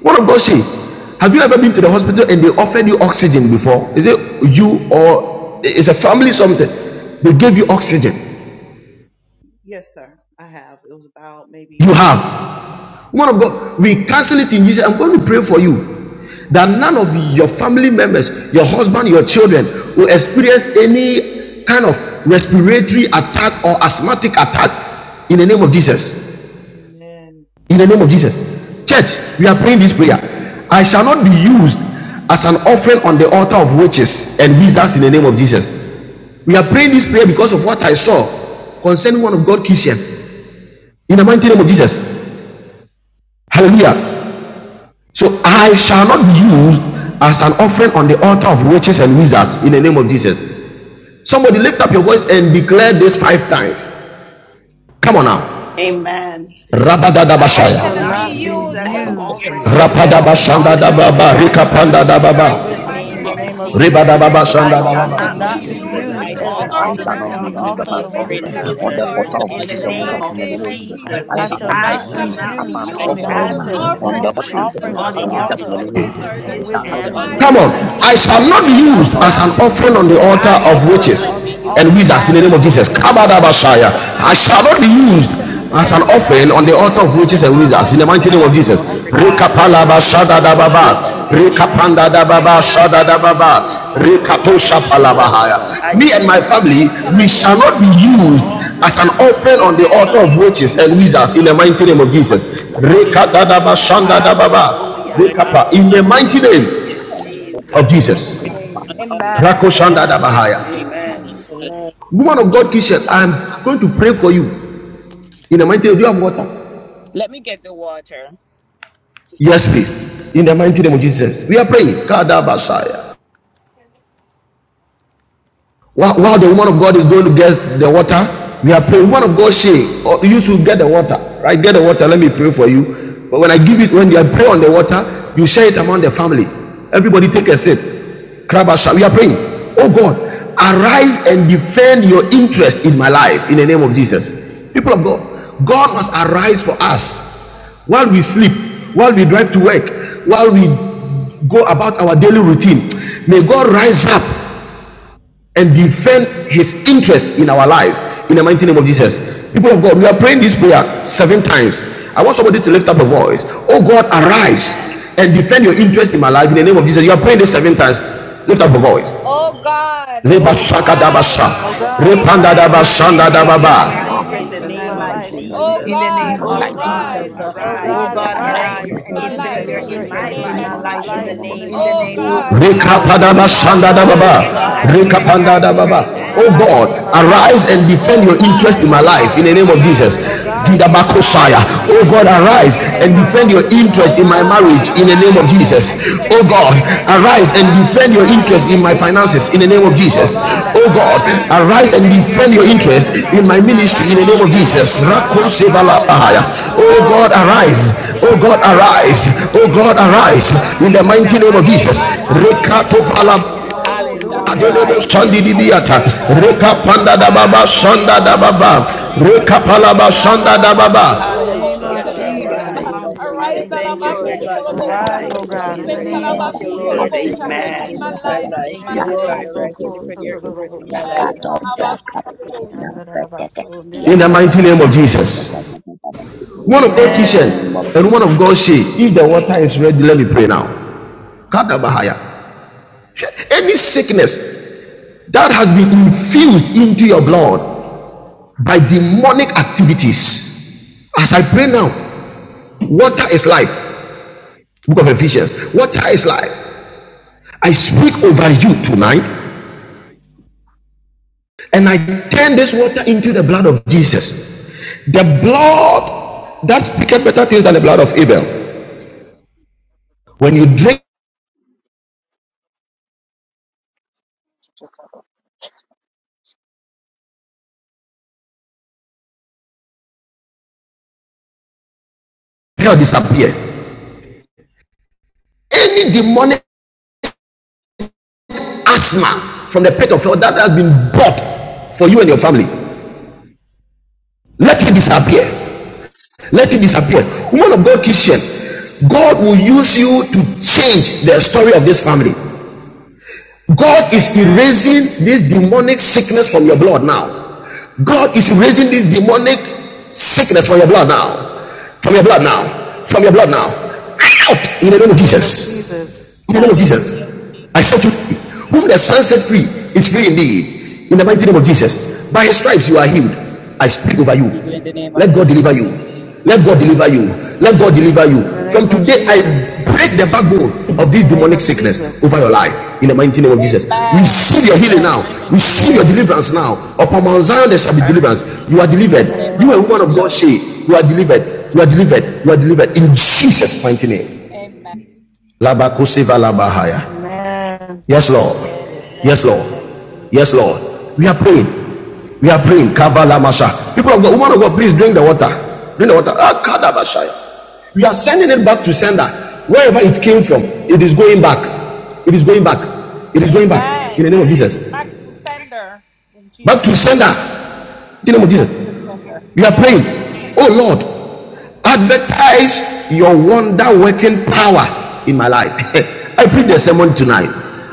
Speaker 3: Woman of God, Shay, have you ever been to the hospital and they offered you oxygen before? Is it you or is a family something? They gave you oxygen.
Speaker 17: Yes, sir. I have. It was about maybe
Speaker 3: You have.
Speaker 17: two,
Speaker 3: Woman
Speaker 17: two,
Speaker 3: of
Speaker 17: three years
Speaker 3: God, we
Speaker 17: ago. Yes, sir.
Speaker 3: cancel it in Jesus. I'm going to pray for you that none of your family members, your husband, your children will experience any kind of respiratory attack or asthmatic attack in the name of Jesus.
Speaker 17: Amen.
Speaker 3: in the name of Jesus. Church,
Speaker 17: Amen.
Speaker 3: we are praying this prayer. I shall not be used as an offering on the altar of witches and wizards in the name of Jesus. We are praying this prayer because of what I saw concerning one of God's Christian in the mighty name of Jesus. Hallelujah. So I shall not be used as an offering on the altar of witches and wizards in the name of Jesus. Somebody lift up your voice and declare this five times. Come on now.
Speaker 2: Amen. I
Speaker 9: I
Speaker 17: I
Speaker 10: I
Speaker 9: shall
Speaker 2: shall
Speaker 17: shall
Speaker 10: shall
Speaker 3: Rabadadabashaya.
Speaker 9: not
Speaker 17: not
Speaker 9: be
Speaker 2: not be
Speaker 17: be
Speaker 10: not
Speaker 9: used
Speaker 10: be
Speaker 2: used
Speaker 17: used as
Speaker 2: as
Speaker 13: I
Speaker 9: as
Speaker 17: an
Speaker 2: an
Speaker 9: an
Speaker 13: shall not
Speaker 10: used
Speaker 17: offering
Speaker 9: offering
Speaker 2: offering
Speaker 9: on
Speaker 17: on
Speaker 2: on
Speaker 13: be
Speaker 9: the
Speaker 17: the
Speaker 2: the
Speaker 9: altar
Speaker 13: used
Speaker 17: altar
Speaker 10: as
Speaker 2: altar
Speaker 9: of
Speaker 17: of
Speaker 10: an
Speaker 13: as
Speaker 2: of
Speaker 9: riches
Speaker 17: witches
Speaker 13: an
Speaker 9: and
Speaker 17: and
Speaker 10: offering
Speaker 2: witches
Speaker 9: wisdom
Speaker 17: wizards
Speaker 10: on
Speaker 11: I
Speaker 17: in
Speaker 9: in
Speaker 17: the
Speaker 10: the
Speaker 3: Rapadabashandadababa.
Speaker 9: the
Speaker 2: and
Speaker 13: offering
Speaker 9: name
Speaker 11: shall
Speaker 17: name of
Speaker 9: of
Speaker 10: altar
Speaker 11: not be
Speaker 13: on
Speaker 9: Jesus.
Speaker 10: of
Speaker 2: wizards
Speaker 13: the
Speaker 9: I
Speaker 17: Jesus.
Speaker 10: witches
Speaker 13: altar
Speaker 11: used
Speaker 9: shall
Speaker 11: as
Speaker 3: Rikapandadababa.
Speaker 10: and
Speaker 13: of
Speaker 2: in
Speaker 9: not
Speaker 2: the
Speaker 11: an,
Speaker 9: be
Speaker 17: I
Speaker 10: wizards.
Speaker 17: shall
Speaker 10: In
Speaker 2: name
Speaker 11: as
Speaker 13: witches
Speaker 9: used
Speaker 10: the
Speaker 17: not
Speaker 11: an
Speaker 2: of
Speaker 17: be
Speaker 10: name
Speaker 13: and
Speaker 9: as an
Speaker 10: of
Speaker 17: used as
Speaker 13: wizard
Speaker 17: an
Speaker 13: in
Speaker 11: offering
Speaker 10: Jesus,
Speaker 2: Jesus.
Speaker 9: offering
Speaker 8: Yes,
Speaker 13: the
Speaker 9: on
Speaker 3: Ribadababa
Speaker 11: on
Speaker 9: the
Speaker 13: mighty
Speaker 8: Lord,
Speaker 17: offering
Speaker 2: I
Speaker 11: the
Speaker 17: on
Speaker 13: name
Speaker 9: altar
Speaker 8: in
Speaker 11: altar
Speaker 9: of
Speaker 8: the
Speaker 17: the
Speaker 13: of
Speaker 10: I
Speaker 2: shall
Speaker 11: of
Speaker 3: Sandadababa.
Speaker 8: name
Speaker 10: shall
Speaker 9: riches
Speaker 17: altar
Speaker 8: of
Speaker 2: not be
Speaker 9: and
Speaker 17: of
Speaker 13: Jesus.
Speaker 16: the
Speaker 10: not
Speaker 16: name
Speaker 11: riches
Speaker 9: wisdom
Speaker 10: be
Speaker 17: witches
Speaker 9: in
Speaker 17: and
Speaker 2: used
Speaker 8: Jesus.
Speaker 11: and
Speaker 9: the
Speaker 2: as
Speaker 9: name
Speaker 16: of
Speaker 9: of
Speaker 17: wizards
Speaker 2: an
Speaker 13: I
Speaker 10: used
Speaker 17: in
Speaker 16: our
Speaker 17: the
Speaker 9: Jesus.
Speaker 10: as
Speaker 13: shall
Speaker 11: wizards
Speaker 17: name
Speaker 10: an
Speaker 17: of
Speaker 16: Lord,
Speaker 11: in
Speaker 13: not
Speaker 16: in
Speaker 9: I
Speaker 16: the
Speaker 2: offering
Speaker 16: name
Speaker 11: the
Speaker 13: be
Speaker 2: on
Speaker 9: shall
Speaker 17: Jesus.
Speaker 10: offering
Speaker 11: name
Speaker 2: the
Speaker 8: Yes,
Speaker 9: not
Speaker 11: of
Speaker 13: used
Speaker 10: on
Speaker 8: in
Speaker 9: be
Speaker 8: the
Speaker 10: the
Speaker 13: as
Speaker 2: altar
Speaker 13: an
Speaker 9: used
Speaker 11: Jesus.
Speaker 2: of
Speaker 17: I
Speaker 8: name
Speaker 10: altar
Speaker 9: as an
Speaker 17: shall
Speaker 10: of
Speaker 17: not
Speaker 2: witches
Speaker 16: of
Speaker 13: offering
Speaker 17: be
Speaker 2: and
Speaker 10: witches
Speaker 16: praise
Speaker 13: of-
Speaker 17: used
Speaker 16: and
Speaker 10: and
Speaker 11: I
Speaker 17: on
Speaker 2: wizards
Speaker 17: the
Speaker 16: praise
Speaker 11: shall
Speaker 13: on
Speaker 11: not
Speaker 13: the
Speaker 10: wizards.
Speaker 11: be
Speaker 10: In
Speaker 2: in
Speaker 16: and
Speaker 10: the
Speaker 17: offering
Speaker 2: the
Speaker 13: altar
Speaker 11: used
Speaker 16: praise
Speaker 17: on
Speaker 10: name
Speaker 13: of
Speaker 11: an
Speaker 17: the
Speaker 16: and
Speaker 2: name
Speaker 10: of
Speaker 11: off,
Speaker 2: of
Speaker 17: altar
Speaker 13: witches
Speaker 17: of
Speaker 11: as
Speaker 13: and
Speaker 10: Jesus,
Speaker 11: an
Speaker 17: witches
Speaker 13: wizard
Speaker 17: and
Speaker 2: Jesus.
Speaker 13: in
Speaker 16: I
Speaker 13: the
Speaker 10: I
Speaker 17: wizards
Speaker 11: offering
Speaker 13: name
Speaker 17: in
Speaker 10: shall
Speaker 16: shall
Speaker 17: the
Speaker 11: on
Speaker 13: of
Speaker 17: name
Speaker 2: I
Speaker 16: not
Speaker 17: of
Speaker 11: the
Speaker 10: not
Speaker 16: be
Speaker 10: be
Speaker 2: shall
Speaker 11: altar
Speaker 13: Jesus.
Speaker 17: Jesus.
Speaker 11: of
Speaker 2: not be
Speaker 16: used in
Speaker 10: used
Speaker 17: I
Speaker 8: of
Speaker 13: I
Speaker 16: the
Speaker 17: shall
Speaker 10: on
Speaker 2: used
Speaker 11: riches
Speaker 10: the
Speaker 16: last
Speaker 11: and
Speaker 13: shall
Speaker 17: not be
Speaker 13: not
Speaker 9: offering
Speaker 16: day
Speaker 2: as
Speaker 8: in
Speaker 13: be
Speaker 10: altar,
Speaker 2: an
Speaker 11: results
Speaker 17: used
Speaker 8: the
Speaker 17: as
Speaker 11: in the
Speaker 17: an
Speaker 13: used
Speaker 8: name
Speaker 9: on the
Speaker 11: name
Speaker 8: of
Speaker 9: altar
Speaker 11: of
Speaker 17: offering
Speaker 2: offering
Speaker 9: of
Speaker 17: on the
Speaker 11: Jesus.
Speaker 16: and
Speaker 10: offering
Speaker 13: as an
Speaker 10: on
Speaker 2: on
Speaker 9: riches
Speaker 16: this
Speaker 8: Jesus.
Speaker 10: the
Speaker 17: altar
Speaker 9: and
Speaker 2: the
Speaker 17: of
Speaker 16: is
Speaker 8: Also
Speaker 16: the
Speaker 11: I
Speaker 10: altar
Speaker 9: wisdom
Speaker 2: altar
Speaker 9: in the
Speaker 17: witches
Speaker 13: offering
Speaker 10: of
Speaker 2: of
Speaker 9: name
Speaker 11: shall
Speaker 17: and
Speaker 9: of
Speaker 17: wizards
Speaker 11: not be
Speaker 17: in
Speaker 9: Jesus.
Speaker 10: witches
Speaker 17: the name
Speaker 9: I
Speaker 10: and
Speaker 17: of
Speaker 16: message
Speaker 2: witches
Speaker 11: used
Speaker 16: in
Speaker 9: shall
Speaker 16: the
Speaker 13: on
Speaker 11: as
Speaker 9: not
Speaker 10: wizards.
Speaker 8: in
Speaker 17: Jesus.
Speaker 13: the
Speaker 16: name of
Speaker 2: and
Speaker 10: In
Speaker 8: the
Speaker 9: be
Speaker 10: the
Speaker 11: an
Speaker 13: altar
Speaker 10: name
Speaker 3: Come
Speaker 17: I
Speaker 9: used
Speaker 3: on.
Speaker 13: of
Speaker 8: name
Speaker 10: of
Speaker 17: shall
Speaker 2: wizards
Speaker 11: offering
Speaker 8: of
Speaker 17: not
Speaker 13: witches
Speaker 17: be
Speaker 9: as
Speaker 3: I
Speaker 11: on
Speaker 13: and
Speaker 11: the
Speaker 10: Jesus.
Speaker 9: an
Speaker 3: shall
Speaker 17: used
Speaker 2: in
Speaker 16: I
Speaker 13: wizard in
Speaker 17: as
Speaker 2: the
Speaker 13: the
Speaker 3: not
Speaker 11: altar
Speaker 9: offering
Speaker 3: be
Speaker 17: an
Speaker 11: of
Speaker 8: Jesus.
Speaker 16: shall
Speaker 13: mighty
Speaker 9: on the
Speaker 13: name
Speaker 2: name
Speaker 10: I
Speaker 13: of
Speaker 16: not
Speaker 3: used
Speaker 17: offering
Speaker 16: be
Speaker 9: altar
Speaker 10: shall
Speaker 2: of
Speaker 9: of
Speaker 17: on
Speaker 3: as
Speaker 11: riches
Speaker 17: the
Speaker 3: an
Speaker 10: not
Speaker 11: and
Speaker 10: be
Speaker 13: Jesus.
Speaker 17: al-
Speaker 16: used
Speaker 9: riches
Speaker 3: offering
Speaker 9: and
Speaker 2: Jesus.
Speaker 3: on
Speaker 10: used
Speaker 3: the
Speaker 17: the
Speaker 11: results.
Speaker 10: as
Speaker 8: Yes,
Speaker 10: an
Speaker 3: altar
Speaker 9: wisdom
Speaker 2: I
Speaker 17: altar
Speaker 13: I
Speaker 9: in the
Speaker 3: of
Speaker 17: of
Speaker 9: name
Speaker 2: shall
Speaker 13: shall
Speaker 9: of
Speaker 17: witches
Speaker 10: offering
Speaker 13: not
Speaker 9: Jesus.
Speaker 17: and
Speaker 2: not
Speaker 10: on
Speaker 2: be
Speaker 10: the
Speaker 13: be
Speaker 9: I
Speaker 3: witches
Speaker 17: wizards
Speaker 13: used
Speaker 3: and
Speaker 9: shall
Speaker 13: as
Speaker 11: In,
Speaker 2: used
Speaker 10: altar
Speaker 17: in
Speaker 11: my,
Speaker 9: not
Speaker 17: the
Speaker 11: in
Speaker 13: an
Speaker 9: be
Speaker 3: wizards in
Speaker 10: of
Speaker 3: the
Speaker 2: as
Speaker 11: the
Speaker 3: name
Speaker 9: used
Speaker 17: mighty
Speaker 2: an
Speaker 3: of
Speaker 9: as
Speaker 11: name
Speaker 9: an
Speaker 13: offering
Speaker 10: witches
Speaker 11: of
Speaker 3: Jesus.
Speaker 8: I
Speaker 17: name of
Speaker 13: in
Speaker 16: in
Speaker 10: and
Speaker 13: the
Speaker 11: Jesus,
Speaker 2: offering
Speaker 8: will
Speaker 9: offering
Speaker 16: this
Speaker 11: I
Speaker 8: not
Speaker 11: shall
Speaker 17: Jesus.
Speaker 13: altar
Speaker 10: wishes
Speaker 2: on
Speaker 11: not
Speaker 8: walk
Speaker 13: of
Speaker 11: be
Speaker 9: on
Speaker 2: the
Speaker 3: Kabadabashaya.
Speaker 9: the
Speaker 10: in
Speaker 8: alone.
Speaker 13: witches
Speaker 11: used
Speaker 10: the
Speaker 2: altar
Speaker 16: time
Speaker 3: I
Speaker 9: altar
Speaker 16: of
Speaker 11: as
Speaker 13: and
Speaker 10: name
Speaker 16: the
Speaker 2: of
Speaker 11: an
Speaker 9: of
Speaker 3: shall
Speaker 10: of
Speaker 3: not
Speaker 11: as
Speaker 13: wizard
Speaker 3: be
Speaker 13: in
Speaker 11: an
Speaker 9: riches
Speaker 13: the
Speaker 9: and wisdom
Speaker 3: used
Speaker 13: name
Speaker 10: Jesus.
Speaker 2: witches
Speaker 13: of
Speaker 9: in
Speaker 8: Yes,
Speaker 11: offering
Speaker 9: the
Speaker 16: Lord,
Speaker 11: on
Speaker 9: name
Speaker 8: in
Speaker 11: the
Speaker 8: the
Speaker 9: of
Speaker 10: I
Speaker 3: as an
Speaker 8: mighty
Speaker 17: I
Speaker 9: Jesus.
Speaker 2: and
Speaker 10: shall
Speaker 13: Jesus.
Speaker 11: altars
Speaker 8: name
Speaker 11: of
Speaker 17: shall
Speaker 9: I shall not
Speaker 3: offering
Speaker 10: not
Speaker 2: wizards
Speaker 17: not
Speaker 3: on
Speaker 10: be
Speaker 9: be used as an offering on the altar of riches and wisdom in the name
Speaker 3: the
Speaker 17: be
Speaker 2: in
Speaker 16: in
Speaker 9: of
Speaker 2: the
Speaker 13: I
Speaker 3: altar
Speaker 17: used
Speaker 3: of
Speaker 9: Jesus.
Speaker 17: as
Speaker 13: shall
Speaker 10: used
Speaker 2: name
Speaker 17: an
Speaker 3: witches
Speaker 13: not
Speaker 10: as
Speaker 2: of
Speaker 3: and
Speaker 11: riches
Speaker 10: an
Speaker 13: be
Speaker 11: and
Speaker 17: offering
Speaker 3: wizards in
Speaker 17: on
Speaker 3: the
Speaker 17: the
Speaker 10: alt-
Speaker 13: used
Speaker 3: mighty
Speaker 9: Rabba
Speaker 11: results
Speaker 3: name
Speaker 11: in
Speaker 13: as
Speaker 17: altar
Speaker 11: the
Speaker 3: of
Speaker 17: of
Speaker 13: an
Speaker 11: name
Speaker 2: Jesus.
Speaker 3: Jesus.
Speaker 10: offering
Speaker 17: witches
Speaker 11: of-
Speaker 10: on
Speaker 17: and
Speaker 10: the
Speaker 13: offering
Speaker 17: wizards in
Speaker 10: altar
Speaker 13: and
Speaker 17: the
Speaker 10: of
Speaker 8: in the
Speaker 17: name
Speaker 13: all
Speaker 11: Jesus.
Speaker 17: of
Speaker 8: mighty
Speaker 13: of
Speaker 16: the name
Speaker 10: witches
Speaker 16: of
Speaker 8: name
Speaker 17: Jesus.
Speaker 10: and
Speaker 8: of
Speaker 13: worship
Speaker 16: the
Speaker 2: Hallelujah.
Speaker 11: I
Speaker 13: and
Speaker 11: shall
Speaker 17: I
Speaker 10: wizards
Speaker 11: not be
Speaker 13: regard
Speaker 3: Rekapalabashadadababa.
Speaker 17: shall
Speaker 13: in
Speaker 8: Jesus.
Speaker 11: used
Speaker 13: the
Speaker 17: not
Speaker 10: in
Speaker 8: Oh,
Speaker 17: be
Speaker 10: the
Speaker 11: an,
Speaker 13: name
Speaker 2: Hallelujah.
Speaker 13: of
Speaker 10: name
Speaker 17: used
Speaker 10: of
Speaker 17: as an
Speaker 11: as
Speaker 16: Lord,
Speaker 11: an
Speaker 17: offering
Speaker 13: Jesus.
Speaker 2: Oh,
Speaker 17: on
Speaker 10: Jesus.
Speaker 17: the
Speaker 11: offering on the
Speaker 8: yeah, da
Speaker 17: altar
Speaker 2: thank
Speaker 8: da
Speaker 17: of
Speaker 3: Rekapandadababashadadababa.
Speaker 2: you,
Speaker 11: altars
Speaker 8: da,
Speaker 11: of
Speaker 17: witches
Speaker 16: in the name
Speaker 17: and
Speaker 8: seek
Speaker 11: riches and
Speaker 8: all
Speaker 17: wizards
Speaker 8: of
Speaker 2: Jesus.
Speaker 8: the
Speaker 17: in the
Speaker 11: results
Speaker 2: Yes,
Speaker 11: in
Speaker 17: mighty
Speaker 8: ocean,
Speaker 11: the
Speaker 8: da da
Speaker 11: name
Speaker 17: name
Speaker 11: of
Speaker 2: Lord.
Speaker 8: da
Speaker 17: of
Speaker 3: Rekatoshapalabahaya.
Speaker 8: da,
Speaker 11: Jesus.
Speaker 2: I
Speaker 8: sun,
Speaker 3: Me
Speaker 8: da
Speaker 3: and
Speaker 17: Jesus.
Speaker 8: da
Speaker 2: shall
Speaker 3: my
Speaker 8: da da,
Speaker 2: not
Speaker 11: I
Speaker 3: family,
Speaker 2: be
Speaker 8: seek
Speaker 17: I
Speaker 11: should not
Speaker 8: all
Speaker 17: shall
Speaker 11: be
Speaker 3: we
Speaker 8: of the
Speaker 17: not
Speaker 11: used,
Speaker 3: shall
Speaker 17: be
Speaker 8: ocean,
Speaker 3: not
Speaker 2: used
Speaker 3: be
Speaker 8: da.
Speaker 17: used
Speaker 11: should
Speaker 2: as
Speaker 17: as
Speaker 11: not
Speaker 2: an
Speaker 3: used
Speaker 17: an
Speaker 11: be used,
Speaker 17: offering
Speaker 3: as
Speaker 2: offering
Speaker 3: an
Speaker 17: on
Speaker 11: I
Speaker 17: the
Speaker 11: should
Speaker 16: of the
Speaker 11: not
Speaker 3: offering
Speaker 11: be
Speaker 17: altar
Speaker 3: on
Speaker 2: on
Speaker 16: Lord,
Speaker 3: the
Speaker 8: Yes.
Speaker 17: of
Speaker 13: I
Speaker 11: used
Speaker 3: altar
Speaker 13: shall
Speaker 17: witches
Speaker 11: as
Speaker 13: not
Speaker 3: of
Speaker 17: and
Speaker 11: an
Speaker 2: any
Speaker 13: be
Speaker 11: offering.
Speaker 3: witches
Speaker 17: wizards
Speaker 13: used
Speaker 8: Mm,
Speaker 3: and
Speaker 17: in
Speaker 13: as
Speaker 17: the
Speaker 13: an
Speaker 3: wizards
Speaker 17: mighty
Speaker 3: in the
Speaker 11: I
Speaker 17: name
Speaker 8: mm,
Speaker 17: of
Speaker 13: offering
Speaker 3: mighty
Speaker 11: should be
Speaker 3: name of
Speaker 17: Jesus.
Speaker 11: used
Speaker 3: Jesus.
Speaker 11: as an
Speaker 16: in the name
Speaker 2: altar
Speaker 17: Yes,
Speaker 2: of
Speaker 11: offering
Speaker 13: on
Speaker 17: yes.
Speaker 13: the
Speaker 11: for
Speaker 8: Yes.
Speaker 2: darkness.
Speaker 11: the
Speaker 13: altar of
Speaker 17: I
Speaker 13: witches and
Speaker 17: shall
Speaker 3: Rekadadabashandadababa.
Speaker 17: not
Speaker 11: sacrifice.
Speaker 2: Hallelujah.
Speaker 17: be
Speaker 13: wizard.
Speaker 16: of
Speaker 13: I
Speaker 16: the
Speaker 17: used
Speaker 3: Rekapa.
Speaker 16: Lord,
Speaker 13: shall
Speaker 17: as
Speaker 3: In
Speaker 17: an
Speaker 3: the
Speaker 13: not be
Speaker 11: In the
Speaker 17: offering
Speaker 3: mighty
Speaker 2: Hallelujah.
Speaker 17: on
Speaker 13: used
Speaker 17: the
Speaker 11: mighty
Speaker 3: name
Speaker 2: Thank
Speaker 11: name
Speaker 13: on
Speaker 11: of
Speaker 13: the
Speaker 17: altar
Speaker 2: you,
Speaker 17: of
Speaker 13: off-
Speaker 17: witches and
Speaker 16: and
Speaker 3: of
Speaker 13: as
Speaker 16: others
Speaker 17: wizards
Speaker 11: Jesus.
Speaker 13: an
Speaker 2: Jesus.
Speaker 16: in
Speaker 17: in
Speaker 16: the
Speaker 17: the
Speaker 16: mighty
Speaker 3: Jesus.
Speaker 13: offering
Speaker 17: mighty name
Speaker 16: name
Speaker 13: on
Speaker 17: of
Speaker 16: of
Speaker 13: the
Speaker 8: Yes.
Speaker 16: Jesus.
Speaker 13: altar of
Speaker 17: Jesus.
Speaker 3: Rako
Speaker 13: witches
Speaker 11: Amen.
Speaker 13: and
Speaker 3: Shanda
Speaker 10: Amen.
Speaker 13: wizard in the name of
Speaker 2: Amen.
Speaker 13: Jesus.
Speaker 5: Amen.
Speaker 3: Woman of God,
Speaker 13: Amen.
Speaker 3: Kishan, I'm going to pray for you. In the mighty name, do you have water?
Speaker 13: Let me get the water.
Speaker 3: Yes, please. In the mighty name of Jesus. We are praying. Kadabashaya. While, while the woman of God is going to get the water, we are praying. Woman of God, she, or you should get the water, right? Get the water. Let me pray for you. But when I give it, when you pray on the water, you share it among the family. Everybody take a sip. Krabasha. We are praying. Oh God, arise and defend your interest in my life in the name of Jesus. People of God, God must arise for us while we sleep, while we drive to work, while we go about our daily routine. May God rise up and defend his interest in our lives in the mighty name of Jesus. People of God, we are praying this prayer seven times. I want somebody to lift up a voice. Oh God,
Speaker 2: Amen.
Speaker 3: arise and defend your interest in my life in the name of Jesus. You are praying this seven times. Lift up a voice.
Speaker 11: Oh
Speaker 2: Oh
Speaker 11: God,
Speaker 8: Oh
Speaker 2: God,
Speaker 11: arise
Speaker 8: God,
Speaker 11: and
Speaker 10: Oh
Speaker 11: defend your
Speaker 2: arise
Speaker 10: God,
Speaker 2: and
Speaker 7: Oh
Speaker 8: arise and
Speaker 7: God,
Speaker 11: interest in my
Speaker 2: defend
Speaker 9: Oh
Speaker 8: define
Speaker 2: your
Speaker 10: arise
Speaker 8: your
Speaker 7: arise and
Speaker 10: and
Speaker 11: life
Speaker 9: God,
Speaker 2: interest
Speaker 11: in
Speaker 2: in
Speaker 8: interest
Speaker 11: the
Speaker 2: my
Speaker 7: defend
Speaker 8: in
Speaker 11: name
Speaker 10: defend
Speaker 8: my
Speaker 7: your
Speaker 11: of
Speaker 10: your
Speaker 2: life
Speaker 8: life. In
Speaker 2: in
Speaker 7: interest
Speaker 11: Jesus.
Speaker 2: the
Speaker 9: arise
Speaker 8: the
Speaker 7: in
Speaker 10: interests in
Speaker 7: my
Speaker 8: name
Speaker 2: name
Speaker 10: my
Speaker 9: and defend
Speaker 11: Oh
Speaker 8: of
Speaker 7: life
Speaker 2: of
Speaker 10: life
Speaker 11: God,
Speaker 10: in
Speaker 9: your
Speaker 10: the name
Speaker 11: arise
Speaker 8: Jesus.
Speaker 7: in
Speaker 11: and
Speaker 2: Jesus.
Speaker 9: interest
Speaker 7: the
Speaker 10: of
Speaker 9: in
Speaker 7: name
Speaker 11: defend
Speaker 9: my
Speaker 11: your
Speaker 7: of
Speaker 2: Oh
Speaker 9: life
Speaker 8: Oh
Speaker 10: Jesus.
Speaker 9: in the
Speaker 8: God,
Speaker 9: name
Speaker 2: God,
Speaker 11: interest
Speaker 9: of
Speaker 11: in
Speaker 7: Jesus.
Speaker 11: my
Speaker 7: Uh,
Speaker 9: Jesus.
Speaker 8: arise
Speaker 10: Oh
Speaker 11: life
Speaker 9: Oh
Speaker 7: Oh
Speaker 11: in
Speaker 8: and
Speaker 2: arise
Speaker 10: God,
Speaker 9: God,
Speaker 11: the
Speaker 2: and
Speaker 11: name
Speaker 7: God,
Speaker 11: of
Speaker 9: arise
Speaker 8: define
Speaker 2: defend
Speaker 7: arise
Speaker 10: arise
Speaker 2: your
Speaker 11: Jesus.
Speaker 7: and
Speaker 8: your
Speaker 9: and
Speaker 10: and
Speaker 8: interest
Speaker 11: Oh
Speaker 7: defend
Speaker 16: Lord,
Speaker 9: defend
Speaker 8: in
Speaker 16: in
Speaker 2: interest
Speaker 8: my
Speaker 7: your
Speaker 11: God,
Speaker 9: your
Speaker 10: defend your
Speaker 2: in
Speaker 8: life.
Speaker 11: arise
Speaker 16: my life, in the
Speaker 8: In
Speaker 11: and
Speaker 2: my
Speaker 7: interest
Speaker 9: interest
Speaker 8: the
Speaker 16: mighty
Speaker 7: in
Speaker 16: name
Speaker 9: in
Speaker 10: interests
Speaker 11: defend
Speaker 2: life
Speaker 7: my
Speaker 11: your
Speaker 8: name
Speaker 9: my
Speaker 10: in
Speaker 8: of
Speaker 10: my
Speaker 16: of
Speaker 9: life
Speaker 7: life
Speaker 16: Jesus,
Speaker 9: in
Speaker 2: in
Speaker 7: uh,
Speaker 11: interest
Speaker 2: the
Speaker 9: the
Speaker 10: life
Speaker 11: in
Speaker 9: name
Speaker 10: in
Speaker 9: of
Speaker 8: Jesus.
Speaker 10: the
Speaker 2: name
Speaker 11: my
Speaker 7: in
Speaker 11: life
Speaker 9: Jesus.
Speaker 7: the
Speaker 2: of
Speaker 10: name of
Speaker 11: in the
Speaker 7: name
Speaker 11: name
Speaker 9: Oh
Speaker 7: of
Speaker 11: of
Speaker 8: Oh
Speaker 2: Jesus.
Speaker 11: Jesus.
Speaker 10: Jesus.
Speaker 9: God,
Speaker 8: God,
Speaker 7: Jesus.
Speaker 11: Oh
Speaker 7: Oh
Speaker 11: God,
Speaker 2: Hallelujah.
Speaker 8: arise
Speaker 7: God,
Speaker 10: Oh
Speaker 11: arise
Speaker 8: and
Speaker 11: and
Speaker 9: arise
Speaker 10: God,
Speaker 7: arise
Speaker 2: Oh
Speaker 11: defend
Speaker 9: and
Speaker 8: define
Speaker 11: your
Speaker 3: Rekapadabashandadababa.
Speaker 8: your
Speaker 7: and
Speaker 9: defend
Speaker 2: God,
Speaker 10: arise
Speaker 9: your
Speaker 7: defend
Speaker 10: and
Speaker 11: interest
Speaker 8: interest
Speaker 11: in
Speaker 7: your
Speaker 8: in
Speaker 9: interest
Speaker 11: my
Speaker 9: in
Speaker 8: my
Speaker 2: arise
Speaker 8: life.
Speaker 10: defend
Speaker 11: life
Speaker 7: interest
Speaker 10: your
Speaker 8: In
Speaker 11: in
Speaker 9: my
Speaker 8: the
Speaker 7: in
Speaker 3: Rekapandadababa.
Speaker 11: the
Speaker 9: life
Speaker 7: my
Speaker 8: name
Speaker 11: name
Speaker 9: in
Speaker 3: Oh
Speaker 2: and
Speaker 9: the
Speaker 8: of
Speaker 11: of
Speaker 9: name of
Speaker 7: life
Speaker 11: Jesus.
Speaker 10: interest
Speaker 3: God,
Speaker 10: in
Speaker 8: Jesus.
Speaker 7: in
Speaker 9: Jesus.
Speaker 2: defend
Speaker 7: the
Speaker 10: my
Speaker 2: your
Speaker 11: Oh
Speaker 17: Defend
Speaker 7: name
Speaker 17: your
Speaker 9: Oh
Speaker 10: life
Speaker 3: arise
Speaker 11: God,
Speaker 7: of
Speaker 10: in the
Speaker 9: God,
Speaker 3: and
Speaker 17: interest
Speaker 8: Oh
Speaker 11: arise
Speaker 2: interest
Speaker 10: name
Speaker 3: defend
Speaker 11: and
Speaker 17: in
Speaker 7: Jesus.
Speaker 17: my
Speaker 3: your
Speaker 10: of
Speaker 7: Uh,
Speaker 8: God,
Speaker 9: arise
Speaker 2: in
Speaker 11: defend
Speaker 17: life.
Speaker 11: your
Speaker 3: interest
Speaker 2: my
Speaker 3: in
Speaker 8: arise
Speaker 9: and defend
Speaker 7: Oh
Speaker 3: my
Speaker 10: Jesus.
Speaker 2: life
Speaker 8: and
Speaker 11: int-
Speaker 3: life
Speaker 17: Oh
Speaker 9: your
Speaker 3: in the
Speaker 2: in
Speaker 7: Lord,
Speaker 8: define my
Speaker 3: name
Speaker 2: the
Speaker 17: God,
Speaker 9: interest
Speaker 3: of
Speaker 9: in
Speaker 11: interest,
Speaker 9: my life
Speaker 8: interest
Speaker 3: Jesus.
Speaker 7: arise
Speaker 11: arise
Speaker 2: name
Speaker 17: arise
Speaker 9: in
Speaker 8: in
Speaker 11: and
Speaker 10: Oh
Speaker 9: the
Speaker 17: and
Speaker 7: and
Speaker 8: life.
Speaker 2: of
Speaker 11: defend
Speaker 9: name of
Speaker 11: your
Speaker 9: Jesus.
Speaker 10: God,
Speaker 7: defend
Speaker 17: defend
Speaker 7: your
Speaker 17: your
Speaker 11: Jesus.
Speaker 9: Oh
Speaker 2: Jesus.
Speaker 9: God,
Speaker 7: interest
Speaker 17: interest
Speaker 8: In
Speaker 3: Judabakosaya.
Speaker 8: the
Speaker 11: Oh
Speaker 7: in
Speaker 16: I
Speaker 2: Glory
Speaker 8: name
Speaker 10: arise
Speaker 17: in
Speaker 7: my
Speaker 11: God,
Speaker 17: my
Speaker 8: of
Speaker 9: arise
Speaker 3: Oh
Speaker 2: be
Speaker 7: life
Speaker 3: God,
Speaker 2: to
Speaker 17: life.
Speaker 11: arise
Speaker 7: uh,
Speaker 11: and
Speaker 10: and
Speaker 9: and
Speaker 2: God.
Speaker 9: defend
Speaker 3: arise
Speaker 8: Jesus.
Speaker 11: defend
Speaker 9: your
Speaker 7: in
Speaker 11: your
Speaker 7: the
Speaker 10: defend
Speaker 3: and
Speaker 17: Oh
Speaker 10: your
Speaker 7: name
Speaker 11: interest
Speaker 3: defend
Speaker 8: Oh
Speaker 11: in
Speaker 7: of
Speaker 17: God,
Speaker 3: your
Speaker 11: my
Speaker 10: interest
Speaker 8: God,
Speaker 9: life
Speaker 2: Hallelujah.
Speaker 10: in
Speaker 11: life
Speaker 16: have
Speaker 9: in the
Speaker 10: my
Speaker 17: arise
Speaker 11: in
Speaker 7: Jesus.
Speaker 3: interest
Speaker 8: arise.
Speaker 16: a
Speaker 17: and
Speaker 3: in
Speaker 11: the
Speaker 9: name
Speaker 3: my
Speaker 2: Oh
Speaker 11: name
Speaker 9: of
Speaker 7: Oh
Speaker 11: of
Speaker 10: life in
Speaker 9: Jesus.
Speaker 17: defend
Speaker 10: the
Speaker 2: God,
Speaker 17: your
Speaker 7: God,
Speaker 3: marriage
Speaker 11: Jesus.
Speaker 10: name
Speaker 3: in the
Speaker 9: Oh
Speaker 10: of
Speaker 3: name
Speaker 17: interest
Speaker 9: God,
Speaker 3: of
Speaker 7: arise
Speaker 8: Like
Speaker 17: in my
Speaker 9: arise
Speaker 3: Jesus.
Speaker 10: Jesus.
Speaker 7: and
Speaker 2: arise
Speaker 17: life
Speaker 9: and
Speaker 17: in
Speaker 11: Oh
Speaker 3: Oh
Speaker 17: the
Speaker 8: in
Speaker 7: defend
Speaker 9: defend
Speaker 11: God,
Speaker 2: and
Speaker 8: the
Speaker 7: your
Speaker 17: mighty
Speaker 8: name
Speaker 3: God,
Speaker 11: arise
Speaker 17: name
Speaker 8: of
Speaker 11: and
Speaker 16: family
Speaker 9: your
Speaker 17: of
Speaker 7: interest
Speaker 2: defend
Speaker 16: and
Speaker 2: your
Speaker 16: children,
Speaker 7: in
Speaker 10: Oh
Speaker 3: arise
Speaker 9: interest
Speaker 7: my
Speaker 11: defend
Speaker 9: in
Speaker 3: and
Speaker 11: your
Speaker 17: Jesus.
Speaker 9: my
Speaker 8: Jesus.
Speaker 3: defend
Speaker 2: interests
Speaker 10: God,
Speaker 9: life
Speaker 2: in
Speaker 7: life
Speaker 11: interest
Speaker 3: defend
Speaker 11: in
Speaker 2: my
Speaker 3: your
Speaker 11: my
Speaker 17: Oh
Speaker 2: life
Speaker 9: in
Speaker 11: life
Speaker 9: the
Speaker 7: in
Speaker 3: interest
Speaker 10: arise
Speaker 7: the
Speaker 3: in
Speaker 17: God,
Speaker 11: in
Speaker 2: in
Speaker 3: my
Speaker 11: the
Speaker 2: the
Speaker 11: name
Speaker 9: name
Speaker 10: and
Speaker 17: ar-
Speaker 7: name
Speaker 11: of
Speaker 9: of
Speaker 8: In
Speaker 9: Jesus.
Speaker 8: the
Speaker 7: of
Speaker 17: God
Speaker 11: Jesus.
Speaker 3: finances in
Speaker 8: name
Speaker 2: name
Speaker 3: the
Speaker 10: defend
Speaker 3: name
Speaker 10: your
Speaker 2: of
Speaker 3: of
Speaker 17: arise
Speaker 7: Jesus.
Speaker 8: of
Speaker 11: Oh
Speaker 17: and
Speaker 7: Oh
Speaker 8: Jesus.
Speaker 16: and
Speaker 3: Jesus.
Speaker 10: interest
Speaker 11: God,
Speaker 10: in
Speaker 11: I
Speaker 7: Lord,
Speaker 17: define,
Speaker 2: Jesus.
Speaker 10: my
Speaker 11: rise
Speaker 3: Oh
Speaker 11: in
Speaker 3: God,
Speaker 10: life
Speaker 11: defending
Speaker 7: arise and
Speaker 10: in
Speaker 3: arise
Speaker 11: interest
Speaker 10: the
Speaker 11: in
Speaker 2: Hallelujah.
Speaker 3: and
Speaker 11: my
Speaker 7: defend
Speaker 10: name
Speaker 7: your
Speaker 3: defend
Speaker 10: of
Speaker 3: your
Speaker 13: O
Speaker 17: defend
Speaker 11: finances
Speaker 17: your
Speaker 11: in
Speaker 7: interest
Speaker 13: God,
Speaker 11: the
Speaker 2: Oh
Speaker 11: name
Speaker 17: interest
Speaker 3: interest
Speaker 10: Jesus.
Speaker 3: in
Speaker 2: God,
Speaker 11: of,
Speaker 13: arise
Speaker 17: in
Speaker 3: my
Speaker 11: in
Speaker 17: my
Speaker 7: in
Speaker 13: and
Speaker 11: my,
Speaker 7: my
Speaker 17: life.
Speaker 8: In
Speaker 16: sister,
Speaker 13: defend
Speaker 3: ministry
Speaker 17: Oh
Speaker 3: in
Speaker 7: life
Speaker 13: your
Speaker 3: the name
Speaker 2: arise
Speaker 3: of
Speaker 17: God,
Speaker 7: in
Speaker 2: and
Speaker 11: in
Speaker 7: the
Speaker 11: the
Speaker 16: wife,
Speaker 11: name
Speaker 16: and
Speaker 17: arise
Speaker 13: interest in the
Speaker 17: and
Speaker 2: defend
Speaker 3: Jesus.
Speaker 10: Oh
Speaker 7: mighty
Speaker 2: your
Speaker 11: of
Speaker 7: name
Speaker 17: defend
Speaker 11: Jesus.
Speaker 17: your
Speaker 10: God,
Speaker 11: Oh
Speaker 7: of
Speaker 2: interest
Speaker 17: interest
Speaker 2: in
Speaker 11: God, I
Speaker 17: in
Speaker 2: my
Speaker 7: Jesus.
Speaker 17: my
Speaker 11: rise in
Speaker 17: life
Speaker 10: arise
Speaker 17: in the
Speaker 10: and
Speaker 2: life
Speaker 7: Oh
Speaker 17: mighty
Speaker 11: defending
Speaker 3: Oh
Speaker 2: in the
Speaker 7: Lord,
Speaker 17: name
Speaker 3: God,
Speaker 10: defend
Speaker 17: of
Speaker 10: your
Speaker 11: interest in
Speaker 2: name
Speaker 7: arise
Speaker 17: Jesus.
Speaker 11: my
Speaker 3: arise.
Speaker 2: of
Speaker 11: life
Speaker 10: interest
Speaker 7: and
Speaker 10: in
Speaker 11: in
Speaker 3: Oh
Speaker 10: my
Speaker 11: the
Speaker 17: Oh
Speaker 7: defend
Speaker 11: name
Speaker 3: God,
Speaker 7: your
Speaker 11: of
Speaker 17: God,
Speaker 2: Jesus.
Speaker 10: life
Speaker 17: arise
Speaker 11: Jesus.
Speaker 3: arise.
Speaker 7: interest
Speaker 17: and
Speaker 2: Yes,
Speaker 3: Oh
Speaker 10: in
Speaker 17: defend
Speaker 2: Lord.
Speaker 10: the
Speaker 17: your
Speaker 7: in
Speaker 3: God,
Speaker 7: my
Speaker 11: I
Speaker 10: name
Speaker 17: interest
Speaker 10: of
Speaker 3: arise
Speaker 17: in
Speaker 7: life
Speaker 13: name
Speaker 17: my
Speaker 11: rise.
Speaker 3: in
Speaker 17: life
Speaker 3: the
Speaker 2: Arise,
Speaker 7: in
Speaker 13: of
Speaker 7: the
Speaker 3: mighty
Speaker 10: Jesus.
Speaker 3: name of
Speaker 17: in
Speaker 8: the
Speaker 13: Jesus.
Speaker 17: the
Speaker 7: mighty
Speaker 8: name
Speaker 3: Jesus.
Speaker 13: O
Speaker 8: of
Speaker 7: name
Speaker 13: God,
Speaker 17: mighty
Speaker 8: Jesus.
Speaker 2: hallelujah,
Speaker 7: of
Speaker 17: name
Speaker 13: arise
Speaker 17: of
Speaker 13: and
Speaker 2: and
Speaker 7: Jesus.
Speaker 13: defend
Speaker 17: Jesus.
Speaker 2: defend
Speaker 13: your
Speaker 2: your
Speaker 13: interest
Speaker 11: Mm,
Speaker 17: Oh
Speaker 13: in
Speaker 2: interest
Speaker 13: the
Speaker 8: In
Speaker 2: in
Speaker 17: God,
Speaker 8: the
Speaker 2: my
Speaker 13: name
Speaker 8: name
Speaker 13: of
Speaker 7: Hallelujah.
Speaker 8: of
Speaker 13: my
Speaker 10: Hallelujah.
Speaker 3: Adelebo
Speaker 17: arise
Speaker 2: life
Speaker 17: and
Speaker 7: Thank
Speaker 13: life.
Speaker 2: in
Speaker 7: you,
Speaker 3: Sandi
Speaker 2: the
Speaker 17: defend
Speaker 8: Jesus.
Speaker 17: your
Speaker 2: name
Speaker 3: Dibiata,
Speaker 2: of
Speaker 17: interest
Speaker 13: Oh
Speaker 10: In
Speaker 17: in
Speaker 7: Jesus.
Speaker 10: the
Speaker 17: my
Speaker 13: God,
Speaker 17: life.
Speaker 10: name
Speaker 3: Reka
Speaker 13: arise
Speaker 10: of
Speaker 2: Jesus.
Speaker 13: and
Speaker 3: Panda da
Speaker 13: defend your
Speaker 10: Jesus.
Speaker 13: interest
Speaker 3: Sanda
Speaker 17: Oh
Speaker 7: Hallelujah.
Speaker 3: da
Speaker 8: In
Speaker 2: Hallelujah,
Speaker 13: in
Speaker 17: God
Speaker 8: the
Speaker 13: my
Speaker 8: name
Speaker 13: life
Speaker 17: arise
Speaker 8: of
Speaker 17: and
Speaker 13: in the
Speaker 7: Thank
Speaker 13: name
Speaker 17: defend
Speaker 13: of
Speaker 8: Jesus.
Speaker 7: you,
Speaker 10: Thank
Speaker 17: your
Speaker 3: Reka
Speaker 2: hallelujah,
Speaker 10: you,
Speaker 11: mm,
Speaker 17: interest
Speaker 10: Lord.
Speaker 13: Jesus.
Speaker 17: in my
Speaker 3: Palaba,
Speaker 13: Oh
Speaker 17: life
Speaker 7: Jesus.
Speaker 11: mm,
Speaker 13: God,
Speaker 17: in
Speaker 3: Sanda
Speaker 17: the
Speaker 3: da
Speaker 13: arise
Speaker 2: hallelujah.
Speaker 13: and
Speaker 17: mighty
Speaker 13: defend
Speaker 10: In
Speaker 13: your
Speaker 10: the
Speaker 17: name of
Speaker 2: Oh
Speaker 10: name
Speaker 13: interest
Speaker 10: of
Speaker 7: Hallelujah.
Speaker 2: God,
Speaker 17: Jesus.
Speaker 13: in my
Speaker 7: Thank
Speaker 13: life
Speaker 7: you,
Speaker 13: in
Speaker 17: Oh
Speaker 13: the
Speaker 9: Yeah.
Speaker 13: name
Speaker 10: Jesus.
Speaker 2: arise
Speaker 17: God
Speaker 13: of
Speaker 7: Jesus.
Speaker 2: and
Speaker 17: arise
Speaker 9: In
Speaker 17: and
Speaker 13: Jesus.
Speaker 9: the
Speaker 7: Thank you,
Speaker 2: defend
Speaker 17: defend
Speaker 2: your
Speaker 17: your
Speaker 13: Oh
Speaker 7: Lord.
Speaker 17: interest
Speaker 13: God,
Speaker 2: interest
Speaker 17: in
Speaker 2: in
Speaker 17: my
Speaker 2: my
Speaker 13: arise
Speaker 17: life
Speaker 13: and
Speaker 10: Arise, O
Speaker 17: in
Speaker 2: life.
Speaker 13: defend
Speaker 17: the
Speaker 13: your
Speaker 10: God,
Speaker 17: mighty
Speaker 2: In
Speaker 10: in
Speaker 2: the
Speaker 10: the
Speaker 17: name of
Speaker 13: interest
Speaker 2: name
Speaker 10: name
Speaker 2: of
Speaker 7: Thank
Speaker 10: of
Speaker 17: Jesus.
Speaker 7: you,
Speaker 13: in the name
Speaker 7: Lord.
Speaker 13: of
Speaker 2: Jesus,
Speaker 7: Thank
Speaker 13: Jesus,
Speaker 10: Jesus.
Speaker 7: you,
Speaker 13: in the name
Speaker 2: amen.
Speaker 13: of my
Speaker 7: Jesus.
Speaker 13: life.
Speaker 7: Thank
Speaker 10: Hey,
Speaker 7: you,
Speaker 13: Oh
Speaker 10: baby,
Speaker 13: God,
Speaker 7: Lord.
Speaker 10: they go
Speaker 13: arise and
Speaker 10: cool
Speaker 13: defend
Speaker 10: to
Speaker 13: your
Speaker 10: the little
Speaker 13: interest
Speaker 10: book,
Speaker 13: in my life.
Speaker 10: shy. And the little bus, so, and the
Speaker 3: in
Speaker 10: little
Speaker 3: the mighty
Speaker 10: bus,
Speaker 3: name of
Speaker 10: and the
Speaker 3: Jesus. One of God
Speaker 7: Amen.
Speaker 9: name
Speaker 10: Amen.
Speaker 9: of
Speaker 3: Kishan and
Speaker 9: Jesus.
Speaker 3: one of God Shay. If the water is ready, let me pray now. Kadabahaya. Any sickness that has been infused into your blood by demonic activities, as I pray now, water is life. Book of Ephesians, water is life. I speak over you tonight and I turn this water into the blood of Jesus. The blood that speaketh better things than the blood of Abel. When you drink, hell disappear. Any demonic asthma from the pit of hell that has been bought for you and your family. Let it disappear. Let it disappear. Woman of God, Christian, God will use you to change the story of this family. God
Speaker 13: Amen.
Speaker 3: is erasing this demonic sickness from your blood now. God is erasing this demonic sickness from your blood now. From your blood now. From your blood now. Out in the name
Speaker 10: In
Speaker 3: of
Speaker 10: the name of
Speaker 3: Jesus.
Speaker 10: Jesus.
Speaker 3: In the name of
Speaker 13: Hallelujah,
Speaker 3: Jesus, I
Speaker 13: Jesus.
Speaker 3: said to you
Speaker 13: Thank you,
Speaker 3: Whom the Son
Speaker 13: Jesus.
Speaker 3: set free is free indeed. In the mighty name of Jesus, by His stripes you are healed. I
Speaker 13: I
Speaker 3: speak
Speaker 13: am
Speaker 3: over you.
Speaker 13: healed in the name of
Speaker 3: Let God deliver
Speaker 13: Jesus.
Speaker 3: you. Let God
Speaker 13: I
Speaker 3: deliver
Speaker 13: am
Speaker 3: you.
Speaker 13: healed.
Speaker 3: Let God deliver you.
Speaker 10: In the
Speaker 3: From
Speaker 10: name of
Speaker 3: today, I
Speaker 10: Jesus.
Speaker 3: break the backbone of
Speaker 10: In
Speaker 3: this
Speaker 10: the name
Speaker 3: demonic
Speaker 10: of
Speaker 3: sickness
Speaker 10: Jesus.
Speaker 3: over your life. In the mighty name of Jesus, receive your healing now.
Speaker 13: Amen.
Speaker 3: Receive your
Speaker 10: Amen.
Speaker 3: deliverance now. Upon Mount Zion there shall be
Speaker 13: I
Speaker 3: deliverance.
Speaker 13: receive
Speaker 3: You
Speaker 13: in
Speaker 3: are
Speaker 13: the
Speaker 10: In the
Speaker 13: mighty name
Speaker 3: delivered.
Speaker 10: name
Speaker 13: of
Speaker 3: You are a
Speaker 10: of
Speaker 3: woman of God.
Speaker 13: Jesus.
Speaker 10: Jesus.
Speaker 3: She, you are delivered. You are delivered. You are delivered in Jesus' mighty name. Labakoseva labahaya.
Speaker 10: Amen.
Speaker 3: Yes, Lord.
Speaker 17: Amen, amen,
Speaker 3: Yes, Lord.
Speaker 17: amen. Thank you,
Speaker 3: Yes, Lord.
Speaker 17: Jesus.
Speaker 3: We are praying.
Speaker 17: Yes,
Speaker 3: We are
Speaker 17: Lord.
Speaker 3: praying.
Speaker 17: Thank you,
Speaker 3: Kavala
Speaker 17: Jesus.
Speaker 3: Masha. People of God, woman of God, please drink the water. Drink the water. Ah, Kadabashaya. We are sending it back to sender. Wherever it came from, it is going back. It is going back. It is going back. In the name of Jesus. Back to sender. In the name of Jesus. We are praying, oh Lord, advertise your wonder working power in my life. I preached a sermon tonight.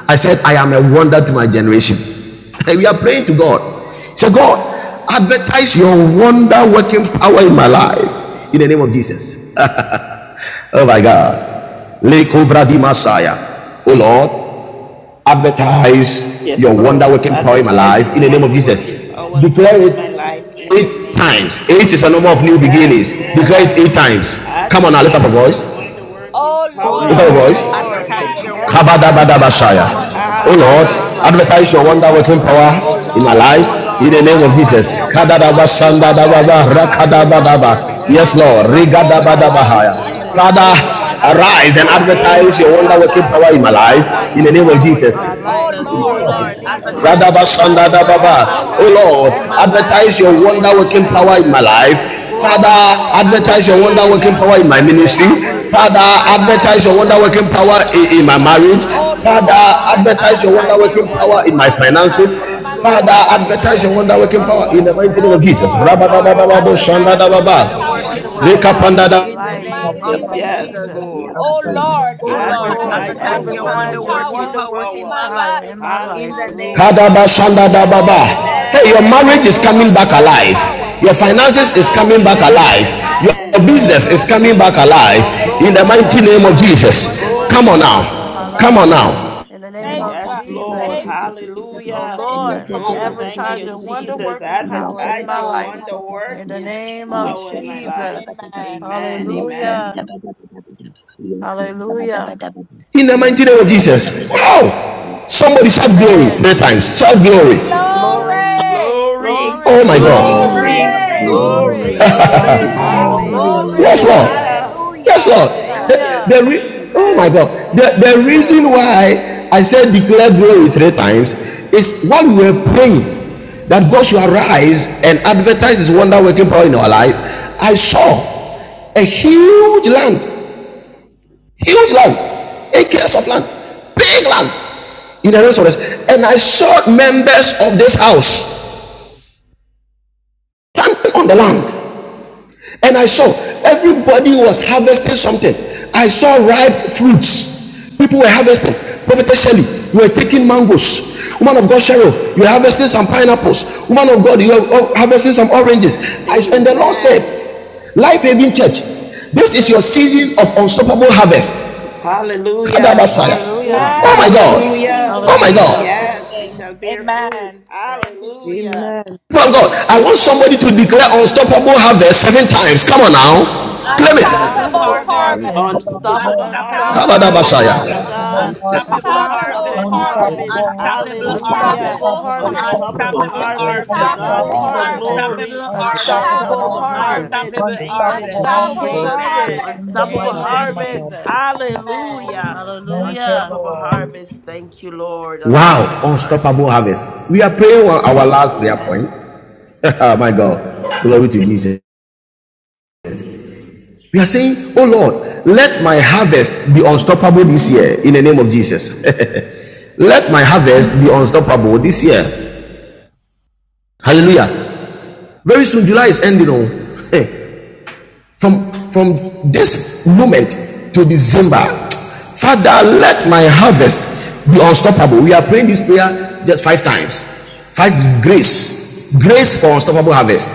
Speaker 3: I said, I am a wonder to my generation. we are praying to God. so God, advertise your wonder working power in my life in the name of Jesus. Oh my God. Lekovra di Oh Lord, advertise your
Speaker 2: Yes,
Speaker 3: wonder
Speaker 2: Lord.
Speaker 3: working power in my
Speaker 2: Advertise
Speaker 3: life
Speaker 2: your
Speaker 3: in the name of
Speaker 2: wonder working
Speaker 3: Jesus.
Speaker 2: power
Speaker 3: Declare
Speaker 2: in my life
Speaker 3: it
Speaker 2: in the
Speaker 3: eight
Speaker 2: name of
Speaker 3: times. Eight is a number of
Speaker 2: Jesus.
Speaker 3: new
Speaker 2: Yes,
Speaker 3: beginnings. Declare
Speaker 2: Lord.
Speaker 3: it eight times. Come on now, lift up a
Speaker 2: Advertise your
Speaker 3: voice.
Speaker 2: wonder working
Speaker 11: Hold
Speaker 7: Oh
Speaker 2: power
Speaker 9: Oh
Speaker 3: Lift
Speaker 2: in
Speaker 3: up a
Speaker 2: my
Speaker 11: up.
Speaker 10: Oh
Speaker 7: Lord,
Speaker 9: Lord,
Speaker 2: life
Speaker 3: voice.
Speaker 2: in the
Speaker 10: Lord,
Speaker 7: advertise
Speaker 2: name
Speaker 11: Advertise
Speaker 9: advertise
Speaker 7: your
Speaker 11: your
Speaker 2: of
Speaker 9: your
Speaker 7: wonder
Speaker 11: wonder
Speaker 9: wonderful
Speaker 10: advertise
Speaker 7: working
Speaker 10: your
Speaker 2: Jesus.
Speaker 11: working
Speaker 9: power
Speaker 10: wonder
Speaker 9: in
Speaker 11: power
Speaker 7: power
Speaker 11: in
Speaker 9: my
Speaker 10: working
Speaker 9: life
Speaker 11: my
Speaker 9: in
Speaker 3: Oh
Speaker 7: in
Speaker 11: life
Speaker 9: the
Speaker 7: my
Speaker 10: power
Speaker 11: in
Speaker 3: Lord,
Speaker 11: the
Speaker 10: in
Speaker 9: name of
Speaker 11: name
Speaker 10: my
Speaker 7: life
Speaker 11: of
Speaker 9: Jesus.
Speaker 7: in
Speaker 10: life.
Speaker 11: Jesus.
Speaker 7: the
Speaker 2: Hallelujah.
Speaker 3: advertise
Speaker 8: Right
Speaker 3: your
Speaker 7: name
Speaker 10: In
Speaker 9: Oh
Speaker 8: one
Speaker 7: of
Speaker 10: the
Speaker 3: wonder
Speaker 11: Oh
Speaker 8: more
Speaker 9: Lord,
Speaker 3: working
Speaker 11: Lord,
Speaker 10: name of
Speaker 7: Jesus.
Speaker 3: power
Speaker 11: advertise
Speaker 9: advertise
Speaker 13: of
Speaker 2: Oh,
Speaker 11: your
Speaker 9: your
Speaker 10: Jesus.
Speaker 3: in my
Speaker 11: wonder
Speaker 2: thank
Speaker 7: Oh
Speaker 11: working
Speaker 9: wonderful
Speaker 2: you,
Speaker 8: time.
Speaker 3: life in
Speaker 11: power
Speaker 7: Lord,
Speaker 10: Oh
Speaker 3: the
Speaker 11: in
Speaker 9: power
Speaker 8: In
Speaker 9: in
Speaker 3: name
Speaker 9: my
Speaker 8: the
Speaker 3: of
Speaker 11: my life
Speaker 8: name
Speaker 13: the
Speaker 2: Jesus.
Speaker 9: life
Speaker 8: of
Speaker 11: in
Speaker 9: in
Speaker 10: Lord.
Speaker 7: advertise
Speaker 9: the
Speaker 11: the
Speaker 7: your
Speaker 9: name
Speaker 3: Jesus.
Speaker 8: Jesus.
Speaker 2: Yes,
Speaker 9: of
Speaker 13: everyone that
Speaker 7: wonder
Speaker 11: magician.
Speaker 9: Jesus.
Speaker 11: of Jesus.
Speaker 13: working
Speaker 11: Oh
Speaker 2: Lord.
Speaker 7: working
Speaker 9: Oh
Speaker 13: for
Speaker 11: Lord,
Speaker 7: power
Speaker 9: Lord,
Speaker 7: in my
Speaker 13: my
Speaker 11: advertise your
Speaker 10: Advertise
Speaker 9: advertise
Speaker 13: life
Speaker 11: wonder
Speaker 7: life
Speaker 10: your
Speaker 13: in
Speaker 2: Advertise
Speaker 9: your
Speaker 13: the
Speaker 2: your
Speaker 10: wonder
Speaker 13: name.
Speaker 11: working
Speaker 2: wonder
Speaker 9: wonderful
Speaker 10: working
Speaker 11: power
Speaker 7: in
Speaker 11: in
Speaker 9: power
Speaker 7: the
Speaker 3: Yes,
Speaker 9: in
Speaker 2: working
Speaker 10: power in
Speaker 9: my
Speaker 7: name
Speaker 3: Lord.
Speaker 11: my
Speaker 10: the
Speaker 8: I
Speaker 2: power
Speaker 9: life
Speaker 8: like
Speaker 10: na-
Speaker 2: in
Speaker 9: in
Speaker 7: of
Speaker 11: life in
Speaker 8: in
Speaker 2: my
Speaker 9: the
Speaker 8: the
Speaker 11: the
Speaker 9: name
Speaker 10: in
Speaker 9: of
Speaker 11: name
Speaker 8: name
Speaker 10: my
Speaker 2: life
Speaker 8: of
Speaker 9: Jesus.
Speaker 7: Jesus.
Speaker 9: Oh
Speaker 10: life in the
Speaker 2: in
Speaker 11: Oh
Speaker 8: Jesus.
Speaker 10: name
Speaker 2: the
Speaker 9: Lord,
Speaker 10: of
Speaker 11: Lord,
Speaker 3: Father,
Speaker 7: Oh
Speaker 2: name
Speaker 9: advertise
Speaker 10: Jesus.
Speaker 7: Lord,
Speaker 2: of
Speaker 9: your
Speaker 11: advertise your
Speaker 3: arise
Speaker 11: wonder
Speaker 7: advertise
Speaker 9: wonderful
Speaker 3: and
Speaker 7: your
Speaker 10: Oh
Speaker 2: Jesus.
Speaker 11: working
Speaker 9: power in
Speaker 2: Eh,
Speaker 7: working
Speaker 8: In
Speaker 11: power
Speaker 3: advertise
Speaker 9: my
Speaker 10: Lord,
Speaker 9: life
Speaker 2: la
Speaker 3: your
Speaker 7: wonder
Speaker 9: in
Speaker 11: in
Speaker 9: the
Speaker 11: my
Speaker 2: da
Speaker 3: wonder
Speaker 9: name of
Speaker 3: working
Speaker 2: ba
Speaker 7: power
Speaker 10: advertise
Speaker 3: power
Speaker 2: so,
Speaker 10: your
Speaker 3: in my
Speaker 7: in
Speaker 9: Jesus.
Speaker 7: my
Speaker 2: la
Speaker 10: wonder
Speaker 3: life
Speaker 2: da
Speaker 11: life
Speaker 7: life
Speaker 3: in
Speaker 2: da
Speaker 3: the
Speaker 10: working
Speaker 11: in
Speaker 9: Oh Lord,
Speaker 11: the
Speaker 3: name
Speaker 7: in
Speaker 2: da
Speaker 3: of
Speaker 7: the
Speaker 11: name
Speaker 9: advertise
Speaker 11: of
Speaker 8: the
Speaker 10: power
Speaker 2: ba
Speaker 9: your
Speaker 7: name
Speaker 8: name
Speaker 10: in
Speaker 8: of
Speaker 3: Jesus.
Speaker 10: my
Speaker 7: of
Speaker 2: san.
Speaker 11: Jesus.
Speaker 8: Jesus.
Speaker 9: wonderful
Speaker 10: life
Speaker 11: Oh
Speaker 10: in
Speaker 7: Jesus.
Speaker 9: power
Speaker 10: the
Speaker 7: Oh
Speaker 2: Oh,
Speaker 9: in
Speaker 11: Lord,
Speaker 9: my life
Speaker 10: name of
Speaker 3: Powerful.
Speaker 7: Lord,
Speaker 5: Signs
Speaker 2: yes,
Speaker 5: and
Speaker 11: advertise
Speaker 10: Jesus.
Speaker 9: in
Speaker 7: advertise
Speaker 11: your
Speaker 2: Lord.
Speaker 5: advertise
Speaker 7: your
Speaker 5: the
Speaker 11: wonder
Speaker 7: wonder
Speaker 5: wonder.
Speaker 10: Oh
Speaker 11: working
Speaker 7: working
Speaker 3: Radabasandadababa.
Speaker 11: power in
Speaker 3: Oh
Speaker 7: power
Speaker 10: Lord,
Speaker 11: my
Speaker 2: Advertise
Speaker 11: life.
Speaker 2: your
Speaker 3: Lord,
Speaker 7: in my
Speaker 2: wonder
Speaker 9: the
Speaker 10: advertise
Speaker 11: In
Speaker 7: life
Speaker 10: your
Speaker 2: working
Speaker 3: advertise
Speaker 11: the
Speaker 7: in
Speaker 3: your
Speaker 11: name
Speaker 7: the
Speaker 11: of
Speaker 10: wonder
Speaker 9: name
Speaker 2: power
Speaker 9: of
Speaker 2: in
Speaker 3: wonder
Speaker 7: name
Speaker 2: my
Speaker 7: of
Speaker 10: working
Speaker 11: Jesus,
Speaker 3: working
Speaker 9: Jesus.
Speaker 11: oh
Speaker 9: Oh
Speaker 2: life
Speaker 3: power
Speaker 10: power
Speaker 11: Lord,
Speaker 3: in my
Speaker 10: in
Speaker 9: Lord,
Speaker 11: I
Speaker 7: Jesus.
Speaker 10: my
Speaker 2: in
Speaker 3: life.
Speaker 2: the
Speaker 11: advertise
Speaker 10: life
Speaker 9: advertise
Speaker 11: your
Speaker 9: your
Speaker 7: Oh
Speaker 2: name
Speaker 11: wonder
Speaker 3: Father,
Speaker 2: of
Speaker 10: in
Speaker 9: wonderful
Speaker 10: the
Speaker 11: working
Speaker 7: Lord,
Speaker 9: power
Speaker 11: power
Speaker 9: in
Speaker 11: in
Speaker 10: name
Speaker 9: my
Speaker 10: of
Speaker 9: life
Speaker 3: advertise
Speaker 11: my
Speaker 2: Jesus.
Speaker 3: your
Speaker 9: in the name of Jesus. Oh Lord, advertise your wonderful power in my life in the
Speaker 7: advertise
Speaker 11: life.
Speaker 3: wonder
Speaker 2: Eh,
Speaker 11: In
Speaker 7: your
Speaker 11: the
Speaker 9: name
Speaker 3: working
Speaker 10: Jesus.
Speaker 11: name
Speaker 9: of
Speaker 11: of
Speaker 2: la
Speaker 3: power
Speaker 7: wonder
Speaker 9: Jesus.
Speaker 11: Jesus,
Speaker 3: in
Speaker 2: da
Speaker 9: Oh
Speaker 3: my
Speaker 2: ba.
Speaker 7: working
Speaker 9: Lord,
Speaker 3: ministry.
Speaker 11: oh Lord,
Speaker 7: power
Speaker 2: Oh,
Speaker 3: Father,
Speaker 7: in
Speaker 2: thank
Speaker 7: my
Speaker 11: advertise
Speaker 2: you,
Speaker 11: your
Speaker 10: Oh
Speaker 7: life
Speaker 11: wonder
Speaker 3: advertise your
Speaker 7: in the
Speaker 3: wonder
Speaker 11: working
Speaker 3: working
Speaker 10: Lord,
Speaker 2: Jesus.
Speaker 11: power
Speaker 7: mighty
Speaker 11: in
Speaker 3: power
Speaker 11: my
Speaker 7: name
Speaker 2: Yes,
Speaker 11: in
Speaker 7: of
Speaker 3: in, in my
Speaker 11: my
Speaker 2: Lord.
Speaker 10: advertise
Speaker 11: mind.
Speaker 10: your
Speaker 7: Jesus.
Speaker 3: marriage.
Speaker 10: wonder
Speaker 3: Father,
Speaker 10: working
Speaker 7: Oh
Speaker 11: Oh Lord,
Speaker 10: power
Speaker 7: Lord,
Speaker 10: in my
Speaker 3: advertise your wonder
Speaker 11: advertise
Speaker 7: advertise
Speaker 10: life
Speaker 11: your
Speaker 7: your
Speaker 3: working
Speaker 11: working
Speaker 7: wonder
Speaker 3: power in
Speaker 2: Amen.
Speaker 3: my
Speaker 7: working
Speaker 11: wonder working
Speaker 7: power
Speaker 2: Yes,
Speaker 3: finances.
Speaker 11: power in
Speaker 7: in
Speaker 3: Father,
Speaker 11: my
Speaker 7: my
Speaker 2: Lord,
Speaker 7: life
Speaker 19: And
Speaker 10: in
Speaker 3: advertise
Speaker 11: finances.
Speaker 7: in
Speaker 19: because
Speaker 10: the
Speaker 3: your
Speaker 2: advertise
Speaker 19: I
Speaker 7: the
Speaker 3: wonder
Speaker 10: name
Speaker 11: Oh
Speaker 19: want to
Speaker 7: name
Speaker 10: of
Speaker 3: working
Speaker 11: Lord,
Speaker 19: make
Speaker 7: of
Speaker 2: your
Speaker 19: a
Speaker 3: power in the
Speaker 2: wonder
Speaker 19: value
Speaker 10: Jesus.
Speaker 19: in the
Speaker 11: advertise
Speaker 3: mighty
Speaker 7: Jesus.
Speaker 3: name
Speaker 11: your
Speaker 19: business,
Speaker 3: of
Speaker 2: working
Speaker 3: Jesus.
Speaker 7: Oh
Speaker 2: power.
Speaker 10: Oh
Speaker 11: working
Speaker 7: Lord,
Speaker 11: power
Speaker 3: Rabadabadababo,
Speaker 11: in
Speaker 10: Lord,
Speaker 11: my
Speaker 19: and
Speaker 7: advertise
Speaker 11: life.
Speaker 7: your
Speaker 2: Hallelujah.
Speaker 3: shandadababa.
Speaker 19: because
Speaker 10: advertise
Speaker 7: wonder
Speaker 19: I
Speaker 10: your
Speaker 19: want to
Speaker 11: Which
Speaker 7: working
Speaker 10: wonder
Speaker 19: make
Speaker 11: is,
Speaker 2: Oh,
Speaker 10: working
Speaker 11: oh
Speaker 7: power
Speaker 11: Lord,
Speaker 10: power in
Speaker 2: thank
Speaker 3: Rekapandada-
Speaker 10: my
Speaker 2: you,
Speaker 7: in the
Speaker 19: not
Speaker 10: life in
Speaker 7: name
Speaker 10: the
Speaker 19: help,
Speaker 7: of
Speaker 10: name
Speaker 2: Jesus.
Speaker 10: of
Speaker 11: advertise
Speaker 19: and
Speaker 2: Yes,
Speaker 11: your
Speaker 7: Jesus.
Speaker 10: Jesus.
Speaker 19: then
Speaker 11: wonder
Speaker 2: Lord.
Speaker 19: I was
Speaker 11: working
Speaker 19: trying
Speaker 11: power.
Speaker 19: to make a
Speaker 7: Oh
Speaker 10: Oh
Speaker 17: Lord,
Speaker 19: call
Speaker 7: Lord,
Speaker 17: advertise
Speaker 19: in
Speaker 10: Lord,
Speaker 19: the
Speaker 17: your
Speaker 2: Advertise your
Speaker 7: advertise
Speaker 19: spirit
Speaker 17: wonderful
Speaker 7: your
Speaker 2: wonder
Speaker 17: power
Speaker 7: wonder
Speaker 10: advertise
Speaker 17: in
Speaker 9: Jagabala
Speaker 10: your
Speaker 17: my
Speaker 7: working
Speaker 17: life
Speaker 2: working
Speaker 10: wonder
Speaker 17: in the
Speaker 7: power in
Speaker 10: working
Speaker 17: mighty
Speaker 2: power.
Speaker 7: my
Speaker 17: name of
Speaker 10: power
Speaker 7: life
Speaker 10: in
Speaker 17: Jesus.
Speaker 10: my
Speaker 7: in
Speaker 10: life
Speaker 7: the
Speaker 10: in the
Speaker 7: name
Speaker 10: name
Speaker 2: Hallelujah.
Speaker 7: of
Speaker 3: Kadaba
Speaker 10: of
Speaker 3: shanda
Speaker 7: Jesus.
Speaker 10: Jesus.
Speaker 3: baba.
Speaker 2: Hallelujah.
Speaker 3: Hey, your
Speaker 7: Amen.
Speaker 10: Oh
Speaker 3: marriage is coming
Speaker 10: Lord,
Speaker 3: back alive.
Speaker 2: Oh,
Speaker 10: advertise your
Speaker 3: Your
Speaker 10: wonder working
Speaker 3: finances is
Speaker 10: power
Speaker 9: In the
Speaker 10: in
Speaker 3: coming
Speaker 10: my
Speaker 3: back
Speaker 10: life
Speaker 2: amen.
Speaker 3: alive.
Speaker 10: in the
Speaker 3: Your
Speaker 2: Amen.
Speaker 10: name
Speaker 3: business
Speaker 10: of
Speaker 3: is coming back
Speaker 2: Oh,
Speaker 10: Jesus.
Speaker 2: thank
Speaker 3: alive.
Speaker 10: Oh
Speaker 2: you,
Speaker 11: Amen.
Speaker 3: In the
Speaker 10: Lord,
Speaker 3: mighty
Speaker 2: Jesus.
Speaker 3: name of
Speaker 10: advertise your wonder
Speaker 3: Jesus.
Speaker 2: Oh,
Speaker 3: Come
Speaker 10: working
Speaker 3: on now.
Speaker 2: yes,
Speaker 10: power in my
Speaker 2: Lord.
Speaker 3: Come
Speaker 10: life
Speaker 3: on
Speaker 11: Amen.
Speaker 3: now.
Speaker 10: in the
Speaker 17: Glory,
Speaker 10: name of
Speaker 2: Yes, Lord.
Speaker 10: Jesus. Oh
Speaker 2: Hallelujah.
Speaker 10: Lord,
Speaker 2: Oh,
Speaker 11: Amen.
Speaker 2: thank
Speaker 10: advertise
Speaker 2: you,
Speaker 10: your wonder
Speaker 2: Jesus.
Speaker 10: working power in
Speaker 2: Advertise
Speaker 10: my
Speaker 2: your
Speaker 10: life
Speaker 2: wonder
Speaker 10: in the
Speaker 2: working
Speaker 10: name of
Speaker 2: power in my life.
Speaker 10: Jesus.
Speaker 2: Amen. Amen.
Speaker 10: Hallelujah. Hallelujah.
Speaker 3: In the mighty name of
Speaker 10: Thank you,
Speaker 9: mighty
Speaker 3: Jesus.
Speaker 10: Jesus.
Speaker 3: Wow. Somebody shout glory
Speaker 9: name
Speaker 10: Amen.
Speaker 3: three times.
Speaker 9: of
Speaker 3: Shout
Speaker 9: Jesus.
Speaker 3: glory.
Speaker 10: Glory.
Speaker 11: Glory,
Speaker 5: Oh,
Speaker 2: Glory,
Speaker 3: Oh my
Speaker 10: Glory.
Speaker 3: God.
Speaker 5: Lord,
Speaker 9: Glory,
Speaker 2: glory,
Speaker 11: glory,
Speaker 7: Glory,
Speaker 5: Lord.
Speaker 19: Glory,
Speaker 10: Glory.
Speaker 9: glory,
Speaker 2: glory.
Speaker 16: Glory,
Speaker 19: glory,
Speaker 7: glory,
Speaker 11: glory.
Speaker 16: glory,
Speaker 17: hallelujah,
Speaker 9: glory.
Speaker 19: glory,
Speaker 3: Yes,
Speaker 7: glory.
Speaker 10: Glory.
Speaker 16: glory.
Speaker 3: Lord.
Speaker 17: glory,
Speaker 2: Hallelujah.
Speaker 17: hallelujah.
Speaker 3: Yes,
Speaker 7: Hallelujah.
Speaker 3: Lord. The,
Speaker 2: Thank you,
Speaker 10: Hallelujah.
Speaker 3: the re- oh my God.
Speaker 2: Jesus.
Speaker 10: Thank
Speaker 3: The,
Speaker 10: you,
Speaker 3: the
Speaker 9: Amen.
Speaker 3: reason
Speaker 10: Jesus.
Speaker 3: why I said declare glory three times is while we were praying that God should arise and advertise his wonder working power in our life, I saw a huge land, huge land, acres of land, big land in the rest of us. And I saw members of this house standing on the land. And I saw everybody was harvesting something. I saw ripe fruits. People were harvesting. Prophetess Shelley, you were taking mangoes. Woman of God, Cheryl, you were harvesting some pineapples. Woman of God, you were oh, harvesting some oranges. I, and the Lord said,
Speaker 2: Amen.
Speaker 3: Life Haven Church, this is your
Speaker 2: Yes.
Speaker 3: season of unstoppable harvest.
Speaker 2: Hallelujah.
Speaker 10: Hallelujah.
Speaker 3: Oh my
Speaker 5: Amen.
Speaker 9: Amen.
Speaker 3: God.
Speaker 2: Hallelujah.
Speaker 3: Oh my God.
Speaker 9: Amen.
Speaker 10: Hallelujah.
Speaker 2: Yes, we shall bear fruit. Hallelujah.
Speaker 5: Amen.
Speaker 3: Oh my
Speaker 2: Oh,
Speaker 3: God, I want
Speaker 2: thank you,
Speaker 3: somebody to declare
Speaker 2: Jesus.
Speaker 3: unstoppable harvest seven times. Come on now. Claim
Speaker 9: Unstoppable
Speaker 3: it.
Speaker 7: Unstoppable
Speaker 11: Unstoppable
Speaker 5: You
Speaker 9: habits.
Speaker 10: Unstoppable
Speaker 5: are.
Speaker 7: harvest.
Speaker 10: harvest.
Speaker 11: harvest.
Speaker 9: Unstoppable
Speaker 2: Unstoppable
Speaker 19: unstoppable,
Speaker 9: habits.
Speaker 7: Unstoppable
Speaker 19: amazing,
Speaker 2: harvest.
Speaker 10: Unstoppable
Speaker 2: Glory
Speaker 7: harvest.
Speaker 9: Unstoppable
Speaker 16: To
Speaker 2: be
Speaker 3: Kabadabasaya.
Speaker 9: habits.
Speaker 2: to
Speaker 16: bring
Speaker 11: Unstoppable
Speaker 10: harvest.
Speaker 16: my ways,
Speaker 19: unstoppable
Speaker 2: God.
Speaker 11: harvest.
Speaker 19: harvest,
Speaker 9: Unstoppable
Speaker 7: Unstoppable
Speaker 16: to
Speaker 9: habits.
Speaker 10: Unstoppable
Speaker 2: Unstoppable
Speaker 16: bring
Speaker 7: harvest.
Speaker 16: my ways,
Speaker 10: harvest.
Speaker 9: Unstoppable
Speaker 2: harvest.
Speaker 19: unstoppable
Speaker 17: In
Speaker 9: habits.
Speaker 16: to
Speaker 17: the
Speaker 16: bring my
Speaker 11: Unstoppable
Speaker 17: mighty
Speaker 7: Unstoppable
Speaker 19: harvest,
Speaker 16: ways, to bring
Speaker 17: name
Speaker 9: Unstoppable
Speaker 16: my
Speaker 17: of
Speaker 11: harvest.
Speaker 2: Hallelujah.
Speaker 7: harvest.
Speaker 10: Unstoppable
Speaker 9: habits.
Speaker 16: ways,
Speaker 19: unstoppable
Speaker 17: Jesus,
Speaker 10: harvest.
Speaker 16: to
Speaker 19: harvest,
Speaker 2: Unstoppable
Speaker 9: Unstoppable
Speaker 7: Unstoppable
Speaker 17: wonderful
Speaker 16: bring
Speaker 17: harvest
Speaker 8: Harvest.
Speaker 9: habits.
Speaker 17: in
Speaker 2: harvest.
Speaker 16: my
Speaker 17: the
Speaker 2: To
Speaker 11: Unstoppable
Speaker 7: harvest.
Speaker 17: mighty
Speaker 16: ways,
Speaker 2: God
Speaker 10: Unstoppable
Speaker 17: name of
Speaker 9: Amen.
Speaker 2: be
Speaker 11: harvest.
Speaker 2: the
Speaker 19: unstoppable
Speaker 16: to
Speaker 17: Jesus,
Speaker 16: bring
Speaker 10: harvest.
Speaker 16: my
Speaker 19: harvest,
Speaker 16: ways, to bring my ways,
Speaker 2: glory.
Speaker 7: Unstoppable
Speaker 16: to
Speaker 7: harvest.
Speaker 17: wonderful
Speaker 19: unstoppable
Speaker 10: Unstoppable
Speaker 11: Unstoppable
Speaker 2: Unstoppable
Speaker 17: harvest
Speaker 19: harvest,
Speaker 17: in the
Speaker 16: bring my
Speaker 10: harvest.
Speaker 11: harvest.
Speaker 2: harvest.
Speaker 17: mighty
Speaker 7: Unstoppable
Speaker 16: ways,
Speaker 17: name.
Speaker 2: Thank you,
Speaker 11: Unstoppable
Speaker 19: unstoppable
Speaker 7: harvest.
Speaker 11: harvest.
Speaker 10: Unstoppable
Speaker 19: harvest,
Speaker 2: Jesus.
Speaker 7: Amen.
Speaker 10: harvest.
Speaker 19: in
Speaker 10: In
Speaker 19: the
Speaker 10: the
Speaker 2: Unstoppable
Speaker 19: mighty
Speaker 10: name of
Speaker 7: Amen.
Speaker 16: to
Speaker 19: name of
Speaker 16: bring my
Speaker 2: harvest.
Speaker 10: Jesus.
Speaker 19: Jesus.
Speaker 16: ways.
Speaker 11: Unstoppable
Speaker 2: Hallelujah.
Speaker 11: harvest.
Speaker 19: Thank you,
Speaker 10: Hallelujah.
Speaker 2: Unstoppable
Speaker 11: Mm.
Speaker 19: Lord.
Speaker 2: harvest. Thank you, Lord.
Speaker 3: Wow,
Speaker 2: Unstoppable
Speaker 3: unstoppable
Speaker 2: harvest.
Speaker 3: harvest. We are praying on our last prayer
Speaker 2: Amen.
Speaker 3: point. my God, glory to Jesus. We are saying, Oh Lord, let my harvest be unstoppable this year in the name of Jesus. let my harvest be unstoppable this year. Hallelujah. Very soon, July is ending. From from this moment to December, Father, let my harvest be unstoppable. We are praying this prayer just five times. Five is grace. Grace for unstoppable harvest.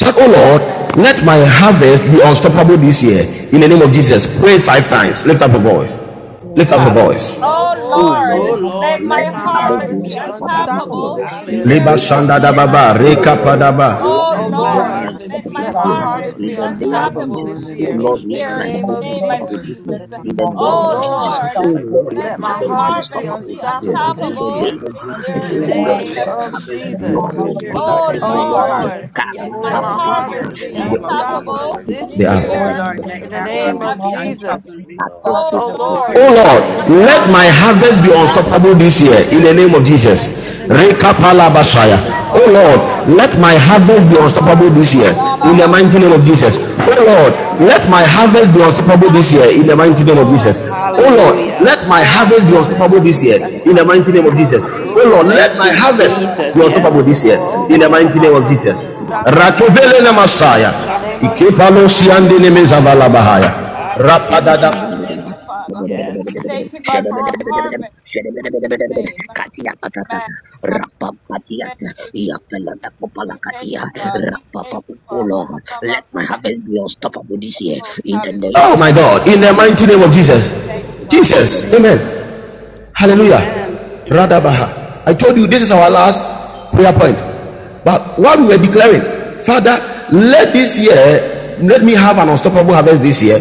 Speaker 3: Said, Oh Lord, let my harvest be unstoppable this year. In the name of Jesus. Pray it five times. Lift up your voice. Lift up
Speaker 16: Lord,
Speaker 3: your
Speaker 5: Holy,
Speaker 10: Oh,
Speaker 17: Oh
Speaker 19: Oh,
Speaker 17: Lord,
Speaker 3: voice.
Speaker 17: let
Speaker 10: oh
Speaker 2: Hallelujah.
Speaker 17: my
Speaker 19: let
Speaker 9: Oh
Speaker 17: harvest be
Speaker 10: Lord,
Speaker 19: my
Speaker 2: Oh
Speaker 9: Lord,
Speaker 17: unstoppable
Speaker 19: marvelous
Speaker 2: Lord,
Speaker 9: let
Speaker 10: let
Speaker 2: let my
Speaker 10: my
Speaker 9: my
Speaker 17: this
Speaker 9: harvest
Speaker 17: year
Speaker 9: be
Speaker 2: harvest
Speaker 16: stop
Speaker 10: harvest
Speaker 17: in
Speaker 2: be
Speaker 19: unstoppable
Speaker 10: be
Speaker 17: the mighty
Speaker 16: the
Speaker 9: unstoppable
Speaker 17: name of
Speaker 9: this
Speaker 19: this
Speaker 10: unstoppable
Speaker 9: year.
Speaker 17: Jesus.
Speaker 2: unstoppable.
Speaker 19: year.
Speaker 10: this
Speaker 17: Oh
Speaker 16: whole
Speaker 9: In
Speaker 10: year
Speaker 9: the
Speaker 17: Lord,
Speaker 10: in
Speaker 3: Leba
Speaker 17: let
Speaker 10: the
Speaker 9: name
Speaker 17: my
Speaker 9: of
Speaker 2: Hallelujah.
Speaker 3: shanda
Speaker 10: name
Speaker 3: da
Speaker 10: of
Speaker 9: Jesus.
Speaker 17: harvest be
Speaker 11: Unstoppable
Speaker 9: Oh
Speaker 3: reka
Speaker 9: Lord,
Speaker 10: Jesus.
Speaker 19: Amen.
Speaker 9: let
Speaker 17: unstoppable
Speaker 9: my
Speaker 2: Oh Yes, Lord,
Speaker 3: padaba.
Speaker 2: Yes,
Speaker 11: this
Speaker 19: Let
Speaker 2: let
Speaker 10: Oh
Speaker 11: year
Speaker 17: in
Speaker 16: Yes.
Speaker 8: Oh
Speaker 2: Lord.
Speaker 19: my
Speaker 11: in
Speaker 17: this
Speaker 2: my
Speaker 9: harvest
Speaker 17: year
Speaker 11: the
Speaker 9: be
Speaker 11: name
Speaker 17: in the
Speaker 19: marvelous
Speaker 10: Lord,
Speaker 8: Lord.
Speaker 11: of
Speaker 16: Amen.
Speaker 17: mighty name
Speaker 2: harvest
Speaker 17: of
Speaker 9: unstoppable
Speaker 2: be.
Speaker 10: let
Speaker 11: Jesus.
Speaker 9: this
Speaker 17: Jesus.
Speaker 10: my
Speaker 9: year.
Speaker 17: Oh
Speaker 11: Oh
Speaker 16: Help
Speaker 19: unstoppable
Speaker 17: Lord,
Speaker 16: us
Speaker 8: Harvest
Speaker 11: Lord,
Speaker 10: harvest
Speaker 17: let
Speaker 8: be
Speaker 10: be
Speaker 9: In
Speaker 11: let
Speaker 19: this
Speaker 9: the
Speaker 17: my
Speaker 11: my
Speaker 9: name of
Speaker 16: to
Speaker 17: harvest
Speaker 19: year.
Speaker 11: harvest
Speaker 16: make
Speaker 17: be
Speaker 10: unstoppable
Speaker 9: Jesus.
Speaker 8: unstoppable
Speaker 11: be
Speaker 8: in
Speaker 10: this
Speaker 8: the
Speaker 9: Oh
Speaker 17: unstoppable
Speaker 10: year
Speaker 8: name
Speaker 9: Lord,
Speaker 17: this
Speaker 8: of
Speaker 10: in
Speaker 9: let
Speaker 10: the
Speaker 11: unstoppable
Speaker 16: the
Speaker 9: my
Speaker 11: this
Speaker 19: My
Speaker 10: name
Speaker 9: harvest be
Speaker 10: of
Speaker 11: year
Speaker 8: Jesus.
Speaker 16: obedience that
Speaker 9: unstoppable
Speaker 19: Lord,
Speaker 16: we
Speaker 9: this
Speaker 10: Jesus.
Speaker 9: year.
Speaker 16: need
Speaker 11: in the
Speaker 16: to
Speaker 9: In
Speaker 19: let
Speaker 11: name
Speaker 9: the
Speaker 16: follow
Speaker 19: my
Speaker 11: of
Speaker 9: name
Speaker 10: Oh
Speaker 16: what
Speaker 8: Oh
Speaker 19: marvelous
Speaker 9: of
Speaker 16: we
Speaker 11: Jesus.
Speaker 9: Jesus.
Speaker 10: Lord,
Speaker 8: Lord.
Speaker 11: Oh
Speaker 9: Oh
Speaker 17: year
Speaker 16: follow.
Speaker 17: in
Speaker 19: unstoppable
Speaker 17: the
Speaker 9: Lord,
Speaker 11: Lord,
Speaker 17: name
Speaker 9: let
Speaker 17: of
Speaker 10: let
Speaker 9: my
Speaker 16: Yes.
Speaker 10: my
Speaker 11: let
Speaker 19: this
Speaker 9: harvest
Speaker 17: Jesus.
Speaker 9: be
Speaker 11: my
Speaker 19: year.
Speaker 10: harvest be
Speaker 16: Oh,
Speaker 17: Oh
Speaker 11: harvest
Speaker 9: unstoppable
Speaker 16: Lord,
Speaker 11: be
Speaker 17: Lord,
Speaker 9: this
Speaker 17: let
Speaker 9: year.
Speaker 17: my
Speaker 16: let
Speaker 10: unstoppable
Speaker 16: my
Speaker 9: In
Speaker 17: harvest
Speaker 10: this
Speaker 16: heart
Speaker 9: the
Speaker 17: be
Speaker 11: unstoppable
Speaker 10: year
Speaker 9: name
Speaker 16: be
Speaker 9: of
Speaker 5: God,
Speaker 17: unstoppable
Speaker 9: Jesus.
Speaker 8: In
Speaker 16: active
Speaker 17: this
Speaker 10: in
Speaker 8: the
Speaker 10: the
Speaker 16: in
Speaker 17: year
Speaker 16: this
Speaker 9: Oh
Speaker 8: name
Speaker 17: in the name of Jesus. Oh Lord, let my harvest be unstoppable this year in the
Speaker 8: of
Speaker 19: Oh,
Speaker 9: Lord,
Speaker 17: mighty
Speaker 11: this
Speaker 10: name
Speaker 16: year.
Speaker 9: let
Speaker 11: year
Speaker 9: my
Speaker 19: Lord,
Speaker 17: name
Speaker 10: of
Speaker 17: of
Speaker 11: in
Speaker 8: Jesus.
Speaker 9: harvest be
Speaker 16: Oh,
Speaker 11: the
Speaker 19: let
Speaker 11: name
Speaker 17: Jesus.
Speaker 19: my
Speaker 11: of
Speaker 10: Jesus.
Speaker 16: Lord,
Speaker 9: unstoppable
Speaker 19: marvelous
Speaker 5: there
Speaker 13: Oh
Speaker 5: is
Speaker 16: let
Speaker 9: this
Speaker 13: Lord,
Speaker 16: my
Speaker 17: Glory,
Speaker 13: let
Speaker 9: year. In the
Speaker 10: Oh
Speaker 11: Jesus.
Speaker 16: heart
Speaker 13: my
Speaker 9: name of
Speaker 16: be
Speaker 17: hallelujah.
Speaker 9: Jesus.
Speaker 19: unstoppable
Speaker 13: harvest
Speaker 10: Lord,
Speaker 13: be
Speaker 11: Oh
Speaker 19: this
Speaker 16: active
Speaker 10: let
Speaker 5: Lord.
Speaker 11: Lord,
Speaker 16: in
Speaker 10: my
Speaker 19: year.
Speaker 13: unstoppable
Speaker 11: let
Speaker 16: this
Speaker 13: this
Speaker 11: my
Speaker 16: year.
Speaker 13: year
Speaker 9: Karapapapapapa.
Speaker 10: harvest
Speaker 13: in
Speaker 11: harvest
Speaker 13: the
Speaker 10: be
Speaker 11: be
Speaker 13: name of
Speaker 9: In
Speaker 11: unstoppable
Speaker 13: Jesus.
Speaker 10: unstoppable
Speaker 11: this year
Speaker 8: Unstoppable.
Speaker 11: in
Speaker 10: this
Speaker 3: They
Speaker 11: the
Speaker 9: the name
Speaker 11: name
Speaker 3: are
Speaker 10: year
Speaker 13: Oh
Speaker 19: Oh,
Speaker 11: of
Speaker 19: Lord,
Speaker 13: Lord, let
Speaker 11: Jesus.
Speaker 10: in the
Speaker 13: my
Speaker 8: In
Speaker 9: of
Speaker 19: let
Speaker 10: name
Speaker 19: my
Speaker 8: the
Speaker 13: harvest
Speaker 10: of
Speaker 8: name
Speaker 13: be
Speaker 8: of
Speaker 19: marvelous
Speaker 9: Jesus.
Speaker 8: Jesus.
Speaker 10: Jesus.
Speaker 13: unstoppable this,
Speaker 9: Thank
Speaker 10: Oh
Speaker 19: unstoppable
Speaker 13: unstoppable
Speaker 19: this
Speaker 13: this
Speaker 17: Lord,
Speaker 13: year
Speaker 11: Oh
Speaker 3: Oh
Speaker 13: in
Speaker 10: Lord,
Speaker 17: let
Speaker 13: the
Speaker 17: my
Speaker 13: name
Speaker 11: Lord,
Speaker 3: Lord,
Speaker 17: heart
Speaker 13: of
Speaker 17: is
Speaker 19: year.
Speaker 17: filled
Speaker 10: Let
Speaker 17: in
Speaker 11: let
Speaker 3: let
Speaker 13: Jesus.
Speaker 17: the
Speaker 10: my
Speaker 11: my
Speaker 3: my
Speaker 17: mighty name
Speaker 10: harvest be
Speaker 13: Oh
Speaker 17: of
Speaker 11: harvest
Speaker 3: harvest
Speaker 11: be
Speaker 3: be
Speaker 13: Lord, let
Speaker 17: Jesus.
Speaker 13: my
Speaker 11: unstoppable.
Speaker 3: unstoppable
Speaker 10: unstoppable
Speaker 13: harvest
Speaker 3: this
Speaker 13: be
Speaker 3: year in the
Speaker 10: this
Speaker 3: name
Speaker 13: unstoppable
Speaker 3: of
Speaker 10: year
Speaker 13: this
Speaker 11: Let my
Speaker 13: year in
Speaker 3: Jesus.
Speaker 13: the
Speaker 10: in the
Speaker 11: harvest be
Speaker 13: name
Speaker 5: Yes,
Speaker 13: of
Speaker 10: name of
Speaker 11: unstoppable
Speaker 3: Rekapala
Speaker 13: Jesus.
Speaker 10: Jesus.
Speaker 11: in the
Speaker 3: basaya.
Speaker 13: Oh
Speaker 11: name of
Speaker 13: Lord,
Speaker 3: Oh
Speaker 10: Oh
Speaker 13: let my
Speaker 3: Lord,
Speaker 10: Lord,
Speaker 13: harvest be
Speaker 3: let my harvest
Speaker 10: let
Speaker 13: unstoppable
Speaker 3: be
Speaker 19: Lord,
Speaker 10: my
Speaker 13: this
Speaker 11: Jesus.
Speaker 13: year
Speaker 3: unstoppable
Speaker 13: in the
Speaker 3: this
Speaker 10: harvest be
Speaker 11: harvest
Speaker 19: I
Speaker 3: year
Speaker 11: be
Speaker 13: name of
Speaker 3: in the
Speaker 11: unstoppable
Speaker 13: Jesus.
Speaker 3: mighty
Speaker 10: unstoppable
Speaker 11: this
Speaker 3: name of
Speaker 11: year.
Speaker 10: this
Speaker 3: Jesus.
Speaker 10: year
Speaker 13: Oh Lord,
Speaker 3: Oh
Speaker 10: in
Speaker 13: let
Speaker 10: the
Speaker 2: Amen.
Speaker 3: Lord,
Speaker 13: my
Speaker 10: name
Speaker 11: No,
Speaker 10: of
Speaker 3: let my
Speaker 2: Amen.
Speaker 13: harvest be
Speaker 19: see
Speaker 10: Jesus.
Speaker 3: harvest
Speaker 2: Yes,
Speaker 19: that
Speaker 3: be
Speaker 13: unstoppable
Speaker 3: unstoppable
Speaker 2: Lord.
Speaker 13: this
Speaker 3: this
Speaker 13: year
Speaker 3: year
Speaker 13: in the
Speaker 3: in the
Speaker 13: name
Speaker 10: Oh
Speaker 3: mighty
Speaker 13: of
Speaker 3: name
Speaker 11: Unstoppable
Speaker 3: of
Speaker 11: this
Speaker 10: Lord,
Speaker 3: Jesus.
Speaker 13: Jesus.
Speaker 10: let my
Speaker 11: year.
Speaker 3: Oh Lord,
Speaker 10: harvest be
Speaker 3: let
Speaker 2: Hallelujah.
Speaker 3: my
Speaker 13: Oh Lord,
Speaker 3: harvest be
Speaker 13: let
Speaker 10: unstoppable
Speaker 13: my
Speaker 10: this
Speaker 3: unstoppable this
Speaker 13: harvest
Speaker 10: year
Speaker 3: year
Speaker 13: be
Speaker 3: in the
Speaker 10: in the
Speaker 3: mighty
Speaker 13: unstoppable
Speaker 3: name of
Speaker 10: name
Speaker 13: this
Speaker 10: of
Speaker 13: year in
Speaker 3: Jesus.
Speaker 13: the
Speaker 11: Mm.
Speaker 3: Oh
Speaker 2: Oh,
Speaker 13: name
Speaker 3: Lord,
Speaker 13: of
Speaker 10: Jesus.
Speaker 3: let
Speaker 2: thank
Speaker 3: my
Speaker 2: you,
Speaker 13: Jesus. Oh
Speaker 3: harvest
Speaker 13: Lord, let
Speaker 3: be
Speaker 2: Jesus.
Speaker 13: my
Speaker 3: unstoppable
Speaker 2: Yes,
Speaker 10: Yes,
Speaker 3: this year
Speaker 13: harvest
Speaker 10: Lord.
Speaker 2: Lord.
Speaker 10: Oh
Speaker 13: be
Speaker 3: in the
Speaker 10: Lord, let
Speaker 3: mighty
Speaker 10: my
Speaker 3: name
Speaker 13: unstoppable
Speaker 3: of
Speaker 13: this
Speaker 10: harvest
Speaker 13: year
Speaker 10: be
Speaker 13: in the
Speaker 3: Jesus.
Speaker 13: mighty
Speaker 2: My
Speaker 10: unstoppable
Speaker 13: name of
Speaker 10: this
Speaker 2: harvest
Speaker 3: Rakevele
Speaker 10: year
Speaker 3: na
Speaker 2: shall be
Speaker 13: Jesus.
Speaker 3: Messiah.
Speaker 9: you.
Speaker 10: in the name of
Speaker 2: unstoppable.
Speaker 3: Ikepalo
Speaker 9: Oh
Speaker 10: Jesus.
Speaker 9: Lord,
Speaker 3: siandele mezavala
Speaker 2: Hallelujah.
Speaker 9: let
Speaker 10: Hallelujah.
Speaker 3: bahaya. Rapadada
Speaker 2: Hallelujah. Yes.
Speaker 9: my harvest be unstoppable this year in the name
Speaker 3: Oh
Speaker 9: of
Speaker 3: my
Speaker 9: Jesus.
Speaker 3: God, in the
Speaker 9: Let
Speaker 3: mighty
Speaker 9: my
Speaker 3: name of
Speaker 9: harvest be
Speaker 3: Jesus.
Speaker 9: unstoppable this year in the
Speaker 3: Jesus,
Speaker 9: name of
Speaker 3: amen.
Speaker 9: Jesus.
Speaker 3: Hallelujah.
Speaker 2: Amen. Amen.
Speaker 3: Radabaha. I told you this is our last prayer point. But what we were declaring, Father, let this year, let me have an unstoppable harvest this year.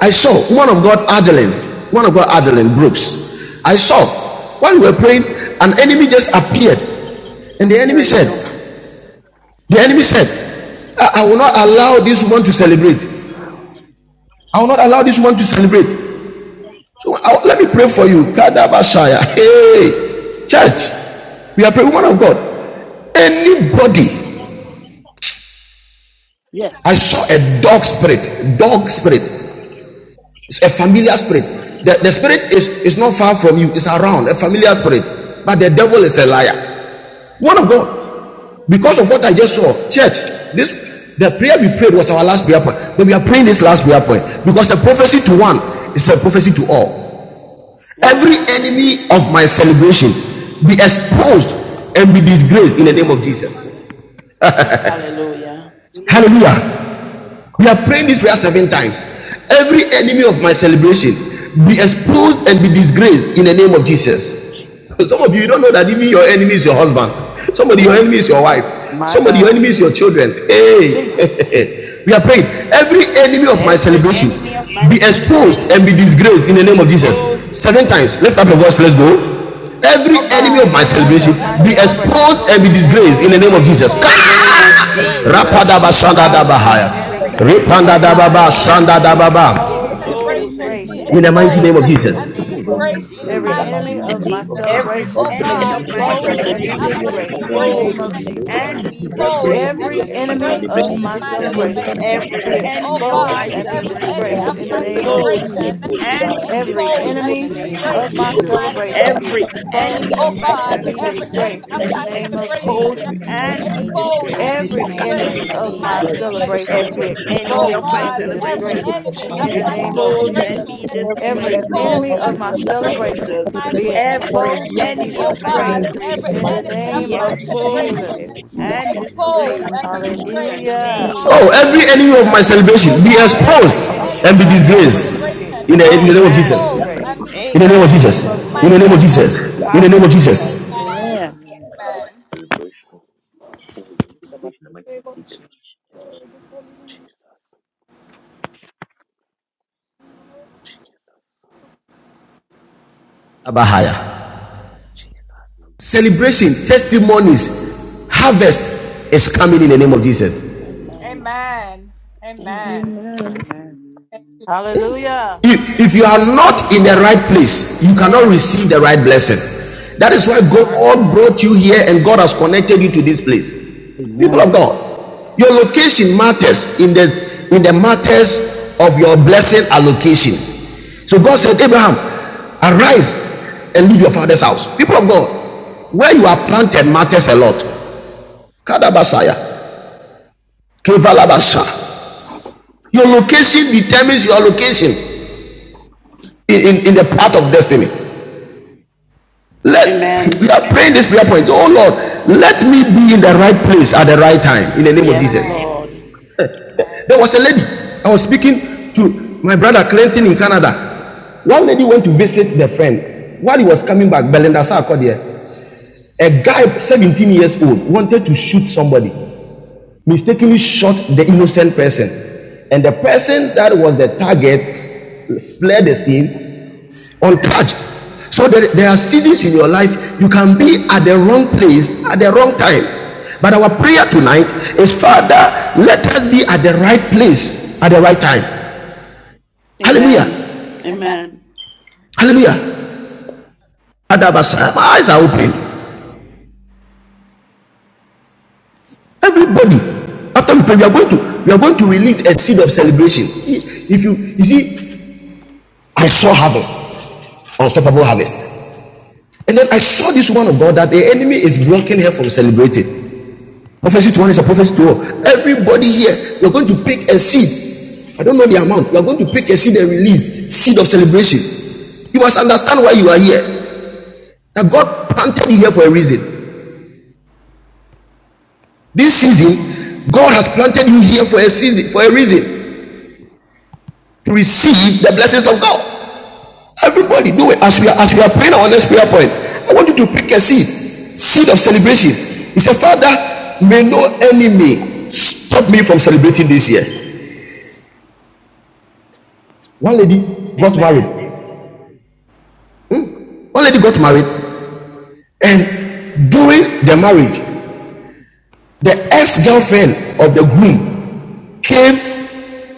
Speaker 3: I saw one of God, Adeline, one of God, Adeline Brooks. I saw while we were praying, an enemy just appeared. And
Speaker 12: I'm
Speaker 3: the enemy
Speaker 12: hearing you.
Speaker 3: said, The enemy said, I, I will not allow this woman to celebrate. I will not allow this woman to celebrate. So I, let me pray for you. Kadabashaya. Hey, church,
Speaker 12: Mhm.
Speaker 3: we are praying, woman of God. Anybody,
Speaker 12: Yes.
Speaker 3: I saw a dog spirit, dog spirit, it's a familiar spirit. The, the spirit is, is not far from you, it's around, a familiar spirit. But the devil is a
Speaker 12: Jesus.
Speaker 3: liar. One of
Speaker 12: Jesus.
Speaker 3: God, because of what I just saw, church, this the prayer we prayed was our last prayer point. But we are praying this last prayer point because the prophecy to one is a prophecy to all. Every
Speaker 2: Amen.
Speaker 3: enemy of my celebration be
Speaker 12: Jesus.
Speaker 3: exposed and be
Speaker 12: In the
Speaker 3: disgraced in the
Speaker 12: name
Speaker 3: name
Speaker 12: of
Speaker 3: of Jesus.
Speaker 12: Jesus. No. No.
Speaker 2: Hallelujah.
Speaker 12: Just a
Speaker 5: hallelujah.
Speaker 12: minute.
Speaker 3: Hallelujah.
Speaker 12: Praise
Speaker 3: We
Speaker 12: God.
Speaker 3: are praying this prayer seven times. Every enemy of my celebration be exposed and be disgraced in the name of
Speaker 12: In the name of
Speaker 3: Jesus.
Speaker 12: Jesus.
Speaker 3: Some of you you don't know that even your enemy is your husband. Somebody, your enemy
Speaker 12: Oh,
Speaker 3: is your wife.
Speaker 10: My
Speaker 3: Somebody, your
Speaker 10: God,
Speaker 3: enemy is your children.
Speaker 10: Jesus.
Speaker 12: Jesus.
Speaker 3: Hey, we are praying. Every enemy of my
Speaker 2: Every
Speaker 3: celebration
Speaker 2: enemy of my
Speaker 3: be
Speaker 12: Every
Speaker 3: exposed and
Speaker 12: enemy
Speaker 2: celebration
Speaker 3: be
Speaker 12: of my
Speaker 3: disgraced in the
Speaker 2: be
Speaker 3: name of
Speaker 12: celebration
Speaker 3: Jesus.
Speaker 12: be
Speaker 2: exposed
Speaker 17: Let
Speaker 3: Seven
Speaker 17: every
Speaker 3: times.
Speaker 12: exposed.
Speaker 3: Lift
Speaker 2: and
Speaker 17: area
Speaker 3: up
Speaker 17: of
Speaker 3: your
Speaker 17: my
Speaker 3: voice. Let's go.
Speaker 17: celebration be
Speaker 12: My
Speaker 17: exposed
Speaker 3: Every
Speaker 17: to this
Speaker 3: enemy
Speaker 12: celebration.
Speaker 19: every
Speaker 10: Every
Speaker 3: of
Speaker 17: grace
Speaker 3: my
Speaker 17: in the
Speaker 19: enemy
Speaker 10: enemy
Speaker 3: celebration
Speaker 19: of
Speaker 10: of
Speaker 11: Every
Speaker 17: mighty
Speaker 19: my
Speaker 10: my
Speaker 17: name
Speaker 3: be
Speaker 17: of
Speaker 11: enemy of
Speaker 17: Jesus.
Speaker 19: celebration
Speaker 11: my
Speaker 3: exposed
Speaker 10: celebration
Speaker 3: and be
Speaker 10: be
Speaker 17: Let
Speaker 2: exposed
Speaker 17: e-
Speaker 19: be
Speaker 2: and be
Speaker 3: disgraced
Speaker 17: every
Speaker 3: in the
Speaker 10: exposed and
Speaker 3: name
Speaker 17: area of
Speaker 19: exposed
Speaker 3: of
Speaker 10: be
Speaker 17: my
Speaker 19: and
Speaker 2: disgraced
Speaker 3: Jesus.
Speaker 2: in the
Speaker 17: celebration
Speaker 10: disgraced
Speaker 19: defeated
Speaker 17: be
Speaker 10: in
Speaker 2: name
Speaker 10: the
Speaker 19: in the
Speaker 2: of
Speaker 10: name
Speaker 19: name
Speaker 10: of
Speaker 17: exposed
Speaker 19: of
Speaker 17: to
Speaker 9: Every
Speaker 17: this
Speaker 10: Jesus.
Speaker 19: Jesus.
Speaker 2: Jesus.
Speaker 17: grace in the
Speaker 3: Rapadaba
Speaker 9: enemy of
Speaker 17: mighty
Speaker 11: every
Speaker 9: my
Speaker 3: Sanda
Speaker 17: name of
Speaker 19: Any
Speaker 11: enemy of my
Speaker 17: Jesus.
Speaker 2: Hallelujah.
Speaker 19: enemy
Speaker 9: celebration,
Speaker 19: of my
Speaker 10: Every
Speaker 9: be
Speaker 17: Let
Speaker 2: Every
Speaker 3: Dabahaya.
Speaker 11: celebration be
Speaker 17: every
Speaker 10: enemy
Speaker 2: enemy
Speaker 19: celebration
Speaker 2: of
Speaker 3: Ripanda
Speaker 9: exposed
Speaker 10: of
Speaker 17: area
Speaker 19: be
Speaker 2: my
Speaker 10: my
Speaker 11: exposed
Speaker 9: and
Speaker 17: of
Speaker 11: and be
Speaker 3: Dababa
Speaker 19: exposed
Speaker 17: my
Speaker 9: disgraced in
Speaker 3: Sanda
Speaker 10: celebration
Speaker 9: the
Speaker 2: celebration
Speaker 11: disgraced
Speaker 10: be
Speaker 9: name
Speaker 17: celebration
Speaker 11: in
Speaker 9: of
Speaker 11: the
Speaker 17: be
Speaker 11: name
Speaker 9: Jesus.
Speaker 11: of
Speaker 2: be
Speaker 3: Dababa.
Speaker 17: exposed to
Speaker 10: exposed
Speaker 9: Every
Speaker 10: and
Speaker 11: Jesus.
Speaker 10: be
Speaker 17: this
Speaker 2: exposed
Speaker 17: grace
Speaker 9: enemy of
Speaker 2: and
Speaker 17: in
Speaker 9: my
Speaker 17: the
Speaker 11: Every
Speaker 2: be
Speaker 10: disgraced
Speaker 3: in
Speaker 10: in
Speaker 17: mighty
Speaker 3: the
Speaker 11: enemy
Speaker 10: the
Speaker 17: name
Speaker 11: of
Speaker 17: of
Speaker 10: name
Speaker 3: mighty
Speaker 11: my
Speaker 9: celebration,
Speaker 3: name
Speaker 10: of
Speaker 2: disgraced
Speaker 3: of
Speaker 2: in
Speaker 17: Jesus.
Speaker 2: the
Speaker 9: be
Speaker 10: Jesus.
Speaker 11: celebration
Speaker 17: Let
Speaker 11: be
Speaker 3: Jesus.
Speaker 2: name
Speaker 17: every
Speaker 9: exposed and
Speaker 2: of
Speaker 17: area
Speaker 11: exposed
Speaker 19: Open
Speaker 11: and
Speaker 17: of
Speaker 11: be
Speaker 17: my
Speaker 19: space in
Speaker 10: Every
Speaker 9: disgraced
Speaker 19: the
Speaker 9: uh,
Speaker 11: disgraced
Speaker 2: Jesus.
Speaker 11: in
Speaker 19: mighty
Speaker 11: the
Speaker 10: enemy
Speaker 9: in
Speaker 11: name
Speaker 9: the
Speaker 19: name
Speaker 10: of
Speaker 19: of
Speaker 10: my
Speaker 9: name
Speaker 11: of
Speaker 9: of
Speaker 19: Jesus.
Speaker 11: Jesus.
Speaker 9: Jesus.
Speaker 2: Every
Speaker 19: Any
Speaker 10: celebration
Speaker 9: Every
Speaker 10: be
Speaker 2: enemy
Speaker 19: enemy
Speaker 11: Every
Speaker 2: of
Speaker 19: and
Speaker 9: enemy of
Speaker 17: celebration
Speaker 2: my
Speaker 19: my
Speaker 9: my
Speaker 11: enemy
Speaker 17: be
Speaker 11: of
Speaker 10: exposed
Speaker 11: my
Speaker 10: and
Speaker 9: celebration,
Speaker 10: be
Speaker 17: exposed
Speaker 19: celebration
Speaker 17: to
Speaker 2: celebration
Speaker 9: be
Speaker 17: this
Speaker 11: celebration
Speaker 2: be
Speaker 17: grace
Speaker 19: is
Speaker 11: be
Speaker 9: exposed
Speaker 10: disgraced
Speaker 17: in
Speaker 9: and
Speaker 10: in
Speaker 17: the
Speaker 10: the
Speaker 9: be
Speaker 17: name of
Speaker 10: name
Speaker 19: exposed
Speaker 2: exposed
Speaker 11: exposed
Speaker 10: of
Speaker 9: disgraced
Speaker 16: And
Speaker 11: and
Speaker 9: in
Speaker 17: Jesus.
Speaker 19: and
Speaker 9: the
Speaker 16: then,
Speaker 11: be,
Speaker 9: name
Speaker 17: Let
Speaker 9: of
Speaker 10: Jesus.
Speaker 11: dis-
Speaker 19: dispersed
Speaker 17: every
Speaker 2: and
Speaker 11: be
Speaker 9: Jesus.
Speaker 19: in the
Speaker 2: be
Speaker 17: area of
Speaker 19: mighty
Speaker 17: my
Speaker 11: disgraced
Speaker 9: Every
Speaker 19: name
Speaker 16: Father,
Speaker 19: of
Speaker 2: disgraced in
Speaker 9: enemy
Speaker 2: the
Speaker 17: celebration
Speaker 9: of
Speaker 10: Every
Speaker 19: Jesus.
Speaker 17: be
Speaker 9: my
Speaker 2: name
Speaker 10: enemy
Speaker 2: of
Speaker 17: exposed
Speaker 11: In
Speaker 17: to
Speaker 10: of
Speaker 9: celebration,
Speaker 19: And
Speaker 11: the
Speaker 17: this
Speaker 10: my
Speaker 9: be
Speaker 19: this
Speaker 11: name of
Speaker 17: grace
Speaker 2: Jesus.
Speaker 9: exposed
Speaker 19: enemy is
Speaker 9: and
Speaker 17: in
Speaker 10: celebration
Speaker 16: in
Speaker 11: Jesus.
Speaker 9: be
Speaker 17: the
Speaker 19: in
Speaker 16: the
Speaker 19: my
Speaker 2: Every
Speaker 17: mighty
Speaker 10: be
Speaker 16: name
Speaker 9: disgraced. in
Speaker 16: of
Speaker 8: In the
Speaker 17: name
Speaker 8: name
Speaker 17: of
Speaker 2: enemy
Speaker 9: the
Speaker 17: Jesus.
Speaker 16: Jesus,
Speaker 8: of
Speaker 2: of
Speaker 9: name of
Speaker 19: celebration.
Speaker 10: exposed
Speaker 2: my
Speaker 11: Every
Speaker 9: Jesus.
Speaker 10: and be
Speaker 11: enemy
Speaker 8: Jesus.
Speaker 11: of
Speaker 19: He's
Speaker 16: I
Speaker 11: my
Speaker 9: Every
Speaker 2: celebration
Speaker 9: enemy
Speaker 10: disgraced
Speaker 9: of
Speaker 16: mean,
Speaker 9: my
Speaker 19: exposed,
Speaker 2: be
Speaker 10: in the
Speaker 11: celebration
Speaker 10: name
Speaker 11: is
Speaker 9: celebration,
Speaker 16: I
Speaker 10: of
Speaker 8: So
Speaker 2: exposed
Speaker 11: exposed
Speaker 16: thank
Speaker 9: be
Speaker 16: you
Speaker 11: and
Speaker 8: every
Speaker 10: Jesus.
Speaker 19: Almighty
Speaker 9: exposed and
Speaker 8: enemy
Speaker 9: be
Speaker 8: of
Speaker 2: and
Speaker 11: disgraced
Speaker 19: God.
Speaker 16: for
Speaker 11: in
Speaker 2: be
Speaker 11: the
Speaker 9: disgraced
Speaker 11: name
Speaker 10: Every
Speaker 9: in
Speaker 16: day
Speaker 11: of
Speaker 9: the
Speaker 16: and
Speaker 2: disgraced
Speaker 9: name of
Speaker 2: in
Speaker 16: this
Speaker 2: the
Speaker 11: Jesus.
Speaker 10: enemy
Speaker 8: in the
Speaker 9: Jesus.
Speaker 16: next
Speaker 2: name
Speaker 8: name
Speaker 16: day
Speaker 2: of
Speaker 8: of
Speaker 10: of
Speaker 16: and my
Speaker 11: Every
Speaker 10: my
Speaker 16: name. of
Speaker 2: Jesus.
Speaker 16: Jesus,
Speaker 11: enemy
Speaker 8: Jesus.
Speaker 10: celebration
Speaker 11: of
Speaker 10: be
Speaker 19: Every
Speaker 11: my
Speaker 2: Every
Speaker 19: enemy of
Speaker 16: I
Speaker 19: my
Speaker 17: You
Speaker 2: enemy
Speaker 10: exposed
Speaker 11: celebration
Speaker 16: mean,
Speaker 2: of
Speaker 17: can't
Speaker 11: be
Speaker 2: my
Speaker 10: and
Speaker 19: celebration
Speaker 10: be
Speaker 17: be
Speaker 11: exposed and be
Speaker 19: is
Speaker 2: celebration
Speaker 16: I
Speaker 10: disgraced
Speaker 16: thank
Speaker 11: disgraced
Speaker 10: in
Speaker 11: in
Speaker 10: the
Speaker 16: you
Speaker 2: be
Speaker 19: exposed
Speaker 11: the
Speaker 19: and
Speaker 16: for
Speaker 11: name
Speaker 10: name
Speaker 11: of
Speaker 10: of
Speaker 11: Jesus.
Speaker 8: Of
Speaker 16: exposed
Speaker 19: dispersed
Speaker 2: exposed
Speaker 19: in
Speaker 16: and
Speaker 8: every
Speaker 10: Jesus.
Speaker 19: the mighty
Speaker 2: and
Speaker 8: enemy.
Speaker 2: be
Speaker 19: name
Speaker 16: great
Speaker 19: of
Speaker 11: Every
Speaker 19: Jesus.
Speaker 2: disgraced
Speaker 16: in
Speaker 11: enemy
Speaker 2: in
Speaker 16: the
Speaker 2: the
Speaker 10: Every
Speaker 11: of
Speaker 16: mighty
Speaker 11: my
Speaker 8: Move
Speaker 2: name
Speaker 16: name
Speaker 8: in
Speaker 2: of
Speaker 10: enemy
Speaker 19: Every
Speaker 8: the
Speaker 16: of
Speaker 10: of
Speaker 8: mighty
Speaker 11: celebration
Speaker 19: enemy
Speaker 10: my
Speaker 8: name
Speaker 11: be
Speaker 16: Jesus.
Speaker 2: Jesus.
Speaker 8: of
Speaker 19: of
Speaker 11: exposed
Speaker 19: my
Speaker 11: and be
Speaker 10: celebration
Speaker 16: Every
Speaker 10: be
Speaker 2: Every
Speaker 19: celebration
Speaker 8: Jesus.
Speaker 11: disgraced in
Speaker 16: enemy
Speaker 11: the
Speaker 2: enemy
Speaker 16: of
Speaker 2: of
Speaker 11: name
Speaker 10: exposed
Speaker 11: of
Speaker 16: my
Speaker 2: my
Speaker 19: is
Speaker 10: and
Speaker 16: feet
Speaker 10: be
Speaker 8: In
Speaker 11: Jesus.
Speaker 8: the
Speaker 2: celebration
Speaker 8: name
Speaker 10: disgraced
Speaker 19: exposed in
Speaker 8: of
Speaker 19: the
Speaker 2: be
Speaker 10: in
Speaker 19: mighty
Speaker 10: the
Speaker 19: name
Speaker 11: Every
Speaker 19: of
Speaker 8: Jesus.
Speaker 10: name of
Speaker 2: exposed
Speaker 19: Jesus.
Speaker 16: is
Speaker 2: and
Speaker 11: enemy
Speaker 10: Jesus.
Speaker 2: be
Speaker 11: of
Speaker 16: exposed
Speaker 11: my
Speaker 19: Every
Speaker 10: Every
Speaker 2: disgraced in
Speaker 16: and
Speaker 19: enemy
Speaker 11: celebration
Speaker 2: the
Speaker 16: be
Speaker 11: be
Speaker 10: enemy
Speaker 19: of
Speaker 10: of
Speaker 19: my
Speaker 16: destroyed
Speaker 2: name
Speaker 10: my
Speaker 2: of
Speaker 11: exposed and be
Speaker 16: in
Speaker 19: celebration,
Speaker 10: celebration
Speaker 2: Jesus
Speaker 11: disgraced in
Speaker 16: the
Speaker 11: the
Speaker 10: be
Speaker 11: name of
Speaker 16: mighty name of
Speaker 11: Jesus.
Speaker 2: every
Speaker 19: exposed,
Speaker 10: exposed and be
Speaker 2: enemy of my
Speaker 16: Jesus.
Speaker 19: raised
Speaker 10: disgraced
Speaker 19: in the
Speaker 10: in
Speaker 2: celebration
Speaker 11: Every
Speaker 10: the
Speaker 19: mighty
Speaker 11: enemy
Speaker 19: name of
Speaker 11: of
Speaker 10: name
Speaker 2: be
Speaker 11: my
Speaker 10: of
Speaker 19: Jesus.
Speaker 11: celebration be
Speaker 2: exposed
Speaker 10: Jesus.
Speaker 11: exposed and be
Speaker 16: Oh,
Speaker 2: and
Speaker 12: will
Speaker 11: disgraced
Speaker 12: Finish
Speaker 11: in the
Speaker 12: this
Speaker 16: in
Speaker 11: name
Speaker 2: disgraced
Speaker 11: of
Speaker 12: conference.
Speaker 2: in
Speaker 11: Jesus.
Speaker 2: the
Speaker 16: the mighty
Speaker 10: Hallelujah.
Speaker 2: name
Speaker 3: Oh,
Speaker 2: of
Speaker 3: every enemy of my salvation
Speaker 2: Jesus.
Speaker 3: be exposed
Speaker 10: Every enemy
Speaker 3: and
Speaker 10: of
Speaker 3: be
Speaker 10: my
Speaker 3: disgraced.
Speaker 2: Yes.
Speaker 10: celebration be
Speaker 3: In the, in the
Speaker 10: exposed
Speaker 3: name of
Speaker 10: and be
Speaker 3: Jesus.
Speaker 2: Amen.
Speaker 10: disgraced.
Speaker 3: In the name of
Speaker 10: In the name
Speaker 2: Amen.
Speaker 3: Jesus.
Speaker 10: of
Speaker 3: In the name of
Speaker 10: Jesus.
Speaker 3: Jesus. In the name of
Speaker 2: Hallelujah.
Speaker 3: Jesus.
Speaker 10: Amen.
Speaker 5: Somebody in the mighty name of Jesus.
Speaker 12: Jesus. Jesus.
Speaker 3: Abahaya.
Speaker 12: Jesus.
Speaker 3: Celebration, testimonies, harvest is coming in the name of Jesus.
Speaker 12: Amen. Amen.
Speaker 8: Amen.
Speaker 10: Hallelujah.
Speaker 3: If, if you are not in the right
Speaker 9: Amen.
Speaker 3: place, you cannot
Speaker 10: Amen.
Speaker 3: receive the right blessing. That is why
Speaker 12: Jesus.
Speaker 3: God brought you here and God has connected you to this place. People of
Speaker 9: Amen.
Speaker 3: God, your location matters in the in the matters of your blessing allocations. So God said, Abraham, arise and leave your father's house. People of God, where you are planted matters a lot. Kadabasaya, Kevalabasa. Your location determines your location in, in, in the path of destiny. Let we are
Speaker 2: Amen.
Speaker 3: praying this prayer point. Oh Lord, let me be in the right place at the right time in the name of
Speaker 2: Yes,
Speaker 3: Jesus.
Speaker 2: Lord.
Speaker 3: There was a lady I was speaking to my brother Clinton in Canada. One lady went to visit the friend. While he was coming back, Belinda Sarkodie, a guy 17 years old wanted to shoot somebody, mistakenly shot the innocent person. And the person that was the target fled the scene untouched. So there, there are seasons in your life you can be at the wrong place at the wrong time. But our prayer tonight is, Father, let us be at the right place at the right time. Hallelujah.
Speaker 2: Amen. Amen.
Speaker 3: Hallelujah. Father, my eyes are open. Everybody. After we pray, we are going to we are going to release a seed of celebration. If you you see, I saw harvest, unstoppable harvest. And then I saw this one of God that the enemy is blocking her from celebrating. Prophecy to one is a prophecy to all. Everybody here, you're going to pick a seed. I don't know the amount. You're going to pick a seed and release seed of celebration. You must understand why you are here. That God planted you here for a reason. This season, God has planted you here for a season, for a reason to receive the blessings of God. Everybody, do it as we are as we are praying our next prayer point. I want you to pick a seed, seed of celebration. He said, Father, may no enemy stop me from celebrating this year. One lady got married.
Speaker 2: Amen.
Speaker 3: One lady got married, and during the marriage, the ex girlfriend of the groom came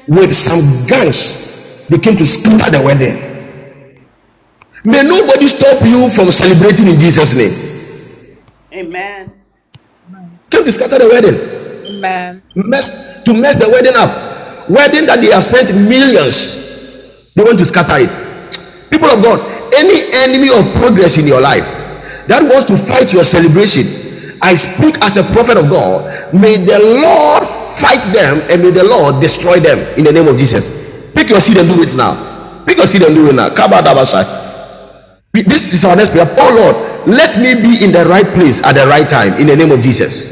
Speaker 3: with some guns. They came to scatter the wedding. May nobody stop you from celebrating in Jesus' name.
Speaker 2: Amen.
Speaker 3: Came to scatter the wedding. mess to mess the wedding up wedding that they have spent millions they want to scatter it people of god any enemy of progress in your life that wants to fight your celebration i speak as a prophet of god may the lord fight them and may the lord destroy them in the name of jesus pick your seed and do it now pick your seed and do it now this is our next prayer oh lord let me be in the right place at the right time in the name of jesus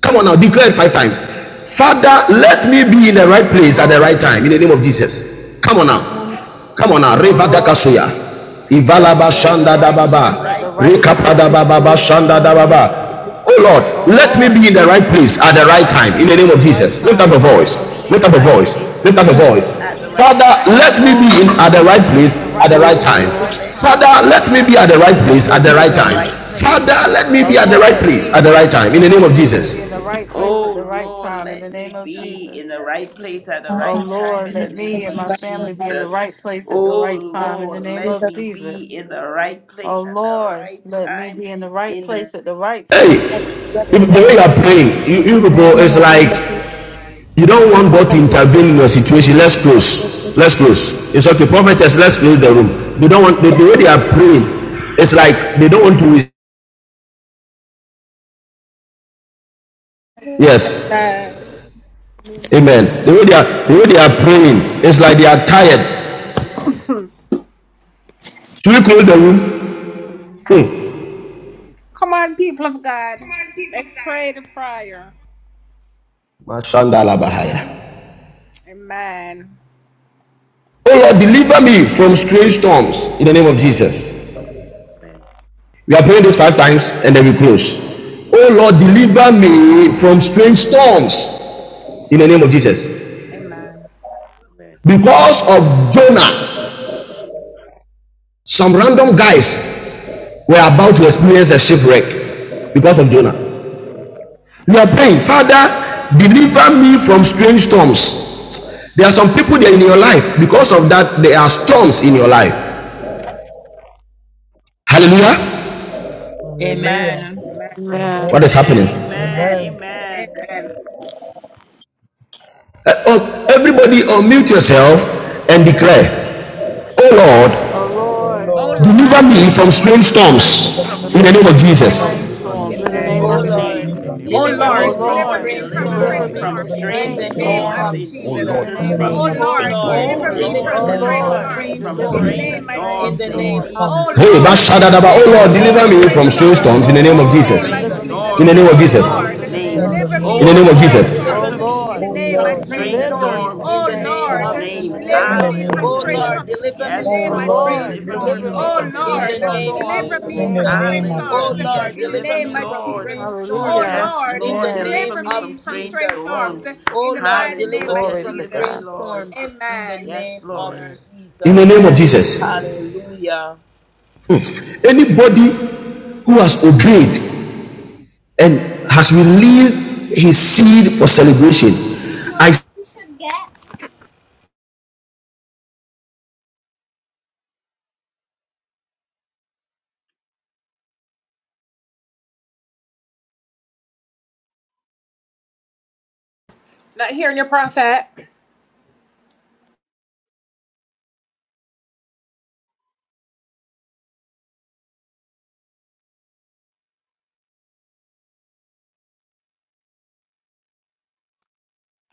Speaker 3: Come on now, declare it five times. Father, let me be in the right
Speaker 10: Oh
Speaker 3: place at the
Speaker 10: Lord.
Speaker 3: right time in the name of Jesus. Come on now.
Speaker 5: Um,
Speaker 3: Come on now.
Speaker 10: Oh
Speaker 3: Reva
Speaker 10: Lord.
Speaker 3: Dakasuya.
Speaker 10: Let
Speaker 2: Yes,
Speaker 10: me
Speaker 3: Ivalaba
Speaker 10: be in the
Speaker 2: Lord.
Speaker 3: Shanda
Speaker 2: Let me
Speaker 10: right
Speaker 2: be in the
Speaker 10: place at the
Speaker 2: right
Speaker 3: Dababa.
Speaker 10: right
Speaker 3: Rekapada
Speaker 10: time.
Speaker 3: Bababa
Speaker 10: In the name
Speaker 3: Shanda
Speaker 10: of
Speaker 3: Dababa.
Speaker 10: Jesus.
Speaker 3: Oh Lord,
Speaker 10: Oh
Speaker 3: let me
Speaker 10: Lord.
Speaker 3: be in the right
Speaker 10: Let me
Speaker 3: place at
Speaker 10: be
Speaker 3: the
Speaker 10: in the
Speaker 3: right
Speaker 10: right
Speaker 3: time in the
Speaker 10: place at
Speaker 3: name
Speaker 10: the
Speaker 3: of
Speaker 10: right
Speaker 3: Jesus. Lift
Speaker 10: time.
Speaker 3: up a
Speaker 10: In the
Speaker 2: Let
Speaker 10: name
Speaker 2: me
Speaker 10: of
Speaker 3: voice.
Speaker 2: be in
Speaker 3: Lift
Speaker 2: the
Speaker 3: up a
Speaker 10: Jesus.
Speaker 2: right
Speaker 3: voice.
Speaker 2: place in
Speaker 3: Lift up
Speaker 2: the
Speaker 3: a
Speaker 20: Thank
Speaker 2: right
Speaker 3: voice.
Speaker 2: at the right
Speaker 3: Father,
Speaker 2: time in
Speaker 10: Oh
Speaker 2: the
Speaker 3: let me be
Speaker 2: name of
Speaker 3: in
Speaker 10: Lord,
Speaker 3: at the
Speaker 10: let
Speaker 3: right
Speaker 10: me
Speaker 2: Jesus.
Speaker 10: be in
Speaker 3: place
Speaker 10: the
Speaker 3: at
Speaker 10: right
Speaker 3: the right
Speaker 2: Oh
Speaker 10: place at
Speaker 3: time.
Speaker 10: the
Speaker 2: Lord,
Speaker 10: right
Speaker 2: let me
Speaker 10: time.
Speaker 3: Father,
Speaker 10: Me
Speaker 3: let
Speaker 10: and
Speaker 3: me
Speaker 10: my
Speaker 3: be
Speaker 2: be
Speaker 3: at the
Speaker 10: family. In
Speaker 3: right
Speaker 10: the
Speaker 3: place
Speaker 10: name
Speaker 3: at
Speaker 10: of
Speaker 3: the
Speaker 2: in
Speaker 3: right
Speaker 2: the
Speaker 3: time.
Speaker 10: Jesus.
Speaker 2: right place
Speaker 3: Father,
Speaker 2: at the
Speaker 3: let me
Speaker 10: Oh
Speaker 3: be
Speaker 2: right
Speaker 3: at the
Speaker 10: Lord,
Speaker 3: right
Speaker 2: time
Speaker 10: let
Speaker 2: in
Speaker 3: place
Speaker 2: the
Speaker 3: at
Speaker 10: me
Speaker 3: the right
Speaker 2: name of
Speaker 3: time in
Speaker 10: and
Speaker 3: the
Speaker 10: my
Speaker 3: name of
Speaker 10: family
Speaker 2: Jesus.
Speaker 10: be
Speaker 3: Jesus.
Speaker 10: in the right place
Speaker 2: Oh
Speaker 10: at the right
Speaker 2: Lord,
Speaker 10: time in the
Speaker 2: let
Speaker 10: name
Speaker 2: me
Speaker 10: of
Speaker 2: be
Speaker 10: Jesus.
Speaker 2: in the right place at the
Speaker 10: Oh
Speaker 2: right time
Speaker 10: Lord,
Speaker 2: in the
Speaker 10: let me
Speaker 2: name
Speaker 10: and
Speaker 2: of
Speaker 10: my family be in the
Speaker 2: Jesus.
Speaker 10: right place at the
Speaker 2: Oh
Speaker 10: right
Speaker 17: a
Speaker 10: time in the
Speaker 2: Lord,
Speaker 17: hero.
Speaker 10: name
Speaker 2: let
Speaker 10: of
Speaker 2: me be
Speaker 10: Jesus.
Speaker 2: in the right
Speaker 10: Oh
Speaker 2: place at the
Speaker 10: Lord,
Speaker 2: right
Speaker 10: let me
Speaker 2: time
Speaker 10: be in the right
Speaker 2: in the
Speaker 10: place at the right
Speaker 3: Hey,
Speaker 10: time in the
Speaker 3: the way you
Speaker 10: name
Speaker 3: are
Speaker 10: of
Speaker 3: praying, you,
Speaker 10: Jesus.
Speaker 3: you people,
Speaker 10: Amen.
Speaker 3: it's like you don't want God to intervene in your situation. Let's close. Let's
Speaker 20: you.
Speaker 3: close. It's okay, prophetess. Let's close the room. They don't want the, the way they are praying. It's like they don't want to. Yes, Amen. The way they are, the way they are praying, it's like they are tired. Should we close the room? Hmm. Oh Lord, deliver me from strange storms in the name of Jesus. We are praying this five times and then we close. Oh Lord, deliver me from strange storms in the name of Jesus.
Speaker 13: Amen.
Speaker 3: Because of Jonah, some random guys were about to experience a shipwreck because of Jonah. We are praying, Father, deliver me from strange storms. There are some people there in your life, because of that, there are storms in your life. Hallelujah.
Speaker 19: Hallelujah.
Speaker 7: Amen.
Speaker 3: What
Speaker 10: Amen.
Speaker 3: is
Speaker 19: Amen.
Speaker 3: happening?
Speaker 2: Amen.
Speaker 19: Amen.
Speaker 2: Amen.
Speaker 3: Uh, oh, everybody, unmute yourself and declare, Oh Lord,
Speaker 10: Oh
Speaker 11: Oh
Speaker 19: Oh
Speaker 11: Lord,
Speaker 10: Lord,
Speaker 19: Lord,
Speaker 3: Deliver
Speaker 9: Oh
Speaker 2: O
Speaker 3: me from
Speaker 9: Lord.
Speaker 2: Lord,
Speaker 3: strange
Speaker 2: deliver me
Speaker 19: deliver
Speaker 2: from
Speaker 3: storms
Speaker 19: me
Speaker 3: in the
Speaker 19: from
Speaker 11: deliver
Speaker 10: deliver
Speaker 3: name of
Speaker 2: strange
Speaker 10: me
Speaker 11: me
Speaker 10: from
Speaker 19: strange
Speaker 2: storms
Speaker 3: Jesus.
Speaker 19: tongues
Speaker 10: strange
Speaker 9: Deliver
Speaker 11: from
Speaker 9: me
Speaker 16: O
Speaker 10: storms in
Speaker 2: in
Speaker 9: from
Speaker 10: the
Speaker 11: strange
Speaker 19: in
Speaker 16: Lord,
Speaker 19: the
Speaker 10: name
Speaker 7: Oh
Speaker 9: strange
Speaker 10: of
Speaker 2: Jesus'
Speaker 19: name
Speaker 16: deliver
Speaker 19: of
Speaker 11: storms
Speaker 9: storms
Speaker 7: Lord,
Speaker 9: in
Speaker 11: in
Speaker 10: Jesus.
Speaker 2: name.
Speaker 19: Jesus.
Speaker 11: the
Speaker 9: the
Speaker 11: name of
Speaker 9: name
Speaker 16: me
Speaker 7: deliver
Speaker 9: of
Speaker 2: O
Speaker 10: Oh
Speaker 16: from
Speaker 7: me
Speaker 11: Jesus.
Speaker 7: from
Speaker 9: Jesus.
Speaker 2: Lord,
Speaker 10: Lord,
Speaker 7: strange
Speaker 11: Oh
Speaker 19: Oh
Speaker 16: evil.
Speaker 2: deliver
Speaker 11: Lord,
Speaker 7: storms
Speaker 10: deliver
Speaker 2: me
Speaker 19: Lord,
Speaker 7: uh,
Speaker 10: me
Speaker 2: from
Speaker 11: deliver
Speaker 10: from
Speaker 11: me
Speaker 19: deliver
Speaker 11: from
Speaker 19: me
Speaker 7: in
Speaker 19: from
Speaker 2: strange
Speaker 10: strange
Speaker 7: the
Speaker 16: O
Speaker 11: strange
Speaker 19: strange
Speaker 7: name
Speaker 16: Lord,
Speaker 10: storms
Speaker 2: storms
Speaker 7: of
Speaker 11: storms
Speaker 16: deliver
Speaker 19: tongues
Speaker 2: in
Speaker 11: in
Speaker 16: me
Speaker 11: the
Speaker 9: Oh
Speaker 11: name of
Speaker 10: in
Speaker 16: from
Speaker 7: Jesus.
Speaker 10: the
Speaker 9: Lord,
Speaker 19: in
Speaker 2: Jesus'
Speaker 19: the
Speaker 10: name
Speaker 9: deliver
Speaker 10: of
Speaker 11: Jesus.
Speaker 9: me
Speaker 19: name of
Speaker 9: from
Speaker 16: danger.
Speaker 2: name.
Speaker 7: Oh
Speaker 9: strange
Speaker 10: Jesus.
Speaker 11: Oh
Speaker 9: storms
Speaker 7: Lord,
Speaker 19: Jesus.
Speaker 9: in
Speaker 2: O
Speaker 11: Lord,
Speaker 9: the name
Speaker 11: deliver
Speaker 9: of
Speaker 11: me
Speaker 7: deliver
Speaker 2: Lord,
Speaker 10: Oh
Speaker 11: from
Speaker 19: Oh
Speaker 7: me
Speaker 9: Jesus.
Speaker 7: from
Speaker 2: deliver
Speaker 11: strange
Speaker 10: Lord,
Speaker 19: Lord,
Speaker 2: me
Speaker 7: strange
Speaker 2: from
Speaker 16: O
Speaker 11: storms
Speaker 19: deliver
Speaker 10: deliver
Speaker 19: me
Speaker 10: me
Speaker 11: in
Speaker 7: storms
Speaker 2: strange
Speaker 16: Lord,
Speaker 11: the
Speaker 7: uh,
Speaker 10: from
Speaker 3: Somebody.
Speaker 11: name
Speaker 16: deliver
Speaker 11: of
Speaker 16: me
Speaker 10: strange
Speaker 7: in
Speaker 19: from
Speaker 2: storms
Speaker 7: the
Speaker 16: from
Speaker 2: in
Speaker 19: strange
Speaker 11: Jesus.
Speaker 7: name
Speaker 10: storms.
Speaker 16: danger. In the mighty
Speaker 7: of
Speaker 16: name
Speaker 19: tongues
Speaker 2: Jesus'
Speaker 3: Hey,
Speaker 7: Jesus.
Speaker 10: In the
Speaker 19: in
Speaker 2: name.
Speaker 19: the
Speaker 11: Oh
Speaker 10: name
Speaker 3: Bashadadaba.
Speaker 19: name of
Speaker 3: Oh
Speaker 10: of
Speaker 11: Lord,
Speaker 2: O
Speaker 3: Lord,
Speaker 7: Oh
Speaker 11: deliver
Speaker 19: Jesus.
Speaker 11: me
Speaker 3: deliver
Speaker 7: Lord,
Speaker 10: Jesus.
Speaker 11: from
Speaker 2: Lord,
Speaker 3: me from
Speaker 7: deliver
Speaker 11: strange
Speaker 2: deliver
Speaker 7: me
Speaker 3: strange
Speaker 19: Oh
Speaker 3: storms
Speaker 7: from
Speaker 3: in
Speaker 10: Oh
Speaker 2: me
Speaker 11: storms
Speaker 3: the
Speaker 19: Lord,
Speaker 3: name
Speaker 7: strange
Speaker 3: of
Speaker 11: in
Speaker 2: from
Speaker 11: the name
Speaker 10: Lord,
Speaker 11: of
Speaker 19: deliver
Speaker 7: storms
Speaker 19: me
Speaker 2: strange
Speaker 7: uh,
Speaker 10: deliver me
Speaker 19: from
Speaker 11: Jesus.
Speaker 3: Jesus.
Speaker 10: from
Speaker 3: In
Speaker 7: in
Speaker 3: the
Speaker 2: storms
Speaker 7: the
Speaker 19: strange
Speaker 3: name
Speaker 2: in
Speaker 3: of
Speaker 10: strange
Speaker 11: Oh,
Speaker 7: name
Speaker 19: tongues
Speaker 7: of
Speaker 3: Jesus.
Speaker 10: storms.
Speaker 2: Jesus'
Speaker 10: In the
Speaker 11: in the
Speaker 2: name.
Speaker 10: name
Speaker 7: Jesus.
Speaker 11: name
Speaker 19: in
Speaker 10: of
Speaker 19: the
Speaker 11: of
Speaker 19: name
Speaker 3: In
Speaker 2: O
Speaker 19: of
Speaker 3: the
Speaker 10: Jesus.
Speaker 7: Oh
Speaker 3: name of
Speaker 11: Jesus.
Speaker 7: Lord,
Speaker 2: Lord,
Speaker 19: Jesus.
Speaker 3: Jesus.
Speaker 11: Oh
Speaker 10: Oh
Speaker 7: deliver
Speaker 2: deliver
Speaker 11: Lord,
Speaker 17: Jesus.
Speaker 7: me
Speaker 17: Oh
Speaker 11: deliver
Speaker 10: Lord,
Speaker 11: me
Speaker 19: Oh
Speaker 17: Lord,
Speaker 2: me
Speaker 11: from
Speaker 16: deliver me
Speaker 7: from
Speaker 2: from
Speaker 17: deliver
Speaker 16: from
Speaker 19: Lord,
Speaker 11: strange
Speaker 17: me from
Speaker 7: strange
Speaker 2: strange
Speaker 11: storms
Speaker 19: deliver
Speaker 10: deliver
Speaker 17: strong
Speaker 19: me
Speaker 10: me
Speaker 7: storms
Speaker 11: in
Speaker 16: storm.
Speaker 11: the
Speaker 10: from
Speaker 19: from
Speaker 2: storms
Speaker 7: in
Speaker 2: in
Speaker 11: name
Speaker 17: strongholds
Speaker 7: the
Speaker 17: in
Speaker 11: of
Speaker 19: strange
Speaker 17: the
Speaker 10: strange
Speaker 7: name
Speaker 17: mighty
Speaker 19: tongues
Speaker 2: Jesus'
Speaker 7: of
Speaker 11: Jesus.
Speaker 17: name
Speaker 10: storms.
Speaker 17: of
Speaker 10: In the
Speaker 2: name.
Speaker 17: Jesus.
Speaker 7: Jesus.
Speaker 19: in
Speaker 10: name
Speaker 19: the
Speaker 10: of
Speaker 11: Oh
Speaker 19: name
Speaker 17: Oh
Speaker 19: of
Speaker 7: Oh
Speaker 11: Lord,
Speaker 16: O
Speaker 17: Lord,
Speaker 10: Jesus.
Speaker 16: Lord,
Speaker 11: deliver
Speaker 2: Hallelujah.
Speaker 17: deliver
Speaker 19: Jesus.
Speaker 7: Lord,
Speaker 11: me
Speaker 17: me
Speaker 11: from
Speaker 7: deliver
Speaker 17: from strange
Speaker 11: strange
Speaker 7: me
Speaker 2: Yes,
Speaker 16: deliver
Speaker 19: Oh
Speaker 10: Oh
Speaker 16: me from
Speaker 17: tongues
Speaker 7: from
Speaker 17: in the
Speaker 2: Lord,
Speaker 11: storms in
Speaker 19: Lord,
Speaker 11: the
Speaker 7: strange
Speaker 17: mighty
Speaker 10: Lord,
Speaker 11: name
Speaker 2: deliver
Speaker 17: name
Speaker 11: of
Speaker 19: deliver
Speaker 16: storm.
Speaker 17: of
Speaker 2: me,
Speaker 10: deliver
Speaker 7: storms
Speaker 19: me
Speaker 10: me
Speaker 11: Jesus.
Speaker 2: Lord,
Speaker 19: from
Speaker 17: Jesus.
Speaker 10: from
Speaker 7: in
Speaker 19: strange
Speaker 7: the
Speaker 10: strange
Speaker 2: deliver
Speaker 17: Oh
Speaker 19: tongues
Speaker 7: name
Speaker 17: Lord,
Speaker 7: of
Speaker 10: storms.
Speaker 16: O
Speaker 10: In
Speaker 2: me.
Speaker 16: Lord, deliver me from
Speaker 10: the
Speaker 17: deliver me
Speaker 19: in
Speaker 16: storm.
Speaker 19: the
Speaker 17: from
Speaker 10: name
Speaker 7: Jesus.
Speaker 11: Oh
Speaker 10: of
Speaker 17: strange
Speaker 19: name
Speaker 11: Lord,
Speaker 19: of
Speaker 11: deliver
Speaker 17: tongues
Speaker 7: Oh
Speaker 10: Jesus.
Speaker 11: me
Speaker 17: in
Speaker 11: from
Speaker 17: the
Speaker 2: Hallelujah,
Speaker 19: Jesus.
Speaker 7: Lord,
Speaker 17: mighty
Speaker 11: strange
Speaker 7: deliver
Speaker 2: deliver me,
Speaker 17: name
Speaker 7: me
Speaker 17: of
Speaker 11: storms
Speaker 7: from
Speaker 11: in
Speaker 16: In the
Speaker 11: the
Speaker 2: Lord.
Speaker 11: name of
Speaker 7: strange
Speaker 17: Jesus.
Speaker 16: mighty name of
Speaker 7: storms
Speaker 11: Jesus.
Speaker 10: Hallelujah.
Speaker 16: Jesus.
Speaker 2: Yes,
Speaker 7: in the
Speaker 2: Lord,
Speaker 10: Amen.
Speaker 7: name
Speaker 2: deliver me
Speaker 7: of
Speaker 2: from strange
Speaker 7: Jesus.
Speaker 2: storms.
Speaker 7: Oh Lord, deliver me
Speaker 2: Hallelujah.
Speaker 10: Glory
Speaker 7: from
Speaker 10: to
Speaker 2: Deliver me,
Speaker 7: strange
Speaker 10: God.
Speaker 2: Lord.
Speaker 7: storms in the name
Speaker 2: Yes,
Speaker 7: of
Speaker 2: Lord.
Speaker 11: Amen.
Speaker 3: In the
Speaker 7: Jesus.
Speaker 3: name of
Speaker 2: Amen.
Speaker 3: Jesus.
Speaker 7: Hallelujah.
Speaker 3: Hmm. Anybody who has obeyed and has released his seed for celebration,
Speaker 5: No,
Speaker 3: I
Speaker 5: you should get.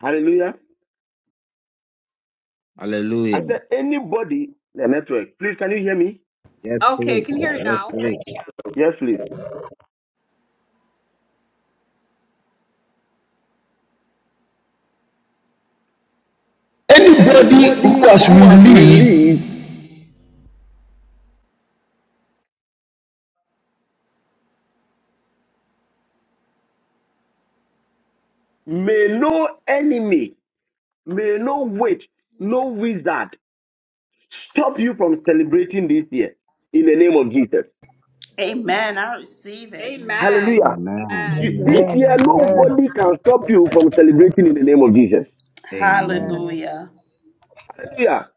Speaker 18: Hallelujah. I
Speaker 9: Hallelujah.
Speaker 18: said, anybody, the network, please, can you hear me?
Speaker 9: Yes, please. Yes, please.
Speaker 18: Yes, please.
Speaker 3: anybody
Speaker 18: Anybody
Speaker 3: who
Speaker 18: who
Speaker 3: has
Speaker 18: was
Speaker 3: released
Speaker 18: released may no enemy, may no witch, no wizard stop you from celebrating this year in the name of Jesus.
Speaker 2: Amen. I receive it.
Speaker 17: Amen,
Speaker 18: Hallelujah.
Speaker 17: amen.
Speaker 9: Amen.
Speaker 19: Amen,
Speaker 18: You, this
Speaker 9: Amen.
Speaker 18: year,
Speaker 9: Amen.
Speaker 19: amen.
Speaker 18: nobody can stop you from celebrating in the name of Jesus.
Speaker 9: Amen.
Speaker 16: Amen.
Speaker 2: Hallelujah.
Speaker 18: Hallelujah.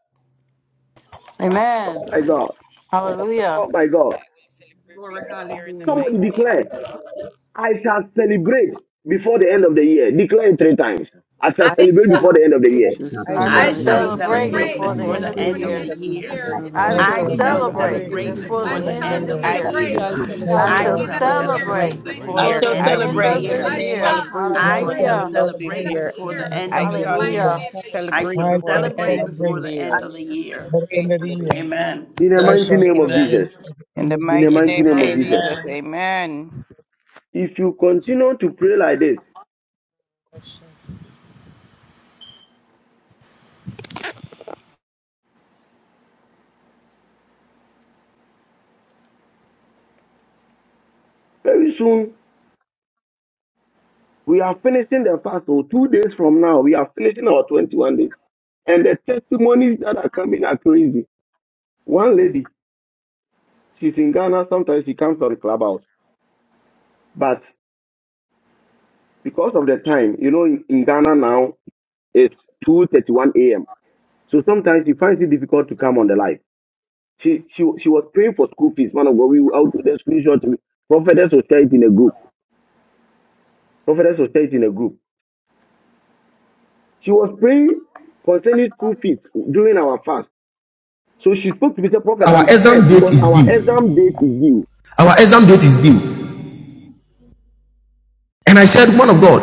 Speaker 10: Amen.
Speaker 18: My God.
Speaker 10: Hallelujah.
Speaker 18: Oh, my
Speaker 13: I
Speaker 18: God.
Speaker 13: will celebrate this year in the
Speaker 18: Somebody
Speaker 13: mighty.
Speaker 18: declare, I shall celebrate before the end of the year. Declare it three times. I shall celebrate before the end of the
Speaker 8: I
Speaker 9: I
Speaker 18: year.
Speaker 17: I
Speaker 8: should
Speaker 9: shall
Speaker 17: shall
Speaker 10: I
Speaker 2: I
Speaker 10: shall
Speaker 8: celebrate
Speaker 2: shall
Speaker 17: celebrate
Speaker 9: celebrate
Speaker 8: before
Speaker 17: before
Speaker 8: the
Speaker 17: the
Speaker 9: before
Speaker 10: celebrate
Speaker 8: end
Speaker 17: end
Speaker 9: the
Speaker 17: of
Speaker 8: of the
Speaker 2: celebrate
Speaker 17: the
Speaker 10: before the
Speaker 17: year.
Speaker 9: end
Speaker 2: before
Speaker 8: year.
Speaker 10: end
Speaker 17: I
Speaker 9: of
Speaker 10: of
Speaker 2: the
Speaker 9: the
Speaker 10: the
Speaker 5: before
Speaker 11: Great
Speaker 17: shall
Speaker 2: end
Speaker 5: the
Speaker 2: of
Speaker 9: year.
Speaker 5: end
Speaker 10: year.
Speaker 2: the
Speaker 5: of the
Speaker 17: celebrate
Speaker 8: I
Speaker 9: I
Speaker 8: should
Speaker 2: year.
Speaker 17: before the
Speaker 5: year,
Speaker 16: Hallelujah,
Speaker 9: shall
Speaker 17: end of
Speaker 5: I
Speaker 10: I
Speaker 17: the
Speaker 19: I
Speaker 16: Father,
Speaker 8: celebrate
Speaker 10: shall
Speaker 5: shall
Speaker 2: I
Speaker 16: I
Speaker 17: year.
Speaker 16: love
Speaker 19: shall
Speaker 9: celebrate
Speaker 8: before
Speaker 2: shall
Speaker 8: the
Speaker 11: shall
Speaker 9: before
Speaker 8: end
Speaker 16: you.
Speaker 9: the
Speaker 8: of
Speaker 17: I
Speaker 10: celebrate
Speaker 19: celebrate
Speaker 8: the
Speaker 9: end
Speaker 19: at
Speaker 2: celebrate
Speaker 11: celebrate
Speaker 9: of
Speaker 8: year.
Speaker 17: will
Speaker 19: the
Speaker 10: before
Speaker 9: the
Speaker 10: the
Speaker 2: before
Speaker 11: before
Speaker 19: end
Speaker 16: I
Speaker 5: before
Speaker 11: the
Speaker 19: of
Speaker 2: the
Speaker 19: the
Speaker 9: year.
Speaker 10: end
Speaker 17: celebrate
Speaker 11: end
Speaker 10: of
Speaker 2: end
Speaker 16: love
Speaker 10: the
Speaker 11: of
Speaker 2: of
Speaker 19: year.
Speaker 16: you,
Speaker 9: I
Speaker 17: before
Speaker 2: the
Speaker 17: the
Speaker 13: I
Speaker 11: this
Speaker 9: shall
Speaker 10: year.
Speaker 17: end
Speaker 11: year.
Speaker 17: of the
Speaker 16: Father,
Speaker 2: year.
Speaker 16: I
Speaker 13: shall
Speaker 17: year in
Speaker 8: I
Speaker 17: the
Speaker 16: love
Speaker 9: celebrate
Speaker 16: you.
Speaker 8: should
Speaker 19: I
Speaker 17: mighty
Speaker 9: before
Speaker 10: I
Speaker 16: I
Speaker 9: the
Speaker 13: celebrate
Speaker 2: I
Speaker 16: love
Speaker 17: name
Speaker 10: shall
Speaker 17: of
Speaker 9: end
Speaker 19: shall
Speaker 9: of
Speaker 2: shall
Speaker 9: the
Speaker 13: before
Speaker 8: celebrate
Speaker 13: the
Speaker 9: year.
Speaker 17: Jesus.
Speaker 11: I
Speaker 16: you, Father,
Speaker 8: before
Speaker 13: end
Speaker 11: shall
Speaker 8: the
Speaker 13: of
Speaker 10: celebrate
Speaker 2: celebrate
Speaker 19: celebrate
Speaker 8: end of
Speaker 13: this
Speaker 17: The
Speaker 19: at
Speaker 11: celebrate
Speaker 2: before
Speaker 8: the
Speaker 7: I
Speaker 10: before
Speaker 17: Lord
Speaker 13: year.
Speaker 8: year.
Speaker 2: the
Speaker 19: the
Speaker 7: shall
Speaker 17: will
Speaker 10: the
Speaker 19: end
Speaker 2: end
Speaker 13: I
Speaker 19: of
Speaker 2: of
Speaker 11: before
Speaker 2: the
Speaker 19: the
Speaker 17: celebrate
Speaker 10: end
Speaker 11: the
Speaker 13: shall
Speaker 16: I
Speaker 10: of
Speaker 7: celebrate
Speaker 16: love
Speaker 11: end
Speaker 19: year.
Speaker 17: before
Speaker 7: in
Speaker 11: of
Speaker 16: you.
Speaker 17: the
Speaker 10: the
Speaker 7: the
Speaker 2: year.
Speaker 13: cele-
Speaker 17: end
Speaker 11: this
Speaker 17: of
Speaker 7: name
Speaker 17: the
Speaker 11: year.
Speaker 7: of
Speaker 10: year.
Speaker 17: year in
Speaker 16: I
Speaker 13: celebrate
Speaker 17: the
Speaker 16: shall
Speaker 19: I
Speaker 2: I
Speaker 13: before
Speaker 17: mighty
Speaker 7: Jesus.
Speaker 13: the
Speaker 2: shall
Speaker 19: shall
Speaker 17: name
Speaker 10: Hallelujah.
Speaker 17: of
Speaker 13: end
Speaker 16: celebrate
Speaker 13: of this
Speaker 16: before
Speaker 19: celebrate
Speaker 2: celebrate
Speaker 7: I
Speaker 17: Jesus.
Speaker 16: the end
Speaker 13: year.
Speaker 16: of
Speaker 7: shall
Speaker 2: before
Speaker 16: the
Speaker 19: at
Speaker 2: the
Speaker 19: the
Speaker 16: year.
Speaker 2: end
Speaker 13: I
Speaker 2: of
Speaker 19: end
Speaker 2: the
Speaker 19: of
Speaker 7: celebrate
Speaker 16: I
Speaker 13: shall
Speaker 19: the
Speaker 7: in the name
Speaker 16: shall
Speaker 13: s-
Speaker 2: year.
Speaker 19: year.
Speaker 10: Hallelujah.
Speaker 7: of Jesus.
Speaker 2: I
Speaker 16: celebrate
Speaker 2: shall
Speaker 13: celebrate
Speaker 19: I
Speaker 16: before
Speaker 13: before
Speaker 16: the
Speaker 13: the
Speaker 19: shall
Speaker 16: end of the
Speaker 13: end
Speaker 2: celebrate
Speaker 13: of
Speaker 16: year.
Speaker 13: this
Speaker 19: celebrate
Speaker 2: before the
Speaker 19: at
Speaker 7: I
Speaker 2: end
Speaker 13: year.
Speaker 2: of the
Speaker 7: shall
Speaker 2: year.
Speaker 19: the
Speaker 16: Before
Speaker 7: celebrate
Speaker 16: the
Speaker 19: end of
Speaker 7: in
Speaker 19: the
Speaker 16: end of the
Speaker 7: the
Speaker 19: year.
Speaker 7: name of
Speaker 16: year.
Speaker 2: Amen.
Speaker 18: In the
Speaker 19: I
Speaker 7: Jesus.
Speaker 18: mighty
Speaker 19: shall
Speaker 18: name of
Speaker 7: Amen.
Speaker 19: celebrate
Speaker 18: Jesus.
Speaker 19: at the
Speaker 13: In
Speaker 19: end
Speaker 13: the
Speaker 19: of the
Speaker 18: In the
Speaker 13: mighty
Speaker 19: year.
Speaker 18: mighty
Speaker 13: name
Speaker 18: name
Speaker 13: of
Speaker 18: of Jesus.
Speaker 13: Jesus,
Speaker 7: Amen.
Speaker 13: amen.
Speaker 18: If you continue to pray like this, very soon we are finishing the fast. So two days from now, we are finishing our 21 days. And the testimonies that are coming are crazy. One lady, She's in Ghana. Sometimes she comes on the clubhouse. But because of the time, you know, in, in Ghana now, it's 2.31 a.m. So sometimes she finds it difficult to come on the live. She she, she was praying for school fees. Man of God, we will do the screenshot. to- Prophetess was sharing it in a group. Prophetess was sharing it in a group. She was praying concerning school fees during our fast. So she spoke to me, said, Prophet,
Speaker 3: our
Speaker 18: I'm
Speaker 3: exam
Speaker 18: scared
Speaker 3: date
Speaker 18: because
Speaker 3: is
Speaker 18: our
Speaker 3: due.
Speaker 18: exam date is due.
Speaker 3: Our exam date is due. And I said, Man of God,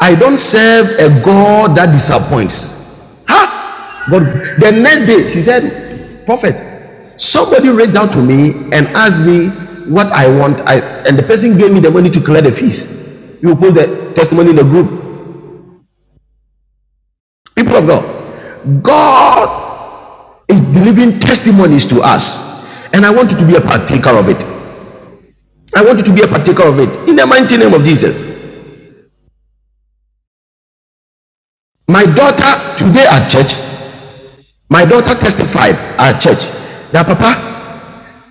Speaker 3: I don't serve a God that disappoints. Huh? But the next day, she said, Prophet, somebody reached out to me and asked me what I want. I, and the person gave me the money to clear the fees. You will post the testimony in the group. People of God, God is delivering testimonies to us. And I want you to be a partaker of it. I want you to be a partaker of it. In the mighty name of Jesus. My daughter, today at church, My daughter testified at church that Papa,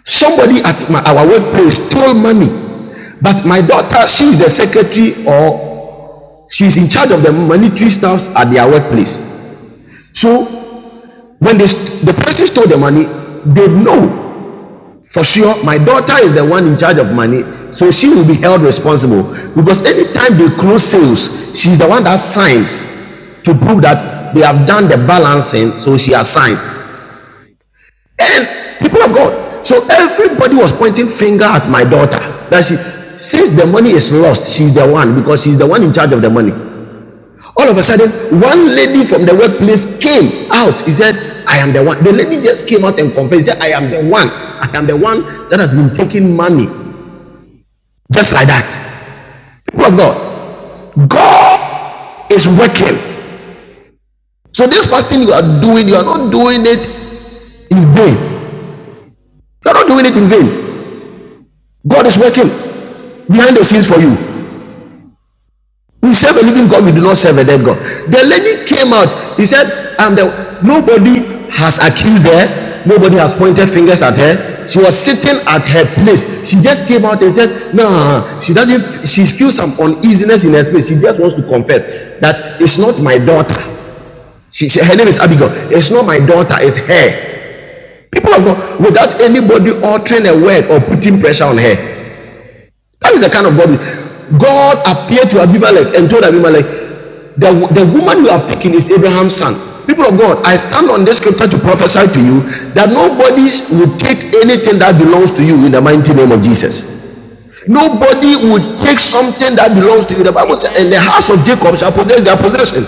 Speaker 3: somebody at my, our workplace stole money, but my daughter, she's the secretary or she's in charge of the monetary staffs at their workplace. So when they, the person stole the money, they know for sure my daughter is the one in charge of money, so she will be held responsible because anytime they close sales, she's the one that signs to prove that they have done the balancing, so she has signed. people of God. So everybody was pointing finger at my daughter that she, since the money is lost, she's the one because she's the one in charge of the money. All of a sudden, one lady from the workplace came out. He said, I am the one. The lady just came out and confessed. He said, I am the one. I am the one that has been taking money. Just like that. People of God, God is working. So this fasting you are doing, you are not doing it in vain. You are not doing it in vain. God is working behind the scenes for you. We serve a living God, we do not serve a dead God. The lady came out, he said, and the, nobody has accused her, nobody has pointed fingers at her. She was sitting at her place. She just came out and said, No, she doesn't, she feels some uneasiness in her spirit. She just wants to confess that it's not my daughter. She, she- her name is Abigail. It's not my daughter, it's her. People of God, without anybody altering a word or putting pressure on her, that is the kind of God. we- God appeared to Abimelech and told Abimelech, the, the woman you have taken is Abraham's son. People of God, I stand on this scripture to prophesy to you that nobody will take anything that belongs to you in the mighty name of Jesus. Nobody would take something that belongs to you. The Bible says, and the
Speaker 7: Amen.
Speaker 3: house of Jacob shall possess their possession.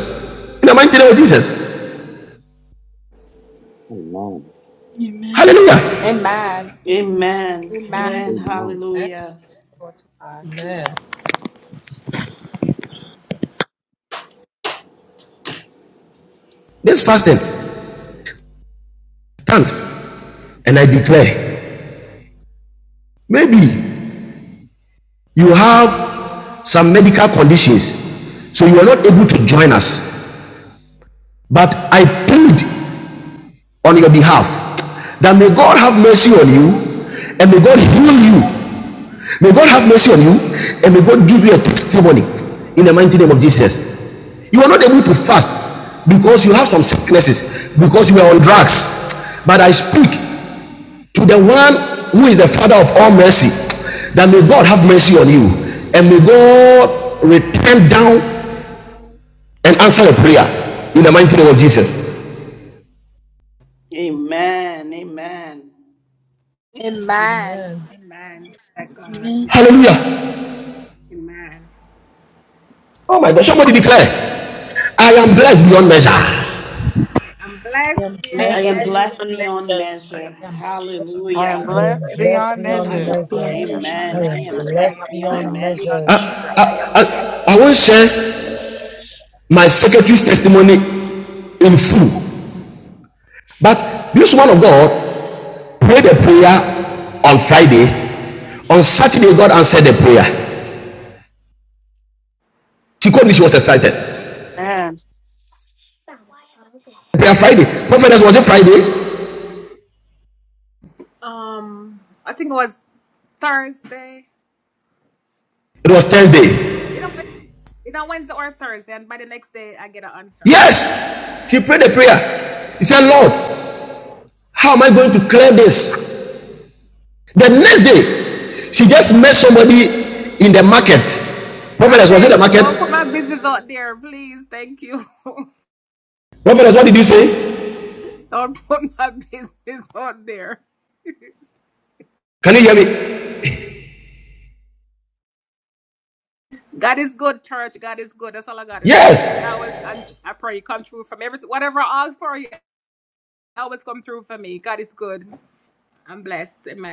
Speaker 3: In the mighty name of Jesus.
Speaker 9: Amen.
Speaker 21: Amen,
Speaker 3: Hallelujah.
Speaker 2: Amen.
Speaker 21: amen,
Speaker 2: Amen.
Speaker 9: Amen.
Speaker 2: Hallelujah.
Speaker 3: This fasting, stand and I declare, maybe you have some medical conditions so you are not able to join us but i plead on your behalf that may god have mercy on you and may god heal you may god have mercy on you and may god give you a testimony in the mighty name of jesus you are not able to fast because you have some sicknesses because you are on drugs but i speak to the one who is the father of all mercy that may god have mercy on you and may god return down and answer your prayer in the mighty name of jesus
Speaker 2: Amen. Amen.
Speaker 21: amen.
Speaker 3: hallelujah oh my god somebody declare i am blessed beyond measure i
Speaker 5: Him
Speaker 21: I
Speaker 7: I
Speaker 5: bless.
Speaker 2: I
Speaker 7: am
Speaker 21: am
Speaker 2: am
Speaker 7: blessed
Speaker 21: blessed.
Speaker 2: blessed
Speaker 7: beyond
Speaker 2: beyond
Speaker 7: measures.
Speaker 2: measure.
Speaker 10: I am
Speaker 2: Hallelujah.
Speaker 19: I am
Speaker 10: blessed
Speaker 19: blessed
Speaker 10: beyond
Speaker 21: I
Speaker 13: I
Speaker 21: am
Speaker 19: beyond
Speaker 10: measure.
Speaker 13: am
Speaker 21: blessed
Speaker 19: measure.
Speaker 21: beyond
Speaker 13: blessed beyond
Speaker 21: measure.
Speaker 19: I
Speaker 2: Amen.
Speaker 21: I'm
Speaker 13: measure.
Speaker 2: I
Speaker 19: am
Speaker 2: am
Speaker 21: blessed
Speaker 13: I
Speaker 21: to
Speaker 19: blessed
Speaker 2: blessed
Speaker 13: am
Speaker 21: be
Speaker 2: beyond
Speaker 19: beyond
Speaker 13: blessed
Speaker 2: measure.
Speaker 13: beyond
Speaker 19: measure.
Speaker 21: shall be
Speaker 13: measure.
Speaker 3: i
Speaker 13: I am
Speaker 3: i, I won't
Speaker 21: blessed
Speaker 13: blessed
Speaker 3: share my secretary's testimony in full but this man of god prayed a prayer on friday on saturday god answered the prayer she called me she was excited
Speaker 10: Amen.
Speaker 3: prayer Friday. Prophetess, was it Friday? It was Thursday. Yes, she prayed a prayer. She said, Lord, how am I going to clear this? The next day, she just met somebody in the market. Prophetess, was it the market? Prophetess, what did you say? Can you hear me? Yes.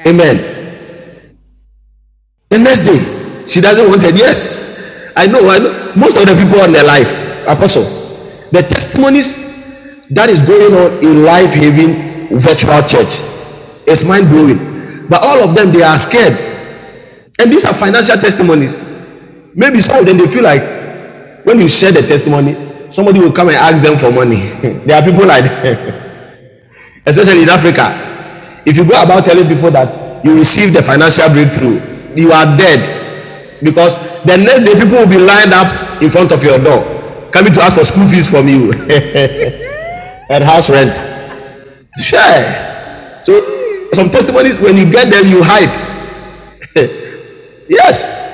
Speaker 3: Amen. The next day, she doesn't want it. Yes, I know. I know. Most of the people in their life, apostle, the testimonies that is going on in Life Haven Virtual Church, it's mind blowing. But all of them, they are scared, and these are financial testimonies. Maybe some of them they feel like when you share the testimony, somebody will come and ask them for money. there are people like that especially in Africa. If you go about telling people that you received the financial breakthrough, you are dead because the next day people will be lined up in front of your door coming to ask for school fees from you and house rent. Sure. So some testimonies when you get them you hide. Yes,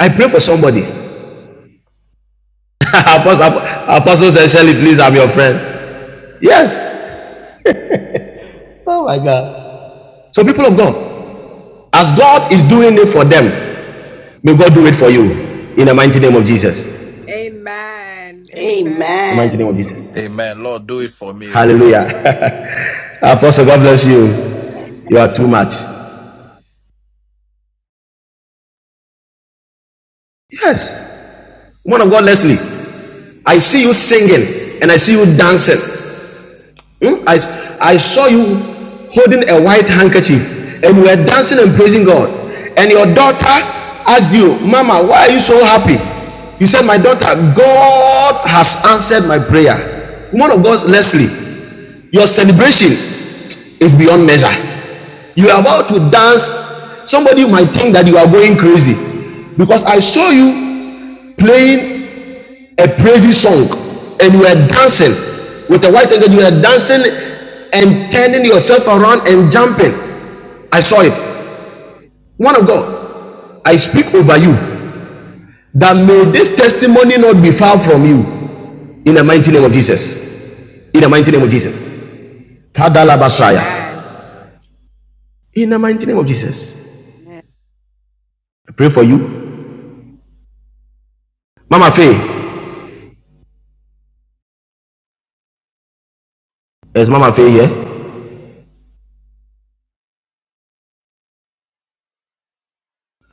Speaker 3: I pray for somebody. Apostle, Apostle said, Shirley, please, I'm your friend. Yes. Oh my God. So people of God, as God is doing it for them, may God do it for you in the mighty name of Jesus. the mighty name of
Speaker 2: Amen.
Speaker 3: Jesus.
Speaker 22: Amen. Lord, do it for me. oh.
Speaker 3: Hallelujah. Apostle, God bless
Speaker 13: beyond
Speaker 3: you. You are
Speaker 13: measure.
Speaker 3: too much. Yes. Woman of God, Leslie, I see you singing and I see you dancing. Hmm? I, I saw you holding a white handkerchief and you were dancing and praising God. And your daughter asked you, Mama, why are you so happy? You said, My daughter, God has answered my prayer. Woman of God, Leslie, your celebration Is beyond measure. You are about to dance. Somebody might think that you are going crazy because I saw you playing a praise song and you were dancing with a white and you were dancing and turning yourself around and jumping. I saw it. One of God, I speak over you that may this testimony not be far from you in the mighty name of Jesus. In the mighty name of Jesus. Kadalabasaya. In the mighty name of Jesus.
Speaker 10: Amen.
Speaker 3: I pray for you. Mama Faye. Is Mama Faye here?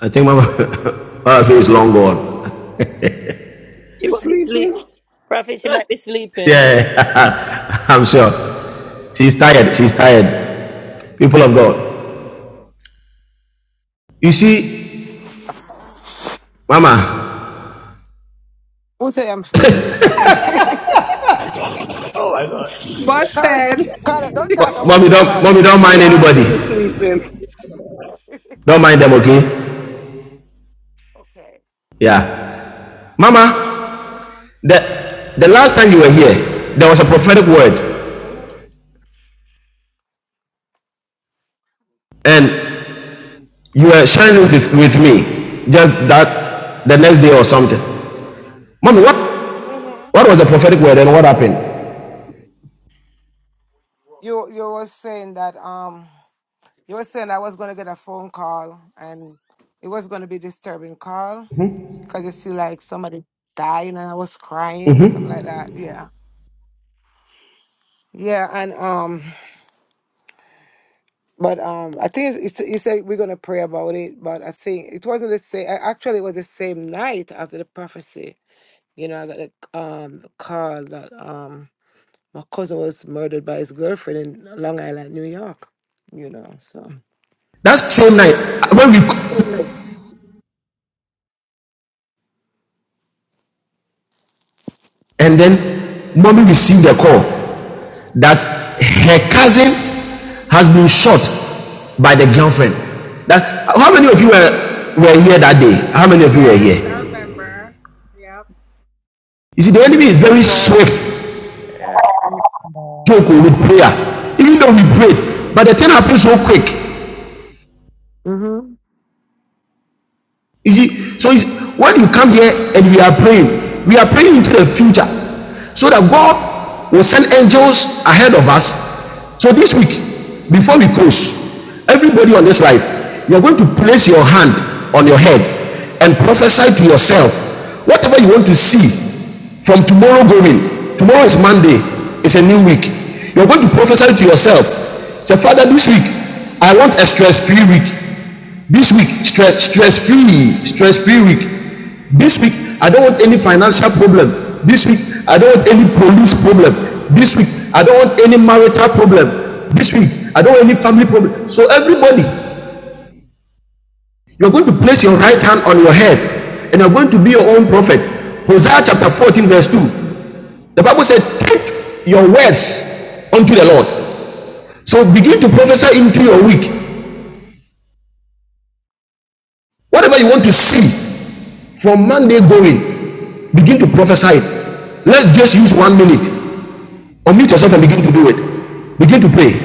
Speaker 3: I think Mama, Mama Faye is long gone.
Speaker 7: She
Speaker 12: You're
Speaker 7: must be sleep.
Speaker 12: sleeping.
Speaker 7: Prophet, she might be sleeping.
Speaker 3: Yeah, I'm sure. She's tired. She's tired. People of God. You see, Mama,
Speaker 4: Who say I'm sleepy?
Speaker 3: Oh my God.
Speaker 4: Correct. Correct. Don't talk
Speaker 3: mo-
Speaker 4: about
Speaker 3: mommy
Speaker 4: me,
Speaker 3: don't, mommy
Speaker 4: correct.
Speaker 3: don't
Speaker 12: We
Speaker 3: mind
Speaker 12: all
Speaker 3: anybody.
Speaker 12: still sleeping.
Speaker 3: Don't mind them, okay?
Speaker 4: Okay.
Speaker 3: Yeah. Mama, the the last time you were here, there was a prophetic word,
Speaker 4: Mhm.
Speaker 3: and you were sharing it with, with me just that the next
Speaker 4: Mhm.
Speaker 3: day or something. Mommy, what
Speaker 4: Mhm.
Speaker 3: what was the prophetic word and what happened?
Speaker 4: You you was saying that um you were saying I was gonna get a phone call and it was gonna be disturbing call because you see like somebody dying and I was crying something like that. Yeah. Yeah, and um, but um, I think it's, it's, you said we're gonna pray about it, but I think it wasn't the same. Actually, it was the same night after the prophecy. You know, I got a um call that um My cousin was murdered by his girlfriend in Long Island, New York. You know, so.
Speaker 3: That same night, when we and then mommy received the call that her cousin has been shot by the girlfriend. That how many of you were, were here that day? How many of you were here? You see, the enemy is
Speaker 10: Yes,
Speaker 3: very
Speaker 10: sir.
Speaker 3: swift, joke
Speaker 16: Amen.
Speaker 3: with
Speaker 16: Amen.
Speaker 3: prayer. Even though we prayed, but the thing happens so quick.
Speaker 4: Mm-hmm.
Speaker 3: You see, so it's, when you come here and we are praying, we are praying into the future so that God will send angels ahead of us. So this week, before we close, everybody on this life, you're going to place your hand on your head and prophesy to yourself whatever you want to see from tomorrow going. Tomorrow is Monday, it's a new week. You're going to prophesy to yourself. Say, Father, this week, I want a stress free week. This week, stress stress free, stress free week. This week, I don't want any financial problem. This week, I don't want any police problem. This week, I don't want any marital problem. This week, I don't want any family problem. So everybody, you're going to place your right hand on your head, and you're going to be your own prophet. Hosea chapter 14, verse 2. The Bible said, Take your words unto the Lord. So begin to prophesy into your week. Whatever you want to see from Monday going, begin to prophesy it. Let's just use one minute. Unmute yourself and begin to do it.
Speaker 4: Amen.
Speaker 3: Begin to pray.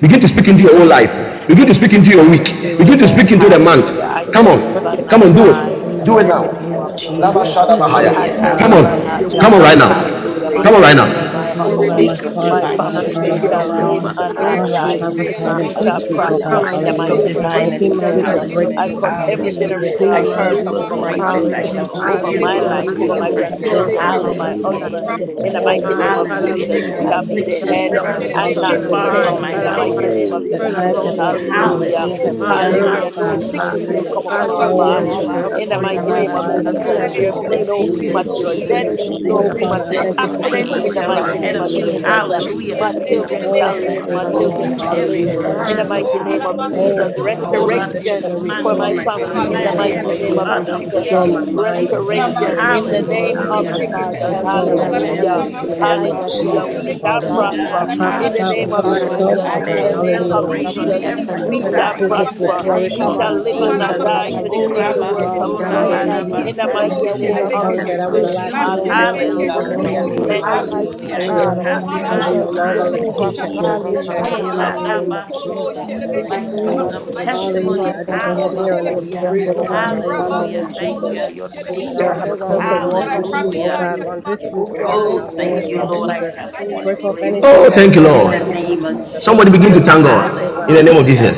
Speaker 3: Begin to speak into your own life. Begin to speak into your week.
Speaker 4: In the name of
Speaker 3: Begin to
Speaker 7: Amen.
Speaker 3: speak
Speaker 4: Jesus,
Speaker 3: into the
Speaker 9: I
Speaker 3: month.
Speaker 7: Hallelujah. I
Speaker 9: declare
Speaker 3: Come
Speaker 9: in
Speaker 7: shall
Speaker 9: the
Speaker 7: live
Speaker 4: Lord, we
Speaker 7: and
Speaker 4: are
Speaker 9: name
Speaker 3: on.
Speaker 9: of
Speaker 3: Come
Speaker 7: not
Speaker 21: in
Speaker 3: on, do
Speaker 9: Jesus,
Speaker 4: stretched
Speaker 7: die in
Speaker 23: In
Speaker 3: it.
Speaker 23: the
Speaker 7: the
Speaker 3: Do it
Speaker 4: for
Speaker 23: mighty
Speaker 4: me.
Speaker 3: now.
Speaker 9: I
Speaker 7: mighty
Speaker 2: Oh
Speaker 9: am
Speaker 23: name
Speaker 7: name of
Speaker 23: of
Speaker 2: yes,
Speaker 9: blessed.
Speaker 2: Lord.
Speaker 7: Jesus.
Speaker 4: This
Speaker 23: Jesus,
Speaker 4: week,
Speaker 9: Oh,
Speaker 23: glory
Speaker 4: Almighty
Speaker 23: to
Speaker 7: I
Speaker 2: Hallelujah.
Speaker 7: shall
Speaker 9: they
Speaker 3: Come
Speaker 4: God,
Speaker 7: live
Speaker 23: God.
Speaker 3: on.
Speaker 9: will
Speaker 7: and
Speaker 2: Hallelujah.
Speaker 4: should be a
Speaker 7: not
Speaker 3: Come
Speaker 23: Hallelujah,
Speaker 4: week
Speaker 3: on
Speaker 21: the
Speaker 2: This
Speaker 7: die.
Speaker 4: of
Speaker 23: Lord.
Speaker 9: thing,
Speaker 3: right
Speaker 2: shall
Speaker 3: now.
Speaker 2: be
Speaker 4: financial
Speaker 2: a
Speaker 9: the,
Speaker 21: world.
Speaker 9: the,
Speaker 7: Hallelujah.
Speaker 9: the,
Speaker 7: My
Speaker 4: breakthrough.
Speaker 3: Come on
Speaker 9: the,
Speaker 3: right
Speaker 2: great
Speaker 21: And
Speaker 23: Father,
Speaker 9: the,
Speaker 7: children,
Speaker 21: I
Speaker 3: now.
Speaker 21: pray
Speaker 7: my
Speaker 23: thank
Speaker 2: week,
Speaker 23: you. You
Speaker 2: a
Speaker 4: This
Speaker 23: know
Speaker 9: the,
Speaker 7: husband,
Speaker 4: week,
Speaker 23: my
Speaker 2: week
Speaker 9: the
Speaker 21: and
Speaker 2: of
Speaker 23: heart,
Speaker 21: should
Speaker 7: my
Speaker 23: oh
Speaker 9: remaining
Speaker 4: Almighty
Speaker 2: divine
Speaker 23: God,
Speaker 9: thing,
Speaker 21: be
Speaker 4: God,
Speaker 21: a
Speaker 7: family,
Speaker 4: should
Speaker 23: Father,
Speaker 7: they
Speaker 4: be a
Speaker 21: conquered
Speaker 4: week
Speaker 7: shall
Speaker 4: of
Speaker 9: the
Speaker 21: with
Speaker 23: hallelujah.
Speaker 7: live
Speaker 21: this.
Speaker 2: turnaround.
Speaker 7: and not
Speaker 23: Father,
Speaker 21: So
Speaker 23: I
Speaker 4: breakthrough,
Speaker 9: multiplying.
Speaker 7: die.
Speaker 21: shall I
Speaker 4: my
Speaker 2: Hallelujah.
Speaker 9: I
Speaker 23: prophesy
Speaker 21: come
Speaker 4: God.
Speaker 9: am
Speaker 7: We
Speaker 23: that
Speaker 2: A
Speaker 7: shall
Speaker 23: this
Speaker 9: blessed,
Speaker 23: week, oh
Speaker 9: I am
Speaker 7: prosper
Speaker 23: God,
Speaker 7: in
Speaker 4: Uncommon
Speaker 7: the
Speaker 9: highly
Speaker 2: week
Speaker 21: to
Speaker 2: of
Speaker 23: hallelujah,
Speaker 7: mighty
Speaker 9: favored.
Speaker 21: come
Speaker 4: favor.
Speaker 7: name
Speaker 21: to
Speaker 7: of
Speaker 23: will
Speaker 2: divine
Speaker 4: This
Speaker 23: be
Speaker 21: meet
Speaker 4: week
Speaker 9: All
Speaker 23: my
Speaker 4: shall
Speaker 21: my
Speaker 4: be
Speaker 7: Jesus.
Speaker 23: week
Speaker 4: a
Speaker 9: things
Speaker 4: week
Speaker 23: of
Speaker 4: of
Speaker 21: family
Speaker 9: work
Speaker 7: I
Speaker 2: establishment.
Speaker 23: breakthrough,
Speaker 9: for
Speaker 21: and
Speaker 23: oh
Speaker 7: cut
Speaker 9: my
Speaker 21: my
Speaker 23: God,
Speaker 7: every
Speaker 21: house.
Speaker 9: good.
Speaker 2: Hallelujah.
Speaker 4: favor.
Speaker 23: will be
Speaker 2: I
Speaker 7: generational
Speaker 9: All
Speaker 21: My
Speaker 23: my
Speaker 2: shall
Speaker 7: curse
Speaker 9: things
Speaker 21: house
Speaker 7: from
Speaker 4: This
Speaker 23: week
Speaker 2: see
Speaker 21: is
Speaker 9: work
Speaker 7: over
Speaker 23: of
Speaker 4: week,
Speaker 9: for
Speaker 7: my
Speaker 9: my
Speaker 10: Father,
Speaker 2: greatness.
Speaker 9: good.
Speaker 10: in
Speaker 2: I
Speaker 23: rejoicing,
Speaker 7: children,
Speaker 21: found
Speaker 4: Almighty
Speaker 23: oh
Speaker 21: to
Speaker 2: shall
Speaker 21: see
Speaker 9: I
Speaker 10: Jesus'
Speaker 2: only
Speaker 23: God, will
Speaker 4: God,
Speaker 7: over
Speaker 4: will
Speaker 9: hear
Speaker 2: hear
Speaker 23: be
Speaker 10: name,
Speaker 21: the
Speaker 7: my
Speaker 4: be
Speaker 23: my
Speaker 10: Lord,
Speaker 4: a
Speaker 2: good
Speaker 9: only
Speaker 7: life,
Speaker 10: I
Speaker 23: week
Speaker 4: week
Speaker 21: beautiful
Speaker 7: over
Speaker 9: good
Speaker 10: thank
Speaker 23: of
Speaker 7: my
Speaker 10: you
Speaker 9: news.
Speaker 10: right
Speaker 2: news.
Speaker 9: um,
Speaker 4: of
Speaker 10: now,
Speaker 21: share
Speaker 7: grandchildren,
Speaker 10: God.
Speaker 4: miracles
Speaker 23: dancing,
Speaker 10: I
Speaker 9: In the
Speaker 21: and
Speaker 23: oh
Speaker 7: over
Speaker 4: in
Speaker 10: love
Speaker 21: the
Speaker 10: my
Speaker 7: my
Speaker 23: God,
Speaker 4: my
Speaker 9: name
Speaker 21: great
Speaker 4: life.
Speaker 2: Hallelujah.
Speaker 23: Father.
Speaker 9: of
Speaker 10: secret
Speaker 7: husband.
Speaker 2: In
Speaker 10: every day.
Speaker 9: Jesus,
Speaker 2: this
Speaker 21: miracle
Speaker 7: In the
Speaker 21: of
Speaker 10: I
Speaker 9: I
Speaker 21: it.
Speaker 23: Oh,
Speaker 2: week,
Speaker 7: mighty
Speaker 10: love
Speaker 4: My
Speaker 9: hear
Speaker 10: my
Speaker 7: name
Speaker 23: Father,
Speaker 7: of
Speaker 9: the
Speaker 10: secret
Speaker 4: God
Speaker 23: I
Speaker 9: good
Speaker 2: hallelujah.
Speaker 7: Jesus,
Speaker 4: Almighty,
Speaker 23: declare
Speaker 7: we
Speaker 9: news.
Speaker 21: My
Speaker 23: and
Speaker 4: this
Speaker 23: I
Speaker 7: shall
Speaker 21: own
Speaker 9: Um,
Speaker 21: and
Speaker 7: be
Speaker 4: week
Speaker 7: the
Speaker 21: the
Speaker 4: shall
Speaker 2: Affliction,
Speaker 23: decree,
Speaker 9: oh,
Speaker 4: be
Speaker 23: oh
Speaker 7: head
Speaker 4: a
Speaker 10: every day.
Speaker 23: God,
Speaker 10: I
Speaker 9: Jabra,
Speaker 10: love
Speaker 21: presence
Speaker 2: infirmity
Speaker 10: my
Speaker 21: is
Speaker 9: the
Speaker 7: and
Speaker 21: to
Speaker 4: week.
Speaker 2: should be
Speaker 7: not
Speaker 23: hallelujah,
Speaker 9: Shadda,
Speaker 7: the
Speaker 9: da, da,
Speaker 2: far
Speaker 9: da,
Speaker 23: Lord
Speaker 21: have
Speaker 10: Sunday, I
Speaker 4: My
Speaker 2: from
Speaker 9: da.
Speaker 7: tail.
Speaker 2: my
Speaker 7: In
Speaker 10: love
Speaker 4: God
Speaker 7: the
Speaker 23: Jesus,
Speaker 10: my
Speaker 2: house
Speaker 7: mighty
Speaker 23: Father,
Speaker 4: Almighty,
Speaker 21: not
Speaker 7: name
Speaker 21: a
Speaker 7: of
Speaker 9: oh,
Speaker 23: that
Speaker 2: this
Speaker 4: turn
Speaker 9: da,
Speaker 10: Sunday.
Speaker 23: eyes
Speaker 9: da,
Speaker 7: Jesus.
Speaker 23: have
Speaker 4: around
Speaker 2: week.
Speaker 9: da, da,
Speaker 4: for
Speaker 23: not
Speaker 9: da, da,
Speaker 21: blessing.
Speaker 23: seen
Speaker 4: me.
Speaker 9: da.
Speaker 23: and
Speaker 7: Hallelujah.
Speaker 23: ears have
Speaker 10: In
Speaker 23: not
Speaker 9: oh,
Speaker 10: the
Speaker 4: My
Speaker 2: Hallelujah.
Speaker 10: name
Speaker 23: heard,
Speaker 9: from
Speaker 4: God,
Speaker 23: oh
Speaker 9: the
Speaker 7: Hallelujah.
Speaker 10: of
Speaker 4: this,
Speaker 7: No
Speaker 23: God,
Speaker 10: Jesus,
Speaker 21: Thank
Speaker 9: prover,
Speaker 2: Hallelujah.
Speaker 10: God,
Speaker 7: sickness
Speaker 4: this
Speaker 7: will
Speaker 10: please.
Speaker 23: hallelujah,
Speaker 7: come upon
Speaker 9: I I
Speaker 4: God
Speaker 7: our
Speaker 4: shall
Speaker 9: hear
Speaker 4: be
Speaker 10: We
Speaker 2: Oh,
Speaker 23: all
Speaker 4: a
Speaker 10: have a
Speaker 23: that
Speaker 21: you
Speaker 9: good
Speaker 7: bodies.
Speaker 4: week
Speaker 23: you're
Speaker 9: news.
Speaker 23: going
Speaker 4: of
Speaker 23: to
Speaker 10: stress
Speaker 7: In the
Speaker 10: free
Speaker 23: do
Speaker 9: uh, of
Speaker 10: and
Speaker 2: Rabasora
Speaker 23: in
Speaker 7: mighty
Speaker 9: a
Speaker 2: la
Speaker 23: our
Speaker 10: leave
Speaker 7: name of
Speaker 4: breakthrough,
Speaker 23: lives,
Speaker 9: release
Speaker 10: us
Speaker 23: oh
Speaker 7: Jesus,
Speaker 10: have
Speaker 2: Rabasana.
Speaker 23: God,
Speaker 10: a
Speaker 7: there
Speaker 4: breakthrough,
Speaker 9: of
Speaker 23: Father,
Speaker 7: be
Speaker 2: Oh,
Speaker 9: the
Speaker 23: I
Speaker 10: stress
Speaker 7: no
Speaker 10: free
Speaker 4: breakthrough.
Speaker 2: thank
Speaker 23: thank you,
Speaker 2: you,
Speaker 9: deed
Speaker 10: leave
Speaker 23: Lord
Speaker 9: of
Speaker 21: for
Speaker 10: in
Speaker 7: premature
Speaker 10: the
Speaker 4: In the
Speaker 23: Jesus.
Speaker 9: anything
Speaker 10: name
Speaker 7: death,
Speaker 10: of
Speaker 9: you
Speaker 2: Jesus.
Speaker 4: name
Speaker 9: did
Speaker 7: no
Speaker 10: Jesus.
Speaker 2: This
Speaker 23: Oh,
Speaker 9: uh,
Speaker 2: week,
Speaker 23: Father, I
Speaker 9: for
Speaker 7: premature
Speaker 2: send
Speaker 23: thank you
Speaker 9: my
Speaker 2: forth
Speaker 23: for
Speaker 2: my
Speaker 9: my
Speaker 23: good
Speaker 7: accident.
Speaker 10: Myself,
Speaker 9: my,
Speaker 4: of
Speaker 7: In
Speaker 23: health,
Speaker 9: my
Speaker 7: the
Speaker 10: my
Speaker 21: Yes,
Speaker 23: oh
Speaker 2: angels
Speaker 7: mighty
Speaker 10: family,
Speaker 23: God,
Speaker 10: my
Speaker 2: ahead
Speaker 7: name
Speaker 2: of
Speaker 7: of
Speaker 9: family,
Speaker 2: me.
Speaker 23: hallelujah,
Speaker 10: children.
Speaker 9: the
Speaker 7: Jesus,
Speaker 23: Lord
Speaker 7: uh,
Speaker 9: this
Speaker 2: Hallelujah.
Speaker 9: anything
Speaker 7: my
Speaker 23: Jesus.
Speaker 9: you did
Speaker 2: To
Speaker 9: for
Speaker 7: children
Speaker 9: my
Speaker 23: Oh,
Speaker 7: shall
Speaker 2: clear
Speaker 9: family
Speaker 23: Father,
Speaker 9: in
Speaker 7: live.
Speaker 23: I
Speaker 9: the
Speaker 10: Lord,
Speaker 7: My
Speaker 2: every
Speaker 10: I don't
Speaker 9: name
Speaker 23: thank
Speaker 10: have
Speaker 23: you,
Speaker 4: God,
Speaker 9: of
Speaker 10: my
Speaker 7: children
Speaker 2: obstacle,
Speaker 7: shall
Speaker 10: trust
Speaker 9: Jesus.
Speaker 10: to
Speaker 7: live.
Speaker 2: every
Speaker 23: hallelujah,
Speaker 10: go
Speaker 4: God
Speaker 23: Lord
Speaker 9: I
Speaker 10: to
Speaker 7: In the
Speaker 4: shall
Speaker 2: hurdle.
Speaker 23: Jesus.
Speaker 9: let
Speaker 7: mighty
Speaker 9: good
Speaker 7: name of
Speaker 10: the
Speaker 4: break
Speaker 9: news
Speaker 23: Oh,
Speaker 2: Hallelujah.
Speaker 7: Jesus,
Speaker 10: sun, I
Speaker 23: Father,
Speaker 9: uh,
Speaker 10: will
Speaker 9: of
Speaker 10: go
Speaker 2: Hold
Speaker 10: to
Speaker 23: hallelujah,
Speaker 2: on,
Speaker 9: financial
Speaker 10: you.
Speaker 23: that you're
Speaker 7: restoration
Speaker 23: going to
Speaker 7: for
Speaker 23: restore
Speaker 2: dismantle
Speaker 7: my
Speaker 23: my
Speaker 9: breakthrough
Speaker 2: every
Speaker 10: I
Speaker 7: family.
Speaker 9: in
Speaker 23: body,
Speaker 10: go
Speaker 7: In
Speaker 23: oh
Speaker 9: the
Speaker 10: to
Speaker 7: the
Speaker 10: the
Speaker 2: plan,
Speaker 23: God,
Speaker 4: and
Speaker 9: name
Speaker 7: mighty
Speaker 9: of
Speaker 10: best
Speaker 2: every
Speaker 7: name
Speaker 23: hallelujah.
Speaker 10: thing,
Speaker 7: of
Speaker 9: Jesus.
Speaker 10: I
Speaker 2: plot
Speaker 10: go to
Speaker 2: of
Speaker 9: In
Speaker 4: and
Speaker 2: the
Speaker 10: the
Speaker 7: Jesus,
Speaker 9: this
Speaker 23: Restore
Speaker 7: uh,
Speaker 10: sin,
Speaker 2: enemy.
Speaker 23: my
Speaker 10: they will never see me.
Speaker 9: week, uh,
Speaker 23: mind,
Speaker 10: You
Speaker 23: oh
Speaker 2: This
Speaker 10: will
Speaker 9: I
Speaker 23: God,
Speaker 2: week,
Speaker 10: be
Speaker 7: restoration.
Speaker 9: get
Speaker 10: your
Speaker 9: a
Speaker 7: In
Speaker 23: hallelujah,
Speaker 7: the
Speaker 10: sin,
Speaker 9: sense
Speaker 10: they
Speaker 9: of
Speaker 10: are
Speaker 7: name
Speaker 4: this
Speaker 7: of
Speaker 4: is
Speaker 10: my
Speaker 2: hallelujah,
Speaker 9: direction
Speaker 23: hallelujah.
Speaker 9: uh,
Speaker 4: God,
Speaker 7: Jesus.
Speaker 10: sin,
Speaker 2: shall
Speaker 9: in
Speaker 23: Restore
Speaker 2: be
Speaker 9: the
Speaker 4: a
Speaker 10: but
Speaker 23: my
Speaker 10: I
Speaker 2: my
Speaker 4: week
Speaker 10: will
Speaker 9: name
Speaker 4: that
Speaker 9: of
Speaker 2: best
Speaker 4: I
Speaker 10: also
Speaker 7: Hallelujah.
Speaker 23: family
Speaker 2: week
Speaker 10: do
Speaker 23: in
Speaker 4: see
Speaker 23: the
Speaker 9: Jesus
Speaker 10: it.
Speaker 4: the
Speaker 9: for
Speaker 23: name
Speaker 9: my
Speaker 4: hand
Speaker 23: of
Speaker 2: ever.
Speaker 4: of the
Speaker 7: Hallelujah.
Speaker 2: Glory
Speaker 7: We
Speaker 23: Jesus,
Speaker 4: Almighty
Speaker 9: destiny.
Speaker 2: be
Speaker 10: And
Speaker 7: shall
Speaker 23: Father.
Speaker 2: to
Speaker 9: In
Speaker 4: God.
Speaker 9: this
Speaker 7: prosper
Speaker 23: I
Speaker 2: God.
Speaker 4: This
Speaker 9: week,
Speaker 7: in
Speaker 23: prophesy
Speaker 7: the
Speaker 9: uh,
Speaker 7: name
Speaker 23: over
Speaker 7: of
Speaker 2: Hallelujah.
Speaker 9: oh, I
Speaker 4: Almighty
Speaker 9: am
Speaker 23: myself,
Speaker 7: Jesus.
Speaker 23: oh
Speaker 4: God,
Speaker 2: I
Speaker 7: In
Speaker 23: God,
Speaker 2: shall
Speaker 7: the
Speaker 9: blessed.
Speaker 4: be
Speaker 7: name
Speaker 10: the
Speaker 4: a
Speaker 9: uh,
Speaker 4: week
Speaker 23: hallelujah,
Speaker 7: of
Speaker 10: other
Speaker 23: Lord
Speaker 4: of
Speaker 9: In
Speaker 2: celebrate
Speaker 10: us.
Speaker 2: on
Speaker 9: this
Speaker 7: Jesus,
Speaker 23: Jesus,
Speaker 9: week,
Speaker 4: financial
Speaker 2: every
Speaker 10: And
Speaker 9: I
Speaker 10: the
Speaker 7: we
Speaker 23: that
Speaker 10: other
Speaker 9: declare
Speaker 23: my
Speaker 7: shall
Speaker 10: us.
Speaker 2: side
Speaker 9: financial
Speaker 4: breakthrough.
Speaker 23: business
Speaker 2: in
Speaker 23: will
Speaker 2: the
Speaker 7: prosper.
Speaker 9: breakthrough.
Speaker 4: And
Speaker 23: flourish,
Speaker 2: name
Speaker 7: We
Speaker 23: oh
Speaker 4: come
Speaker 9: In
Speaker 2: of
Speaker 4: and
Speaker 7: shall
Speaker 23: God,
Speaker 9: this
Speaker 7: live
Speaker 9: week,
Speaker 7: and
Speaker 9: I
Speaker 4: favor
Speaker 7: not
Speaker 23: hallelujah,
Speaker 2: Jesus.
Speaker 4: God
Speaker 23: Lord
Speaker 7: die
Speaker 9: receive
Speaker 7: to
Speaker 4: Almighty.
Speaker 2: Oh,
Speaker 23: Jesus.
Speaker 7: declare
Speaker 9: financial.
Speaker 7: the
Speaker 2: Rabba,
Speaker 7: works of
Speaker 9: In
Speaker 7: the
Speaker 2: Sora,
Speaker 23: Hallelujah,
Speaker 9: this
Speaker 4: Mighty
Speaker 2: La,
Speaker 23: Lord
Speaker 7: Lord
Speaker 9: week.
Speaker 4: God, this
Speaker 23: Jesus.
Speaker 7: in
Speaker 2: Rabba,
Speaker 4: week
Speaker 7: the
Speaker 9: I
Speaker 4: shall
Speaker 2: Sanda.
Speaker 10: And
Speaker 4: be
Speaker 7: mighty
Speaker 10: the
Speaker 4: a week
Speaker 9: receive
Speaker 7: name
Speaker 2: I
Speaker 23: Oh,
Speaker 4: of
Speaker 2: shall
Speaker 7: of
Speaker 23: Father,
Speaker 10: other
Speaker 23: that
Speaker 9: angelic
Speaker 2: hear
Speaker 23: I
Speaker 10: us.
Speaker 23: will
Speaker 2: good
Speaker 7: Jesus.
Speaker 4: multiplication
Speaker 23: lack
Speaker 4: for
Speaker 2: news.
Speaker 23: no
Speaker 9: in this
Speaker 4: me.
Speaker 23: more, oh
Speaker 9: week.
Speaker 7: Hallelujah.
Speaker 10: The
Speaker 23: God,
Speaker 4: This
Speaker 2: Hallelujah.
Speaker 10: name
Speaker 4: week,
Speaker 23: hallelujah,
Speaker 9: Oh,
Speaker 7: Thank
Speaker 10: of
Speaker 9: I
Speaker 7: you,
Speaker 10: the
Speaker 4: Almighty
Speaker 23: hallelujah, Lord
Speaker 2: Hallelujah.
Speaker 9: receive
Speaker 2: I
Speaker 7: Jesus.
Speaker 2: shall
Speaker 10: Lord,
Speaker 4: God,
Speaker 23: Jesus,
Speaker 10: and
Speaker 2: have
Speaker 9: an
Speaker 23: that I
Speaker 4: I
Speaker 23: will
Speaker 2: divine
Speaker 4: shall
Speaker 23: no
Speaker 4: see
Speaker 10: the
Speaker 4: the
Speaker 23: longer
Speaker 2: rest.
Speaker 23: live
Speaker 4: move of
Speaker 2: Oh
Speaker 23: paycheck to
Speaker 9: abundance
Speaker 4: God
Speaker 2: Lord.
Speaker 4: in my
Speaker 23: paycheck in
Speaker 4: life.
Speaker 2: Hey,
Speaker 23: the
Speaker 2: La,
Speaker 23: mighty name
Speaker 4: Hallelujah.
Speaker 2: Rabba,
Speaker 23: of
Speaker 2: Sora.
Speaker 23: Jesus.
Speaker 4: In
Speaker 23: Glory
Speaker 4: the
Speaker 2: My
Speaker 23: to God.
Speaker 4: name of
Speaker 2: season of
Speaker 4: the
Speaker 23: Hallelujah.
Speaker 4: Christ
Speaker 2: testimonies.
Speaker 23: I
Speaker 10: Jesus, and
Speaker 4: of
Speaker 10: the Lord
Speaker 4: God.
Speaker 23: declare
Speaker 10: of
Speaker 23: and I
Speaker 10: the Lord,
Speaker 2: Hallelujah.
Speaker 10: and
Speaker 23: decree,
Speaker 4: This
Speaker 23: oh God,
Speaker 4: week, God
Speaker 23: hallelujah,
Speaker 2: Hallelujah.
Speaker 23: Lord
Speaker 4: Almighty,
Speaker 2: Thank
Speaker 23: Jesus,
Speaker 2: you,
Speaker 4: will
Speaker 23: that
Speaker 4: be
Speaker 23: I
Speaker 4: a
Speaker 23: will have a
Speaker 2: Jesus.
Speaker 4: mega
Speaker 23: closer
Speaker 4: move,
Speaker 23: walk
Speaker 4: mega
Speaker 23: with you,
Speaker 4: move
Speaker 23: oh
Speaker 4: for
Speaker 2: Hallelujah.
Speaker 23: God,
Speaker 4: me.
Speaker 23: on this week,
Speaker 4: Will be
Speaker 23: oh
Speaker 4: a
Speaker 23: God,
Speaker 2: Oh,
Speaker 4: mega move
Speaker 23: hallelujah,
Speaker 2: thank you,
Speaker 4: for
Speaker 23: Lord
Speaker 2: Lord.
Speaker 10: the
Speaker 2: I
Speaker 23: Jesus.
Speaker 2: shall see
Speaker 4: me.
Speaker 23: Break off
Speaker 2: greatness
Speaker 23: anything
Speaker 3: Oh,
Speaker 23: that
Speaker 3: thank
Speaker 23: is
Speaker 3: you,
Speaker 23: not
Speaker 2: in
Speaker 3: Lord.
Speaker 2: the
Speaker 23: like you, Lord
Speaker 2: name of
Speaker 23: Jesus,
Speaker 3: Somebody begin to
Speaker 23: in
Speaker 2: Jesus.
Speaker 23: my
Speaker 3: thank
Speaker 23: life, oh
Speaker 3: God
Speaker 23: God,
Speaker 3: in the
Speaker 4: Thank
Speaker 3: name of
Speaker 23: hallelujah.
Speaker 2: Hallelujah.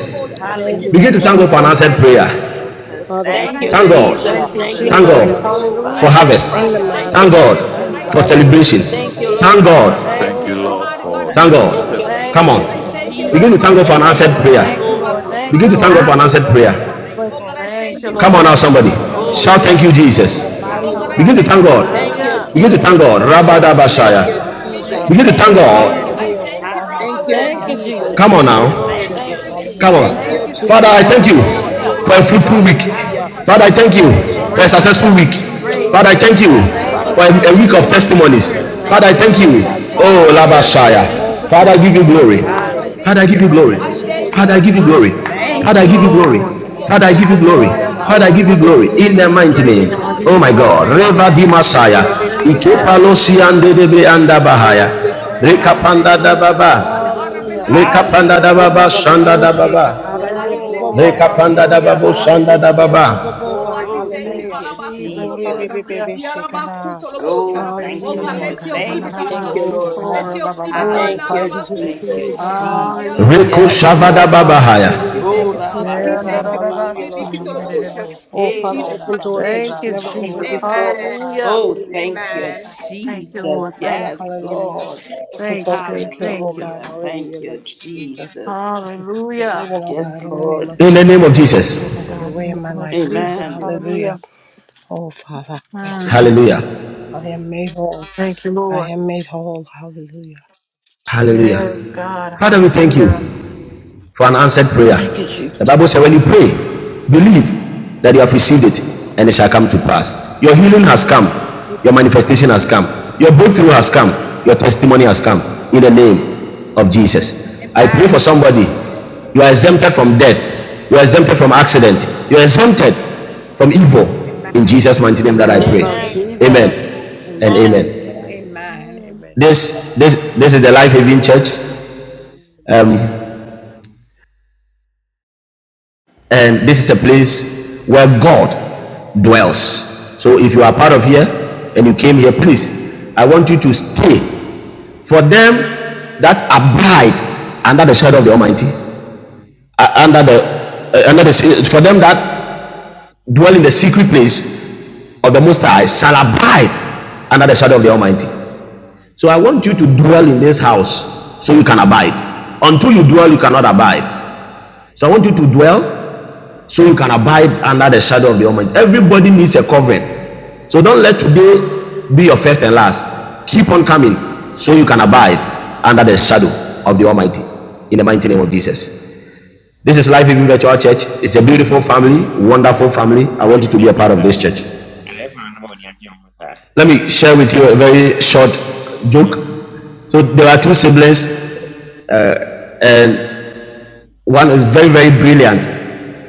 Speaker 23: Thank you,
Speaker 3: Begin
Speaker 23: Lord
Speaker 3: to
Speaker 2: Hallelujah.
Speaker 3: thank God for
Speaker 10: Lord
Speaker 3: an
Speaker 23: Jesus,
Speaker 2: Thank
Speaker 3: answered
Speaker 2: you,
Speaker 23: hallelujah.
Speaker 10: of
Speaker 4: you,
Speaker 3: prayer.
Speaker 4: Jesus. Thank
Speaker 2: Jesus.
Speaker 23: Father, we
Speaker 7: Thank you,
Speaker 2: Thank
Speaker 23: thank
Speaker 3: Thank
Speaker 23: you,
Speaker 2: you,
Speaker 3: God.
Speaker 23: Lord
Speaker 7: Jesus.
Speaker 16: Hallelujah.
Speaker 10: Thank you,
Speaker 23: Jesus,
Speaker 7: Thank
Speaker 23: in
Speaker 7: you,
Speaker 2: Jesus.
Speaker 23: the
Speaker 3: Thank
Speaker 7: Lord,
Speaker 23: name
Speaker 10: Jesus.
Speaker 23: of
Speaker 2: Oh,
Speaker 7: for
Speaker 3: God for
Speaker 4: you,
Speaker 23: Jesus,
Speaker 10: Hallelujah.
Speaker 7: answers
Speaker 3: harvest.
Speaker 23: in the
Speaker 7: prior.
Speaker 2: Rabasora,
Speaker 23: mighty
Speaker 2: la
Speaker 7: Thank
Speaker 3: Thank
Speaker 7: you,
Speaker 23: name of
Speaker 3: God
Speaker 10: Thank you,
Speaker 23: Jesus.
Speaker 7: Jesus.
Speaker 2: Rabasanda,
Speaker 3: for
Speaker 10: Jesus. Thank you,
Speaker 23: Hallelujah,
Speaker 3: celebration.
Speaker 2: Rahira.
Speaker 23: Lord
Speaker 10: Jesus.
Speaker 7: Thank you,
Speaker 23: Jesus.
Speaker 2: Hey,
Speaker 3: Thank
Speaker 7: Lord.
Speaker 2: la
Speaker 3: God.
Speaker 10: Thank
Speaker 22: Thank
Speaker 23: Oh,
Speaker 10: you,
Speaker 22: you,
Speaker 2: Rabahora,
Speaker 23: Father,
Speaker 22: Lord,
Speaker 10: Jesus.
Speaker 22: for
Speaker 2: Rabasa.
Speaker 3: Thank
Speaker 22: the
Speaker 23: hallelujah,
Speaker 3: God.
Speaker 7: Thank
Speaker 2: Oh,
Speaker 7: you,
Speaker 23: hallelujah, Lord
Speaker 10: Thank
Speaker 3: Come
Speaker 2: thank
Speaker 10: you,
Speaker 7: Jesus.
Speaker 2: you,
Speaker 23: Jesus. I
Speaker 10: Jesus.
Speaker 22: testimonies.
Speaker 3: on.
Speaker 7: Thank
Speaker 23: pray
Speaker 7: you,
Speaker 3: Begin
Speaker 23: over
Speaker 3: to
Speaker 7: Lord.
Speaker 23: my
Speaker 3: thank
Speaker 2: Jesus.
Speaker 3: God for an
Speaker 10: Thank you,
Speaker 23: child,
Speaker 22: Thank
Speaker 3: answered
Speaker 23: oh
Speaker 22: you,
Speaker 2: Thank
Speaker 10: Lord.
Speaker 23: God,
Speaker 2: you,
Speaker 22: Lord,
Speaker 10: Thank
Speaker 3: prayer.
Speaker 10: you,
Speaker 22: for
Speaker 7: Thank
Speaker 22: the
Speaker 23: hallelujah,
Speaker 10: Lord.
Speaker 7: you,
Speaker 2: Lord.
Speaker 10: Thank
Speaker 3: Begin
Speaker 10: you,
Speaker 3: to
Speaker 22: harvest.
Speaker 23: that
Speaker 7: Jesus.
Speaker 3: thank
Speaker 10: Lord.
Speaker 3: God for an
Speaker 23: this
Speaker 22: Thank
Speaker 23: week,
Speaker 3: answered
Speaker 23: oh
Speaker 22: you
Speaker 23: God, you
Speaker 2: Hallelujah.
Speaker 3: prayer.
Speaker 23: will
Speaker 2: Thank
Speaker 23: break
Speaker 2: you,
Speaker 23: off
Speaker 10: Thank you,
Speaker 3: Come
Speaker 10: Lord.
Speaker 3: on
Speaker 4: thank
Speaker 3: now,
Speaker 4: you,
Speaker 2: Jesus.
Speaker 23: anything
Speaker 10: Thank you,
Speaker 23: that
Speaker 3: somebody.
Speaker 10: Lord.
Speaker 23: are not
Speaker 2: Oh,
Speaker 22: for the
Speaker 23: like
Speaker 3: Shout,
Speaker 23: you,
Speaker 3: Thank
Speaker 2: yes,
Speaker 10: Hallelujah.
Speaker 3: you,
Speaker 23: oh God, in
Speaker 22: breakthroughs.
Speaker 23: her
Speaker 22: We
Speaker 2: Lord.
Speaker 22: thank
Speaker 23: body,
Speaker 22: you,
Speaker 23: oh
Speaker 3: Jesus. Begin
Speaker 22: Lord.
Speaker 23: God,
Speaker 3: to
Speaker 23: in
Speaker 10: Hallelujah.
Speaker 3: thank
Speaker 23: her
Speaker 2: Hallelujah.
Speaker 23: mind, oh
Speaker 4: thank you.
Speaker 7: Thank you,
Speaker 23: God.
Speaker 10: Hallelujah.
Speaker 3: God. Begin to
Speaker 16: Thank
Speaker 2: Hallelujah.
Speaker 23: All
Speaker 3: thank
Speaker 16: you,
Speaker 23: the
Speaker 7: Jesus.
Speaker 3: God.
Speaker 16: Jesus.
Speaker 2: Oh,
Speaker 10: Thank you,
Speaker 2: I
Speaker 23: anxiety shall
Speaker 16: Thank
Speaker 2: thank
Speaker 7: Thank
Speaker 23: not
Speaker 7: you,
Speaker 2: you,
Speaker 10: Jesus.
Speaker 3: Rabadabashaya.
Speaker 23: have this
Speaker 2: Lord.
Speaker 10: Thank
Speaker 2: I
Speaker 7: Jesus.
Speaker 10: you,
Speaker 23: child,
Speaker 3: Begin
Speaker 23: oh
Speaker 3: to
Speaker 16: you.
Speaker 23: God.
Speaker 7: Thank
Speaker 3: thank
Speaker 7: you,
Speaker 10: Jesus.
Speaker 2: thank
Speaker 16: Thank
Speaker 10: Thank
Speaker 7: Lord.
Speaker 10: you,
Speaker 3: God.
Speaker 16: you.
Speaker 2: you.
Speaker 23: Fear will
Speaker 10: Jesus.
Speaker 23: not have
Speaker 7: Thank
Speaker 23: this
Speaker 7: you,
Speaker 16: Glory.
Speaker 10: Thank you,
Speaker 2: Hallelujah.
Speaker 23: child, oh God.
Speaker 7: Jesus.
Speaker 3: Come
Speaker 10: Jesus.
Speaker 3: on
Speaker 23: Hallelujah,
Speaker 7: Thank you,
Speaker 2: Hallelujah.
Speaker 3: now.
Speaker 23: Lord
Speaker 7: Lord.
Speaker 2: Thank
Speaker 10: Thank
Speaker 23: Jesus.
Speaker 2: you,
Speaker 10: you,
Speaker 3: Come on.
Speaker 10: Jesus.
Speaker 23: Hallelujah.
Speaker 7: Thank
Speaker 10: Thank
Speaker 7: you,
Speaker 2: Jesus.
Speaker 10: you,
Speaker 23: She will
Speaker 3: Father, I
Speaker 10: Jesus.
Speaker 3: thank
Speaker 2: Yes,
Speaker 7: Jesus.
Speaker 3: you
Speaker 23: flourish, oh God,
Speaker 7: Thank
Speaker 23: in
Speaker 2: Lord,
Speaker 7: you,
Speaker 10: Hallelujah.
Speaker 23: her
Speaker 2: you
Speaker 3: for a
Speaker 2: are
Speaker 7: Lord.
Speaker 23: studies, oh
Speaker 3: fruitful week.
Speaker 2: great.
Speaker 23: God.
Speaker 7: Hallelujah.
Speaker 10: I
Speaker 23: She
Speaker 3: Father, I
Speaker 23: will
Speaker 10: thank
Speaker 2: Hallelujah.
Speaker 10: you,
Speaker 3: thank you
Speaker 7: Thank
Speaker 23: flourish
Speaker 10: Lord.
Speaker 7: you,
Speaker 2: And
Speaker 23: in the
Speaker 3: for a
Speaker 23: mighty
Speaker 2: greatly
Speaker 3: successful
Speaker 23: name
Speaker 10: Hallelujah.
Speaker 7: Jesus.
Speaker 2: to
Speaker 23: of
Speaker 3: week.
Speaker 2: be
Speaker 7: Thank you,
Speaker 23: Jesus.
Speaker 2: praised.
Speaker 3: Father, I
Speaker 7: Lord.
Speaker 23: Glory to
Speaker 2: Hey,
Speaker 3: thank
Speaker 10: I
Speaker 3: you
Speaker 4: Thank
Speaker 23: God.
Speaker 2: la,
Speaker 4: you for the
Speaker 2: da,
Speaker 10: thank
Speaker 7: Father,
Speaker 10: you,
Speaker 23: Hallelujah.
Speaker 4: miracle.
Speaker 3: for
Speaker 7: we
Speaker 2: ba,
Speaker 3: a, a
Speaker 10: Father,
Speaker 7: thank
Speaker 3: week
Speaker 2: so,
Speaker 10: for
Speaker 3: of
Speaker 23: Heal
Speaker 2: ra.
Speaker 7: you,
Speaker 10: answering
Speaker 23: anything that
Speaker 10: prayer,
Speaker 23: is
Speaker 7: Jesus.
Speaker 2: Oh,
Speaker 3: testimonies.
Speaker 23: not
Speaker 10: Lord.
Speaker 7: Thank
Speaker 3: Father, I
Speaker 2: thank
Speaker 23: good
Speaker 7: you,
Speaker 23: in
Speaker 4: Thank
Speaker 3: thank
Speaker 4: you,
Speaker 23: her
Speaker 2: you,
Speaker 3: you.
Speaker 7: Lord.
Speaker 23: body,
Speaker 4: God, for
Speaker 23: Lord
Speaker 4: the
Speaker 3: Oh,
Speaker 4: week. Thank you
Speaker 23: Jesus.
Speaker 7: Thank
Speaker 2: Jesus.
Speaker 10: Hallelujah.
Speaker 3: Labashaya.
Speaker 7: you,
Speaker 10: Thank
Speaker 2: Yes,
Speaker 10: you
Speaker 23: Oh,
Speaker 10: for
Speaker 3: Father,
Speaker 23: Father.
Speaker 3: I
Speaker 2: Lord.
Speaker 7: Jesus.
Speaker 3: give you
Speaker 7: Thank
Speaker 23: Hallelujah,
Speaker 10: testimonies,
Speaker 3: glory.
Speaker 7: you,
Speaker 23: Lord
Speaker 10: God.
Speaker 7: Lord.
Speaker 4: for
Speaker 23: Jesus.
Speaker 4: the
Speaker 3: Father, I give
Speaker 4: week
Speaker 3: you
Speaker 2: Hallelujah.
Speaker 4: of
Speaker 3: glory.
Speaker 10: In the
Speaker 2: Thank
Speaker 7: Thank
Speaker 2: you,
Speaker 7: you,
Speaker 10: name
Speaker 4: unexpected.
Speaker 3: Father,
Speaker 10: of
Speaker 3: I give you
Speaker 7: Jesus.
Speaker 3: glory.
Speaker 2: Jesus.
Speaker 10: Jesus.
Speaker 2: Thank
Speaker 3: Father, I
Speaker 2: you,
Speaker 3: give you
Speaker 10: Hallelujah,
Speaker 3: glory.
Speaker 2: Lord.
Speaker 10: God.
Speaker 4: Thank
Speaker 23: Hallelujah.
Speaker 3: Father, I
Speaker 4: you.
Speaker 7: Thank
Speaker 3: give you
Speaker 7: you,
Speaker 3: glory.
Speaker 7: Lord.
Speaker 23: Oh,
Speaker 10: Yes,
Speaker 2: Hallelujah.
Speaker 23: Father,
Speaker 3: Father,
Speaker 23: be-
Speaker 3: I
Speaker 10: Lord.
Speaker 3: give
Speaker 23: be-
Speaker 3: you
Speaker 23: be-
Speaker 7: Hallelujah.
Speaker 3: glory.
Speaker 23: be- be-
Speaker 2: Oh,
Speaker 10: Hallelujah. I
Speaker 3: In
Speaker 23: be-
Speaker 3: the
Speaker 10: give you
Speaker 2: thank
Speaker 3: mighty
Speaker 7: Thank
Speaker 2: you,
Speaker 10: praise,
Speaker 3: name.
Speaker 7: you,
Speaker 23: hallelujah.
Speaker 10: God. I give
Speaker 3: Oh
Speaker 10: you
Speaker 2: Jesus.
Speaker 3: my
Speaker 7: Jesus.
Speaker 23: Oh,
Speaker 3: God.
Speaker 10: glory.
Speaker 23: Rabbi,
Speaker 3: Reva
Speaker 23: be-
Speaker 3: di
Speaker 23: be-
Speaker 2: Yes,
Speaker 23: be-
Speaker 7: Thank
Speaker 23: be-
Speaker 3: Masaya.
Speaker 23: be-
Speaker 7: you,
Speaker 23: be-
Speaker 7: Jesus.
Speaker 2: Lord.
Speaker 23: be- be-
Speaker 2: Yes,
Speaker 10: Hallelujah.
Speaker 7: Thank
Speaker 23: hallelujah,
Speaker 7: you,
Speaker 3: Ikepalosi
Speaker 2: Lord.
Speaker 10: Thank
Speaker 23: Lord
Speaker 10: you,
Speaker 3: ande
Speaker 7: Lord.
Speaker 2: Thank
Speaker 3: debre
Speaker 23: Jesus.
Speaker 2: you,
Speaker 10: Jesus.
Speaker 3: anda bahaya.
Speaker 7: Thank
Speaker 23: Glory to
Speaker 2: Jesus.
Speaker 7: you,
Speaker 23: God,
Speaker 7: Jesus.
Speaker 10: Thank you,
Speaker 3: Rekapanda da
Speaker 2: Thank
Speaker 23: hallelujah.
Speaker 2: you,
Speaker 10: Jesus.
Speaker 23: oh, be-
Speaker 3: baba.
Speaker 2: Lord.
Speaker 23: be- be- be-
Speaker 10: Hallelujah.
Speaker 23: so.
Speaker 3: Rekapanda da
Speaker 23: Ah,
Speaker 3: baba.
Speaker 23: Rabba, bo-
Speaker 3: Shanda
Speaker 23: bo-
Speaker 2: Hallelujah.
Speaker 3: da
Speaker 10: Amen.
Speaker 23: shika,
Speaker 3: baba.
Speaker 23: hallelujah,
Speaker 10: Yes,
Speaker 23: bo- bo-
Speaker 2: Oh,
Speaker 10: Lord.
Speaker 23: bo-
Speaker 2: yes,
Speaker 23: shi.
Speaker 3: Rekapanda da
Speaker 2: Lord.
Speaker 10: Hallelujah.
Speaker 3: babo shanda
Speaker 23: Hallelujah,
Speaker 3: da
Speaker 23: bo- bo-
Speaker 2: Hallelujah.
Speaker 23: bo- bo-
Speaker 3: baba.
Speaker 23: bo- ga,
Speaker 10: Glory to
Speaker 2: Oh,
Speaker 10: your name,
Speaker 2: thank
Speaker 23: hallelujah.
Speaker 2: you,
Speaker 23: Oh,
Speaker 10: Jesus.
Speaker 23: re- be- be-
Speaker 2: Jesus.
Speaker 23: be-
Speaker 10: Hallelujah.
Speaker 23: be- shika, na.
Speaker 2: Oh,
Speaker 10: Glory to
Speaker 2: thank
Speaker 10: your
Speaker 2: you,
Speaker 23: Hallelujah,
Speaker 10: name,
Speaker 23: Lord
Speaker 2: Lord.
Speaker 10: God.
Speaker 23: Jesus.
Speaker 10: Na, na,
Speaker 2: Thank
Speaker 10: na,
Speaker 2: you,
Speaker 10: na.
Speaker 7: Thank you,
Speaker 23: Glory
Speaker 10: Shoo,
Speaker 23: to
Speaker 2: Lord.
Speaker 10: shoo,
Speaker 7: Lord.
Speaker 23: God.
Speaker 10: ra, ba, ba, ba, ba,
Speaker 23: Oh,
Speaker 7: Thank
Speaker 10: sa.
Speaker 23: Father,
Speaker 7: you,
Speaker 23: we
Speaker 2: Hallelujah.
Speaker 23: give it to
Speaker 2: Thank
Speaker 7: Jesus.
Speaker 2: you,
Speaker 23: you, oh God, hallelujah.
Speaker 2: Jesus.
Speaker 10: Hallelujah,
Speaker 3: Reko
Speaker 10: God.
Speaker 2: Yes,
Speaker 3: shava
Speaker 10: Thank
Speaker 3: babahaya.
Speaker 23: Oh,
Speaker 10: you,
Speaker 2: Lord.
Speaker 10: Lord.
Speaker 23: Father, hallelujah.
Speaker 2: O
Speaker 23: Send the people, oh
Speaker 10: Yeah, da,
Speaker 23: God,
Speaker 10: da,
Speaker 2: rabasora
Speaker 10: da, ba,
Speaker 23: hallelujah,
Speaker 10: si,
Speaker 23: Lord
Speaker 10: um, da, da, da,
Speaker 2: bababasanda.
Speaker 23: Jesus.
Speaker 10: bo, sa.
Speaker 23: Oh,
Speaker 2: Hey
Speaker 23: Father,
Speaker 2: la
Speaker 23: open doors that
Speaker 10: Thank
Speaker 2: rabahira
Speaker 23: you've
Speaker 10: you,
Speaker 23: never opened
Speaker 10: Jesus.
Speaker 2: rabahora
Speaker 23: before,
Speaker 2: rabasa.
Speaker 23: oh God,
Speaker 10: Hallelujah.
Speaker 2: Oh,
Speaker 23: hallelujah, Lord
Speaker 2: thank you,
Speaker 23: Jesus.
Speaker 10: Thank you,
Speaker 23: Oh,
Speaker 2: Jesus.
Speaker 10: Lord.
Speaker 23: Father,
Speaker 10: Thank you.
Speaker 2: Yes,
Speaker 23: hallelujah.
Speaker 2: Lord.
Speaker 23: This
Speaker 10: Thank you,
Speaker 23: adult
Speaker 10: God.
Speaker 23: daycare, oh
Speaker 10: Thank you.
Speaker 23: God,
Speaker 2: Hallelujah.
Speaker 23: hallelujah,
Speaker 2: Thank
Speaker 23: Lord
Speaker 2: you,
Speaker 23: Jesus.
Speaker 2: Jesus.
Speaker 23: This is the
Speaker 10: Hallelujah.
Speaker 23: living, oh God,
Speaker 2: Yes,
Speaker 23: in the name of
Speaker 2: Lord.
Speaker 3: In the
Speaker 23: Jesus.
Speaker 3: name of Jesus.
Speaker 10: Yes,
Speaker 23: Have your
Speaker 10: God. In
Speaker 23: way
Speaker 10: the
Speaker 23: in my
Speaker 10: name of
Speaker 23: life, God,
Speaker 10: Jesus.
Speaker 2: Amen.
Speaker 23: hallelujah.
Speaker 10: Hallelujah.
Speaker 23: Oh, Father, thank you, Jesus.
Speaker 10: Mm.
Speaker 3: Hallelujah.
Speaker 23: I am made whole.
Speaker 10: Thank you,
Speaker 23: I
Speaker 10: Lord.
Speaker 23: am made whole, hallelujah. Jesus,
Speaker 3: Hallelujah.
Speaker 10: Yes, God.
Speaker 3: Father, we
Speaker 23: thank
Speaker 3: thank you.
Speaker 10: Hallelujah.
Speaker 3: for an answered prayer.
Speaker 10: Thank you,
Speaker 3: The
Speaker 23: you.
Speaker 3: Bible
Speaker 10: Jesus.
Speaker 3: says, when you pray, believe that you have received it and it shall come to pass. Your healing has come, your manifestation has come, your breakthrough has come, your testimony has come in the name of Jesus. I pray for somebody. You are exempted from death, you are exempted from accident, you are exempted from evil in Jesus' mighty name
Speaker 10: In
Speaker 3: that
Speaker 10: the
Speaker 3: I
Speaker 10: name of
Speaker 7: Amen.
Speaker 3: pray.
Speaker 10: Jesus.
Speaker 3: Amen and
Speaker 7: Amen.
Speaker 10: Amen.
Speaker 3: amen. This this this is the Life Having Church.
Speaker 17: Amen, amen,
Speaker 3: Uh,
Speaker 17: amen.
Speaker 3: And this is a place where God dwells. So if you are part of here and you came here, please, I want you to stay. For them that abide under the shadow of the Almighty, uh, under the uh, under the for them that dwell in the secret place of the Most High shall abide under the shadow of the Almighty. So I want you to dwell in this house so you can abide. Until you dwell, you cannot abide. So I want you to dwell so you can abide under the shadow of the Almighty. Everybody needs a covering. So don't let today be your first and last. Keep on coming so you can abide under the shadow of the Almighty. In the mighty name of Jesus. This is Life Giving Virtual Church. It's a beautiful family, wonderful
Speaker 24: Eh,
Speaker 3: family. I
Speaker 24: io
Speaker 3: want you to
Speaker 24: non
Speaker 3: be
Speaker 24: è
Speaker 3: a part of this
Speaker 24: casai,
Speaker 3: church.
Speaker 24: alla fine non voglio anche un casai,
Speaker 3: Let me share with you a very short
Speaker 24: proprio via.
Speaker 3: joke. So there are two siblings, and one is very, very brilliant,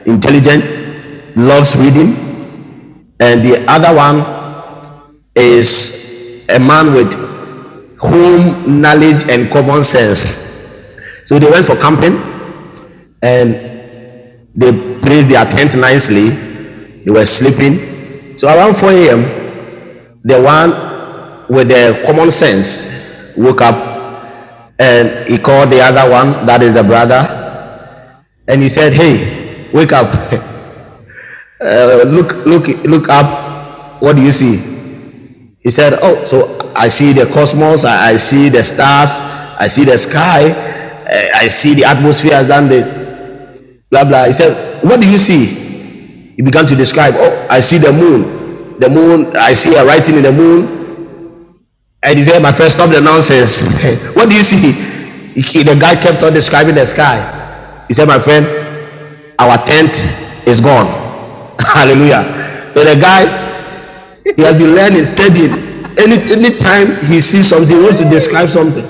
Speaker 3: intelligent, loves reading, and the other one is a man with home knowledge and common sense. So they went for camping and they placed their tent nicely. They were sleeping. So around 4 a.m., the one with the common sense woke up and he called the other one, that is the brother, and he said, Hey, wake up. Uh, look, look, look up. What do you see? He said, Oh, so I see the cosmos, I, I see the stars, I see the sky, eh, I see the atmosphere, I've done this, blah, blah. He said, What do you see? He began to describe, Oh, I see the moon. The moon, I see a writing in the moon. And he said, My friend, stop the nonsense. what do you see? he- the guy kept on describing the sky. He said, My friend, our tent is gone. Hallelujah. So the guy He has been learning, studying. Any any time he sees something, he wants to describe something.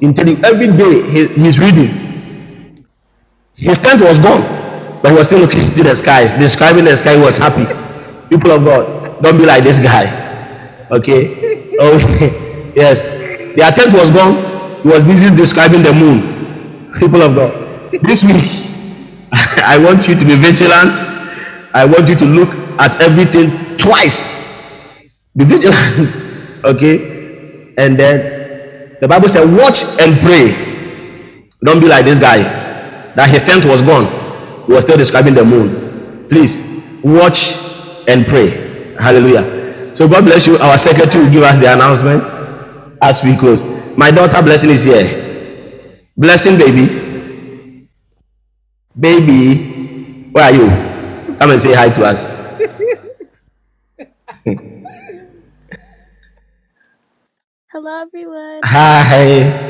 Speaker 3: Intelli- Every day he, he's reading. His tent was gone, but he was still looking to the skies, describing the sky. He was happy. People of God, don't be like this guy. Okay. Oh yes. The tent was gone. He was busy describing the moon. People of God, this week I want you to be vigilant. I want you to look at everything twice be vigilant. okay? And then the Bible said, watch and pray. Don't be like this guy that his tent was gone. He was still describing the moon. Please watch and pray. Hallelujah. So God bless you. Our secretary will give us the announcement as we close. My daughter blessing is here. Blessing baby. Baby, where are you? Come and say hi to us.
Speaker 25: Hello, everyone.
Speaker 3: Hi.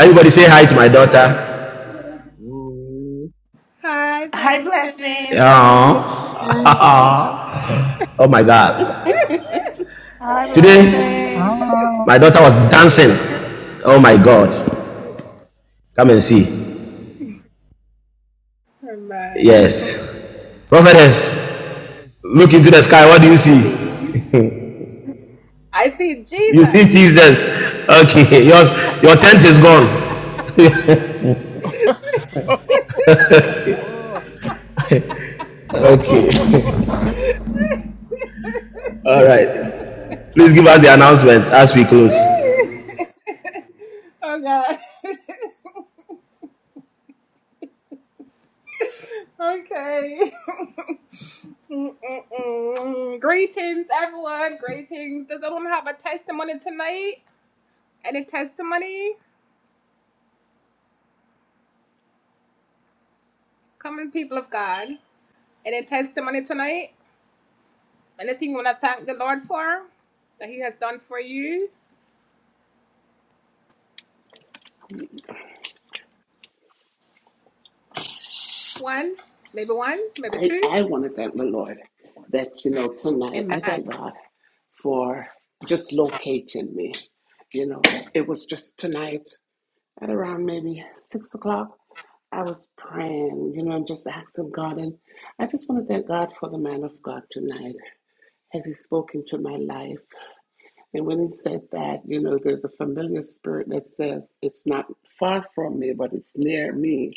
Speaker 3: Everybody say hi to my
Speaker 9: in.
Speaker 3: daughter.
Speaker 2: Hi, blessings.
Speaker 3: Oh,
Speaker 21: Um.
Speaker 3: Oh my God.
Speaker 10: Hi,
Speaker 3: Today,
Speaker 10: blessings.
Speaker 3: my daughter
Speaker 19: Um,
Speaker 3: was dancing. Oh my God. Come and see. Yes. Prophetess, look into the sky. What do you see? You see Jesus. Okay. your your tent is
Speaker 23: hallelujah.
Speaker 3: gone. Okay. All right. Please give us the announcement as we close.
Speaker 12: I, I want to thank the Lord that, you know, tonight, I thank God for just locating me. You know, it was just tonight at around maybe six o'clock. I was praying, you know, and just asking God. And I just want to thank God for the man of God tonight as he spoke into my life. And when he said that, you know, there's a familiar spirit that says, it's not far from me, but it's near me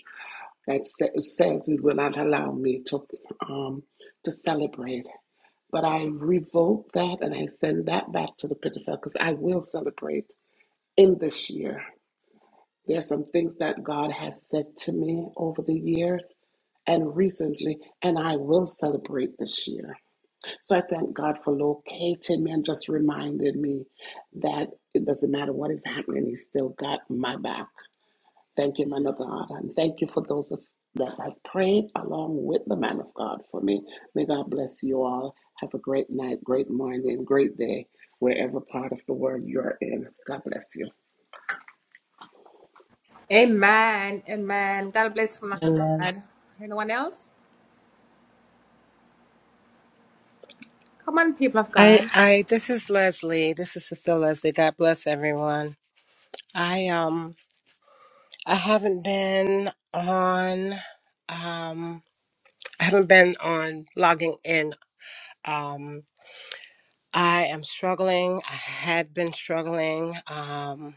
Speaker 12: that sa- says it will not allow me to um, to celebrate. But I revoke that and I send that back to the pit of hell because I will celebrate in this year. There are some things that God has said to me over the years and recently, and I will celebrate this year. So I thank God for locating me and just reminding me that it doesn't matter what is happening, He's still got my back. Thank you, man of God, and thank you for those of, that have prayed along with the man of God for me. May God bless you all. Have a great night, great morning, great day, wherever part of the world you're in. God bless you.
Speaker 23: Amen. I, I, this is Leslie. This is Sister Leslie. God bless everyone. I, um, I haven't been on, um, I haven't been on logging in. Um, I am struggling. I had been struggling, um,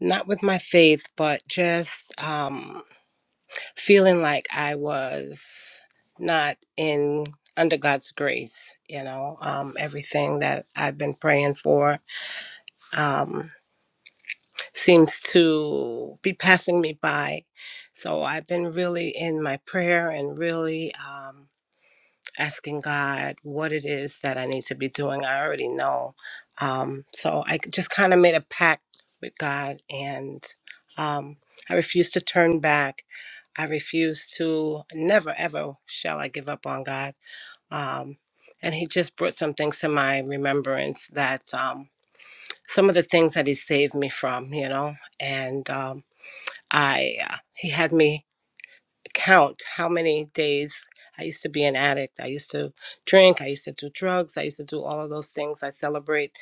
Speaker 23: not with my faith, but just, um, feeling like I was not in, under God's grace, you know, um, everything that I've been praying for. Um, seems to be passing me by. So I've been really in my prayer and really um, asking God what it is that I need to be doing. I already know. Um, so I just kind of made a pact with God and um, I refuse to turn back. I refuse to, never ever shall I give up on God. Um, and He just brought some things to my remembrance that. Um, some of the things that he saved me from, you know. And um, I, uh, he had me count how many days I used to be an addict. I used to drink. I used to do drugs. I used to do all of those things. I celebrate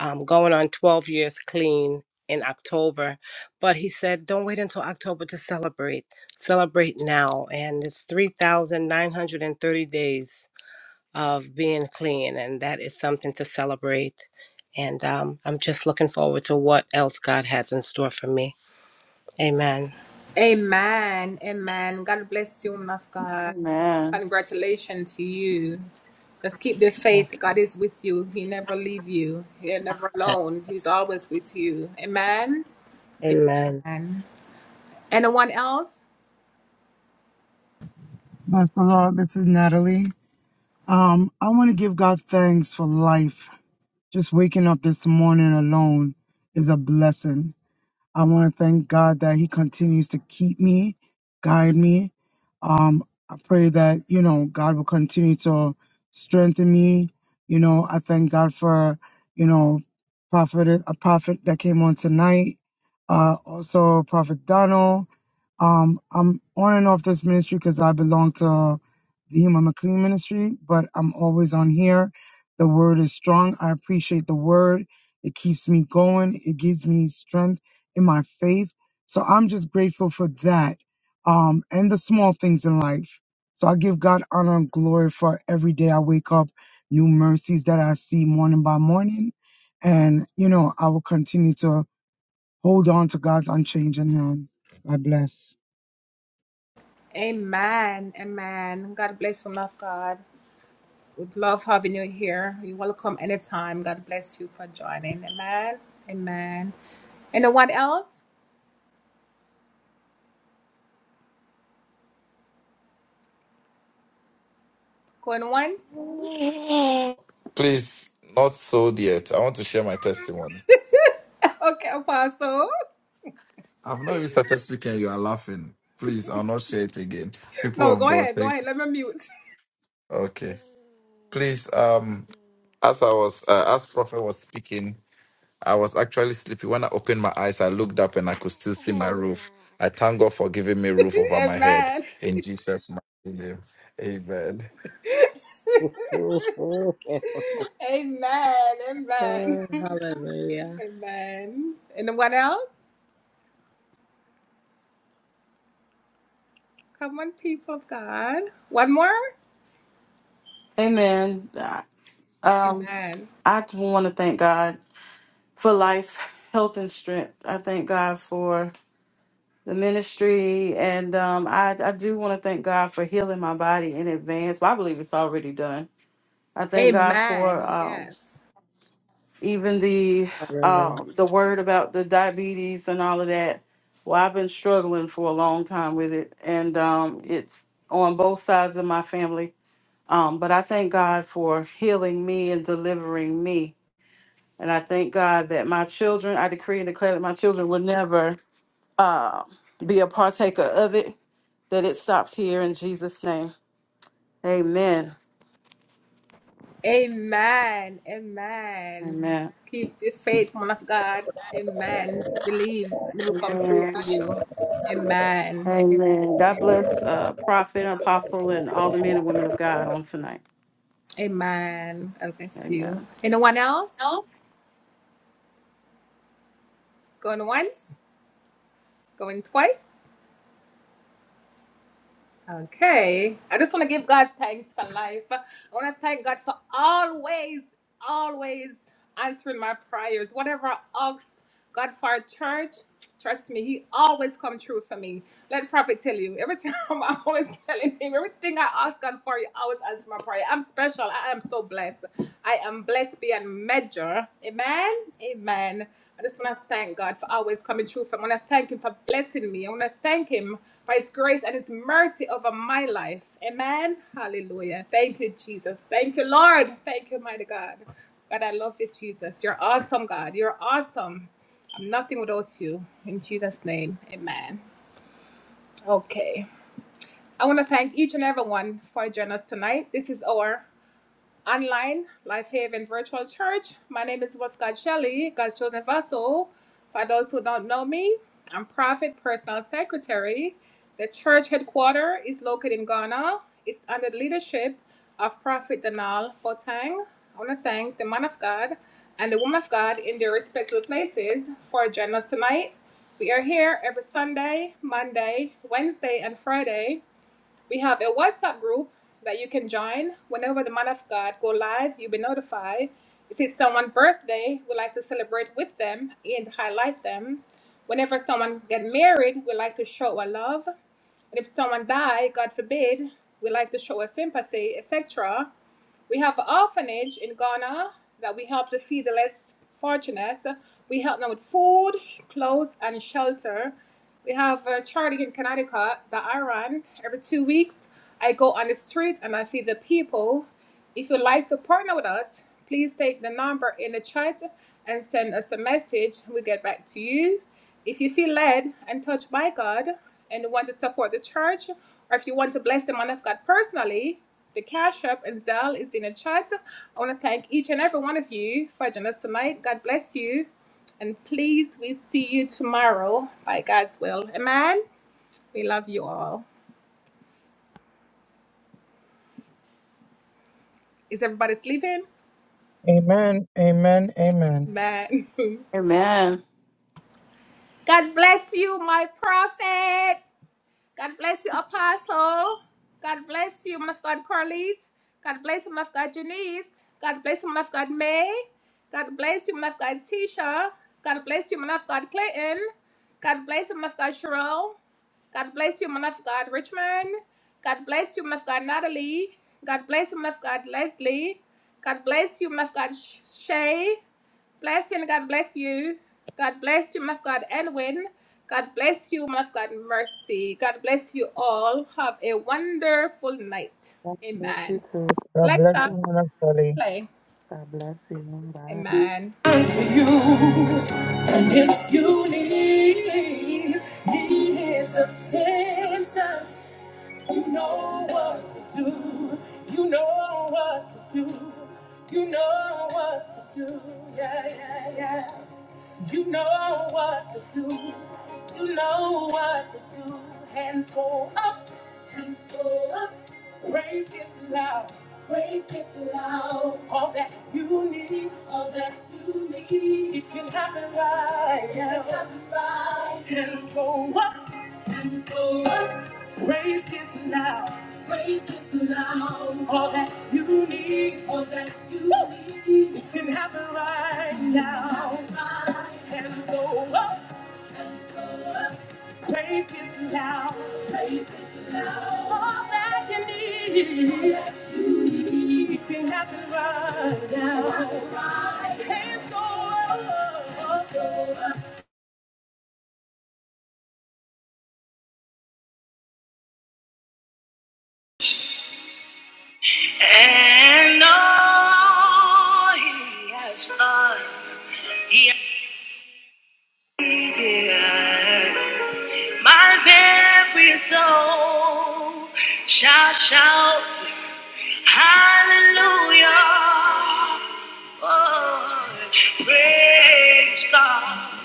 Speaker 23: um, going on 12 years clean in October. But he said, don't wait until October to celebrate. Celebrate now. And it's 3,930 days of being clean, and that is something to celebrate. And um, I'm just looking forward to what else God has in store for me. Amen.
Speaker 10: Amen.
Speaker 23: Thank you. Amen.
Speaker 19: Bless the Lord. This is Natalie. Um, I want to give God thanks for life. Just waking up this morning alone is a blessing. I want to thank God that He continues to keep me, guide me. Um, I pray that, you know, God will continue to strengthen me. You know, I thank God for, you know, prophet, a prophet that came on tonight. Uh, also Prophet Donald. Um, I'm on and off this ministry because I belong to the Human McLean Ministry, but I'm always on here. The word is strong. I appreciate the word. It keeps me going. It gives me strength in my faith. So I'm just grateful for that. Um, and the small things in life. So I give God honor and glory for every day I wake up, new mercies that I see morning by morning. And, you know, I will continue to hold on to God's unchanging hand.
Speaker 22: Please, not sold yet. I want to share my testimony. I've not even started speaking. You are laughing. Please, I'll not share it again. People of God, thanks. Okay. Please, um, as I was, uh, as Prophet was speaking, I was actually sleepy. When I opened my eyes, I looked up and I could still see my roof. I thank God for giving me roof over my head in Jesus' mighty name. Amen.
Speaker 23: Oh, hallelujah.
Speaker 10: Amen. Uh, Um, I want to thank God for life, health, and strength. I thank God for the ministry, and um, I, I do want to thank God for healing my body in advance. But I believe it's already done. I thank God for um, even the
Speaker 23: Hallelujah.
Speaker 10: uh, the word about the diabetes and all of that. Well, I've been struggling for a long time with it, and um, it's on both sides of my family. Um, but I thank God for healing me and delivering me, and I thank God that my children. I decree and declare that my children will never uh, be a partaker of it. That it stops here in Jesus' name. Amen. Amen. Amen. Amen. God bless uh, prophet, apostle, and all the men and women of God on tonight. Amen.
Speaker 19: Amen. Amen. Amen.
Speaker 10: Amen.
Speaker 16: God bless you too.
Speaker 19: God bless you,
Speaker 16: Amen.
Speaker 19: Minister Lee.
Speaker 16: God bless you. Bye.
Speaker 1: And if you need Need his attention You know what to do You know what to do You know what to do Yeah, yeah, yeah You know what to do You know what to do Hands go up Hands go up. Praise gets loud. Praise gets loud. All that you need. All that you need. It can happen right now. It can happen right now. Hands go up. Hands go up. Praise gets loud. Praise gets loud. All that you need. All that you Woo! need. It can happen right now. It can happen right now. Hands go up. Take this now. Take this now. All that you need. All that you need.
Speaker 3: And all he has done. Yeah. My every soul shall shout hallelujah. Oh, praise God.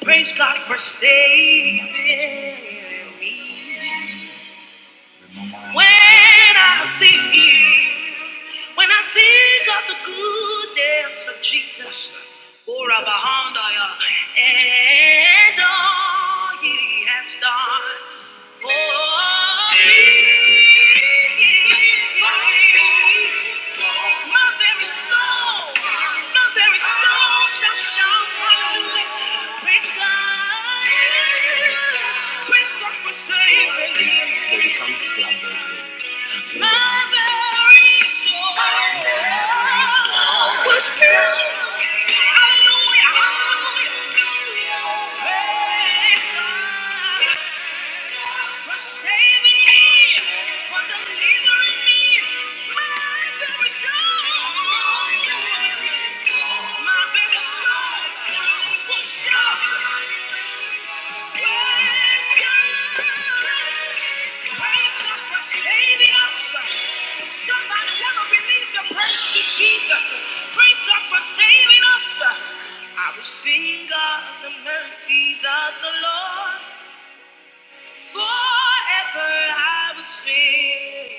Speaker 3: Praise God for saving me. When I think, when I think of the goodness of Jesus, for behind I behold and all He has done for me. My very soul, my very soul shall shout hallelujah. Praise God, praise God for saving me. My very soul was filled. Hallelujah, hallelujah. Praise God for saving me, for delivering me. My very soul, my very soul was shocked. Jesus, praise God for saving us. I will sing of the mercies of the Lord forever. I will sing,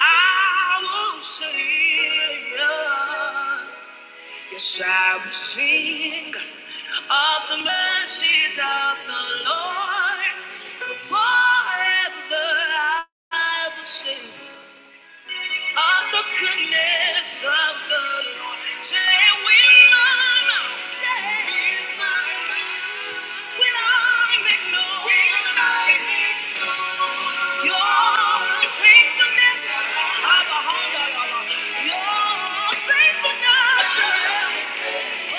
Speaker 3: I will sing. Yes, I will sing of the mercies of the Lord forever. I will sing of the goodness of the Lord. Say, with my mouth say, with my mouth- will I make known Will I make known your faithfulness? Abba, Abba, Abba, Your faithfulness. We're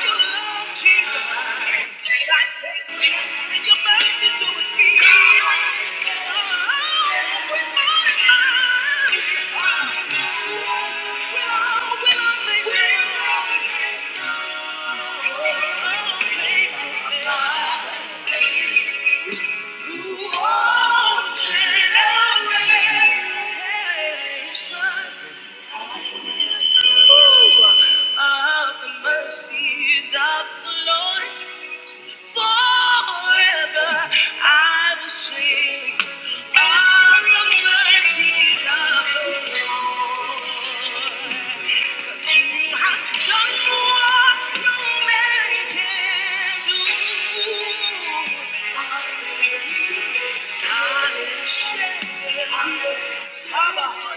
Speaker 3: Thank you. Jesus. Your mercy to a T. Oh, we magnify. We'll always praise you of the mercies of the Lord. Forever I will sing of the mercies of the Lord. 'Cause you have done what no man can do. Hallelujah. Hallelujah.